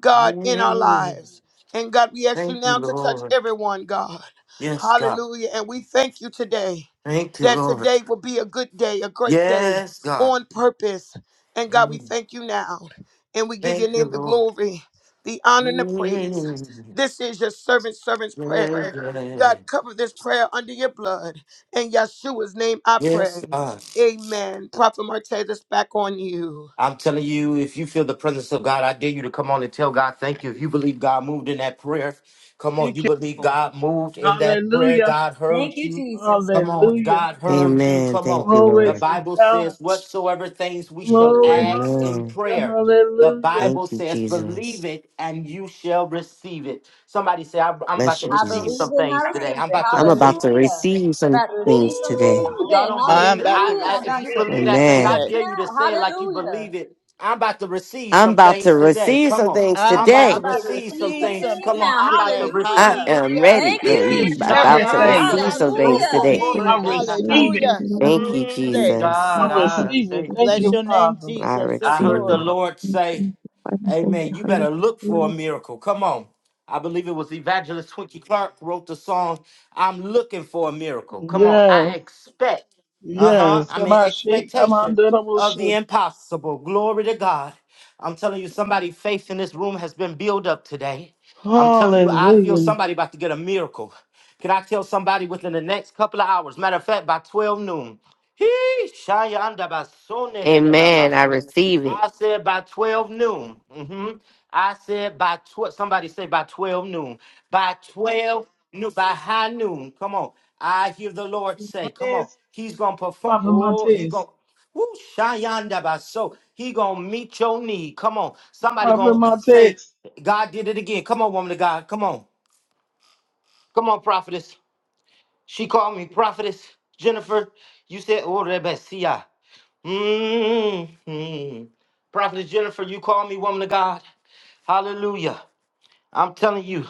[SPEAKER 5] God, in our
[SPEAKER 1] Mm,
[SPEAKER 5] lives. And God, we ask you
[SPEAKER 1] Thank you,
[SPEAKER 5] now to touch
[SPEAKER 1] Lord.
[SPEAKER 5] everyone, God.
[SPEAKER 1] Yes, God.
[SPEAKER 5] Hallelujah. And we thank you today
[SPEAKER 1] Thank you,
[SPEAKER 5] that
[SPEAKER 1] Lord.
[SPEAKER 5] today will be a good day, a great day
[SPEAKER 1] Yes, God.
[SPEAKER 5] on purpose. And God, we
[SPEAKER 1] Mm,
[SPEAKER 5] thank you now. And we give your
[SPEAKER 1] Thank you,
[SPEAKER 5] name the
[SPEAKER 1] Lord.
[SPEAKER 5] glory, the honor, and the praise.
[SPEAKER 1] Mm,
[SPEAKER 5] This is your servant, servant's
[SPEAKER 1] Yeah,
[SPEAKER 5] prayer.
[SPEAKER 1] yeah.
[SPEAKER 5] God, cover this prayer under your blood. In Yeshua's name, I
[SPEAKER 1] Yes,
[SPEAKER 5] pray.
[SPEAKER 1] God.
[SPEAKER 5] Amen. Prophet Martez, it's back on you.
[SPEAKER 1] I'm telling you, if you feel the presence of God, I dare you to come on and tell God thank you. If you believe God moved in that prayer, come on. You
[SPEAKER 12] Thank you.
[SPEAKER 1] believe
[SPEAKER 12] Lord.
[SPEAKER 1] God moved in that prayer.
[SPEAKER 12] Hallelujah.
[SPEAKER 1] God heard
[SPEAKER 2] Thank you,
[SPEAKER 1] you.
[SPEAKER 2] Jesus.
[SPEAKER 1] Come on.
[SPEAKER 12] Hallelujah.
[SPEAKER 1] God heard you.
[SPEAKER 3] Amen.
[SPEAKER 1] Come
[SPEAKER 3] Thank
[SPEAKER 1] on.
[SPEAKER 3] you,
[SPEAKER 1] The
[SPEAKER 12] Glory
[SPEAKER 3] Lord.
[SPEAKER 12] to
[SPEAKER 1] Bible
[SPEAKER 12] God.
[SPEAKER 1] says, whatsoever things we shall
[SPEAKER 12] Glory. Hallelujah.
[SPEAKER 1] ask in
[SPEAKER 3] Amen.
[SPEAKER 1] prayer. The
[SPEAKER 12] Hallelujah.
[SPEAKER 3] Thank
[SPEAKER 1] Bible
[SPEAKER 3] you,
[SPEAKER 1] says, believe
[SPEAKER 3] Jesus.
[SPEAKER 1] it and you shall receive it. Somebody say, I'm I'm about
[SPEAKER 3] Bless
[SPEAKER 1] to
[SPEAKER 3] you,
[SPEAKER 2] I
[SPEAKER 1] receive
[SPEAKER 2] believe
[SPEAKER 3] Jesus.
[SPEAKER 1] some
[SPEAKER 2] it and I
[SPEAKER 1] things today.
[SPEAKER 2] receive
[SPEAKER 1] I'm
[SPEAKER 2] it.
[SPEAKER 1] about to
[SPEAKER 3] I'm about
[SPEAKER 1] receive.
[SPEAKER 3] to
[SPEAKER 2] Hallelujah.
[SPEAKER 3] receive
[SPEAKER 2] I'm
[SPEAKER 3] some
[SPEAKER 2] about to receive
[SPEAKER 3] things
[SPEAKER 2] some
[SPEAKER 3] today.
[SPEAKER 2] things
[SPEAKER 1] Ooh,
[SPEAKER 2] today.
[SPEAKER 1] y'all don't
[SPEAKER 6] I'm
[SPEAKER 1] believe it.
[SPEAKER 6] about
[SPEAKER 1] I,
[SPEAKER 6] to
[SPEAKER 2] Hallelujah.
[SPEAKER 1] I
[SPEAKER 2] I'm
[SPEAKER 1] if
[SPEAKER 2] about
[SPEAKER 6] receive
[SPEAKER 1] you
[SPEAKER 2] to
[SPEAKER 6] some
[SPEAKER 1] believe
[SPEAKER 2] receive
[SPEAKER 1] that
[SPEAKER 2] some
[SPEAKER 6] things
[SPEAKER 1] thing, I
[SPEAKER 2] things
[SPEAKER 3] Amen.
[SPEAKER 6] today.
[SPEAKER 1] dare you
[SPEAKER 2] now.
[SPEAKER 1] to say it like you
[SPEAKER 2] Hallelujah.
[SPEAKER 1] believe it. I'm about to receive
[SPEAKER 3] I'm
[SPEAKER 1] some
[SPEAKER 3] about to
[SPEAKER 1] things today.
[SPEAKER 3] receive
[SPEAKER 1] Come
[SPEAKER 3] some
[SPEAKER 1] on.
[SPEAKER 3] things
[SPEAKER 6] I'm
[SPEAKER 1] I'm about
[SPEAKER 2] I'm
[SPEAKER 1] to
[SPEAKER 3] today.
[SPEAKER 6] about
[SPEAKER 2] about
[SPEAKER 6] to
[SPEAKER 2] to
[SPEAKER 1] receive
[SPEAKER 2] receive
[SPEAKER 1] some
[SPEAKER 6] receive
[SPEAKER 2] some
[SPEAKER 1] things.
[SPEAKER 6] some
[SPEAKER 2] things
[SPEAKER 1] Come on.
[SPEAKER 2] now.
[SPEAKER 6] things
[SPEAKER 1] I'm about to
[SPEAKER 6] today.
[SPEAKER 3] I
[SPEAKER 2] Hallelujah.
[SPEAKER 1] receive.
[SPEAKER 3] am
[SPEAKER 6] Hallelujah.
[SPEAKER 3] ready
[SPEAKER 2] Thank you,
[SPEAKER 3] and
[SPEAKER 12] Receive
[SPEAKER 1] Yeesh,
[SPEAKER 2] Jesus.
[SPEAKER 6] I
[SPEAKER 3] about to
[SPEAKER 6] am
[SPEAKER 12] everything.
[SPEAKER 1] shayanda
[SPEAKER 3] receive
[SPEAKER 1] da
[SPEAKER 6] about
[SPEAKER 3] some
[SPEAKER 6] to
[SPEAKER 11] We
[SPEAKER 3] things
[SPEAKER 2] Hallelujah.
[SPEAKER 1] soko
[SPEAKER 3] today.
[SPEAKER 11] thank you
[SPEAKER 6] receive,
[SPEAKER 12] I
[SPEAKER 1] korebe
[SPEAKER 11] for
[SPEAKER 1] kata.
[SPEAKER 12] receive it.
[SPEAKER 11] the
[SPEAKER 6] hallelujah, some
[SPEAKER 3] Thank
[SPEAKER 11] name
[SPEAKER 3] you,
[SPEAKER 6] things
[SPEAKER 11] of
[SPEAKER 1] Mm,
[SPEAKER 6] today.
[SPEAKER 11] Jesus.
[SPEAKER 3] Jesus.
[SPEAKER 12] I
[SPEAKER 1] God,
[SPEAKER 11] Thank you, Holy
[SPEAKER 1] I
[SPEAKER 12] receive it.
[SPEAKER 1] thank
[SPEAKER 12] Thank
[SPEAKER 1] you.
[SPEAKER 6] Bless
[SPEAKER 12] you,
[SPEAKER 11] Spirit.
[SPEAKER 6] your name,
[SPEAKER 12] Father.
[SPEAKER 3] I
[SPEAKER 6] Jesus.
[SPEAKER 1] I
[SPEAKER 6] Yes,
[SPEAKER 11] Thank
[SPEAKER 1] heard
[SPEAKER 3] receive
[SPEAKER 1] the
[SPEAKER 6] Lord.
[SPEAKER 11] you,
[SPEAKER 3] it.
[SPEAKER 1] Lord
[SPEAKER 11] thank
[SPEAKER 1] say.
[SPEAKER 11] you, Father. Thank
[SPEAKER 1] Amen.
[SPEAKER 11] you,
[SPEAKER 1] You
[SPEAKER 11] Holy
[SPEAKER 1] better look
[SPEAKER 11] Spirit.
[SPEAKER 1] for a miracle. Come on. I believe it was Evangelist Twinkie Clark wrote the song, I'm looking for a miracle. Come on. I
[SPEAKER 12] Yes,
[SPEAKER 1] expect. Uh-huh.
[SPEAKER 12] yes.
[SPEAKER 1] I mean,
[SPEAKER 12] Somebody shake. I'm
[SPEAKER 1] expectation
[SPEAKER 12] under the
[SPEAKER 1] of the
[SPEAKER 12] bullshit.
[SPEAKER 1] impossible. Glory to God. I'm telling you, somebody' faith in this room has been built up today. I'm telling you, I feel
[SPEAKER 12] Hallelujah.
[SPEAKER 1] somebody about to get a miracle. Can I tell somebody within the next couple of hours? Matter of fact, by 12 noon. Hee, shayanda basone de de
[SPEAKER 3] Amen. I
[SPEAKER 1] rabasi.
[SPEAKER 3] receive it.
[SPEAKER 1] I said by 12 noon. hmm I said by 12, somebody say by 12 noon. By 12 noon, by high noon. Come on. I hear the Lord say, come on.
[SPEAKER 12] Martez,
[SPEAKER 1] He's going to perform.
[SPEAKER 12] Prophet
[SPEAKER 1] Oh, he going
[SPEAKER 12] Montez.
[SPEAKER 1] to. Woo, shayanda baso. He gonna meet your need. Come on. Somebody
[SPEAKER 12] Prophet
[SPEAKER 1] gonna say,
[SPEAKER 12] Montez.
[SPEAKER 1] God did it again. Come on, woman of God. Come on. Come on, prophetess. She called me prophetess. Jennifer, you said, oh, Rebesia. Mm-hmm. Prophetess Jennifer, you call me woman of God. Hallelujah. I'm telling you,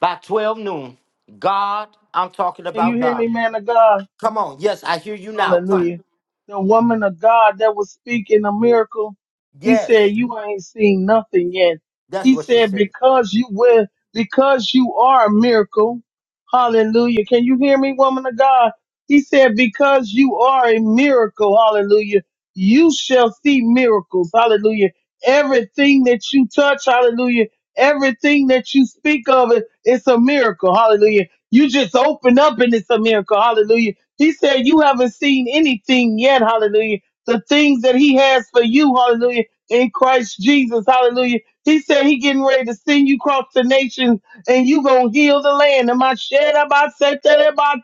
[SPEAKER 1] by 12 noon, God, I'm talking
[SPEAKER 12] Can you
[SPEAKER 1] about
[SPEAKER 12] hear
[SPEAKER 1] God.
[SPEAKER 12] me, man of God?
[SPEAKER 1] Come on. Yes, I hear you now. Come.
[SPEAKER 12] Hallelujah. The woman of God that was speaking a miracle, he said,
[SPEAKER 1] Yes,
[SPEAKER 12] You ain't seen nothing yet.
[SPEAKER 1] that's
[SPEAKER 12] He
[SPEAKER 1] what she
[SPEAKER 12] said,
[SPEAKER 1] said.
[SPEAKER 12] Because you will, because you are a miracle. Hallelujah. Can you hear me, woman of God? He said, Because you are a miracle, hallelujah, you shall see miracles, hallelujah. Everything that you touch, hallelujah, everything that you speak of, it, it's a miracle, hallelujah. You just open up and it's a miracle, hallelujah he said, You haven't seen anything yet, hallelujah. The things that he has for you, hallelujah, in Christ Jesus, hallelujah. He said he getting ready to send you across the nations and you gonna heal the land. Am I shared about that about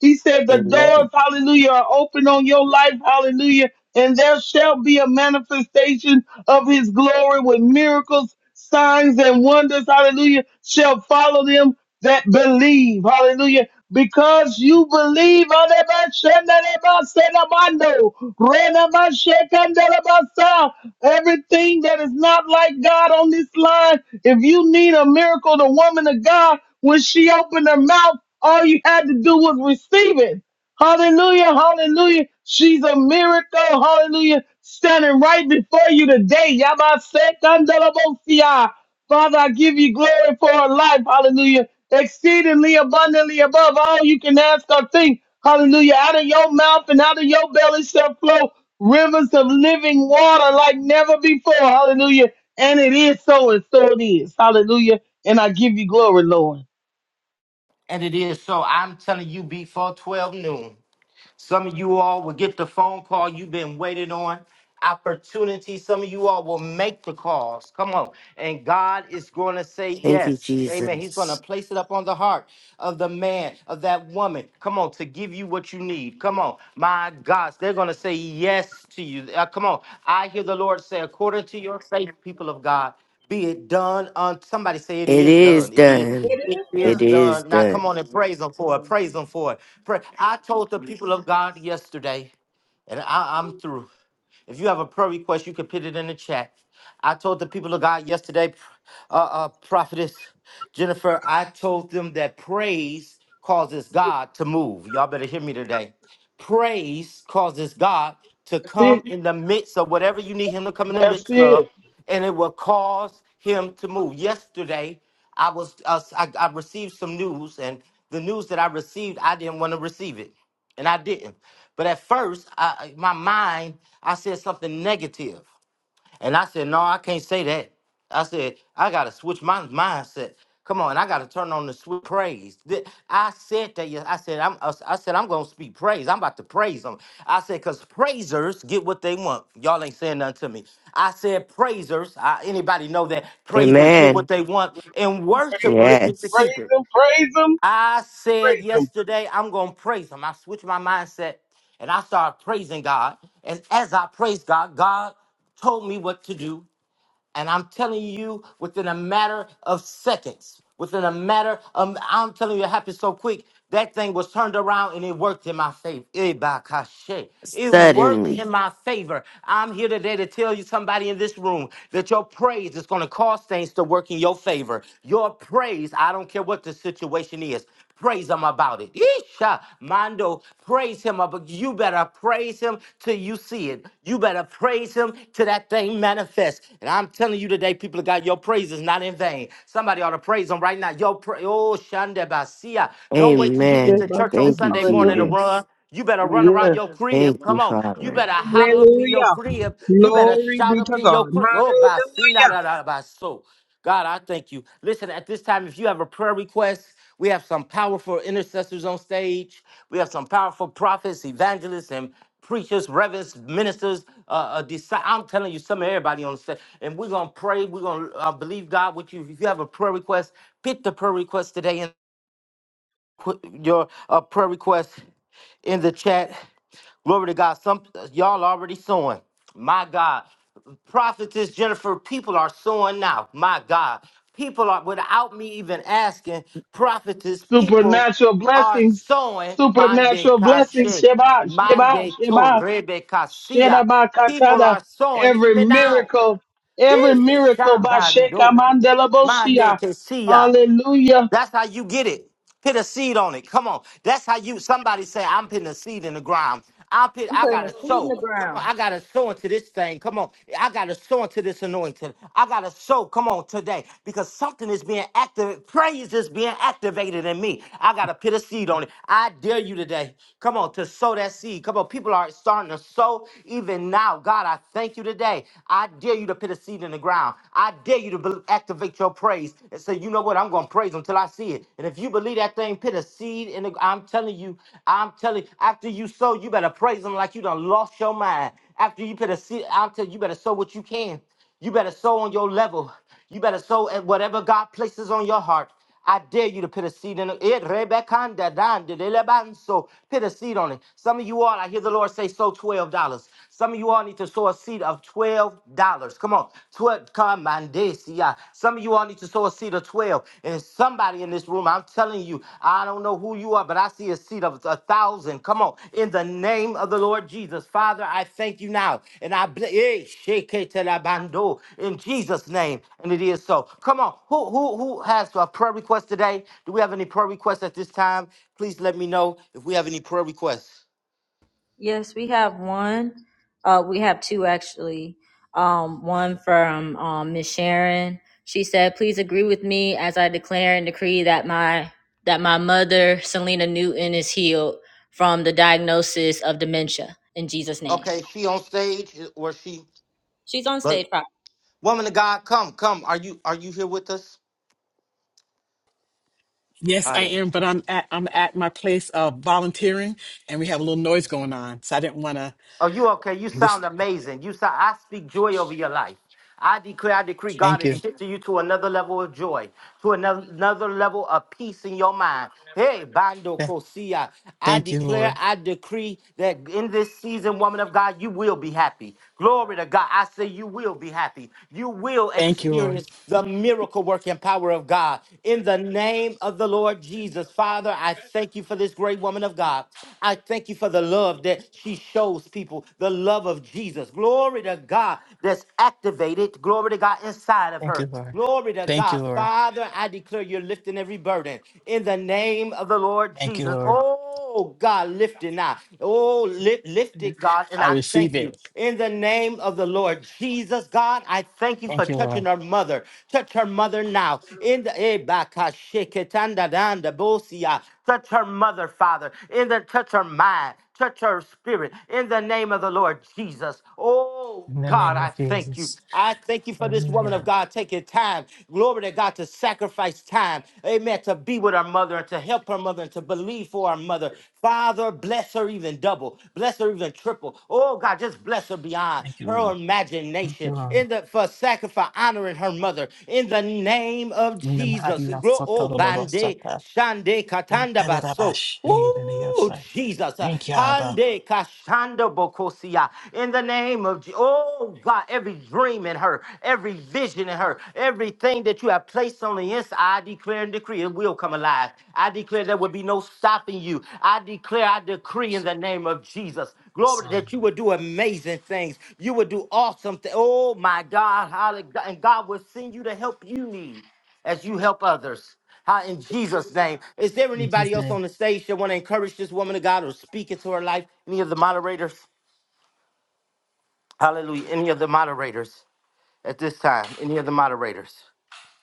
[SPEAKER 12] He said the doors,
[SPEAKER 3] Amen.
[SPEAKER 12] hallelujah, are open on your life, hallelujah, and there shall be a manifestation of his glory with miracles, signs, and wonders, hallelujah, shall follow them that believe. Hallelujah because you believe Adabashenadabasenamando, Renabashekandelabasa. everything that is not like God on this line. If you need a miracle, the woman of God, when she opened her mouth, all you had to do was receive it. Hallelujah, hallelujah. She's a miracle, hallelujah, standing right before you today. Yabasekandelabosia. Father, I give you glory for her life. Hallelujah. Exceedingly abundantly above all you can ask or think. Hallelujah. Out of your mouth and out of your belly shall flow rivers of living water like never before. Hallelujah. And it is so, and so it is. Hallelujah. And I give you glory, Lord.
[SPEAKER 1] And it is so. I'm telling you, before 12 noon. Some of you all will get the phone call you've been waiting on. Opportunity. Some of you all will make the calls. Come on. And God is going to say
[SPEAKER 3] Thank you,
[SPEAKER 1] yes. Amen. He's going to
[SPEAKER 3] Jesus.
[SPEAKER 1] place it up on the heart of the man, of that woman. Come on, to give you what you need. Come on. My gosh, they're going to say yes to you. Uh, come on. I hear the Lord say, according to your faith, people of God, be it done on somebody say it
[SPEAKER 3] It
[SPEAKER 1] is
[SPEAKER 3] is
[SPEAKER 1] done. It is.
[SPEAKER 2] It
[SPEAKER 3] done.
[SPEAKER 1] It
[SPEAKER 2] is
[SPEAKER 1] is
[SPEAKER 3] It
[SPEAKER 2] done.
[SPEAKER 3] is
[SPEAKER 1] done. Now come
[SPEAKER 3] done.
[SPEAKER 1] on and praise him for it. Praise him for it. Pray. I told the people of God yesterday, and I, I'm through. If you have a prayer request, you can put it in the chat. I told the people of God yesterday, uh, uh, prophetess Jennifer, I told them that praise causes God to move. Y'all better hear me today. Praise causes God to
[SPEAKER 12] That's
[SPEAKER 1] come
[SPEAKER 12] it.
[SPEAKER 1] in the midst of whatever you need Him to come in the
[SPEAKER 12] That's
[SPEAKER 1] midst of,
[SPEAKER 12] it.
[SPEAKER 1] and it will cause Him to move. Yesterday, I was uh, I, I received some news, and the news that I received, I didn't want to receive it, and I didn't. But at first, I, my mind, I said something negative. And I said, no, I can't say that. I said, I gotta switch my mindset. Come on, I gotta turn on the sweet praise. Th- I said that. Yes, I said I'm. I s- I said I'm gonna speak praise. I'm about to praise them. I said, cause praisers get what they want. Y'all ain't saying nothing to me. I said praisers. I, anybody know that praisers get what
[SPEAKER 3] Amen.
[SPEAKER 1] they want, and
[SPEAKER 12] Praise
[SPEAKER 1] worshipers
[SPEAKER 12] him,
[SPEAKER 1] get to
[SPEAKER 3] Yes.
[SPEAKER 12] praise
[SPEAKER 1] keep it.
[SPEAKER 12] him, praise him,
[SPEAKER 1] I said
[SPEAKER 12] praise him.
[SPEAKER 1] yesterday, I'm gonna praise him. I switched my mindset and I started praising God. And as I praised God, God told me what to do. And I'm telling you, within a matter of seconds, within a matter of, I'm telling you, it happened so quick. That thing was turned around and it worked in my favor. Eh, bah, kashe. It worked
[SPEAKER 3] Suddenly.
[SPEAKER 1] in my favor. I'm here today to tell you, somebody in this room, that your praise is going to cause things to work in your favor. Your praise, I don't care what the situation is. Praise him about it. Isha Mando, praise him about you better praise him till you see it. You better praise him till that thing manifests. And I'm telling you today, people of God, your praise is not in vain. Somebody ought to praise him right now. Your pra- oh Shanda Basia. Don't
[SPEAKER 12] That's
[SPEAKER 1] wait till you get
[SPEAKER 12] it.
[SPEAKER 1] to
[SPEAKER 3] Amen.
[SPEAKER 12] That's
[SPEAKER 1] church on
[SPEAKER 12] it.
[SPEAKER 3] Thank you,
[SPEAKER 1] Sunday morning to
[SPEAKER 12] Hallelujah.
[SPEAKER 3] Jesus.
[SPEAKER 1] run. You better run around
[SPEAKER 12] Yes.
[SPEAKER 1] your
[SPEAKER 3] Thank
[SPEAKER 1] crib.
[SPEAKER 3] you,
[SPEAKER 1] Come on. You
[SPEAKER 3] Father.
[SPEAKER 1] better holler up in your
[SPEAKER 14] Hallelujah.
[SPEAKER 1] crib. You better
[SPEAKER 14] Glory
[SPEAKER 1] shout
[SPEAKER 14] be
[SPEAKER 1] up
[SPEAKER 14] to
[SPEAKER 1] in your
[SPEAKER 14] God.
[SPEAKER 1] crib. Oh,
[SPEAKER 14] Hallelujah.
[SPEAKER 1] Basina da so. God, I thank you. Listen, at this time, if you have a prayer request, we have some powerful intercessors on stage. We have some powerful prophets, evangelists, and preachers, reverends, ministers. Uh, uh, disi- I'm telling you, some of everybody on stage. And we're going to pray. We're going to uh, believe God with you. If you have a prayer request, pick the prayer request today qu- your uh, prayer requests in the chat. Glory to God. Some y'all already sowing. My God. Prophetess Jennifer, people are sowing now. My God. People are without me even asking. Prophetess, people
[SPEAKER 12] Supernatural
[SPEAKER 1] are
[SPEAKER 12] blessings.
[SPEAKER 1] sowing. Mande
[SPEAKER 12] Supernatural blessings.
[SPEAKER 1] kashe.
[SPEAKER 12] Sheba, Sheba,
[SPEAKER 1] Mande
[SPEAKER 12] Sheba,
[SPEAKER 1] torrebe kasia.
[SPEAKER 12] Sheba
[SPEAKER 1] People
[SPEAKER 12] Katada.
[SPEAKER 1] are sowing
[SPEAKER 12] Every
[SPEAKER 1] even now.
[SPEAKER 12] miracle, every
[SPEAKER 1] Heesh,
[SPEAKER 12] miracle by Sheikh
[SPEAKER 1] Shabando.
[SPEAKER 12] Amandela
[SPEAKER 1] Mande
[SPEAKER 12] Boshia.
[SPEAKER 1] kesia.
[SPEAKER 12] Hallelujah,
[SPEAKER 1] That's how you get it. Put a seed on it. Come on. That's how you somebody say, I'm putting a seed in the ground. I put
[SPEAKER 2] I'm
[SPEAKER 1] I
[SPEAKER 2] putting a
[SPEAKER 1] gotta
[SPEAKER 2] seed in
[SPEAKER 1] sow.
[SPEAKER 2] the
[SPEAKER 1] Come on,
[SPEAKER 2] ground.
[SPEAKER 1] I gotta sow into this thing. Come on. I gotta sow into this anointing. I gotta sow. Come on today. Because something is being activated. Praise is being activated in me. I gotta put a seed on it. I dare you today. Come on, to sow that seed. Come on. People are starting to sow even now. God, I thank you today. I dare you to put a seed in the ground. I dare you to bel- activate your praise and say, you know what, I'm going to praise until I see it. And if you believe that thing, put a seed in the, I'm telling you, I'm telling, after you sow, you better praise him like you done lost your mind. After you put a seed, I'm telling you, you better sow what you can. You better sow on your level. You better sow at whatever God places on your heart. I dare you to put a seed in it. It rebekanda dan de lebanso. Put a seed on it. Some of you all, I hear the Lord say, sow twelve dollars. Some of you all need to sow a seed of twelve dollars. Come on, twelve commandesia. Some of you all need to sow a seed of twelve. And somebody in this room, I'm telling you, I don't know who you you are, but I see a seat of a thousand. Come on, in the name of the Lord Jesus, Father, I thank you now, and I bless. In Jesus' name, and it is so. Come on, who who who has a prayer request today? Do we have any prayer requests at this time? Please let me know if we have any prayer requests.
[SPEAKER 2] Yes, we have one. Uh, we have two actually. Um, one from um, Miss Sharon. She said, "Please agree with me as I declare and decree that my that my mother, Selena Newton, is healed from the diagnosis of dementia in Jesus' name."
[SPEAKER 1] Okay, she on stage eh, or she,
[SPEAKER 2] She's on
[SPEAKER 1] but
[SPEAKER 2] stage. Prophet.
[SPEAKER 1] woman of God, come, come. Are you are you here with us?
[SPEAKER 15] Yes, I
[SPEAKER 1] Hallelujah.
[SPEAKER 15] am, but I'm at I'm at my place of volunteering, and we have a little noise going on, so I didn't want to
[SPEAKER 1] Oh, you okay? You sound
[SPEAKER 15] just.
[SPEAKER 1] amazing. You sound. I speak joy over your life. I declare, I decree, God
[SPEAKER 15] Thank
[SPEAKER 1] is
[SPEAKER 15] you,
[SPEAKER 1] shifting you to another level of joy, to another, another level of peace in your mind. Hey, Bando
[SPEAKER 15] Th-
[SPEAKER 1] Kosia, I
[SPEAKER 15] thank you,
[SPEAKER 1] declare,
[SPEAKER 15] Lord.
[SPEAKER 1] I decree that in this season, woman of God, you will be happy. Glory to God. I say you will be happy. You will
[SPEAKER 15] Thank you,
[SPEAKER 1] experience
[SPEAKER 15] Lord.
[SPEAKER 1] the miracle working power of God in the name of the Lord Jesus. Father, I thank you for this great woman of God. I thank you for the love that she shows people, the love of Jesus. Glory to God that's activated, glory to God, inside of
[SPEAKER 15] Thank
[SPEAKER 1] her.
[SPEAKER 15] you, Lord.
[SPEAKER 1] Glory to
[SPEAKER 15] Thank you,
[SPEAKER 1] God.
[SPEAKER 15] Lord.
[SPEAKER 1] Father, I declare you're lifting every burden in the name of the Lord
[SPEAKER 15] Thank you,
[SPEAKER 1] Jesus.
[SPEAKER 15] Lord.
[SPEAKER 1] Oh, God, lift it now. Oh, lift, lift it, God, and
[SPEAKER 15] I
[SPEAKER 1] I
[SPEAKER 15] receive
[SPEAKER 1] thank you.
[SPEAKER 15] it.
[SPEAKER 1] In the name of the Lord Jesus, God, I thank you for
[SPEAKER 15] Thank you,
[SPEAKER 1] touching
[SPEAKER 15] Lord.
[SPEAKER 1] her mother. Touch her mother now. In the eh, baka sheketanda danda bosia. touch her mother, Father. In the touch her mind, touch her spirit. In the name of the Lord Jesus. Oh
[SPEAKER 15] In the
[SPEAKER 1] God,
[SPEAKER 15] name
[SPEAKER 1] I
[SPEAKER 15] of
[SPEAKER 1] thank you.
[SPEAKER 15] Jesus.
[SPEAKER 1] I thank you for this woman
[SPEAKER 15] Hallelujah.
[SPEAKER 1] of God taking time, glory to God, to sacrifice time, amen, to be with her mother and to help her mother and to believe for her mother. Father, bless her even double, bless her even triple. Oh God, just bless her beyond
[SPEAKER 15] Thank you,
[SPEAKER 1] her
[SPEAKER 15] Lord. Thank you,
[SPEAKER 1] imagination
[SPEAKER 15] Lord.
[SPEAKER 1] in the for sacrifice, honoring her mother in the name of
[SPEAKER 15] In the mighty
[SPEAKER 1] Jesus.
[SPEAKER 15] name of
[SPEAKER 1] Glo-
[SPEAKER 15] Soto
[SPEAKER 1] Oh,
[SPEAKER 15] de Lobo
[SPEAKER 1] bande,
[SPEAKER 15] Sata,
[SPEAKER 1] shande,
[SPEAKER 15] in
[SPEAKER 1] katanda
[SPEAKER 15] the name of
[SPEAKER 1] baso.
[SPEAKER 15] Ashe, in the name of
[SPEAKER 1] Ooh,
[SPEAKER 15] Christ.
[SPEAKER 1] Jesus. Uh,
[SPEAKER 15] Thank you, Abba,
[SPEAKER 1] Hande kashanda bokosia. In the name of, Je- oh God, every dream in her, every vision in her, everything that you have placed on the inside, I declare and decree it will come alive. I declare there will be no stopping you. I declare, I decree in the name of Jesus,
[SPEAKER 15] the
[SPEAKER 1] glory,
[SPEAKER 15] Son.
[SPEAKER 1] that you will do amazing things. You will do awesome things. Oh my God, hallelujah. And God will send you the help you need as you help others. How in Jesus' name. Is there
[SPEAKER 15] In
[SPEAKER 1] anybody
[SPEAKER 15] His
[SPEAKER 1] else
[SPEAKER 15] name.
[SPEAKER 1] on the stage that want to encourage this woman of God or speak into her life? Any of the moderators? Hallelujah. Any of the moderators at this time? Any of the moderators?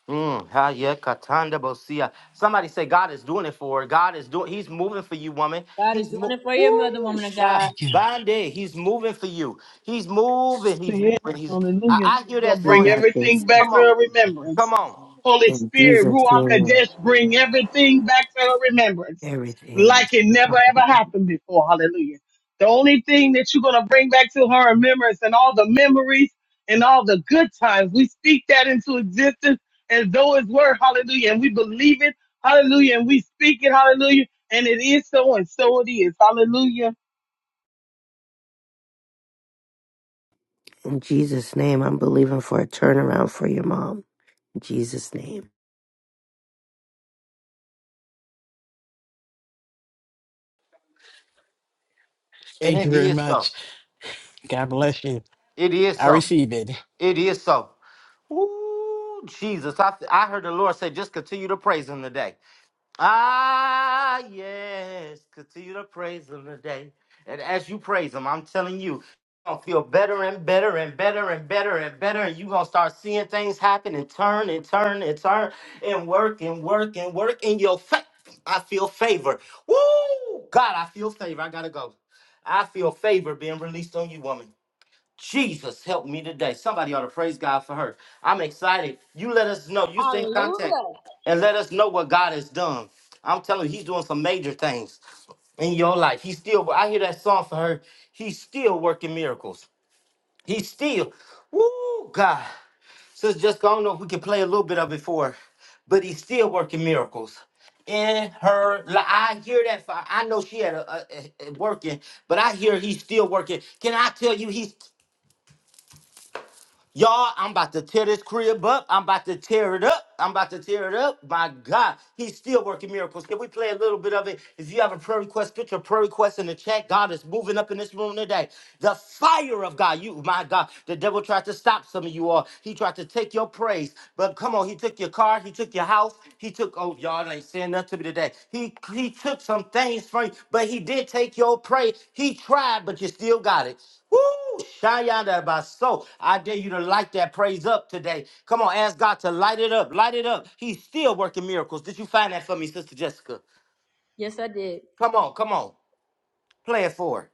[SPEAKER 1] Mm, ha, yeah, katanda bosia. Somebody say God is doing it for her. God is doing. He's moving for you, woman.
[SPEAKER 2] God is
[SPEAKER 1] He's
[SPEAKER 2] doing it
[SPEAKER 1] mo-
[SPEAKER 2] for your mother,
[SPEAKER 1] Ooh,
[SPEAKER 2] woman of
[SPEAKER 1] sha,
[SPEAKER 2] God.
[SPEAKER 15] Thank you.
[SPEAKER 1] bande. He's moving for you. He's moving.
[SPEAKER 12] Say
[SPEAKER 1] He's
[SPEAKER 12] it.
[SPEAKER 1] moving. He's.
[SPEAKER 12] Hallelujah.
[SPEAKER 1] I, I
[SPEAKER 12] He's
[SPEAKER 1] hear
[SPEAKER 12] going
[SPEAKER 1] that
[SPEAKER 12] to
[SPEAKER 3] We
[SPEAKER 1] song.
[SPEAKER 12] bring
[SPEAKER 1] He's,
[SPEAKER 3] got this.
[SPEAKER 12] everything back
[SPEAKER 1] come
[SPEAKER 12] to
[SPEAKER 1] on,
[SPEAKER 12] her
[SPEAKER 1] come
[SPEAKER 12] remembrance.
[SPEAKER 1] on.
[SPEAKER 12] Holy
[SPEAKER 3] In
[SPEAKER 12] Spirit,
[SPEAKER 3] Jesus'
[SPEAKER 12] Ruach
[SPEAKER 3] name,
[SPEAKER 12] Kadesh, bring everything back to her remembrance
[SPEAKER 3] everything.
[SPEAKER 12] like it never ever happened before. Hallelujah. The only thing that you're going to bring back to her remembrance and all the memories and all the good times, we speak that into existence as though it's were. Hallelujah. And we believe it. Hallelujah. And we speak it. Hallelujah. And it is so and so it is. Hallelujah.
[SPEAKER 3] In Jesus' name, I'm believing for a turnaround for your mom. In Jesus' name.
[SPEAKER 1] And
[SPEAKER 15] Thank you
[SPEAKER 1] it
[SPEAKER 15] very
[SPEAKER 1] is so.
[SPEAKER 15] much. God bless you.
[SPEAKER 1] It is
[SPEAKER 15] I
[SPEAKER 1] so.
[SPEAKER 15] receive it.
[SPEAKER 1] It is so. Ooh, Jesus. I, I heard the Lord say, just continue to praise him today. Ah, yes. Continue to praise him today. And as you praise him, I'm telling you, you're going to feel better and better and better and better and better. And you're going to start seeing things happen and turn and turn and turn and work and work and work in your faith. I feel favor. Woo! God, I feel favor. I got to go. I feel favor being released on you, woman. Jesus, help me today. Somebody ought to praise God for her. I'm excited. You let us know. You send contact
[SPEAKER 2] Hallelujah.
[SPEAKER 1] and let us know what God has done. I'm telling you, He's doing some major things in your life. He's still, I hear that song for her. He's still working miracles. He's still, woo, God. So it's just, I don't know if we can play a little bit of it for her, but He's still working miracles in her life. I hear that. fi- I know she had a, a, a- a working, but I hear he's still working. Can I tell you, he's Y'all, I'm about to tear this crib up. I'm about to tear it up. I'm about to tear it up. My God, he's still working miracles. Can we play a little bit of it? If you have a prayer request, put your prayer request in the chat. God is moving up in this room today. The fire of God, you, my God, the devil tried to stop some of you all. He tried to take your praise, but come on, he took your car, he took your house, he took, oh, y'all ain't saying nothing to me today. He, he took some things from you, but he did take your praise. He tried, but you still got it. Woo, Shayandabaso. I dare you to light that praise up today. Come on, ask God to light it up. Light it up. He's still working miracles. Did you find that for me, Sister Jessica?
[SPEAKER 2] Yes, I did.
[SPEAKER 1] Come on, come on. Play it for her.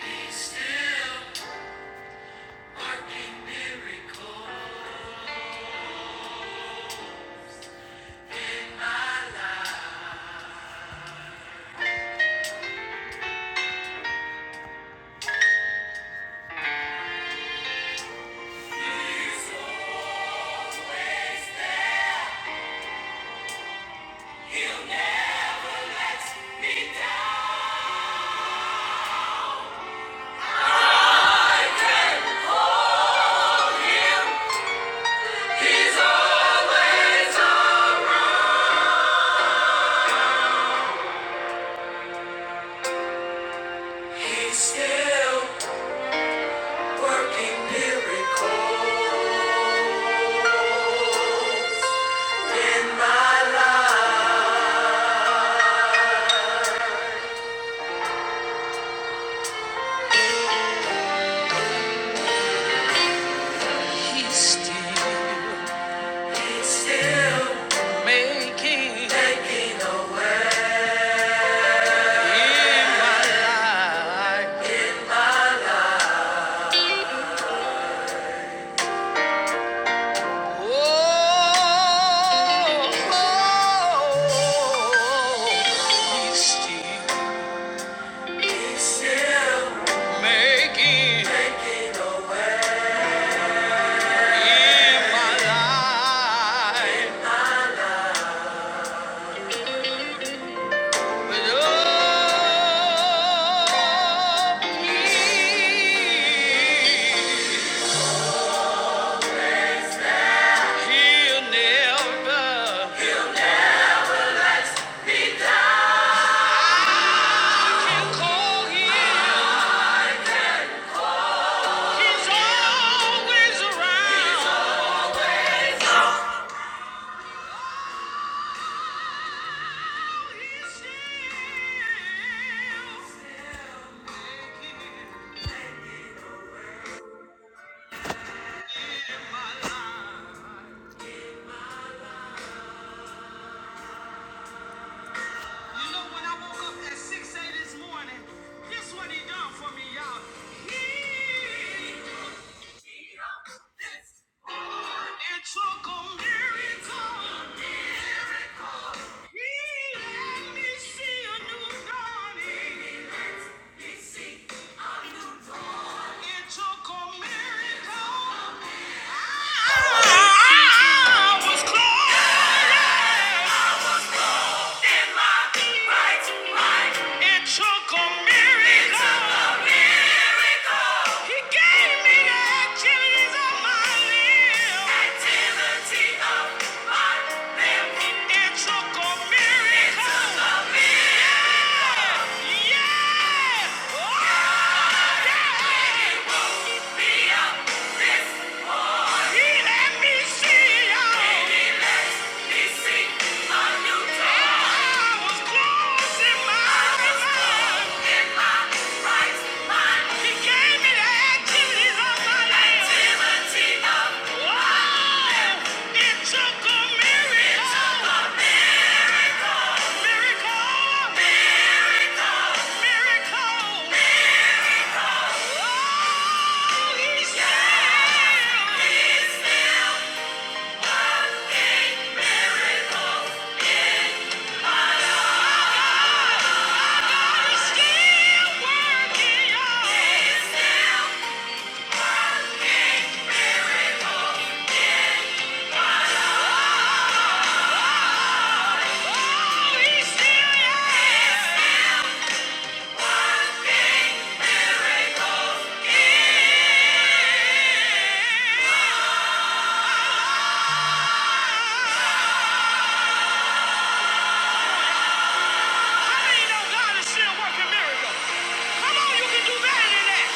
[SPEAKER 2] Still working miracles in my life. He's still making he's Call him, he's always around. In my life, in my life. You know, when I woke up at 6 a.m. this morning, guess what he done for me, y'all? He he opened this door and took a miracle. Miracle. He let me see a new dawning. He let me see a new dawn. And took a miracle. I was close. It took a miracle. He gave me the activities of my limbs. It took a miracle. Yeah. Yeah. Oh, yeah. He let me see y'all. Miracle! Yeah. How many know God is still working miracles? Come on, you can do better than that.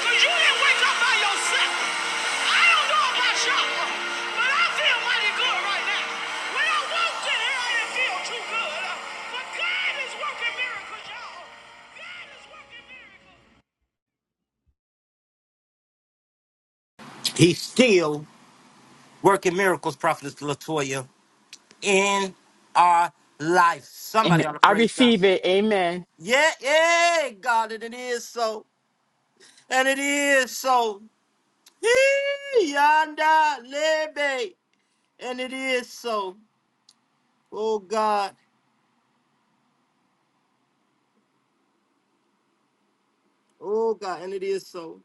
[SPEAKER 2] Because you didn't wake up by yourself. I don't know about y'all, but I feel mighty good right now. When I walked in here, I didn't feel too good. uh, But God is working miracles, y'all. God is working miracles.
[SPEAKER 1] He's still working miracles, Prophetess Latoya, in our life. Somebody
[SPEAKER 15] Amen.
[SPEAKER 1] ought to
[SPEAKER 15] I
[SPEAKER 1] praise God.
[SPEAKER 15] receive it. Amen.
[SPEAKER 1] Yeah, yeah, God, and it is so. And it is so. Yonder, lebe. And it is so. Oh, God. Oh God, and it is so.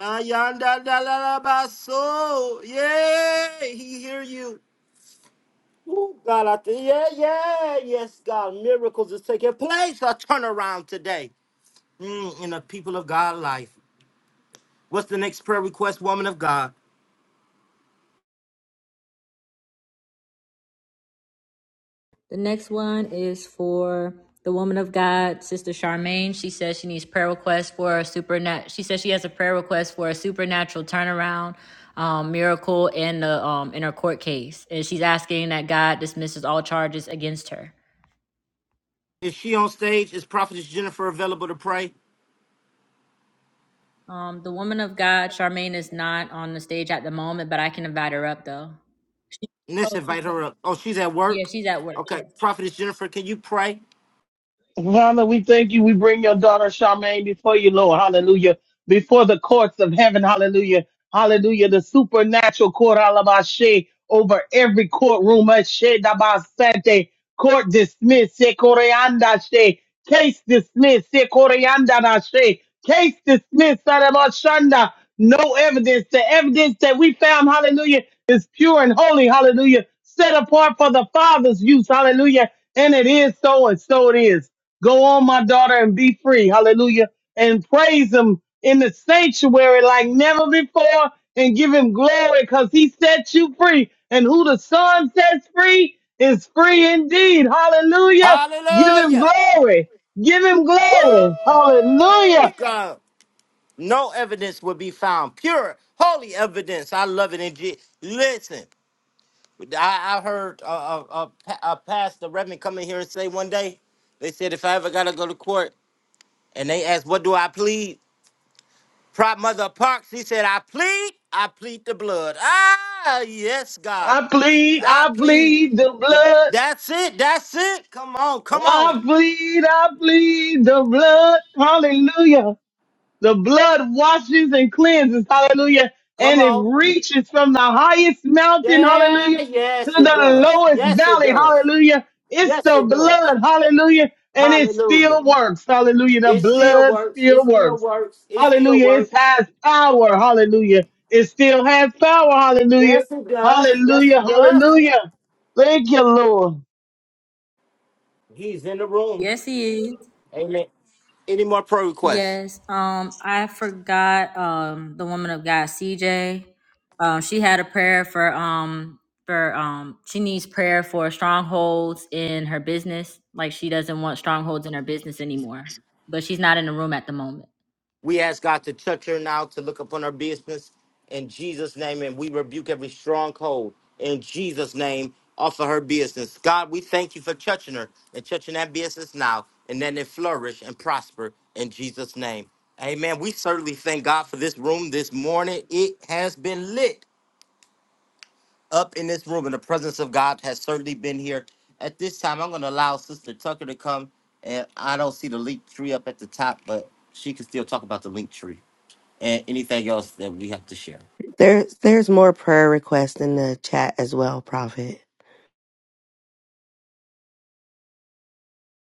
[SPEAKER 1] Ayanda da la la ba so. Yay, he hear you. Oh God, I think yeah, yeah, yes, God. Miracles is taking place. A turnaround today mm, in the people of God life. What's the next prayer request, woman of God?
[SPEAKER 2] The next one is for the woman of God, Sister Charmaine. She says she needs prayer requests for a supernat. She says she has a prayer request for a supernatural turnaround, um, miracle in the um, in her court case, and she's asking that God dismisses all charges against her.
[SPEAKER 1] Is she on stage? Is Prophetess Jennifer available to pray?
[SPEAKER 2] Um, the woman of God, Charmaine, is not on the stage at the moment, but I can invite her up though.
[SPEAKER 1] Let's
[SPEAKER 2] Oh,
[SPEAKER 1] invite her up. Oh, she's at
[SPEAKER 2] yeah,
[SPEAKER 1] work.
[SPEAKER 2] she's at work.
[SPEAKER 1] Okay,
[SPEAKER 2] Yes,
[SPEAKER 1] Prophetess Jennifer, can you pray?
[SPEAKER 12] Father, we thank you. We bring your daughter Charmaine before you, Lord. Hallelujah. Before the courts of heaven. Hallelujah. Hallelujah. The supernatural court alabashe over every courtroom. ashe, dabasante. Court dismissed. se, koreanda, she. Case dismissed. se, koreanda, da, she. Case dismissed. sarabashanda. No evidence. The evidence that we found, hallelujah, is pure and holy. Hallelujah. Set apart for the Father's use. Hallelujah. And it is so, and so it is. Go on, my daughter, and be free. Hallelujah. And praise him in the sanctuary like never before and give him glory because he set you free. And who the son sets free is free indeed. Hallelujah. Give him
[SPEAKER 1] Hallelujah.
[SPEAKER 12] glory. Give him glory.
[SPEAKER 1] Oh,
[SPEAKER 12] Hallelujah.
[SPEAKER 1] God. No evidence will be found. Pure, holy evidence. I love it. And Je- listen, I, I heard a, a, a, pa- a pastor, Reverend, come in here and say one day, they said, if I ever got to go to court, and they asked, what do I plead? Prop Mother Parks, he said, I plead, I plead the blood. Ah, yes, God.
[SPEAKER 12] I plead,
[SPEAKER 1] I
[SPEAKER 12] I
[SPEAKER 1] plead.
[SPEAKER 12] plead the
[SPEAKER 1] The,
[SPEAKER 12] blood.
[SPEAKER 1] that's it. That's it. Come on. Come on.
[SPEAKER 12] I plead, I plead the blood. Hallelujah. The blood washes and cleanses. Hallelujah.
[SPEAKER 1] Come
[SPEAKER 12] And it
[SPEAKER 1] on.
[SPEAKER 12] reaches from the highest mountain.
[SPEAKER 1] Yeah,
[SPEAKER 12] Hallelujah. To
[SPEAKER 1] yes, it
[SPEAKER 12] the
[SPEAKER 1] does.
[SPEAKER 12] lowest
[SPEAKER 1] Yes, it
[SPEAKER 12] valley.
[SPEAKER 1] does.
[SPEAKER 12] Hallelujah. It's
[SPEAKER 1] Yes,
[SPEAKER 12] the
[SPEAKER 1] it does.
[SPEAKER 12] blood. Hallelujah. And it
[SPEAKER 1] Hallelujah.
[SPEAKER 12] still works. Hallelujah. The
[SPEAKER 1] It still
[SPEAKER 12] blood
[SPEAKER 1] works. It
[SPEAKER 12] still
[SPEAKER 1] still
[SPEAKER 12] works.
[SPEAKER 1] works. It still
[SPEAKER 12] Hallelujah. It
[SPEAKER 1] works.
[SPEAKER 12] has power. Hallelujah. It still has power. Hallelujah.
[SPEAKER 1] Yes, it does. Yes,
[SPEAKER 12] Hallelujah.
[SPEAKER 1] it does.
[SPEAKER 12] Hallelujah. Thank you, Lord.
[SPEAKER 1] He's in the room.
[SPEAKER 2] yes, he is.
[SPEAKER 1] Amen. Any more prayer requests?
[SPEAKER 2] Yes. Um, I forgot um the woman of God, CJ. Um, she had a prayer for um for um she needs prayer for strongholds in her business. Like she doesn't want strongholds in her business anymore but she's not in the room at the moment.
[SPEAKER 1] We ask God to touch her now to look upon her business in Jesus' name, and we rebuke every stronghold in Jesus' name off of her business. God, we thank you for touching her and touching that business now, and then it flourish and prosper in Jesus' name. Amen. We certainly thank God for this room this morning. It has been lit. up in this room, and the presence of God has certainly been here. At this time, I'm going to allow Sister Tucker to come, and I don't see the link tree up at the top, but she can still talk about the link tree and anything else that we have to share.
[SPEAKER 3] There's there's more prayer requests in the chat as well, Prophet.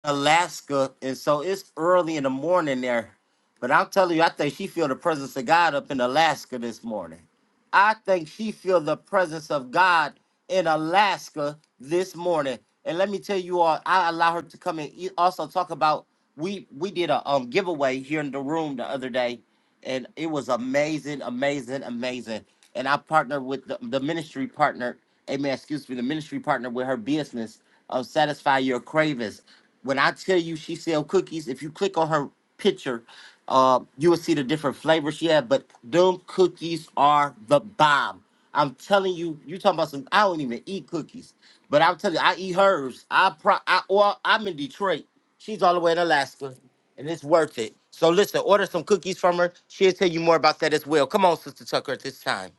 [SPEAKER 1] Alaska, and so it's early in the morning there. But I'm telling you, I think she feel the presence of God up in Alaska this morning. I think she feel the presence of God in Alaska this morning. And let me tell you all, I allow her to come and also talk about we we did a um giveaway here in the room the other day, and it was amazing, amazing, amazing. And I partnered with the, the ministry partner, amen, excuse me, the ministry partner with her business of Satisfy Your Cravings. When I tell you she sell cookies, if you click on her picture, uh, you will see the different flavors she had, but them cookies are the bomb. I'm telling you, you talking about some. I don't even eat cookies, but I'm telling you, I eat hers. I pro. I or I'm in Detroit. She's all the way in Alaska, and it's worth it. So listen, order some cookies from her. She'll tell you more about that as well. Come on, Sister Tucker. At this time,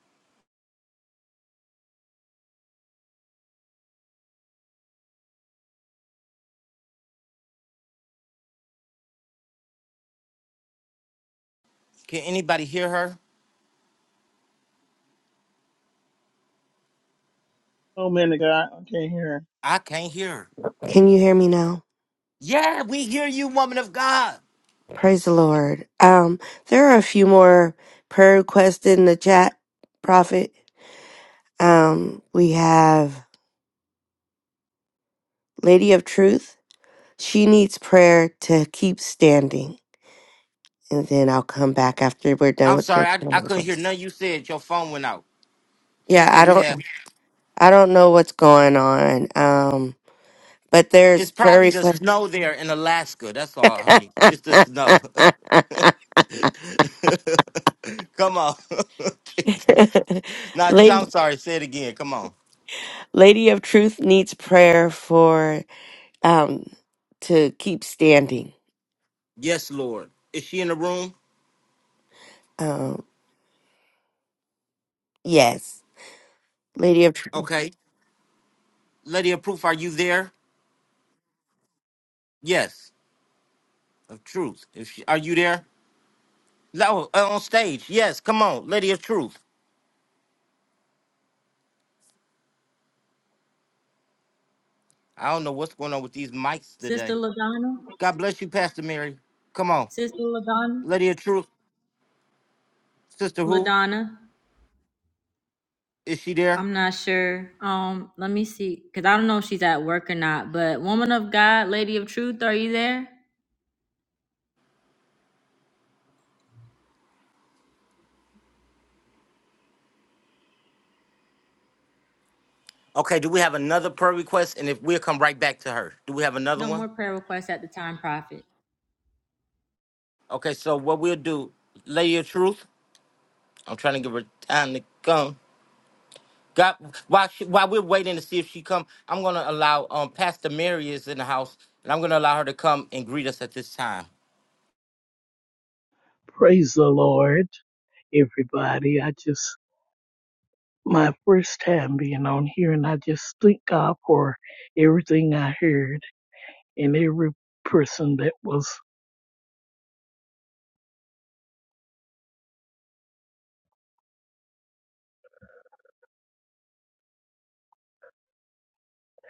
[SPEAKER 1] can anybody hear her?
[SPEAKER 12] Oh, man of God. I can't hear her.
[SPEAKER 1] I can't hear her.
[SPEAKER 3] Can you hear me now?
[SPEAKER 1] Yeah, we hear you, woman of God.
[SPEAKER 3] Praise the Lord. Um, there are a few more prayer requests in the chat, Prophet. Um, we have Lady of Truth. She needs prayer to keep standing, and then I'll come back after we're done
[SPEAKER 1] I'm
[SPEAKER 3] with the
[SPEAKER 1] sorry, I,
[SPEAKER 3] prayer
[SPEAKER 1] I couldn't hear
[SPEAKER 3] request.
[SPEAKER 1] none you said. Your phone went out. You
[SPEAKER 3] Yeah,
[SPEAKER 1] said
[SPEAKER 3] I
[SPEAKER 1] we
[SPEAKER 3] don't,
[SPEAKER 1] have.
[SPEAKER 3] I don't know what's going on, um, but
[SPEAKER 1] It's
[SPEAKER 3] there's prayer
[SPEAKER 1] probably the
[SPEAKER 3] request.
[SPEAKER 1] snow there in Alaska. That's all, honey. It's the snow. Come on. now,
[SPEAKER 3] Lady,
[SPEAKER 1] I'm sorry. Say it again. Come on.
[SPEAKER 3] Lady of Truth needs prayer for um to keep standing.
[SPEAKER 1] Yes, Lord. Is she in the room?
[SPEAKER 3] Um, yes, Lady of Truth.
[SPEAKER 1] Okay. Lady of Proof, are you there? Yes. Of truth. If she, are you there? No, uh, on stage. Yes. Come on, Lady of Truth. I don't know what's going on with these mics
[SPEAKER 2] Sister
[SPEAKER 1] today.
[SPEAKER 2] Ladonna,
[SPEAKER 1] God bless you, Pastor Mary. Come on,
[SPEAKER 2] Sister Ladonna,
[SPEAKER 1] Lady of Truth. Sister, who
[SPEAKER 2] Ladonna.
[SPEAKER 1] is she there?
[SPEAKER 2] I'm not sure. Um, let me see, cause I don't know if she's at work or not. But woman of God, Lady of Truth, are you there?
[SPEAKER 1] Okay. Do we have another prayer request? And if we'll come right back to her. Do we have another
[SPEAKER 2] No
[SPEAKER 1] one?
[SPEAKER 2] more prayer requests at the time, Prophet.
[SPEAKER 1] Okay. So what we'll do, Lady of Truth. I'm trying to give her time to come. God, while she, while we're waiting to see if she come, I'm gonna allow um Pastor Mary is in the house, and I'm gonna allow her to come and greet us at this time.
[SPEAKER 16] Praise the Lord, everybody. I just, my first time being on here, and I just thank God for everything I heard and every person that was.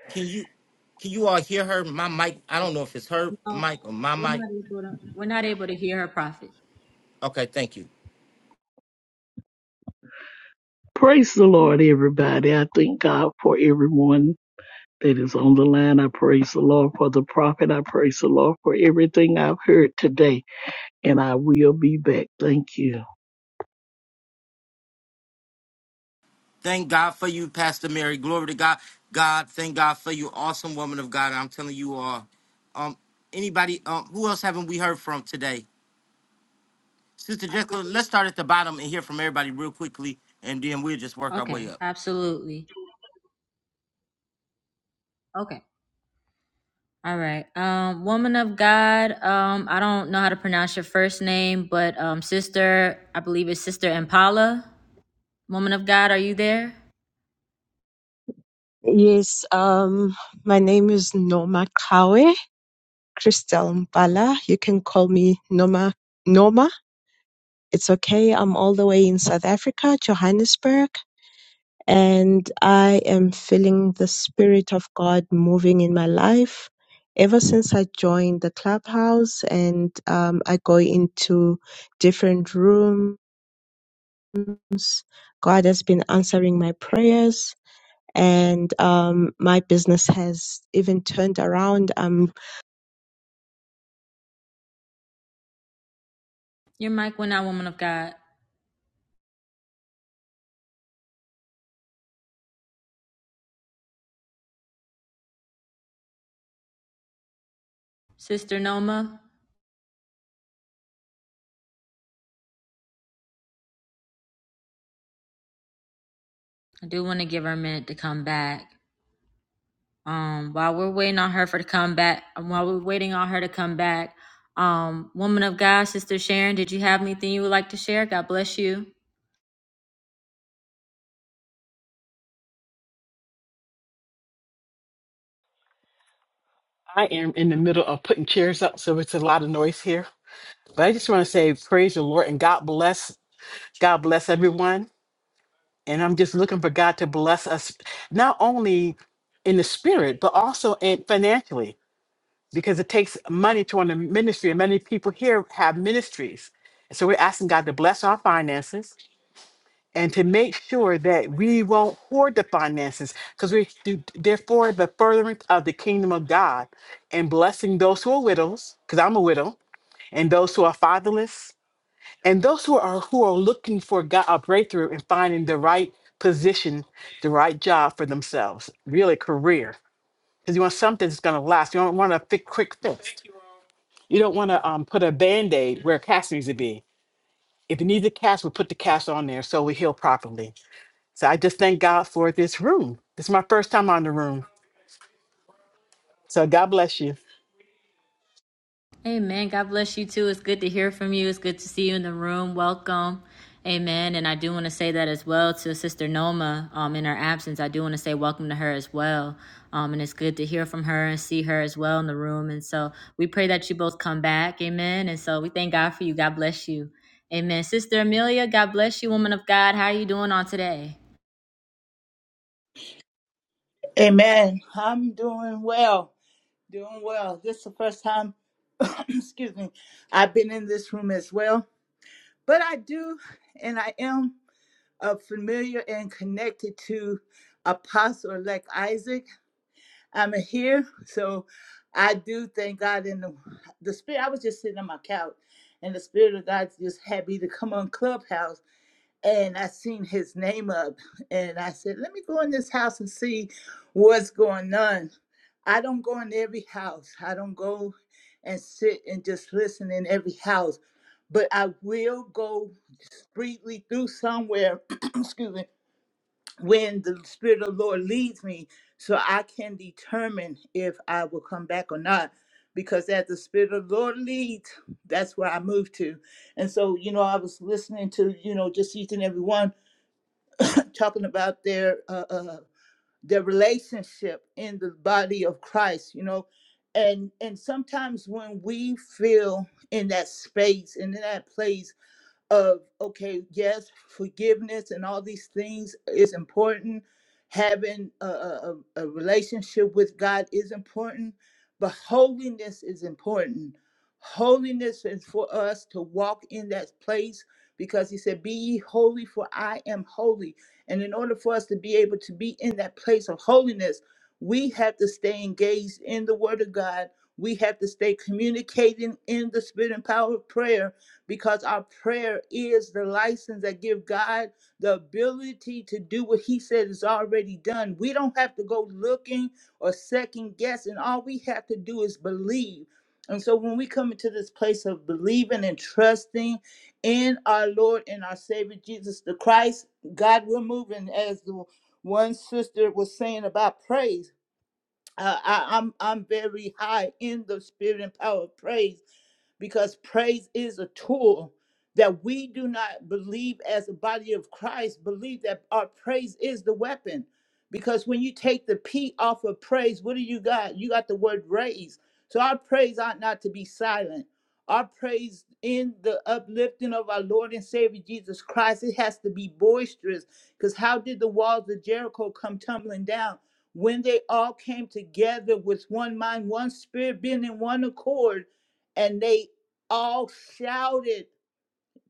[SPEAKER 1] Can you can you all hear her? My mic. I don't know if it's her
[SPEAKER 2] No,
[SPEAKER 1] mic or my
[SPEAKER 2] we're
[SPEAKER 1] mic.
[SPEAKER 2] not able to, we're not able to hear her, Prophet.
[SPEAKER 1] Okay, thank you.
[SPEAKER 16] Praise the Lord, everybody. I thank God for everyone that is on the line. I praise the Lord for the prophet. I praise the Lord for everything I've heard today, and I will be back. Thank you.
[SPEAKER 1] Thank God for you, Pastor Mary. Glory to God. God, thank God for you, awesome woman of God. I'm telling you all. Um, anybody? Um, who else haven't we heard from today? Sister Jessica, let's start at the bottom and hear from everybody real quickly, and then we'll just work our way
[SPEAKER 2] Okay,
[SPEAKER 1] up.
[SPEAKER 2] absolutely. Okay. All right. Um, woman of God, um, I don't know how to pronounce your first name, but um, sister, I believe it's Sister Impala. Woman of God, are you there?
[SPEAKER 11] Yes, um, my name is Norma Kawe, Christel Mbala. You can call me Norma. Norma, it's okay. I'm all the way in South Africa, Johannesburg, and I am feeling the Spirit of God moving in my life ever since I joined the clubhouse and um, I go into different rooms. God has been answering my prayers and um, my business has even turned around. Um,
[SPEAKER 2] Your mic went out, woman of God. Sister Noma, I do want to give her a minute to come back. um, while we're waiting on her for to come back, um, while we're waiting on her to come back, um, woman of God, Sister Sharon, did you have anything you would like to share? God bless you.
[SPEAKER 15] I am in the middle of putting chairs up, so it's a lot of noise here. But I just want to say, praise the Lord and God bless. God bless everyone. And I'm just looking for God to bless us, not only in the spirit, but also in financially, because it takes money to run a ministry. And many people here have ministries. And so we're asking God to bless our finances. and to make sure that we won't hoard the finances because we're th- therefore the furtherance of the kingdom of God and blessing those who are widows, because I'm a widow, and those who are fatherless, and those who are who are looking for God a breakthrough and finding the right position, the right job for themselves, really career. Because you want something that's going to last. You don't want a fi- quick fix. You don't want to um, put a band aid where a cast needs to be. If you need the cast, we put the cast on there so we heal properly so I just thank God for this room. This is my first time on the room. So God bless you.
[SPEAKER 2] Amen. God bless you too. It's good to hear from you. It's good to see you in the room. Welcome. Amen. And I do want to say that as well to Sister Noma um, in her absence. I do want to say welcome to her as well. Um, and it's good to hear from her and see her as well in the room. And so we pray that you both come back. Amen. And so we thank God for you. God bless you. Amen. Sister Amelia, God bless you, woman of God. How are you doing on today?
[SPEAKER 6] Amen. I'm doing well. Doing well. This is the first time, excuse me, I've been in this room as well. But I do, and I am uh, familiar and connected to Apostle elect Isaac. I'm here. So I do thank God in the, the spirit. I was just sitting on my couch, and the spirit of God just had me to come on Clubhouse and I seen his name up, and I said, "Let me go in this house and see what's going on." I don't go in every house. I don't go and sit and just listen in every house, but I will go discreetly through somewhere. excuse me, when the Spirit of the Lord leads me, so I can determine if I will come back or not. Because as the Spirit of the Lord leads, that's where I move to. And so, you know, I was listening to, you know, just each and every one talking about their uh, uh, their relationship in the body of Christ, you know, and and sometimes when we feel in that space and in that place of okay yes forgiveness and all these things is important having a, a, a a relationship with god is important but holiness is important holiness is for us to walk in that place because he said be ye holy for i am holy and in order for us to be able to be in that place of holiness we have to stay engaged in the word of god we have to stay communicating in the spirit and power of prayer because our prayer is the license that give God the ability to do what he said is already done. We don't have to go looking or second guessing. All we have to do is believe. And so when we come into this place of believing and trusting in our Lord and our Savior Jesus the Christ, God, we're moving as the one sister was saying about praise. Uh, I, I'm I'm very high in the spirit and power of praise because praise is a tool that we do not believe as a body of Christ believe that our praise is the weapon because when you take the P off of praise what do you got you got the word raise so our praise ought not to be silent our praise in the uplifting of our Lord and Savior Jesus Christ it has to be boisterous because how did the walls of Jericho come tumbling down when they all came together with one mind, one spirit, being in one accord, and they all shouted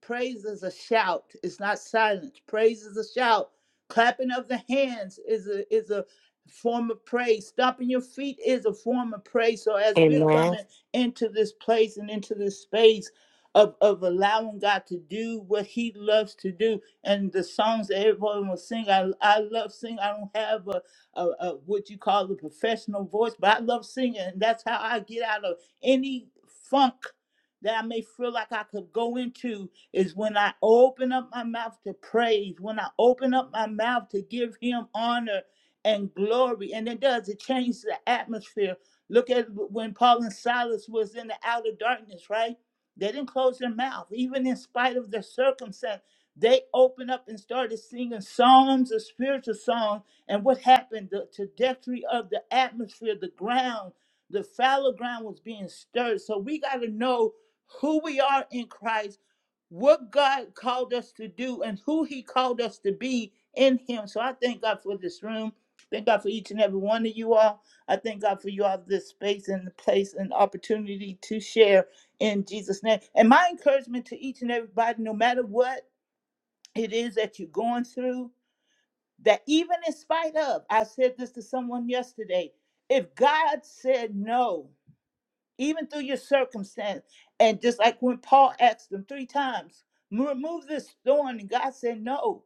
[SPEAKER 6] Praise is a shout. It's not silence. Praise is a shout. Clapping of the hands is a is a form of praise. Stomping your feet is a form of praise. So as we're
[SPEAKER 3] Amen.
[SPEAKER 6] coming into this place and into this space of, of allowing God to do what He loves to do, and the songs that everyone will sing, I I love singing. I don't have a, a, a what you call a professional voice, but I love singing, and that's how I get out of any funk that I may feel like I could go into is when I open up my mouth to praise, when I open up my mouth to give him honor and glory. And it does, it changes the atmosphere. Look at when Paul and Silas was in the outer darkness, right? They didn't close their mouth, even in spite of their circumstance. They opened up and started singing psalms, a spiritual song. And what happened? The trajectory of the atmosphere, the ground, the fallow ground was being stirred. So we got to know who we are in Christ what God called us to do and who He called us to be in Him. So I thank God for this room. Thank God for each and every one of you all. I thank God for you all this space and the place and opportunity to share in Jesus' name. And my encouragement to each and everybody, no matter what it is that you're going through, that even in spite of, I said this to someone yesterday, if God said no, even through your circumstance. And just like when Paul asked them three times, remove this thorn, and God said no.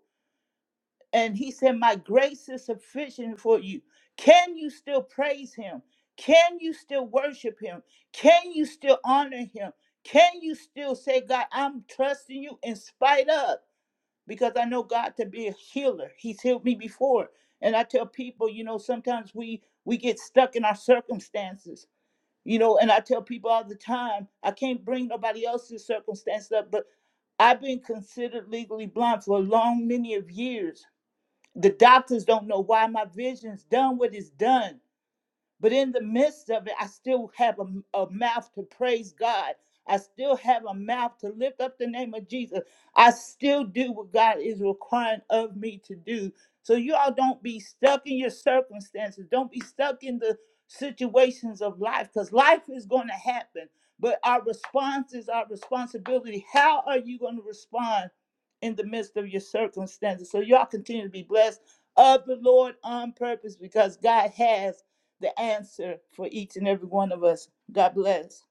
[SPEAKER 6] And he said, My grace is sufficient for you. Can you still praise him? Can you still worship him? Can you still honor him? Can you still say, God, I'm trusting you in spite of? Because I know God to be a healer. He's healed me before. And I tell people, you know, sometimes we we get stuck in our circumstances you know, and I tell people all the time, I can't bring nobody else's circumstance up, but I've been considered legally blind for a long many of years. The doctors don't know why my vision's done what it's done but in the midst of it, I still have a, a mouth to praise God. I still have a mouth to lift up the name of Jesus. I still do what God is requiring of me to do. So, you all don't be stuck in your circumstances. Don't be stuck in the situations of life because life is going to happen. But our response is our responsibility. How are you going to respond in the midst of your circumstances? So, y'all continue to be blessed of the Lord on purpose because God has the answer for each and every one of us. God bless.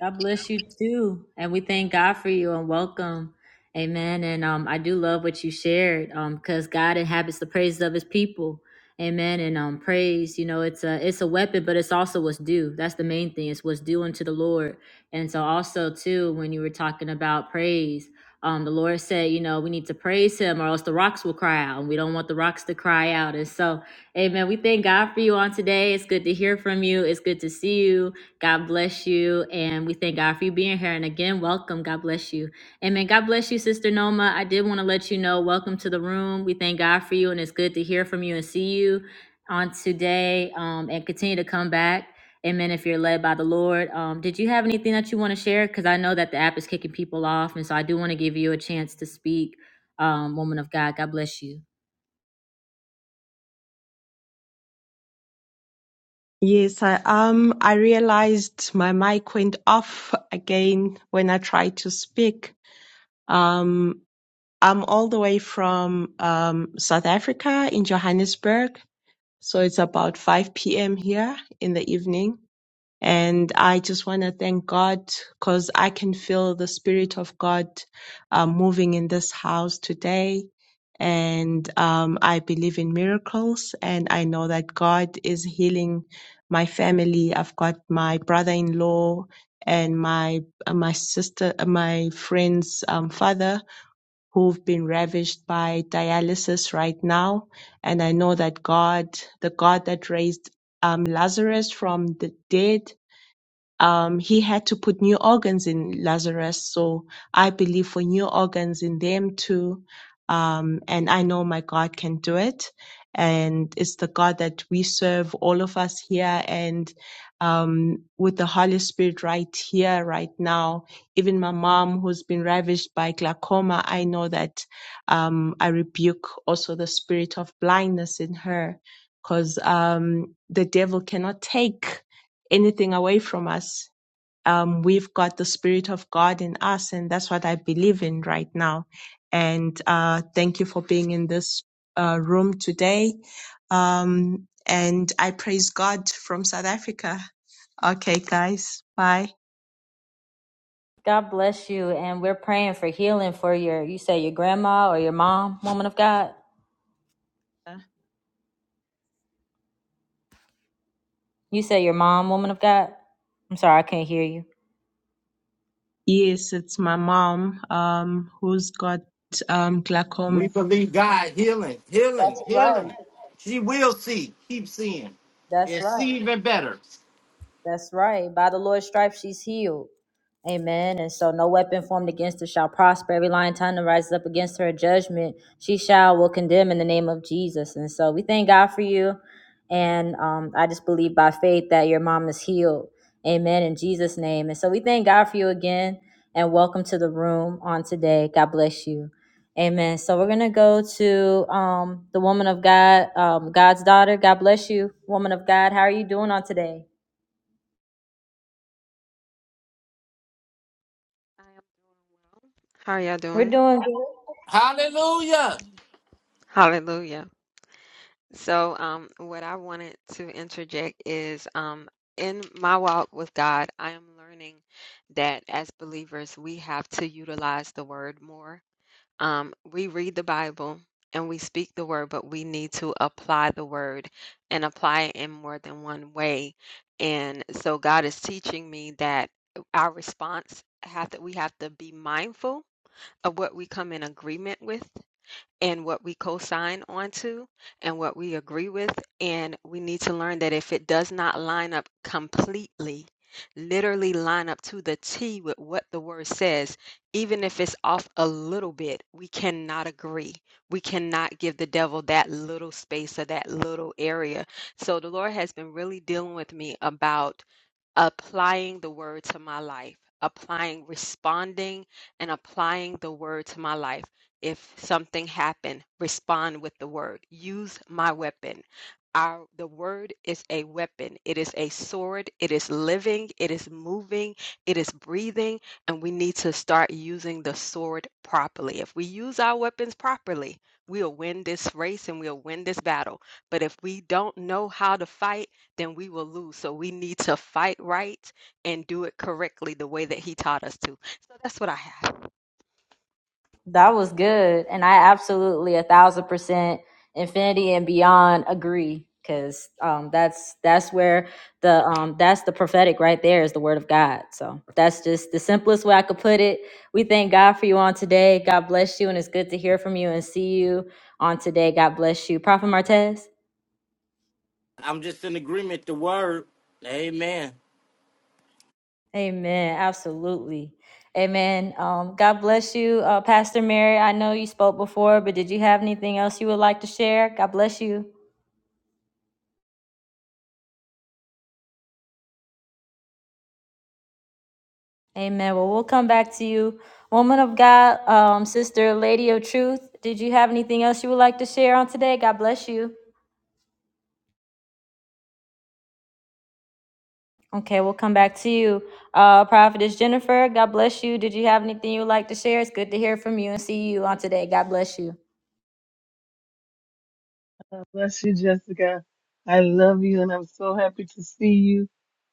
[SPEAKER 2] God bless you too. And we thank God for you and welcome. Amen. And um, I do love what you shared because God inhabits the praises of his people. Amen. And um, praise, you know, it's a it's a weapon, but it's also what's due. That's the main thing. It's what's due unto the Lord. And so also too, when you were talking about praise, um, the Lord said, you know, we need to praise him or else the rocks will cry out. And we don't want the rocks to cry out. And so, amen. We thank God for you on today. It's good to hear from you. It's good to see you. God bless you. And we thank God for you being here. And again, welcome. God bless you. Amen. God bless you, Sister Noma. I did want to let you know, welcome to the room. We thank God for you. And it's good to hear from you and see you on today. Um, and continue to come back. Amen. If you're led by the Lord. Um, did you have anything that you want to share? Because I know that the app is kicking people off. And so I do want to give you a chance to speak. Um, woman of God, God bless you.
[SPEAKER 11] yes, I um, I realized my mic went off again when I tried to speak. Um, I'm all the way from um, South Africa in Johannesburg, so it's about 5 p.m. here in the evening And I just want to thank God because I can feel the Spirit of God uh, moving in this house today. And um, I believe in miracles, and I know that God is healing my family. I've got my brother-in-law and my uh, my sister, uh, my friend's um, father, who've been ravished by dialysis right now. And I know that God, the God that raised um, Lazarus from the dead, um, he had to put new organs in Lazarus. So I believe for new organs in them too. Um, and I know my God can do it. And it's the God that we serve, all of us here, and um, with the Holy Spirit right here, right now. Even my mom, who's been ravished by glaucoma, I know that um, I rebuke also the spirit of blindness in her, because um, the devil cannot take anything away from us um, we've got the Spirit of God in us, and that's what I believe in right now. And uh, thank you for being in this uh, room today. Um, and I praise God from South Africa. Okay, guys, bye.
[SPEAKER 2] God bless you. And we're praying for healing for your, you say your grandma or your mom, woman of God. You say your mom, woman of God? I'm sorry, I can't hear you.
[SPEAKER 11] Yes, it's my mom um, who's got um, glaucoma.
[SPEAKER 1] We believe God healing, healing,
[SPEAKER 2] That's right.
[SPEAKER 1] healing. She will see, keep seeing,
[SPEAKER 2] That's
[SPEAKER 1] and
[SPEAKER 2] right.
[SPEAKER 1] see even better.
[SPEAKER 2] That's right. By the Lord's stripes, she's healed. Amen. And so no weapon formed against her shall prosper. Every lying tongue that rises up against her in judgment, she shall will condemn in the name of Jesus. And so we thank God for you. And um, I just believe by faith that your mom is healed. Amen. In Jesus' name. And so we thank God for you again and welcome to the room on today. God bless you. Amen. So we're gonna go to um, the woman of God, um, God's daughter. God bless you, woman of God. How are you doing on today?
[SPEAKER 17] I am doing well. How are y'all
[SPEAKER 2] We're
[SPEAKER 17] doing?
[SPEAKER 2] doing good.
[SPEAKER 1] Hallelujah.
[SPEAKER 17] Hallelujah. So, um, what I wanted to interject is, um, in my walk with God, I am learning that as believers, we have to utilize the word more. Um, we read the Bible and we speak the word, but we need to apply the word and apply it in more than one way. And so, God is teaching me that our response have to, we have to be mindful of what we come in agreement with and what we co-sign onto and what we agree with and we need to learn that if it does not line up completely literally line up to the T with what the word says even if it's off a little bit we cannot agree we cannot give the devil that little space or that little area so the lord has been really dealing with me about applying the word to my life, applying, responding, and applying the word to my life. If something happened, respond with the word. Use my weapon. Our, the word is a weapon. It is a sword. It is living. It is moving. It is breathing. And we need to start using the sword properly. If we use our weapons properly, we'll win this race and we'll win this battle. But if we don't know how to fight, then we will lose. So we need to fight right and do it correctly the way that He taught us to. So that's what I have.
[SPEAKER 2] That was good. And I absolutely a thousand percent infinity and beyond agree. Cause um that's that's where the um that's the prophetic right there is the word of God. So that's just the simplest way I could put it. We thank God for you on today. God bless you and it's good to hear from you and see you on today. God bless you. Prophet Martez.
[SPEAKER 1] I'm just in agreement the word. Amen.
[SPEAKER 2] Amen. Absolutely. Amen. Um, God bless you, uh, Pastor Mary. I know you spoke before, but did you have anything else you would like to share? God bless you. Amen. Well, we'll come back to you, woman of God, um, sister, lady of truth. Did you have anything else you would like to share on today? God bless you. Okay, we'll come back to you, uh, prophetess Jennifer. God bless you. Did you have anything you would like to share? It's good to hear from you and see you on today. God bless you.
[SPEAKER 12] God bless you, Jessica. I love you and I'm so happy to see you.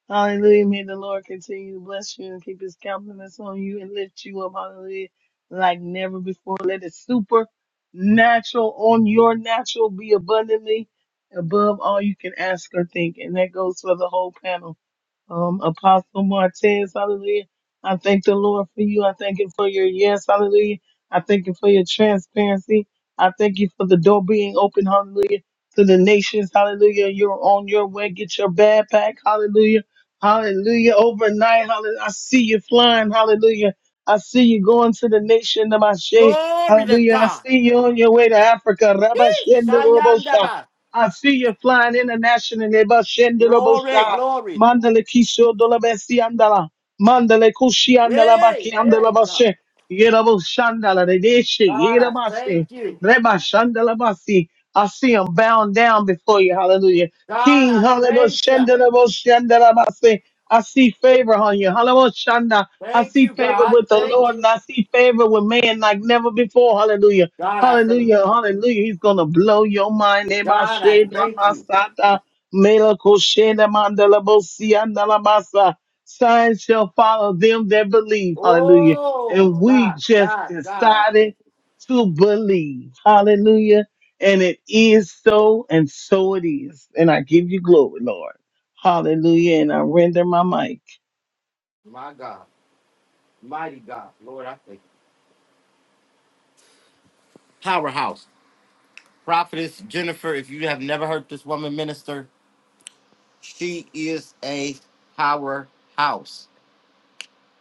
[SPEAKER 12] Hallelujah. May the Lord continue to bless you and keep his countenance on you and lift you up. Hallelujah. Like never before. Let it supernatural on your natural be abundantly above all you can ask or think. And that goes for the whole panel um, Apostle Martez, hallelujah. I thank the Lord for you. I thank Him for your yes, hallelujah. I thank you for your transparency. I thank you for the door being open, hallelujah, to the nations, hallelujah. You're on your way. Get your bag packed, hallelujah, hallelujah. Overnight, hallelujah. I see you flying, hallelujah. I see you going to the nation, Namashe,
[SPEAKER 1] Glory to
[SPEAKER 12] hallelujah. I
[SPEAKER 1] God.
[SPEAKER 12] see you on your way to Africa,
[SPEAKER 1] Yee,
[SPEAKER 12] Rabashende Robosha.
[SPEAKER 1] Shayandaba.
[SPEAKER 12] I see you flying internationally, Rabashende
[SPEAKER 1] Glory,
[SPEAKER 12] Robosha.
[SPEAKER 1] glory.
[SPEAKER 12] Mandele kisho dola besi andala. Mandele kushi andala baki
[SPEAKER 1] Hey,
[SPEAKER 12] andala
[SPEAKER 1] hey, God.
[SPEAKER 12] bashe. Yera bo shandala de deshe.
[SPEAKER 1] God,
[SPEAKER 12] Yera
[SPEAKER 1] I thank
[SPEAKER 12] bashe.
[SPEAKER 1] you.
[SPEAKER 12] Reba shandala basi. I see him bound down before you. Hallelujah.
[SPEAKER 1] God,
[SPEAKER 12] King,
[SPEAKER 1] I
[SPEAKER 12] hallelujah.
[SPEAKER 1] thank you.
[SPEAKER 12] Shandala bo shandala basi. I see favor on you. Hallelujah. Shanda. I
[SPEAKER 1] Thank
[SPEAKER 12] see
[SPEAKER 1] you,
[SPEAKER 12] favor
[SPEAKER 1] God.
[SPEAKER 12] with the
[SPEAKER 1] Thank
[SPEAKER 12] Lord and
[SPEAKER 1] you.
[SPEAKER 12] I see favor with man like never before. Hallelujah.
[SPEAKER 1] God, I thank you.
[SPEAKER 12] Hallelujah. Hallelujah. He's going to blow your mind. Ema
[SPEAKER 1] God, I
[SPEAKER 12] sheda
[SPEAKER 1] thank you.
[SPEAKER 12] masata. Mela koshena mandala bosi andala masa. Signs shall follow them that believe. Hallelujah.
[SPEAKER 1] Oh,
[SPEAKER 12] And we
[SPEAKER 1] God,
[SPEAKER 12] just
[SPEAKER 1] God, God, I thank
[SPEAKER 12] decided to believe. Hallelujah. And it is so, and so it is. And I give you glory, Lord. Hallelujah. And I render my mic.
[SPEAKER 1] you. My God. Mighty God, Lord, I thank you. Powerhouse. Prophetess Jennifer, if you have never heard this woman minister, she is a powerhouse.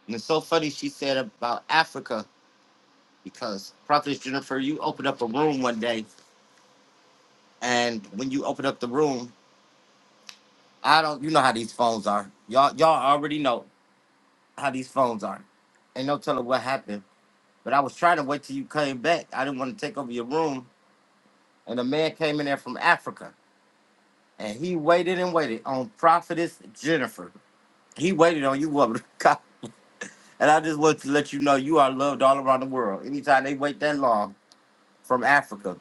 [SPEAKER 1] And it's so funny she said about Africa because Prophetess Jennifer, you opened up a room one day, and when you opened up the room, I don't, you know how these phones are. Y'all, y'all already know how these phones are. Ain't no telling what happened. But I was trying to wait till you came back. I didn't want to take over your room, and a man came in there from Africa. and he waited and waited on prophetess Jennifer. He waited on you, woman. And I just want to let you know you are loved all around the world. Anytime they wait that long from Africa,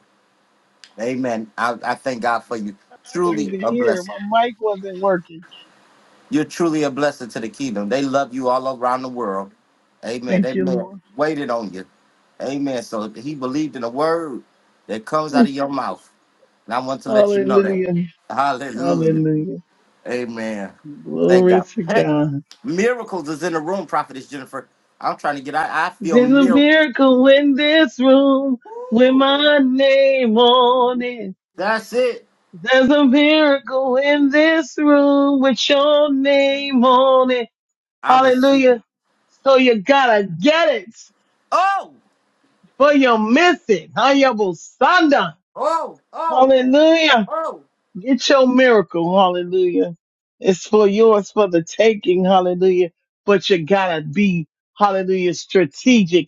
[SPEAKER 1] amen. I, I thank God for you.
[SPEAKER 12] I couldn't
[SPEAKER 1] Truly
[SPEAKER 12] even
[SPEAKER 1] a
[SPEAKER 12] hear.
[SPEAKER 1] blessing.
[SPEAKER 12] My mic wasn't working.
[SPEAKER 1] You're truly a blessing to the kingdom. They love you all around the world. Amen.
[SPEAKER 12] Thank
[SPEAKER 1] They may- have
[SPEAKER 12] you,
[SPEAKER 1] waited on you. Amen. So he believed in the word that comes out
[SPEAKER 12] Lord.
[SPEAKER 1] of your mouth. And I want to let you know that.
[SPEAKER 12] Hallelujah.
[SPEAKER 1] Hallelujah.
[SPEAKER 12] Hallelujah.
[SPEAKER 1] Amen. Thank
[SPEAKER 12] Glory
[SPEAKER 1] God.
[SPEAKER 12] to
[SPEAKER 1] Hey,
[SPEAKER 12] God.
[SPEAKER 1] miracles is in the room, Prophetess Jennifer. I'm trying to get out. I feel
[SPEAKER 12] There's a
[SPEAKER 1] miracle.
[SPEAKER 12] miracle in this room with my name on it.
[SPEAKER 1] That's it.
[SPEAKER 12] There's a miracle in this room with your name on it.
[SPEAKER 1] I receive it.
[SPEAKER 12] Hallelujah. So you gotta get it
[SPEAKER 1] Oh,
[SPEAKER 12] for you miss it. Hayabusanda.
[SPEAKER 1] oh, oh,
[SPEAKER 12] Hallelujah.
[SPEAKER 1] oh.
[SPEAKER 12] Get your miracle, hallelujah. It's for yours for the taking, hallelujah. But you gotta be, hallelujah, strategic,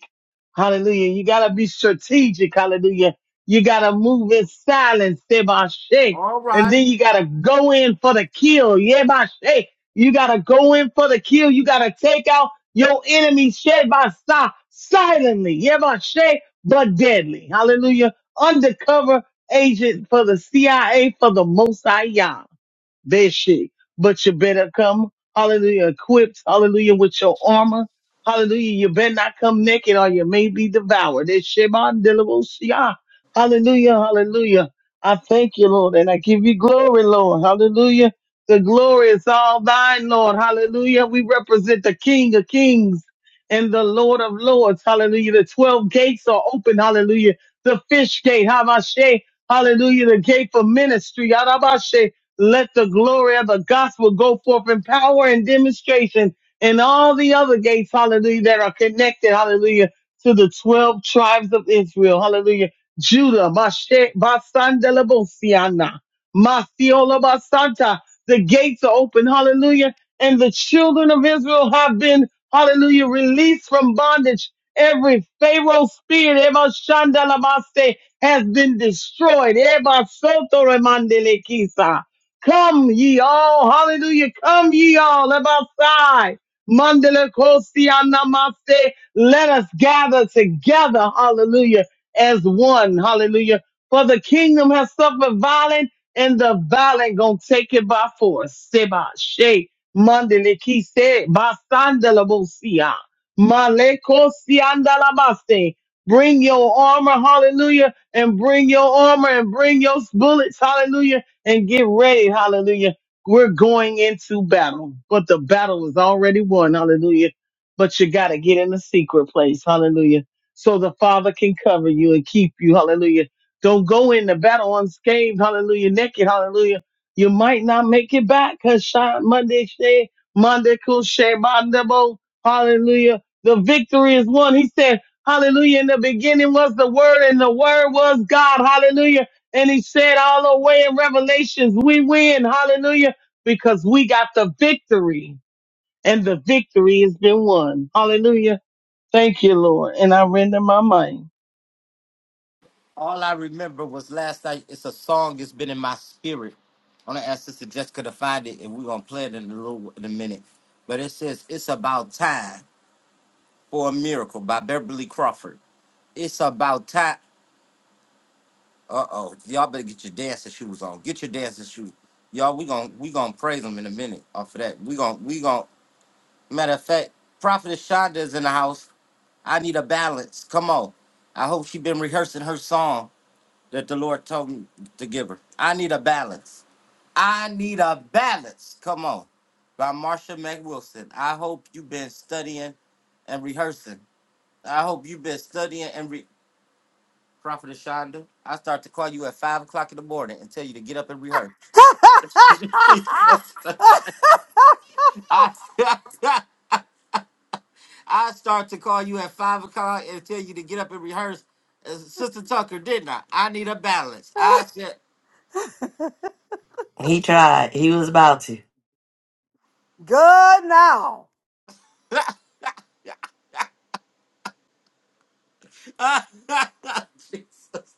[SPEAKER 12] hallelujah. You gotta be strategic, hallelujah. You gotta move in silence, Sebashe.
[SPEAKER 1] All
[SPEAKER 12] And
[SPEAKER 1] right.
[SPEAKER 12] then you gotta go in for the kill, Yebashe. You gotta go in for the kill. You gotta take out your enemy, Shebasha, silently, Yebashe, but deadly, hallelujah. Undercover agent for the CIA for the Mossad that shit. But you better come, hallelujah, equipped, hallelujah, with your armor. Hallelujah. You better not come naked or you may be devoured. It's Shimon Delabosia. Hallelujah. Hallelujah. I thank you, Lord, and I give you glory, Lord. Hallelujah. The glory is all thine, Lord. Hallelujah. We represent the King of Kings and the Lord of Lords. Hallelujah. The 12 gates are open. Hallelujah. The fish gate. Hamashe. Hallelujah. The gate for ministry let the glory of the gospel go forth in power and demonstration and all the other gates, hallelujah, that are connected, hallelujah, to the 12 tribes of Israel, hallelujah. Judah, Mashe- Basandelebosiana, Masiola Basanta, the gates are open, hallelujah, and the children of Israel have been, hallelujah, released from bondage. Every Pharaoh spirit, Eva Shandalamaste, has been destroyed. Eva Soto Remandelekisa. Come ye all, hallelujah. Come ye all, Lebasai. Mandele kosia namaste. Let us gather together, hallelujah, as one, hallelujah. For the kingdom has suffered violence, and the violent gonna take it by force. Seba she mandele kise basandela bosia. Male kosia ndalabaste. Bring your armor, hallelujah, and bring your armor and bring your bullets, hallelujah and get ready. Hallelujah. We're going into battle, but the battle is already won. Hallelujah. But you got to get in the secret place. Hallelujah. So the Father can cover you and keep you. Hallelujah. Don't go in the battle unscathed. Hallelujah. Naked. Hallelujah. You might not make it back because Monday, Shay, Monday, Kushay, Mandabo. Hallelujah. The victory is won. He said, Hallelujah. In the beginning was the Word, and the Word was God. Hallelujah and he said all the way in Revelations, we win. Hallelujah. Because we got the victory and the victory has been won. Hallelujah. Thank you, Lord. And I render my mind.
[SPEAKER 1] All I remember was last night. It's a song that's been in my spirit. I'm gonna ask Sister Jessica to find it, and we're gonna play it in a little in a minute. But it says, "It's about time for a miracle" by Beverly Crawford. It's about time. Uh oh, y'all better get your dancing shoes on. Get your dancing shoes, y'all. We gon' we gonna praise him in a minute. Off of that, we gon' we gon' matter of fact, Prophet Shonda's in the house. I need a balance. Come on, I hope she been rehearsing her song that the Lord told me to give her. I need a balance. I need a balance. Come on, by Marsha McWilson. I hope you been studying and rehearsing. I hope you been studying and re. Prophet Shonda, I start to call you at five o'clock in the morning and tell you to get up and rehearse. Jesus. I, I start to call you at five o'clock and tell you to get up and rehearse. Uh, Sister Tucker, didn't I? I need a balance. I said,
[SPEAKER 3] He tried. He was about to.
[SPEAKER 18] Good now.
[SPEAKER 1] Jesus.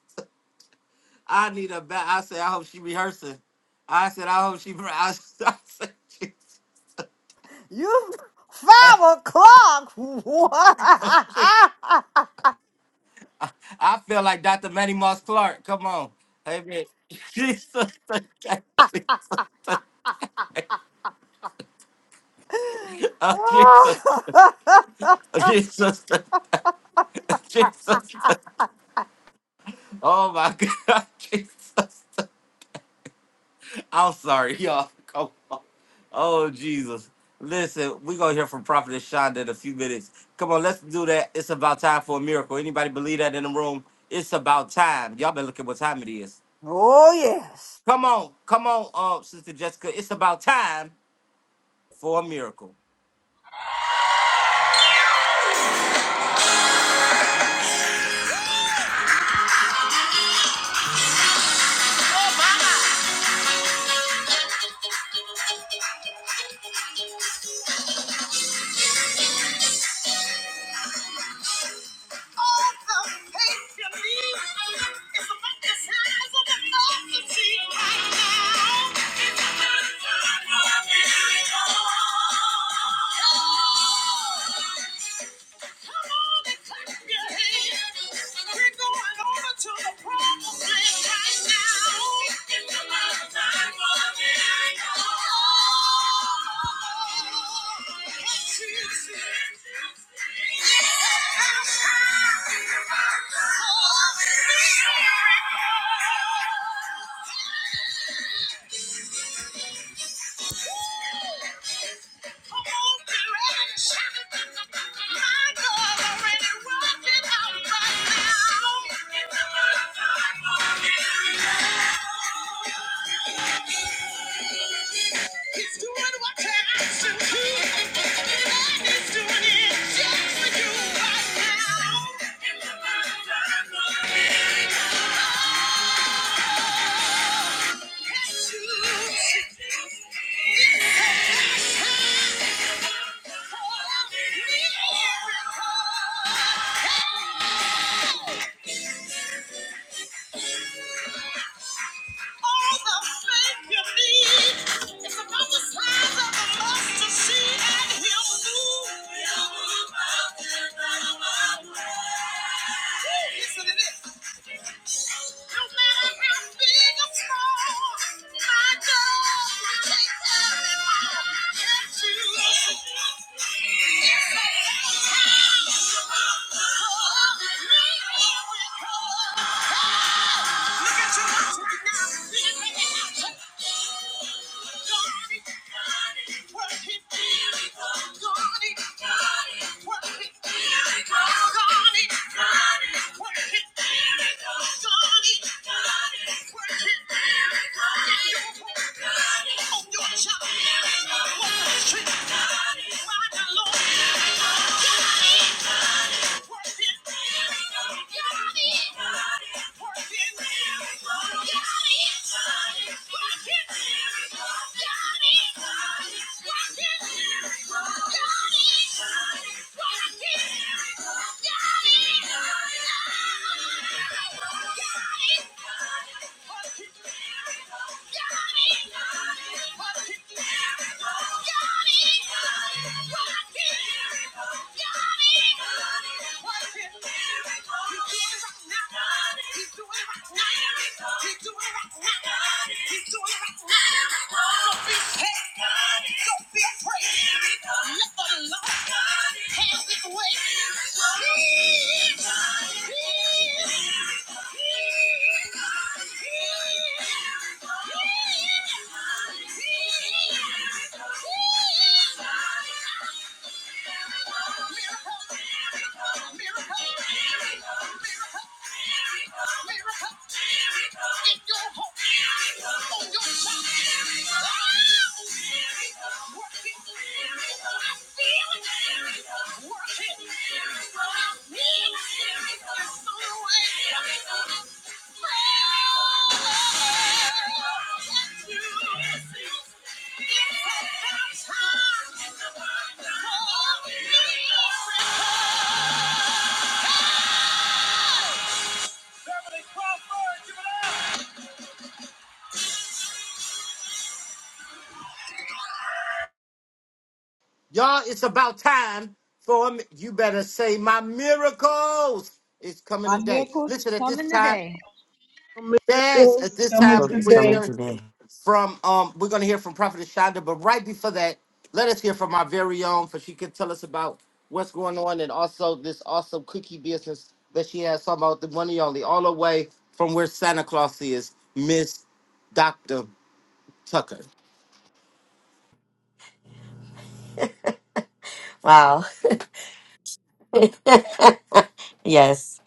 [SPEAKER 1] I need a balance. I said, I hope she rehearsing. I said, I hope she. re- I, I said, Jesus.
[SPEAKER 18] You five o'clock.
[SPEAKER 1] Jesus. I feel like Dr. Manny Moss Clark. Come on. Amen. Jesus. Thank you, Jesus. Oh, Jesus. Oh, Jesus. Jesus. Oh, my God. Jesus. I'm sorry, y'all. Come on. Oh, Jesus. Listen, we're going to hear from Prophetess Shonda in a few minutes. Come on, let's do that. It's about time for a miracle. Anybody believe that in the room? It's about time. Y'all been looking what time it is.
[SPEAKER 18] oh yes.
[SPEAKER 1] Come on. Come on, uh, Sister Jessica. It's about time for a miracle.
[SPEAKER 2] Come on and clap your hands. We're going over to the promised land right now. It's about time for a miracle. Come on, He's doing what to ask him to. And he's doing it just for you right now. Listen to this. Working, working, working. Yeah. He's doing it right now. He's doing it right now. Miracle! Miracle! Miracle! Beverly Crawford, give it up!
[SPEAKER 1] Y'all, it's about time for a mi- you better say my miracles is coming
[SPEAKER 2] My
[SPEAKER 1] today.
[SPEAKER 2] miracles is
[SPEAKER 1] Listen, at this
[SPEAKER 2] coming
[SPEAKER 1] time,
[SPEAKER 2] today.
[SPEAKER 1] yes,
[SPEAKER 12] Miracles
[SPEAKER 1] at
[SPEAKER 12] is
[SPEAKER 1] this
[SPEAKER 3] That's
[SPEAKER 12] coming
[SPEAKER 1] time
[SPEAKER 3] what is
[SPEAKER 1] we're
[SPEAKER 3] coming
[SPEAKER 12] today.
[SPEAKER 1] hearing
[SPEAKER 3] today.
[SPEAKER 1] from um we're gonna hear from Prophet Shonda, but right before that, let us hear from our very own for she can tell us about what's going on and also this awesome cookie business that she has talking about the money only all the way from where Santa Claus is, Miss Dr. Tucker.
[SPEAKER 3] Wow. yes.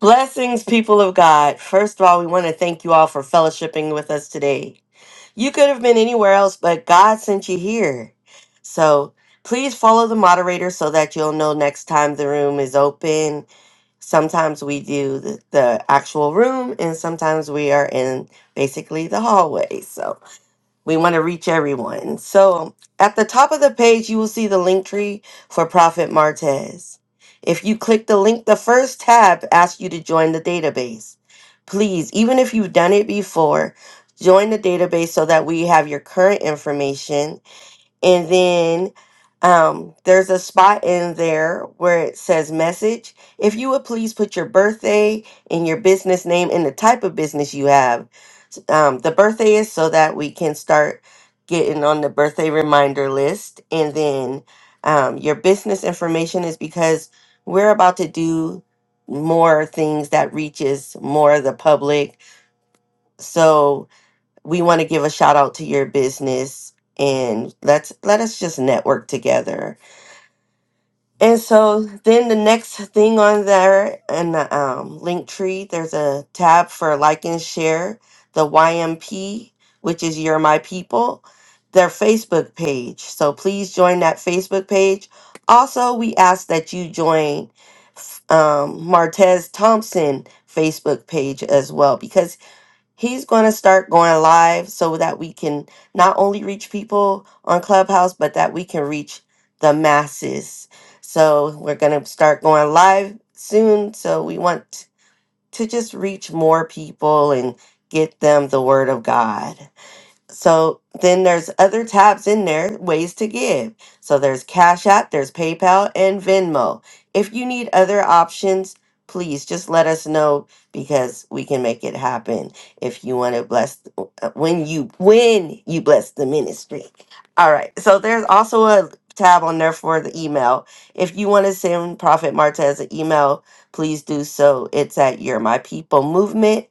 [SPEAKER 3] Blessings, people of God. First of all, we want to thank you all for fellowshipping with us today. You could have been anywhere else, but God sent you here. So please follow the moderator so that you'll know next time the room is open. Sometimes we do the, the actual room, and sometimes we are in basically the hallway. So. We want to reach everyone. So at the top of the page, you will see the link tree for Prophet Martez. If you click the link, the first tab asks you to join the database. Please, even if you've done it before, join the database so that we have your current information and then um, there's a spot in there where it says message. If you would please put your birthday and your business name and the type of business you have. S- Um, the birthday is so that we can start getting on the birthday reminder list. And then um, your business information is because we're about to do more things that reaches more of the public. So we want to give a shout out to your business and let's let us just network together. And so then the next thing on there in the um, link tree, there's a tab for like and share the YMP, which is You're My People, their Facebook page. So please join that Facebook page. Also, we ask that you join um, Martez Thompson Facebook page as well because He's going to start going live so that we can not only reach people on Clubhouse, but that we can reach the masses. So we're going to start going live soon. So we want to just reach more people and get them the word of God. So then there's other tabs in there, ways to give. So there's Cash App, there's PayPal, and Venmo. If you need other options, please just let us know because we can make it happen if you want to bless uh, when you when you bless the ministry. All right. So there's also a tab on there for the email. If you want to send Prophet Martez an email, please do so. It's at your my people Movement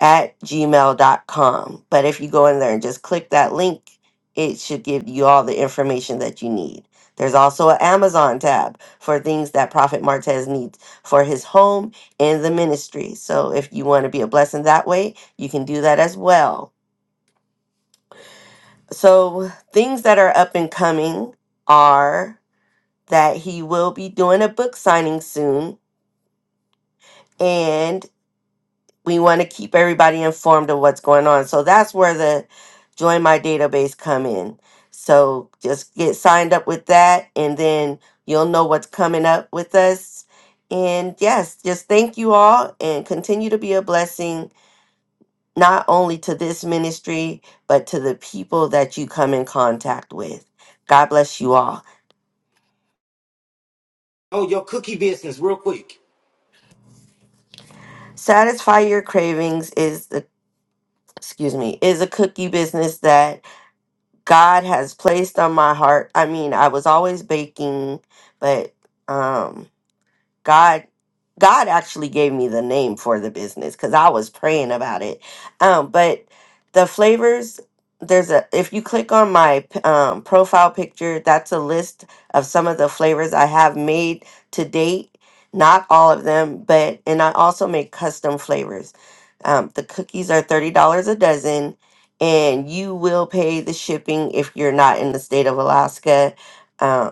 [SPEAKER 3] at gmail dot com, But if you go in there and just click that link, it should give you all the information that you need. There's also an Amazon tab for things that Prophet Martez needs for his home and the ministry. So if you want to be a blessing that way, you can do that as well. So things that are up and coming are that he will be doing a book signing soon and. we want to keep everybody informed of what's going on. So that's where the join my database come in. So just get signed up with that and then you'll know what's coming up with us. And yes, just thank you all and continue to be a blessing not only to this ministry but to the people that you come in contact with. God bless you all.
[SPEAKER 1] Oh, your cookie business, real quick.
[SPEAKER 3] Satisfy your cravings is the excuse me, is a cookie business that God has placed on my heart. I mean, I was always baking, but um God God actually gave me the name for the business cuz I was praying about it. Um but the flavors there's a if you click on my p- um, profile picture, that's a list of some of the flavors I have made to date. Not all of them, but and I also make custom flavors. Um, the cookies are thirty dollars a dozen, and you will pay the shipping if you're not in the state of Alaska. Uh,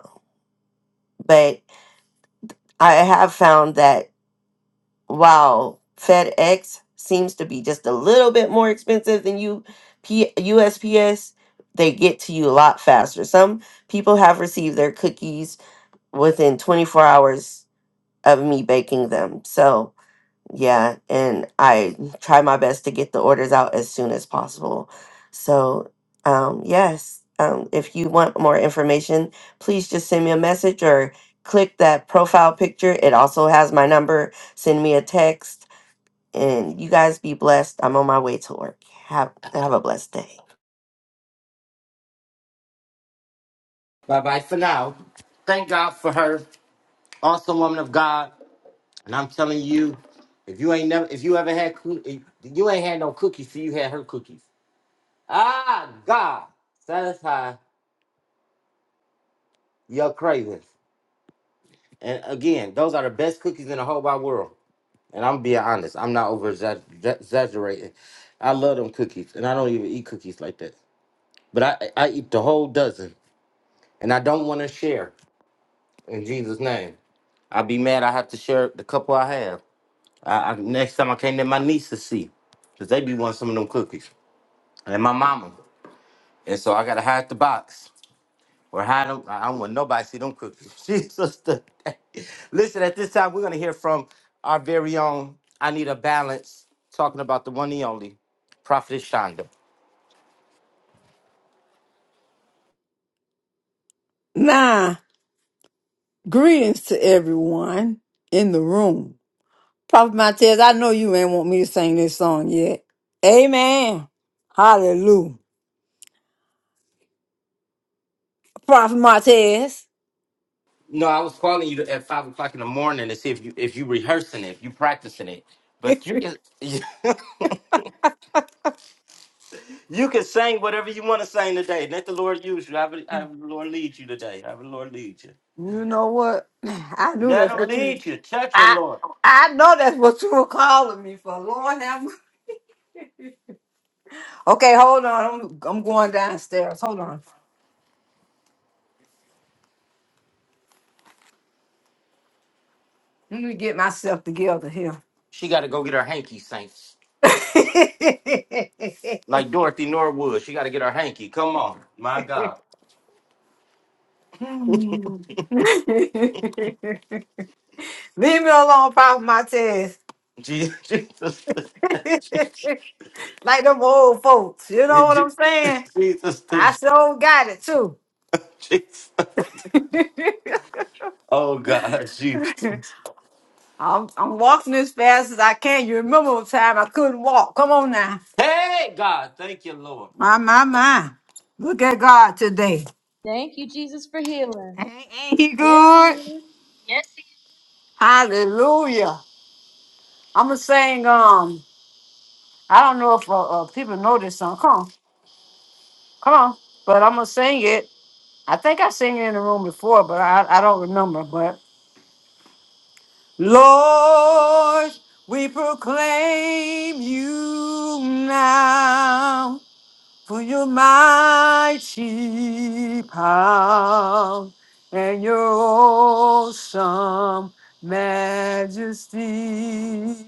[SPEAKER 3] but I have found that while FedEx seems to be just a little bit more expensive than U P USPS, they get to you a lot faster. Some people have received their cookies within 24 hours of me baking them. So, yeah, and I try my best to get the orders out as soon as possible. So, um, yes, um, if you want more information, please just send me a message or click that profile picture. It also has my number. Send me a text and you guys be blessed. I'm on my way to work. Have have a blessed day.
[SPEAKER 1] Bye bye for now. Thank God for her. awesome woman of God, and I'm telling you, if you ain't never, if you ever had, coo- if you ain't had no cookies, so you had her cookies. Ah, God, satisfy your cravings. And again, those are the best cookies in the whole wide world. And I'm being honest, I'm not over exa- exaggerating. I love them cookies, and I don't even eat cookies like that. But I, I eat the whole dozen, and I don't want to share in Jesus' name. I'd be mad I have to share the couple I have. I, I, next time I came to my niece to see, cause they be wanting some of them cookies, and my mama, and so I gotta hide the box or hide them. I I don't want nobody to see them cookies. Jesus, the- listen. At this time, we're gonna hear from our very own. I need a balance. Talking about the one and only Prophet Shonda.
[SPEAKER 18] Now, greetings to everyone in the room. Prophet Montez, I know you ain't want me to sing this song yet. Amen. Hallelujah. Prophet Montez.
[SPEAKER 1] No, I was calling you at five o'clock in the morning to see if you if you rehearsing it, if you practicing it. But you can. You can sing whatever you want to sing today. Let the Lord use you. Have, have the Lord lead you today. Have the Lord lead you.
[SPEAKER 18] You know what? I knew
[SPEAKER 1] Let
[SPEAKER 18] that's
[SPEAKER 1] him
[SPEAKER 18] what you.
[SPEAKER 1] lead you. Touch her,
[SPEAKER 18] I
[SPEAKER 1] Lord.
[SPEAKER 18] I know that's what you were calling me for. Lord have mercy. Okay, hold on. I'm I'm going downstairs. Hold on. Let me get myself together here.
[SPEAKER 1] She got to go get her hanky, saints. Like Dorothy Norwood. She got to get her hanky. Come on. My God.
[SPEAKER 18] Leave me alone, pop my test.
[SPEAKER 1] Je- Jesus.
[SPEAKER 18] Like them old folks. You
[SPEAKER 1] Je-
[SPEAKER 18] know what I'm saying?
[SPEAKER 1] Jesus. to-
[SPEAKER 18] I sure got it too.
[SPEAKER 1] Jesus. Oh, God. Jesus.
[SPEAKER 18] I'm I'm walking as fast as I can. You remember the time I couldn't walk. Come on now.
[SPEAKER 1] Hey, God. Thank you, Lord.
[SPEAKER 18] My my my. Look at God today.
[SPEAKER 2] Thank you, Jesus, for healing.
[SPEAKER 18] Ain't, ain't he
[SPEAKER 2] Yes, He
[SPEAKER 18] good?
[SPEAKER 2] is.
[SPEAKER 18] Hallelujah. I'm gonna sing. Um, I don't know if uh, uh, people know this song. Come on, come on. But I'm gonna sing it. I think I sang it in the room before, but I, I don't remember. But Lord, we proclaim you now. For your mighty power and your awesome majesty.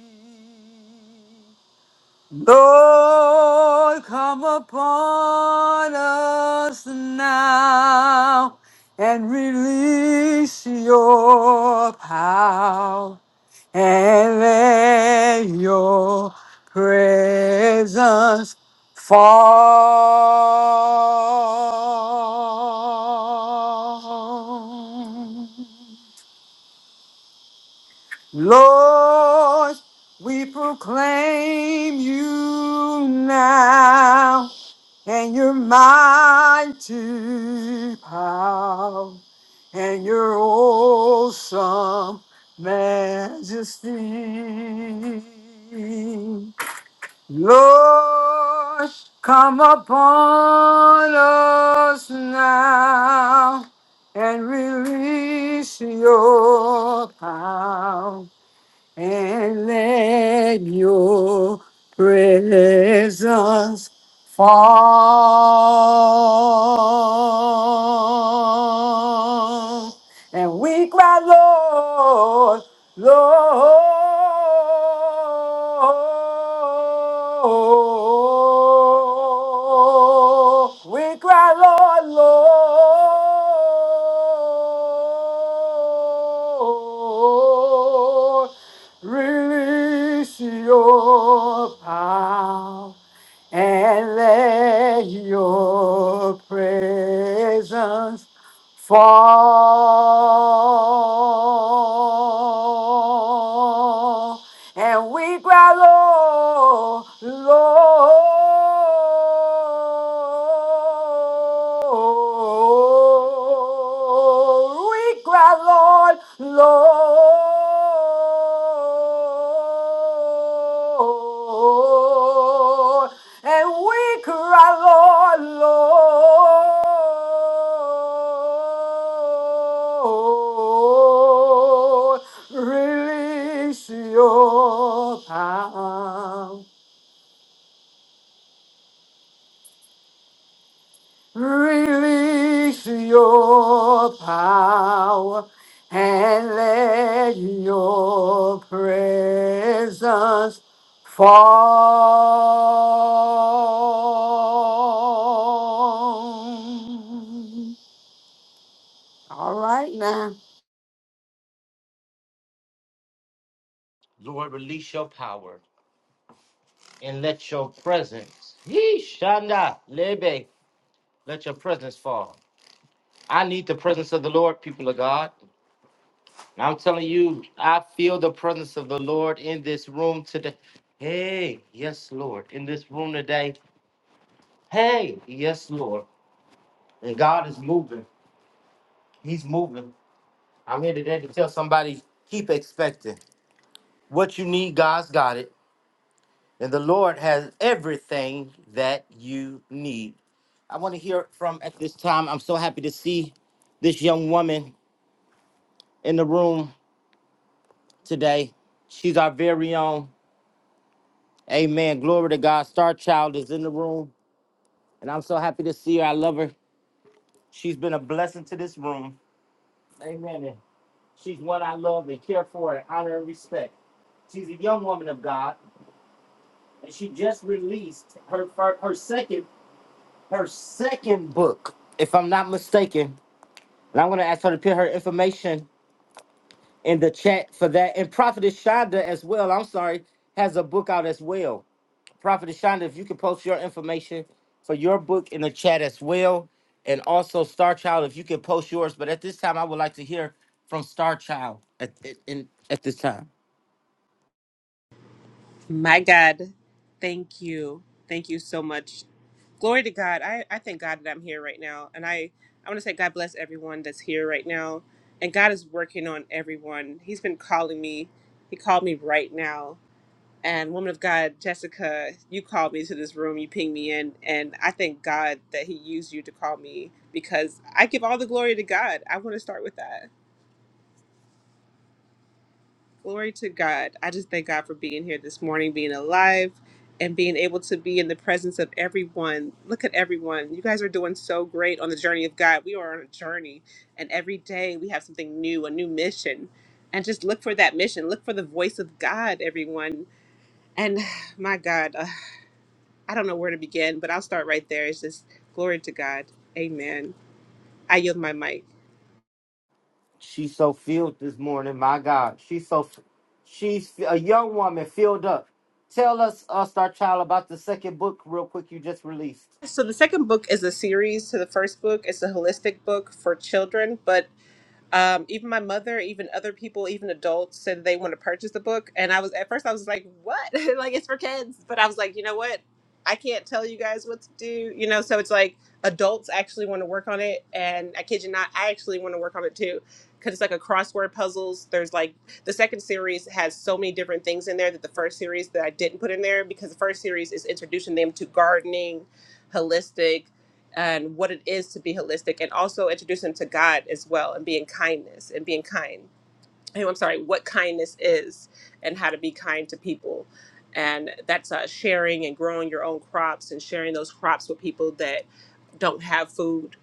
[SPEAKER 18] Lord, come upon us now and release your power and let your presence fall. Lord, we proclaim you now and your mighty power and your awesome majesty. Lord, come upon us now and release your power and let your presence fall. And we cry, Lord. Lord, we cry, Lord, Lord, release your power and let your presence fall, and we cry, Lord, Lord. We cry, Lord, Lord. Lord, and we cry, Lord, Lord, release your power. Release your power and let your presence fall. All right now.
[SPEAKER 1] Lord, release your power and let your presence. Yeesh. Shanda. Lebe. Let your presence fall. I need the presence of the Lord, people of God. And I'm telling you, I feel the presence of the Lord in this room today. Hey, yes, Lord, in this room today. Hey, yes, Lord. And God is moving. He's moving. I'm here today to tell somebody, keep expecting. What you need, God's got it. And the Lord has everything that you need. I want to hear from at this time. I'm so happy to see this young woman in the room today. She's our very own. Amen. Glory to God. Star Child is in the room, and I'm so happy to see her. I love her. She's been a blessing to this room. Amen. And she's one I love and care for and honor and respect. She's a young woman of God, and she just released her her, her second her second book, if I'm not mistaken. And I'm gonna ask her to put her information in the chat for that. And Prophetess Shonda as well. I'm sorry, has a book out as well. Prophet Shonda, if you could post your information for your book in the chat as well. And also Star Child, if you could post yours. But at this time, I would like to hear from Star Child at, at, in, at this time.
[SPEAKER 19] My God, thank you. Thank you so much. Glory to God. I, I thank God that I'm here right now. And I, I want to say God bless everyone that's here right now. And God is working on everyone. He's been calling me. He called me right now. And woman of God, Jessica, you called me to this room. You pinged me in. And I thank God that He used you to call me because I give all the glory to God. I want to start with that. Glory to God. I just thank God for being here this morning, being alive, and being able to be in the presence of everyone. Look at everyone. You guys are doing so great on the journey of God. We are on a journey, and every day we have something new, a new mission. And just look for that mission. Look for the voice of God, everyone. And my God, uh, I don't know where to begin, but I'll start right there. It's just glory to God. Amen. I yield my mic.
[SPEAKER 1] She's so filled this morning, my God. She's so, she's a young woman filled up. Tell us, uh, Star Child, about the second book real quick you just released.
[SPEAKER 19] So the second book is a series to the first book. It's a holistic book for children, but um, even my mother, even other people, even adults said they want to purchase the book. And I was at first I was like, what? like it's for kids. But I was like, you know what? I can't tell you guys what to do. You know, so it's like adults actually want to work on it, and I kid you not, I actually want to work on it too. Cause it's like a crossword puzzles. There's like the second series has so many different things in there that the first series that I didn't put in there because the first series is introducing them to gardening, holistic, and what it is to be holistic and also introduce them to God as well and being kindness and being kind hey, I'm sorry, what kindness is and how to be kind to people. And that's uh, sharing and growing your own crops and sharing those crops with people that don't have food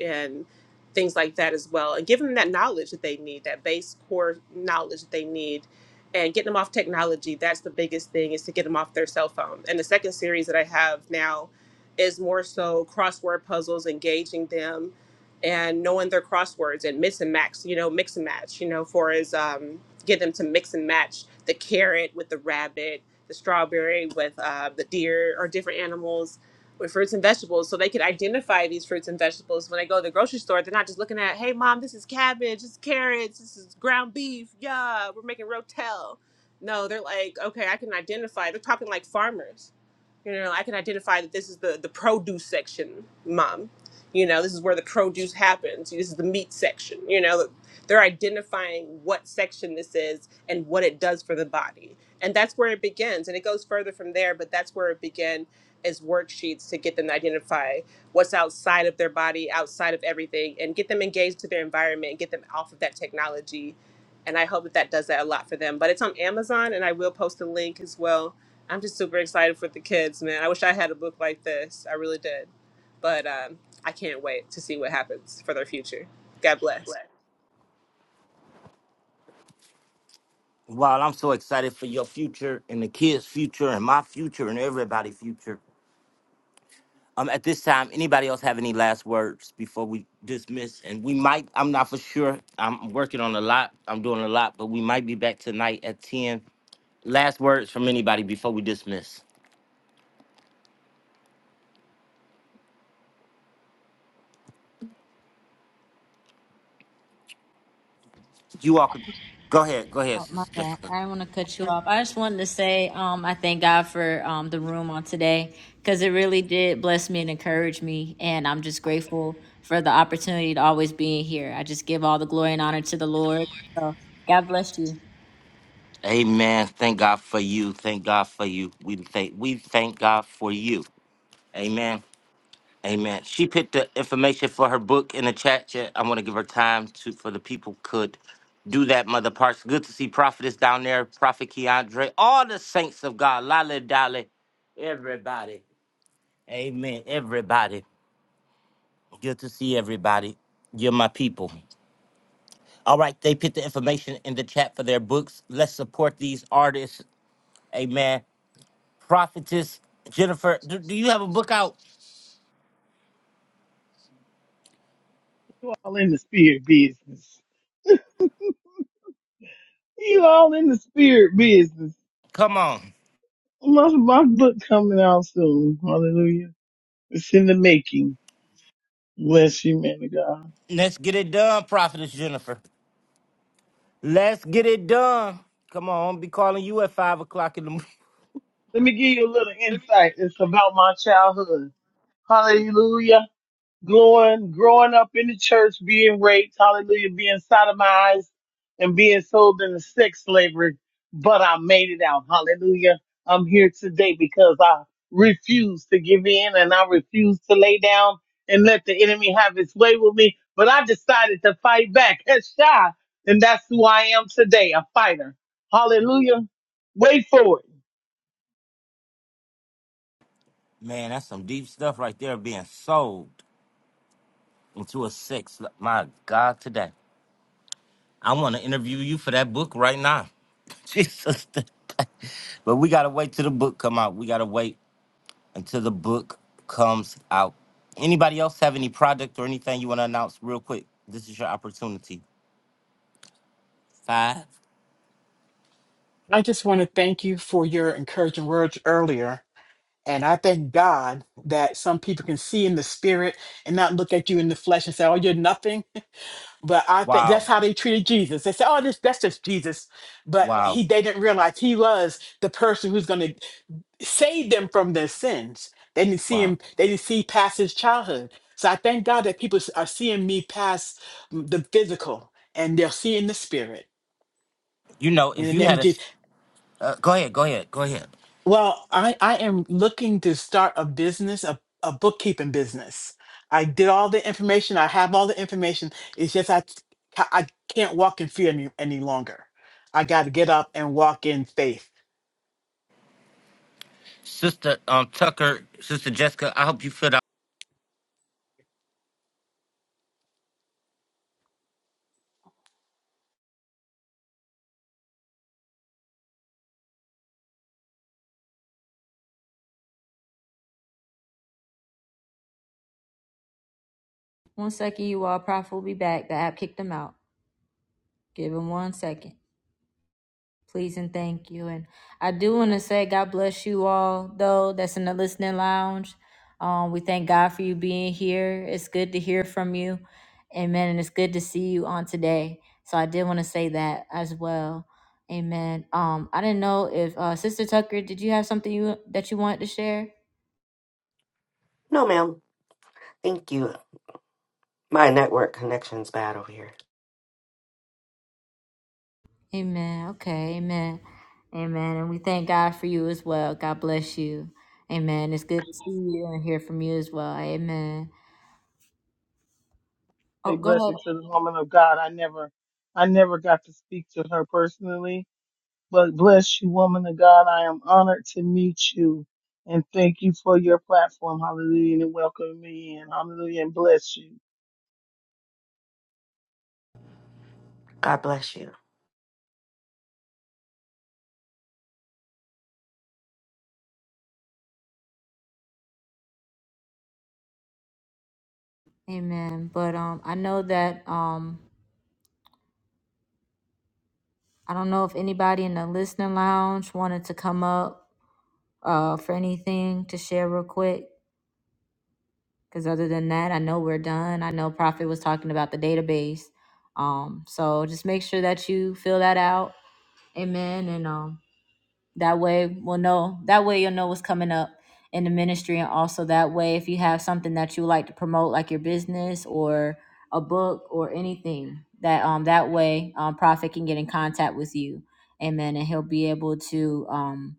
[SPEAKER 19] and things like that as well. And giving them that knowledge that they need, that base core knowledge that they need, and getting them off technology. That's the biggest thing is to get them off their cell phone. And the second series that I have now is more so crossword puzzles, engaging them and knowing their crosswords and mix and match, you know, mix and match, you know, for as um, get them to mix and match the carrot with the rabbit, the strawberry with uh, the deer or different animals with fruits and vegetables so they can identify these fruits and vegetables when they go to the grocery store they're not just looking at hey mom this is cabbage this is carrots this is ground beef yeah we're making rotel no they're like okay i can identify they're talking like farmers you know i can identify that this is the the produce section mom you know this is where the produce happens this is the meat section you know they're identifying what section this is and what it does for the body and that's where it begins and it goes further from there but that's where it began as worksheets to get them to identify what's outside of their body outside of everything and get them engaged to their environment and get them off of that technology and I hope that that does that a lot for them. But it's on Amazon, and I will post a link as well. I'm just super excited for the kids, man. I wish I had a book like this. I really did, but um, I can't wait to see what happens for their future. God bless.
[SPEAKER 1] Wow, I'm so excited for your future and the kids' future and my future and everybody's future. Um, at this time, anybody else have any last words before we dismiss? And we might, I'm not for sure. I'm working on a lot. I'm doing a lot, but we might be back tonight at 10. Last words from anybody before we dismiss. You all could go ahead. Go ahead,
[SPEAKER 2] Oh, my
[SPEAKER 1] sister.
[SPEAKER 2] God.
[SPEAKER 1] Jessica.
[SPEAKER 2] I didn't want to cut you off. I just wanted to say um, I thank God for um, the room on today because it really did bless me and encourage me. And I'm just grateful for the opportunity to always being here. I just give all the glory and honor to the Lord. So God bless you.
[SPEAKER 1] Amen. Thank God for you. Thank God for you. We thank we thank God for you. Amen. Amen. She put the information for her book in the chat. chat. I want to give her time to for the people could do that, Mother Parks. Good to see Prophetess down there, Prophet Keandre, all the saints of God, Lolly Dolly, everybody. Amen. Everybody. Good to see everybody. You're my people. All right, they put the information in the chat for their books. Let's support these artists. Amen. Prophetess Jennifer, do, do you have a book out?
[SPEAKER 12] You all in the spirit business. You all in the spirit business.
[SPEAKER 1] Come on.
[SPEAKER 12] My, my book coming out soon. Hallelujah. It's in the making. Bless you, man of God.
[SPEAKER 1] Let's get it done, Prophetess Jennifer. Let's get it done. Come on, I'll be calling you at five o'clock in the morning.
[SPEAKER 12] Let me give you a little insight. It's about my childhood. Hallelujah. growing growing up in the church, being raped, hallelujah, being sodomized and being sold into sex slavery, but I made it out. Hallelujah. I'm here today because I refuse to give in and I refuse to lay down and let the enemy have his way with me. But I decided to fight back. That's shy. And that's who I am today, a fighter. Hallelujah. Wait for it.
[SPEAKER 1] Man, that's some deep stuff right there being sold into a sex. My God, today. I want to interview you for that book right now. Jesus. but we got to wait till the book come out. We got to wait until the book comes out. Anybody else have any product or anything you want to announce real quick? This is your opportunity. Five.
[SPEAKER 15] I just want to thank you for your encouraging words earlier. And I thank God that some people can see in the spirit and not look at you in the flesh and say, oh, you're nothing. But I think that's
[SPEAKER 1] Wow.
[SPEAKER 15] how they treated Jesus. They said, oh, this, that's just Jesus. But
[SPEAKER 1] Wow.
[SPEAKER 15] he, they didn't realize he was the person who's going to saved them from their sins. They didn't see
[SPEAKER 1] Wow.
[SPEAKER 15] him, they didn't see past his childhood. So I thank God that people s- are seeing me past mm, the physical and they're seeing the spirit.
[SPEAKER 1] You know,
[SPEAKER 15] In
[SPEAKER 1] if
[SPEAKER 15] the
[SPEAKER 1] you
[SPEAKER 15] name
[SPEAKER 1] had
[SPEAKER 15] of
[SPEAKER 1] a,
[SPEAKER 15] Jesus.
[SPEAKER 1] Uh, go ahead. Go ahead. Go ahead.
[SPEAKER 15] Well, I, I am looking to start a business, a, a bookkeeping business. I did all the information, I have all the information. It's just I I can't walk in fear any, any longer. I gotta get up and walk in faith.
[SPEAKER 1] Sister um Tucker, Sister Jessica, I hope you filled out.
[SPEAKER 2] One second, you all. Prophet will be back. The app kicked him out. Give him one second. Please and thank you. And I do want to say God bless you all, though, that's in the listening lounge. Um, we thank God for you being here. It's good to hear from you. Amen. And it's good to see you on today. So I did want to say that as well. Amen. Um, I didn't know if uh, Sister Tucker, did you have something you that you wanted to share?
[SPEAKER 3] No, ma'am. Thank you. My network connection's bad over here.
[SPEAKER 2] Amen. Okay. Amen. Amen. And we thank God for you as well. God bless you. Amen. It's good to see you and hear from you as well. Amen.
[SPEAKER 12] Say
[SPEAKER 2] Oh, go ahead.
[SPEAKER 12] blessing to the woman of God. I never I never got to speak to her personally But bless you, woman of God. I am honored to meet you. And thank you for your platform. Hallelujah. And welcome me in. Hallelujah. And bless you.
[SPEAKER 3] God bless you.
[SPEAKER 2] Amen. But um, I know that um, I don't know if anybody in the listening lounge wanted to come up uh for anything to share real quick. Because other than that, I know we're done. I know Prophet was talking about the database. Um, so just make sure that you fill that out. Amen. And um, That way we'll know that way you'll know what's coming up in the ministry and also that way if you have something that you like to promote like your business or a book or anything that um that way um prophet can get in contact with you. Amen. And he'll be able to um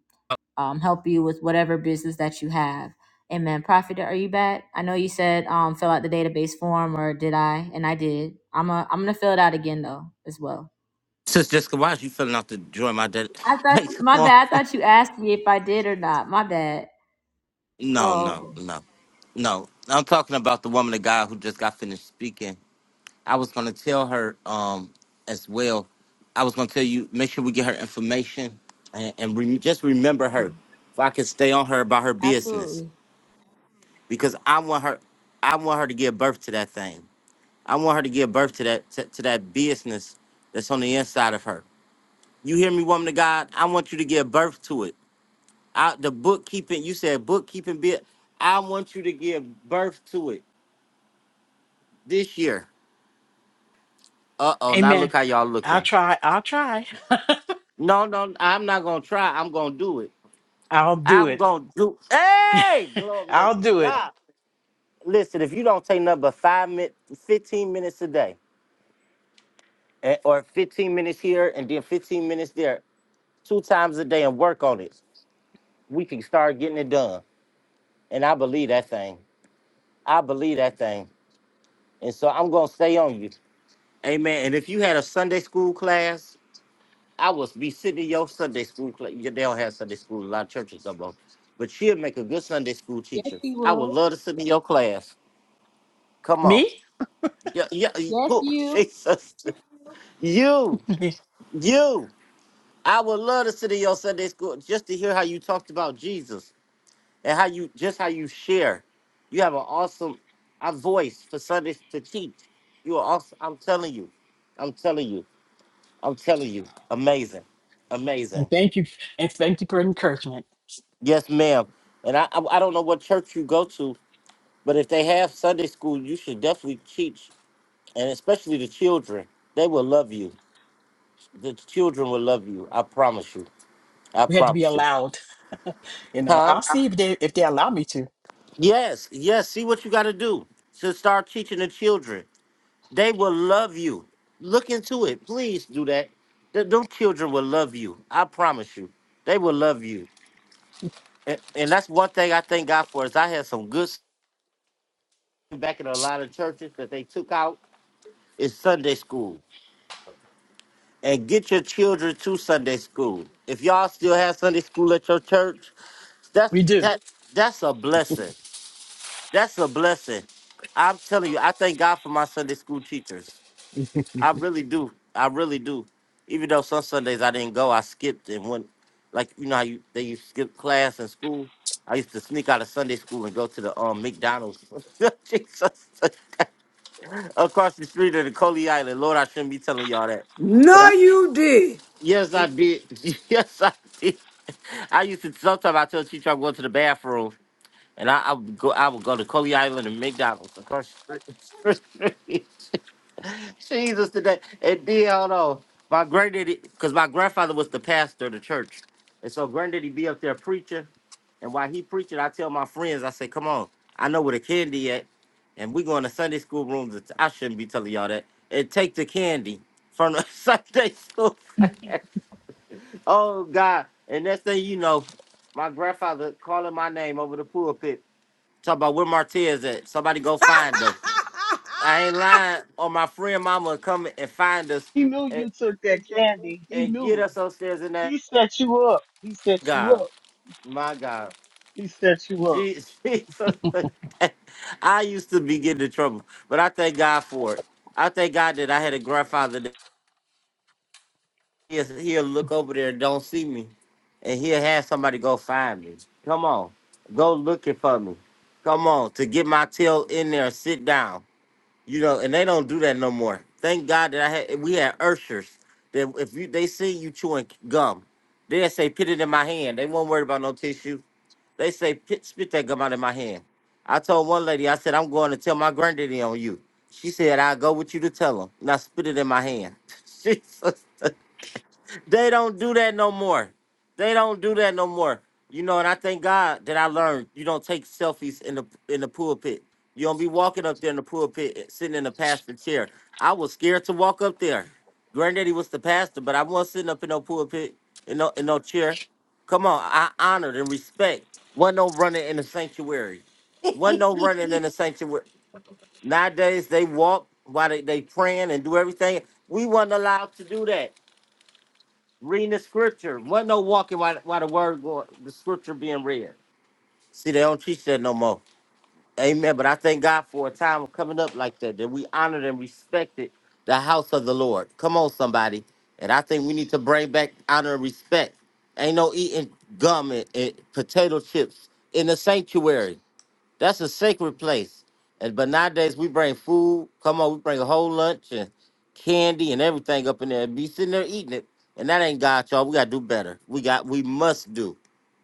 [SPEAKER 2] um help you with whatever business that you have. Amen. Prophet, are you back? I know you said um fill out the database form or did I? And I did. I'm a, I'm gonna fill it out again though as well.
[SPEAKER 1] Sister Jessica, why is you filling out to join my dead?
[SPEAKER 2] I thought
[SPEAKER 1] Like,
[SPEAKER 2] my
[SPEAKER 1] come
[SPEAKER 2] bad. I
[SPEAKER 1] on.
[SPEAKER 2] thought you asked me if I did or not. My bad.
[SPEAKER 1] no,
[SPEAKER 2] Oh,
[SPEAKER 1] no,
[SPEAKER 2] okay.
[SPEAKER 1] no, no. I'm talking about the woman, the guy who just got finished speaking. I was gonna tell her um as well. I was gonna tell you make sure we get her information and, and re- just remember her.
[SPEAKER 2] Hmm.
[SPEAKER 1] If I can stay on her about her business,
[SPEAKER 2] Absolutely.
[SPEAKER 1] because I want her, I want her to give birth to that thing. I want her to give birth to that to, to that business that's on the inside of her You hear me, woman of God? I want you to give birth to it. I, the bookkeeping, you said bookkeeping bit. I want you to give birth to it this year. Uh oh, now look
[SPEAKER 15] Amen.
[SPEAKER 1] how y'all
[SPEAKER 15] I'll
[SPEAKER 1] looking.
[SPEAKER 15] try, I'll try.
[SPEAKER 1] No, no, I'm not gonna try. I'm gonna do it.
[SPEAKER 15] I'll do
[SPEAKER 1] I'm
[SPEAKER 15] it.
[SPEAKER 1] gonna do. Hey, glory to
[SPEAKER 15] I'll do it.
[SPEAKER 1] God. Listen, if you don't take nothing but five minutes, 15 minutes a day, eh, or 15 minutes here and then 15 minutes there, two times a day and work on it, we can start getting it done. And I believe that thing. I believe that thing. And so I'm gonna stay on you. Amen. And if you had a Sunday school class, I would be sitting in your Sunday school class. They don't have Sunday school, a lot of churches don't know. But she'll make a good Sunday school
[SPEAKER 2] Yes,
[SPEAKER 1] teacher.
[SPEAKER 2] he
[SPEAKER 1] I would
[SPEAKER 2] will.
[SPEAKER 1] love to sit in your class. Come on.
[SPEAKER 15] Me?
[SPEAKER 1] Yeah, yeah,
[SPEAKER 2] Yes,
[SPEAKER 1] oh,
[SPEAKER 2] you.
[SPEAKER 1] Jesus. You,
[SPEAKER 15] Yeah,
[SPEAKER 1] you. I would love to sit in your Sunday school just to hear how you talked about Jesus and how you just how you share. You have an awesome uh, voice for Sundays to teach. You are awesome. I'm telling you. I'm telling you. I'm telling you, amazing,
[SPEAKER 15] and
[SPEAKER 1] amazing.
[SPEAKER 15] thank you, and thank you for encouragement.
[SPEAKER 1] Yes, ma'am. And I, I, I don't know what church you go to, but if they have Sunday school, you should definitely teach, and especially the children. They will love you. The children will love you. I promise you. I
[SPEAKER 15] We had to be
[SPEAKER 1] promise you.
[SPEAKER 15] allowed, you know.
[SPEAKER 1] Huh?
[SPEAKER 15] I'll see if they if they allow me to.
[SPEAKER 1] Yes, yes. See what you got to do to start teaching the children. They will love you. Look into it. Please do that. Th- Them children will love you. I promise you. They will love you. And, and that's one thing I thank God for is I had some good back in a lot of churches that they took out is Sunday school. And get your children to Sunday school. If y'all still have Sunday school at your church, that's
[SPEAKER 15] We do.
[SPEAKER 1] that that's a blessing. That's a blessing. I'm telling you, I thank God for my Sunday school teachers. I really do. I really do. Even though some Sundays I didn't go, I skipped and went like you know how you they used to skip class in school. I used to sneak out of Sunday school and go to the um McDonald's. Jesus. across the street of the Coley Island. Lord, I shouldn't be telling y'all that. But
[SPEAKER 18] No,
[SPEAKER 1] I,
[SPEAKER 18] you did.
[SPEAKER 1] yes, I did. yes, I did. I used to sometimes I tell teacher I'm going to the bathroom, and I, I would go. I would go to Coley Island and McDonald's across the street. Jesus today at DLO. My granddaddy, because my grandfather was the pastor of the church. And so granddaddy be up there preaching. And while he preaching, I tell my friends, I say, come on, I know where the candy at. And we go in the Sunday school rooms. and- t- I shouldn't be telling y'all that. And take the candy from the Sunday school. oh God. And next thing you know, my grandfather calling my name over the pulpit. Talk about where Martez at. Somebody go find him. I ain't lying. Or my friend mama would come and find us
[SPEAKER 12] He knew
[SPEAKER 1] and,
[SPEAKER 12] you took that candy. He
[SPEAKER 1] and get
[SPEAKER 12] knew
[SPEAKER 1] us upstairs in
[SPEAKER 12] it.
[SPEAKER 1] that
[SPEAKER 12] He set you up. He set you
[SPEAKER 1] God.
[SPEAKER 12] up.
[SPEAKER 1] My God.
[SPEAKER 12] He set you up.
[SPEAKER 1] Je- Jesus. I used to be getting in trouble, but I thank God for it. I thank God that I had a grandfather that he'll, he'll look over there and don't see me. And he'll have somebody go find me. Come on. Go looking for me. Come on. To get my tail in there, sit down. You know, and they don't do that no more. Thank God that I had we had ushers that if you they see you chewing gum, they'll say put it in my hand. They won't worry about no tissue. They say "Pit- spit that gum out of my hand. I told one lady, I said, I'm going to tell my granddaddy on you. She said, I'll go with you to tell him. Now spit it in my hand. Jesus. They don't do that no more. They don't do that no more. You know, and I thank God that I learned you don't take selfies in the in the pulpit. You don't be walking up there in the pulpit eh, sitting in the pastor chair. I was scared to walk up there. Granddaddy was the pastor, but I wasn't sitting up in no pulpit in no in no chair. Come on, I honored and respect. Wasn't no running in the sanctuary. Wasn't no running in the sanctuary. Nowadays they walk while they, they praying and do everything. We wasn't allowed to do that reading the scripture. What no walking while, while the word go, the scripture being read. See, they don't teach that no more. Amen. But I thank God for a time of coming up like that, that we honored and respected the house of the Lord. Come on, somebody. And I think we need to bring back honor and respect. Ain't no eating gum and, and potato chips in the sanctuary. That's a sacred place. And but nowadays we bring food. Come on, we bring a whole lunch and candy and everything up in there and be sitting there eating it. And that ain't God, y'all. We gotta do better. We got we must do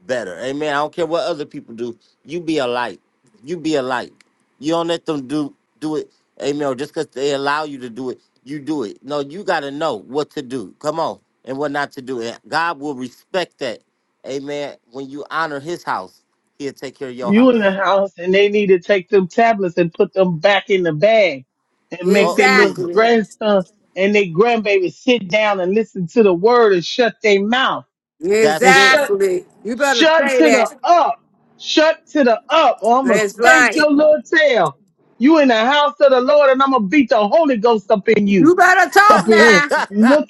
[SPEAKER 1] better. Amen. I don't care what other people do. You be a light. You be a light. You don't let them do do it. Amen. Or just because they allow you to do it, you do it. No, you gotta know what to do. Come on, and what not to do. And God will respect that. Amen. When you honor his house, he'll take care of your
[SPEAKER 12] You in
[SPEAKER 1] house.
[SPEAKER 12] the house and they need to take them tablets and put them back in the bag and make
[SPEAKER 1] Oh
[SPEAKER 12] their little
[SPEAKER 1] Jesus,
[SPEAKER 18] Exactly.
[SPEAKER 12] grandson and their grandbaby sit down and listen to the word and shut their mouth
[SPEAKER 1] that's
[SPEAKER 12] and
[SPEAKER 1] it.
[SPEAKER 12] shut
[SPEAKER 18] Exactly. You better
[SPEAKER 12] Shut
[SPEAKER 18] say
[SPEAKER 12] to the
[SPEAKER 18] that.
[SPEAKER 12] up. Shut to the up, or I'm going to
[SPEAKER 18] That's right.
[SPEAKER 12] spank your little tail. You in the house of the Lord, and I'm going to beat the Holy Ghost up in you,
[SPEAKER 18] You better
[SPEAKER 12] up
[SPEAKER 18] talk
[SPEAKER 12] in here,
[SPEAKER 18] now.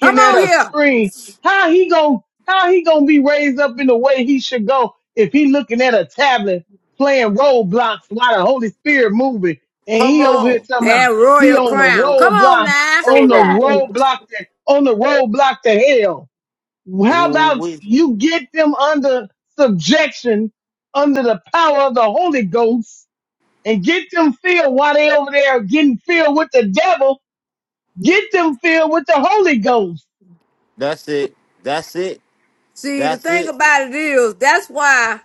[SPEAKER 18] Come
[SPEAKER 12] at
[SPEAKER 18] on
[SPEAKER 12] a
[SPEAKER 18] here.
[SPEAKER 12] screen. How he going to how he gonna be raised up in the way he should go if he looking at a tablet playing roadblocks while the Holy Spirit moving and
[SPEAKER 1] Come
[SPEAKER 12] he over here
[SPEAKER 1] on,
[SPEAKER 12] talking about
[SPEAKER 18] That
[SPEAKER 12] he
[SPEAKER 18] royal
[SPEAKER 12] on the
[SPEAKER 18] crown. Come on
[SPEAKER 12] roadblock
[SPEAKER 18] now.
[SPEAKER 3] Say
[SPEAKER 12] on the
[SPEAKER 3] that.
[SPEAKER 12] roadblock to, on the roadblock to hell how
[SPEAKER 1] Ooh,
[SPEAKER 12] about
[SPEAKER 1] we.
[SPEAKER 12] you get them under subjection, under the power of the Holy Ghost, and get them filled while they over there getting filled with the devil? Get them filled with the Holy Ghost.
[SPEAKER 1] That's it. That's it.
[SPEAKER 18] See, the
[SPEAKER 1] That's
[SPEAKER 18] thing
[SPEAKER 1] it.
[SPEAKER 18] about it is, that's why,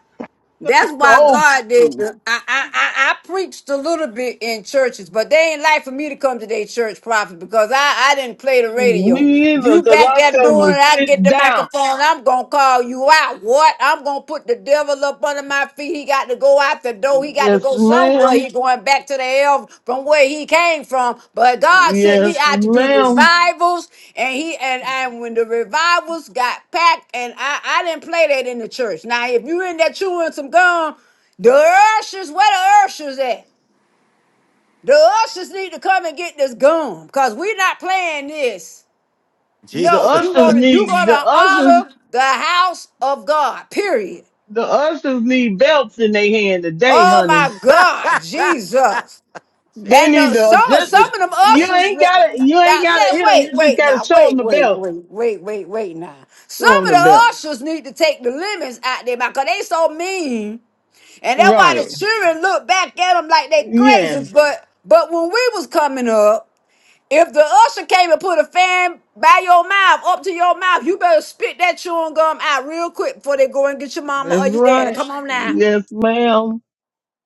[SPEAKER 18] that's
[SPEAKER 12] The
[SPEAKER 18] why
[SPEAKER 12] old
[SPEAKER 18] God did.
[SPEAKER 12] fool.
[SPEAKER 18] The, I, I, I, I preached a little bit in churches, but they ain't like for me to come to their church prophet because I, I didn't play the radio.
[SPEAKER 12] Me either,
[SPEAKER 18] You
[SPEAKER 12] because
[SPEAKER 18] back
[SPEAKER 12] I
[SPEAKER 18] there
[SPEAKER 12] tell
[SPEAKER 18] doing
[SPEAKER 12] them to
[SPEAKER 18] it, I get
[SPEAKER 12] sit
[SPEAKER 18] the microphone,
[SPEAKER 12] down.
[SPEAKER 18] I'm gonna call you out. What? I'm gonna put the devil up under my feet. He got to go out the know he got to
[SPEAKER 12] Yes,
[SPEAKER 18] go somewhere.
[SPEAKER 12] ma'am.
[SPEAKER 18] He going back to the hell from where he came from. But God sent me
[SPEAKER 12] Yes,
[SPEAKER 18] out to do
[SPEAKER 12] ma'am.
[SPEAKER 18] revivals, and he and and when the revivals got packed, and I I didn't play that in the church. Now if you in there chewing some gum, the ushers where the ushers at? The ushers need to come and get this gum, cause we're not playing this.
[SPEAKER 12] The
[SPEAKER 18] No,
[SPEAKER 1] Jesus.
[SPEAKER 18] you
[SPEAKER 12] ushers
[SPEAKER 18] gonna you
[SPEAKER 12] need
[SPEAKER 18] gonna
[SPEAKER 12] the ushers
[SPEAKER 18] honor the house of God. Period.
[SPEAKER 12] the ushers need belts in their hand today,
[SPEAKER 18] Oh my
[SPEAKER 12] honey.
[SPEAKER 18] God, Jesus.
[SPEAKER 12] They
[SPEAKER 18] And
[SPEAKER 1] Jesus.
[SPEAKER 12] need
[SPEAKER 18] uh,
[SPEAKER 12] to
[SPEAKER 18] some
[SPEAKER 12] just
[SPEAKER 18] some of them
[SPEAKER 12] you
[SPEAKER 18] ushers
[SPEAKER 12] ain't
[SPEAKER 18] now,
[SPEAKER 12] gotta you ain't
[SPEAKER 18] now,
[SPEAKER 12] gotta hit them.
[SPEAKER 18] wait,
[SPEAKER 12] You just
[SPEAKER 18] wait
[SPEAKER 12] gotta
[SPEAKER 18] now,
[SPEAKER 12] show them
[SPEAKER 18] wait,
[SPEAKER 12] the
[SPEAKER 18] wait,
[SPEAKER 12] belt.
[SPEAKER 18] wait, wait, wait, wait now. Some
[SPEAKER 12] Show them
[SPEAKER 18] of
[SPEAKER 12] the
[SPEAKER 18] the
[SPEAKER 12] belt.
[SPEAKER 18] ushers need to take the lemons out there because they so mean. And that's why the
[SPEAKER 12] Right.
[SPEAKER 18] children look back at them like they crazy.
[SPEAKER 12] Yes.
[SPEAKER 18] But but when we was coming up, if the usher came and put a fan by your mouth up to your mouth, you better spit that chewing gum out real quick before they go and get your mama
[SPEAKER 12] That's
[SPEAKER 18] or your daddy.
[SPEAKER 12] right.
[SPEAKER 18] Come on now.
[SPEAKER 12] Yes, ma'am.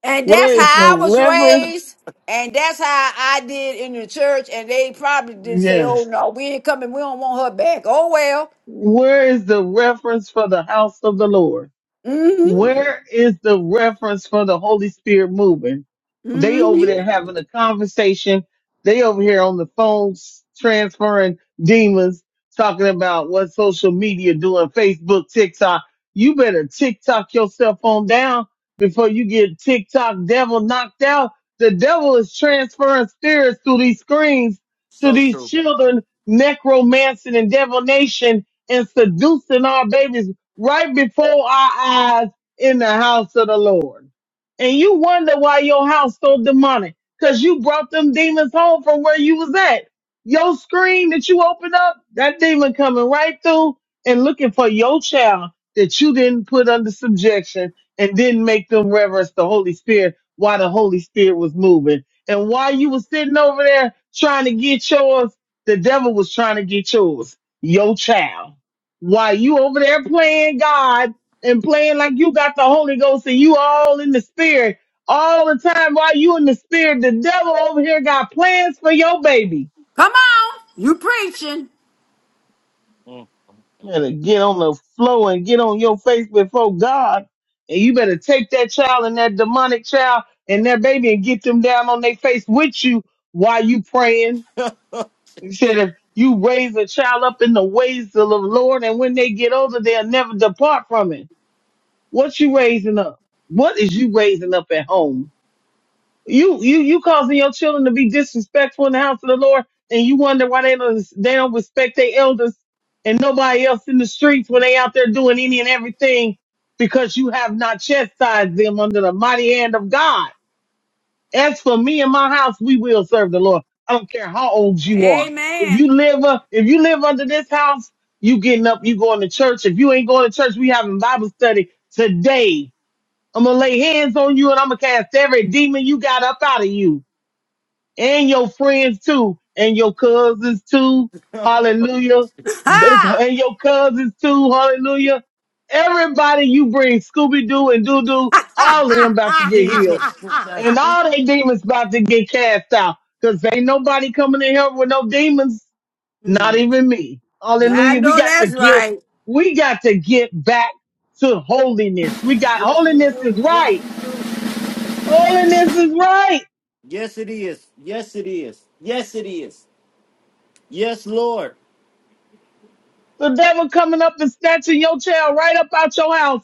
[SPEAKER 18] And
[SPEAKER 12] Where
[SPEAKER 18] that's
[SPEAKER 12] is the
[SPEAKER 18] how I was
[SPEAKER 12] reference?
[SPEAKER 18] raised. And that's how I did in the church. And they probably did say, oh,
[SPEAKER 12] Yes.
[SPEAKER 18] no, we ain't coming. We don't want her back. Oh, well.
[SPEAKER 12] Where is the reference for the house of the Lord?
[SPEAKER 18] Mm-hmm.
[SPEAKER 12] Where is the reference for the Holy Spirit moving? They over
[SPEAKER 18] Mm-hmm.
[SPEAKER 12] there having a conversation. They over here on the phone s- transferring demons, talking about what social media doing, Facebook, TikTok. You better TikTok yourself on down before you get TikTok devil knocked out. The devil is transferring spirits through these screens to
[SPEAKER 1] so
[SPEAKER 12] these
[SPEAKER 1] true.
[SPEAKER 12] children, necromancing and divination and seducing our babies right before our eyes in the house of the Lord. And you wonder why your house so demonic, because you brought them demons home from where you was at. Your screen that you opened up, that demon coming right through and looking for your child that you didn't put under subjection and didn't make them reverence the Holy Spirit while the Holy Spirit was moving. And while you was sitting over there trying to get yours, the devil was trying to get yours, your child. While you over there playing God and playing like you got the Holy Ghost and you all in the spirit all the time while you in the spirit. The devil over here got plans for your baby.
[SPEAKER 18] Come on. You preaching.
[SPEAKER 12] You better get on the floor and get on your face before God. And you better take that child and that demonic child and that baby and get them down on their face with you while you praying. You said if you raise a child up in the ways of the Lord and when they get older, they'll never depart from it. What you raising up? What is you raising up at home? You you you causing your children to be disrespectful in the house of the Lord, and you wonder why they don't they don't respect their elders and nobody else in the streets when they out there doing any and everything because you have not chastised them under the mighty hand of God. As for me and my house, we will serve the Lord. I don't care how old you are. If
[SPEAKER 18] Amen.
[SPEAKER 12] you live uh, if you live under this house, you getting up, you going to church. If you ain't going to church, we having Bible study today. I'm gonna lay hands on you and I'm gonna cast every demon you got up out of you and your friends too, and your cousins too. Hallelujah. This, and your cousins too. Hallelujah. Everybody you bring, Scooby Doo and Doo Doo, all of them about to get healed.
[SPEAKER 1] Jesus. Today.
[SPEAKER 12] And all they demons about to get cast out. Cause ain't nobody coming in here with no demons. Not even me.
[SPEAKER 18] I
[SPEAKER 12] Hallelujah. We
[SPEAKER 18] know
[SPEAKER 12] got to
[SPEAKER 18] that's
[SPEAKER 12] get,
[SPEAKER 18] right.
[SPEAKER 12] we got to get back to holiness. We got
[SPEAKER 1] Yes, we
[SPEAKER 12] holiness is
[SPEAKER 1] do. Yes,
[SPEAKER 12] right.
[SPEAKER 1] we do.
[SPEAKER 12] Holiness is right.
[SPEAKER 1] Yes, it is. Yes, it is. Yes, it is. Yes, Lord.
[SPEAKER 12] The devil coming up and snatching your child right up out your house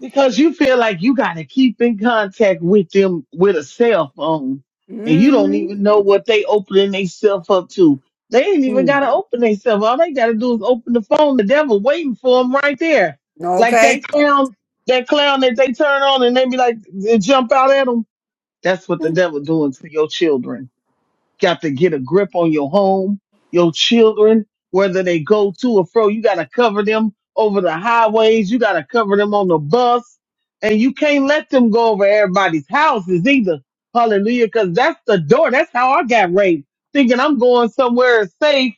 [SPEAKER 12] because you feel like you got to keep in contact with them with a cell phone and you don't
[SPEAKER 18] Mm-hmm.
[SPEAKER 12] even know what they opening themselves up to. They ain't even
[SPEAKER 18] Mm.
[SPEAKER 12] got to open themselves. All they got to do is open the phone. The devil waiting for them right there. Like that
[SPEAKER 18] Okay.
[SPEAKER 12] clown, that clown that they turn on and they be like, they jump out at them. That's what the devil doing to your children got to get a grip on your home, your children, whether they go to or fro. You got to cover them over the highways. You got to cover them on the bus. And you can't let them go over everybody's houses either. Hallelujah. Cause that's the door. That's how I got raped, thinking I'm going somewhere safe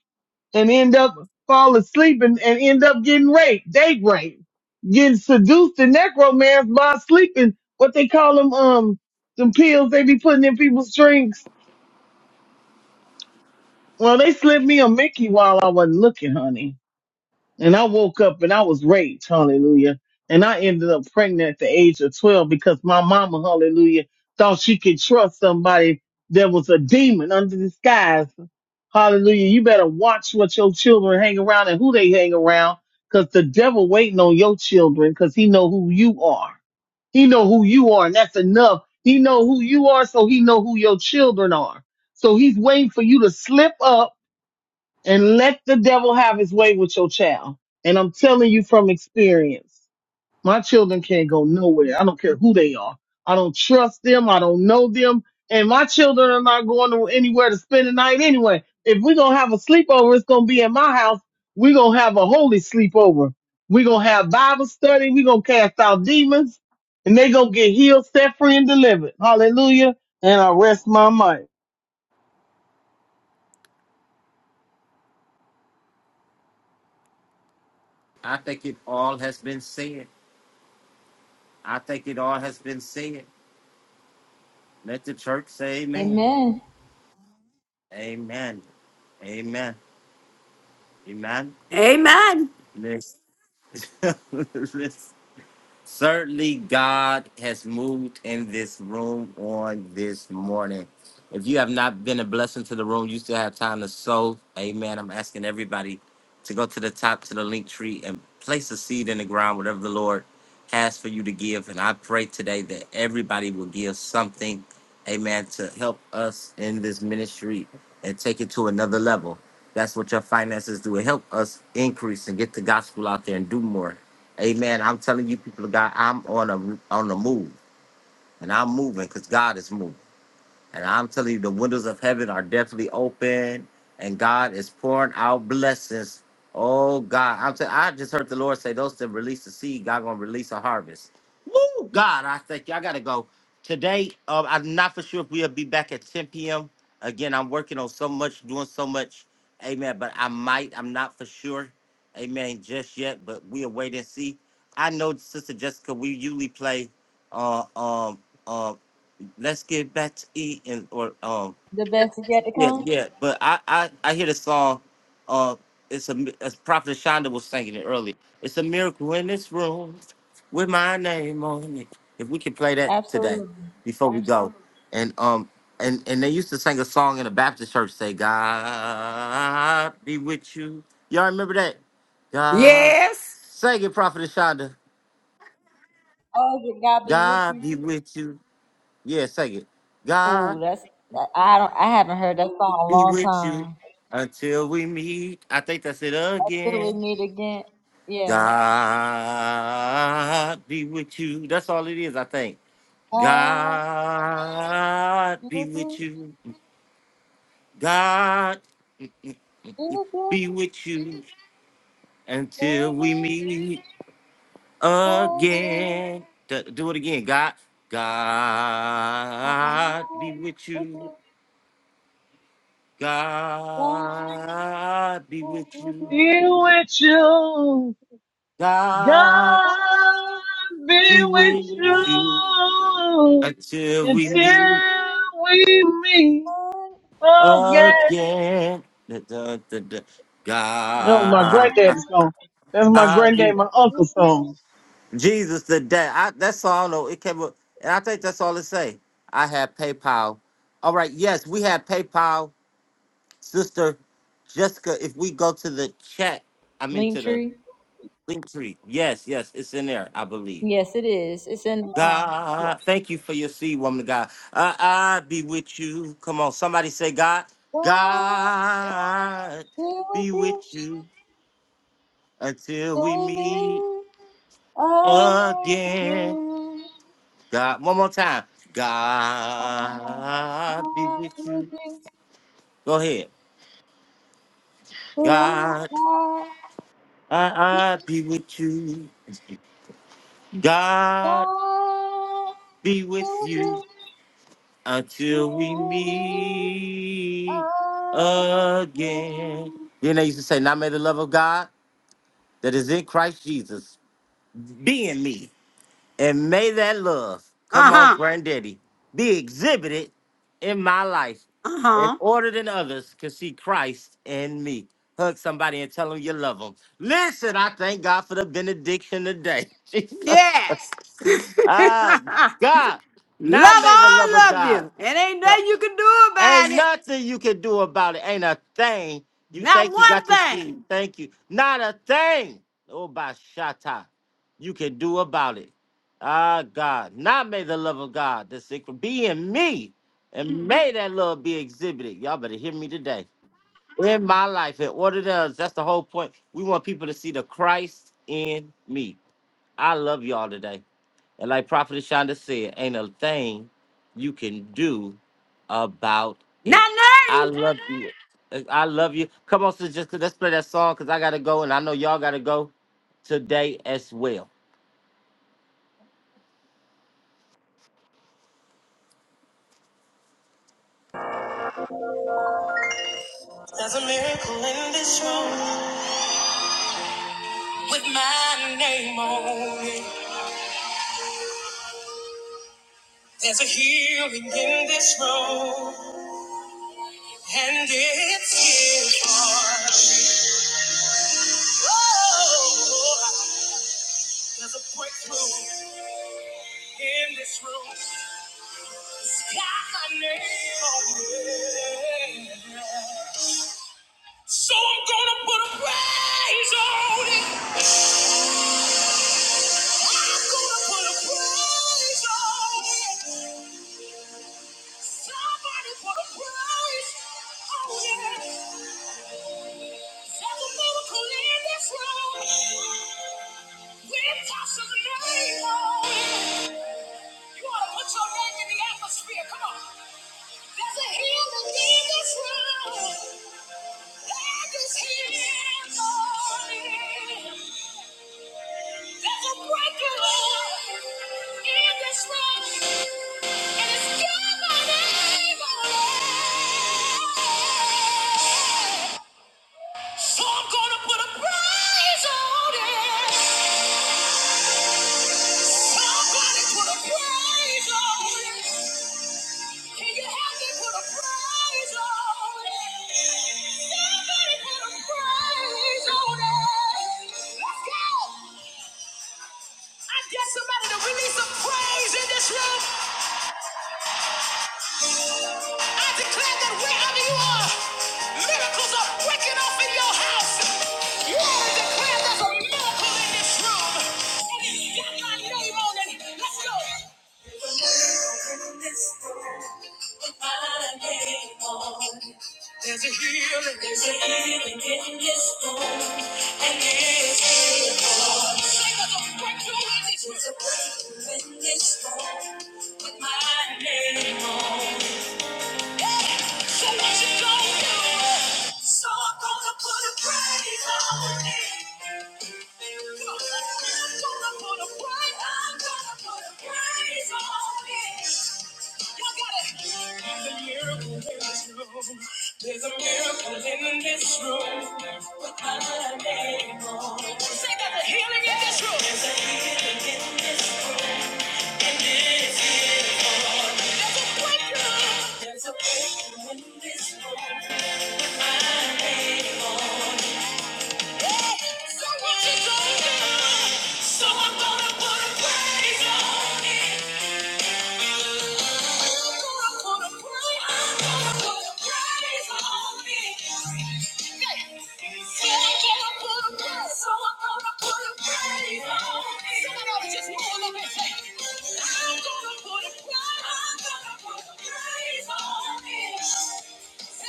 [SPEAKER 12] and end up fall asleep and, and end up getting raped, date raped, getting seduced and necromanced by sleeping, what they call them, um, them pills they be putting in people's drinks well, they slipped me a Mickey while I wasn't looking, honey. And I woke up and I was raped, hallelujah. And I ended up pregnant at the age of 12 because my mama, hallelujah, thought she could trust somebody that was a demon under disguise. Hallelujah. You better watch what your children hang around and who they hang around because the devil waiting on your children because he know who you are. He know who you are, and that's enough. He know who you are, so he know who your children are. So he's waiting for you to slip up and let the devil have his way with your child. And I'm telling you from experience, my children can't go nowhere. I don't care who they are. I don't trust them. I don't know them. And my children are not going to anywhere to spend the night anyway. If we're going to have a sleepover, it's going to be in my house. We're going to have a holy sleepover. We're going to have Bible study. We're going to cast out demons and they going to get healed, set free and delivered. Hallelujah. And I rest my mind.
[SPEAKER 1] I think it all has been said. I think it all has been said. Let the church say amen.
[SPEAKER 2] Amen.
[SPEAKER 1] Amen. Amen. Amen.
[SPEAKER 18] Amen.
[SPEAKER 1] Miss, Miss- certainly God has moved in this room on this morning. If you have not been a blessing to the room, you still have time to sow. Amen. I'm asking everybody to go to the top to the link tree and place a seed in the ground, whatever the Lord has for you to give. And I pray today that everybody will give something, amen, to help us in this ministry and take it to another level. That's what your finances do. It help us increase and get the gospel out there and do more. Amen. I'm telling you, people of God, I'm on a on the move, and I'm moving because God is moving. And I'm telling you, the windows of heaven are definitely open, and God is pouring out blessings. Oh God, I'm telling. I just heard the Lord say, "Those that release the seed, God gonna release a harvest." Woo! God, I thank you. I gotta go today. Um, I'm not for sure if we'll be back at 10 p.m. Again, I'm working on so much, doing so much. Amen. But I might. I'm not for sure. Amen. Just yet, but we'll wait and see. I know Sister Jessica. We usually play uh, um, um let's get back to eating or um
[SPEAKER 2] The best is yet to
[SPEAKER 1] yeah
[SPEAKER 2] come.
[SPEAKER 1] yeah but i i, I hear the song uh it's a mi- as prophet shonda was singing it earlier it's a miracle in this room with my name on it if we can play that today
[SPEAKER 2] Absolutely.
[SPEAKER 1] before we go and um and and they used to sing a song in a baptist church say god be with you y'all remember that god
[SPEAKER 18] Yes.
[SPEAKER 1] sing it prophet shonda
[SPEAKER 2] Oh, that God be with
[SPEAKER 1] god
[SPEAKER 2] you.
[SPEAKER 1] be with you yeah sing it god
[SPEAKER 2] Ooh, that's I don't I haven't heard that song in a
[SPEAKER 1] be
[SPEAKER 2] long
[SPEAKER 1] with you
[SPEAKER 2] time.
[SPEAKER 1] until we meet. I think that's it
[SPEAKER 2] Until
[SPEAKER 1] again.
[SPEAKER 2] we meet again. Yeah.
[SPEAKER 1] God be with you. That's all it is, I think.
[SPEAKER 2] God
[SPEAKER 1] God
[SPEAKER 2] be
[SPEAKER 1] be
[SPEAKER 2] with
[SPEAKER 1] with
[SPEAKER 2] you.
[SPEAKER 1] you. God
[SPEAKER 2] Be with you.
[SPEAKER 1] be with you
[SPEAKER 2] Be
[SPEAKER 1] until
[SPEAKER 2] with
[SPEAKER 1] we
[SPEAKER 2] you.
[SPEAKER 1] meet
[SPEAKER 2] With you.
[SPEAKER 1] again. D- Do it again. God,
[SPEAKER 2] God be
[SPEAKER 1] God be with
[SPEAKER 2] with
[SPEAKER 1] you.
[SPEAKER 2] you. God
[SPEAKER 1] God be
[SPEAKER 2] be
[SPEAKER 1] with
[SPEAKER 2] with
[SPEAKER 1] you.
[SPEAKER 12] Be with you.
[SPEAKER 1] God
[SPEAKER 12] God be
[SPEAKER 1] be
[SPEAKER 12] with
[SPEAKER 1] with
[SPEAKER 2] you.
[SPEAKER 1] you
[SPEAKER 12] you
[SPEAKER 1] until we
[SPEAKER 2] God be with
[SPEAKER 1] meet
[SPEAKER 12] until
[SPEAKER 2] you.
[SPEAKER 12] we meet again.
[SPEAKER 1] again. Da, da, da, da.
[SPEAKER 12] That was my
[SPEAKER 1] God, I,
[SPEAKER 12] granddaddy's song. That's my
[SPEAKER 1] I,
[SPEAKER 12] granddad,
[SPEAKER 1] you-
[SPEAKER 12] my
[SPEAKER 2] with
[SPEAKER 12] uncle's
[SPEAKER 2] you.
[SPEAKER 12] song.
[SPEAKER 1] Jesus, the day. I, that's all. though. It came up, and I think that's all it say. I have PayPal. All right. Yes, we have PayPal, sister Jessica. If we go to the chat, I'm into the
[SPEAKER 2] Linktree.
[SPEAKER 1] link tree. Yes, yes, it's in there. I believe.
[SPEAKER 2] Yes, it is. It's in. Um, yeah.
[SPEAKER 1] God, thank you for your seed, woman of God. I, I be with you. Come on, somebody say, God,
[SPEAKER 2] God
[SPEAKER 1] God
[SPEAKER 2] be with
[SPEAKER 1] be
[SPEAKER 2] you.
[SPEAKER 1] with you until
[SPEAKER 2] Do
[SPEAKER 1] we
[SPEAKER 2] we
[SPEAKER 1] meet
[SPEAKER 2] need
[SPEAKER 1] again. God, one more time. God be
[SPEAKER 2] God
[SPEAKER 1] with
[SPEAKER 2] be with
[SPEAKER 1] you.
[SPEAKER 2] you.
[SPEAKER 1] Go ahead.
[SPEAKER 2] Do we
[SPEAKER 1] God,
[SPEAKER 2] God
[SPEAKER 1] I, I be with you. God
[SPEAKER 2] God
[SPEAKER 1] be
[SPEAKER 2] be
[SPEAKER 1] with
[SPEAKER 2] with
[SPEAKER 1] you
[SPEAKER 2] you. Do
[SPEAKER 1] until we meet again. Then they used to say, Now may the love of God that is in Christ Jesus be in me. And may that love, come on,
[SPEAKER 18] Uh-huh.
[SPEAKER 1] granddaddy, be exhibited in my life in
[SPEAKER 18] Uh-huh.
[SPEAKER 1] order that others can see Christ in me. Hug somebody and tell them you love them. Listen, I thank God for the benediction today. Jesus.
[SPEAKER 18] Yes.
[SPEAKER 1] Ah, God.
[SPEAKER 18] Love
[SPEAKER 1] Now may the love of
[SPEAKER 18] all of
[SPEAKER 1] God.
[SPEAKER 18] you. And ain't nothing you can do about
[SPEAKER 1] Ain't
[SPEAKER 18] it.
[SPEAKER 1] nothing you can do about it. Ain't a thing. You
[SPEAKER 18] Not
[SPEAKER 1] think you got
[SPEAKER 18] one
[SPEAKER 1] to see.
[SPEAKER 18] thing.
[SPEAKER 1] Thank you. Not a thing. Oh, by Shatta. You can do about it. Ah, God. Now may the love of God, the secret be in me. And Mhm. may that love be exhibited. Y'all better hear me today. In my life, in order to us, that's the whole point. We want people to see the Christ in me. I love y'all today. And like Prophet Shonda said, ain't a thing you can do about it.
[SPEAKER 18] Not
[SPEAKER 1] I love you. Uh, I love you. Come on, sister, just let's play that song because I gotta go, and I know y'all gotta go today as well.
[SPEAKER 2] we need other got my name on it. So I'm gonna put a praise on it. I'm gonna put a praise on it. Somebody put a praise on it. There's a miracle in this room. We toss a name on it. You wanna put your name in the atmosphere? Come on. There's a healing in this room. God is here, Lord. There's a breakthrough in this room. And it's God by name, Lord. So I'm gonna put a praise on it. So put a praise on it. Can you help me put a praise on it? Somebody put a praise on it. Let's go. I dare somebody to release some praise in this room. I declare that wherever you are, miracles are breaking off in your house. Room. And it's got my name on it. Let's go. There's a healing. There's a breakthrough in this room. There's a breakthrough with my name on it. So So I'm gonna put a praise on it. I'm gonna put a praise, I'm gonna put a praise on it. There's a miracle in this room. There's a miracle in this room. With my name on it. Say that the healing in this room. There's a healing in this room. There's a breakthrough. There's a breakthrough in this room. So So I'm gonna put a praise on it. I'm gonna put a praise. on it. Yeah, So I'm gonna put a praise on it. I'm gonna put a praise on it. Praise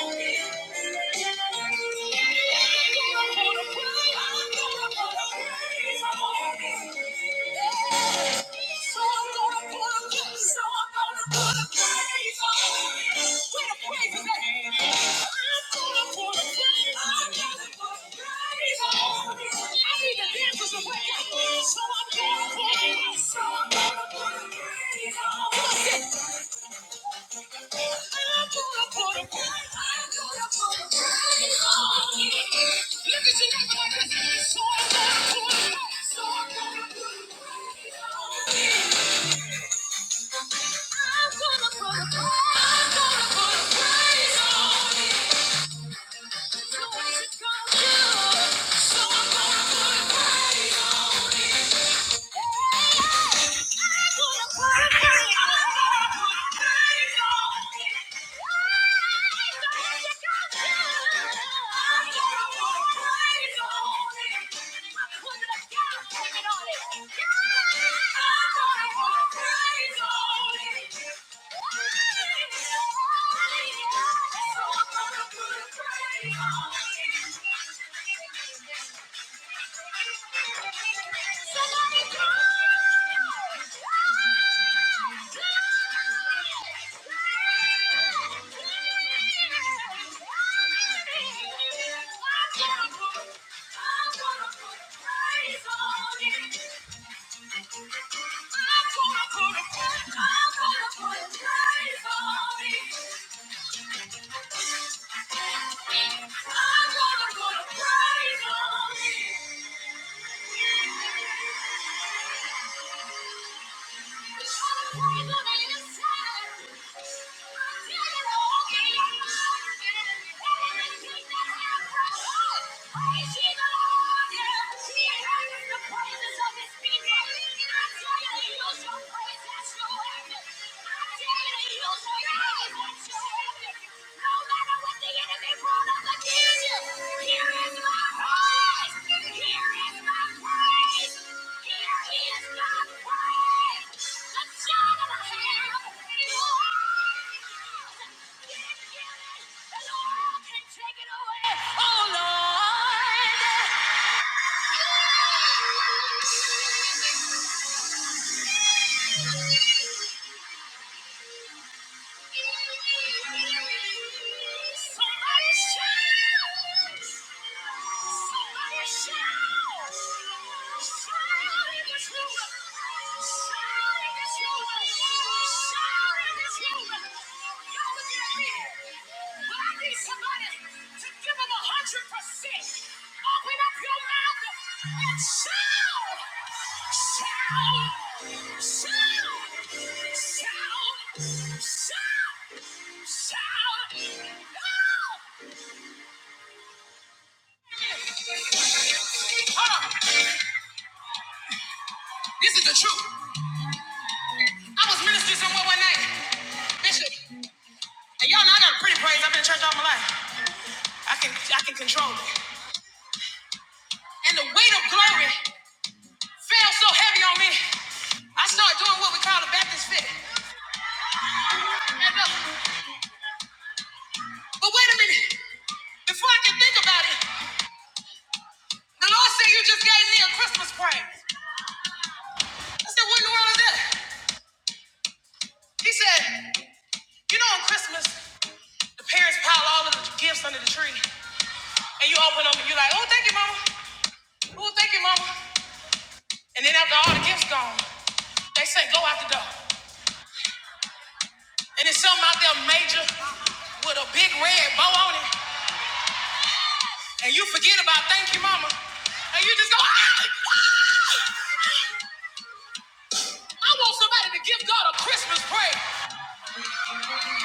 [SPEAKER 2] on it. So I'm gonna put a praise on. So I'm gonna put a praise on it. Crazy! I'm gonna put praise on it. I'm gonna put a praise on me. No matter what the enemy brought up against you, here is my Somebody shout! Somebody shout! Shout in this room! Shout in this room! Shout Y'all look at me! But I need somebody to give them a hundred percent. Open up your mouth and shout, shout, shout, shout, shout, shout. Oh! Hold on, this is the truth. I was ministering somewhere one night, Bishop, and y'all know I got a pretty praise. I've been in church all my life. I can I can control it. And the weight of glory. fell so heavy on me, I started doing what we call a Baptist fit. And, uh, But wait a minute. Before I can think about it, the Lord said, You just gave me a Christmas praise. I said, What in the world is that? He said, You know, on Christmas, the parents pile all of the gifts under the tree. And you open them and you're like, 'Oh, thank you, mama. Oh, thank you, mama. And then after all the gifts gone, they say, Go out the door. And it's something out there major with a big red bow on it. and you forget about thank you, mama, and you just go, ah! ah, I want somebody to give God a Christmas praise.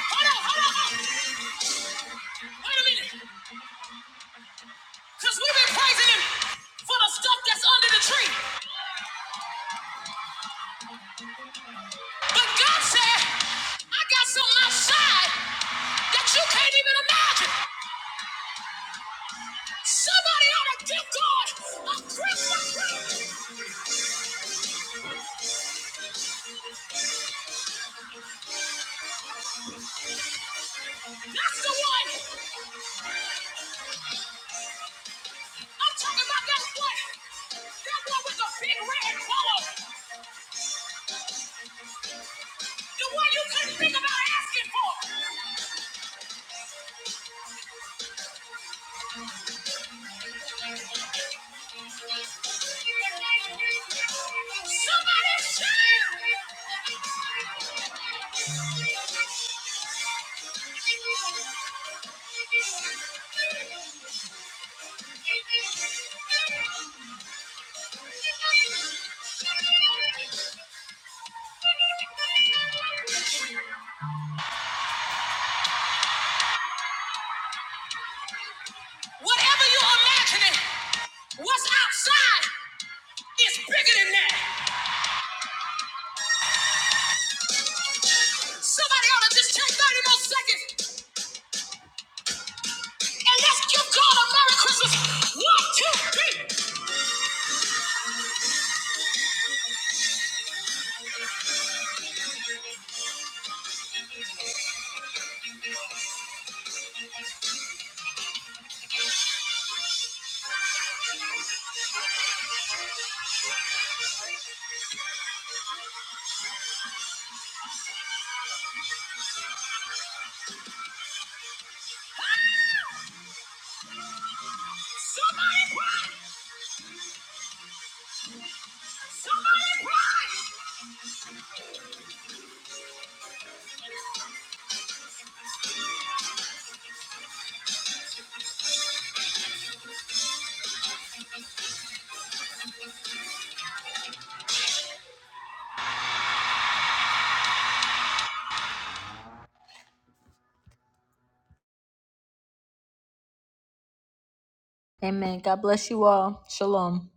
[SPEAKER 2] Hold on, hold on, hold on. wait a minute, because we've been praising Him for the stuff that's under the tree, but God said, I got something outside that you can't even imagine. Somebody ought to give God a Christmas praise. That's the one I'm talking about. That one, that one with the big red collar, the one you couldn't think about asking for. Somebody shout! Whatever you're imagining, what's outside is bigger than that. Somebody ought to just take 30 more seconds and let's give God a Merry Christmas. One, two, three. Somebody, cry, somebody, cry. Amen. God bless you all. Shalom.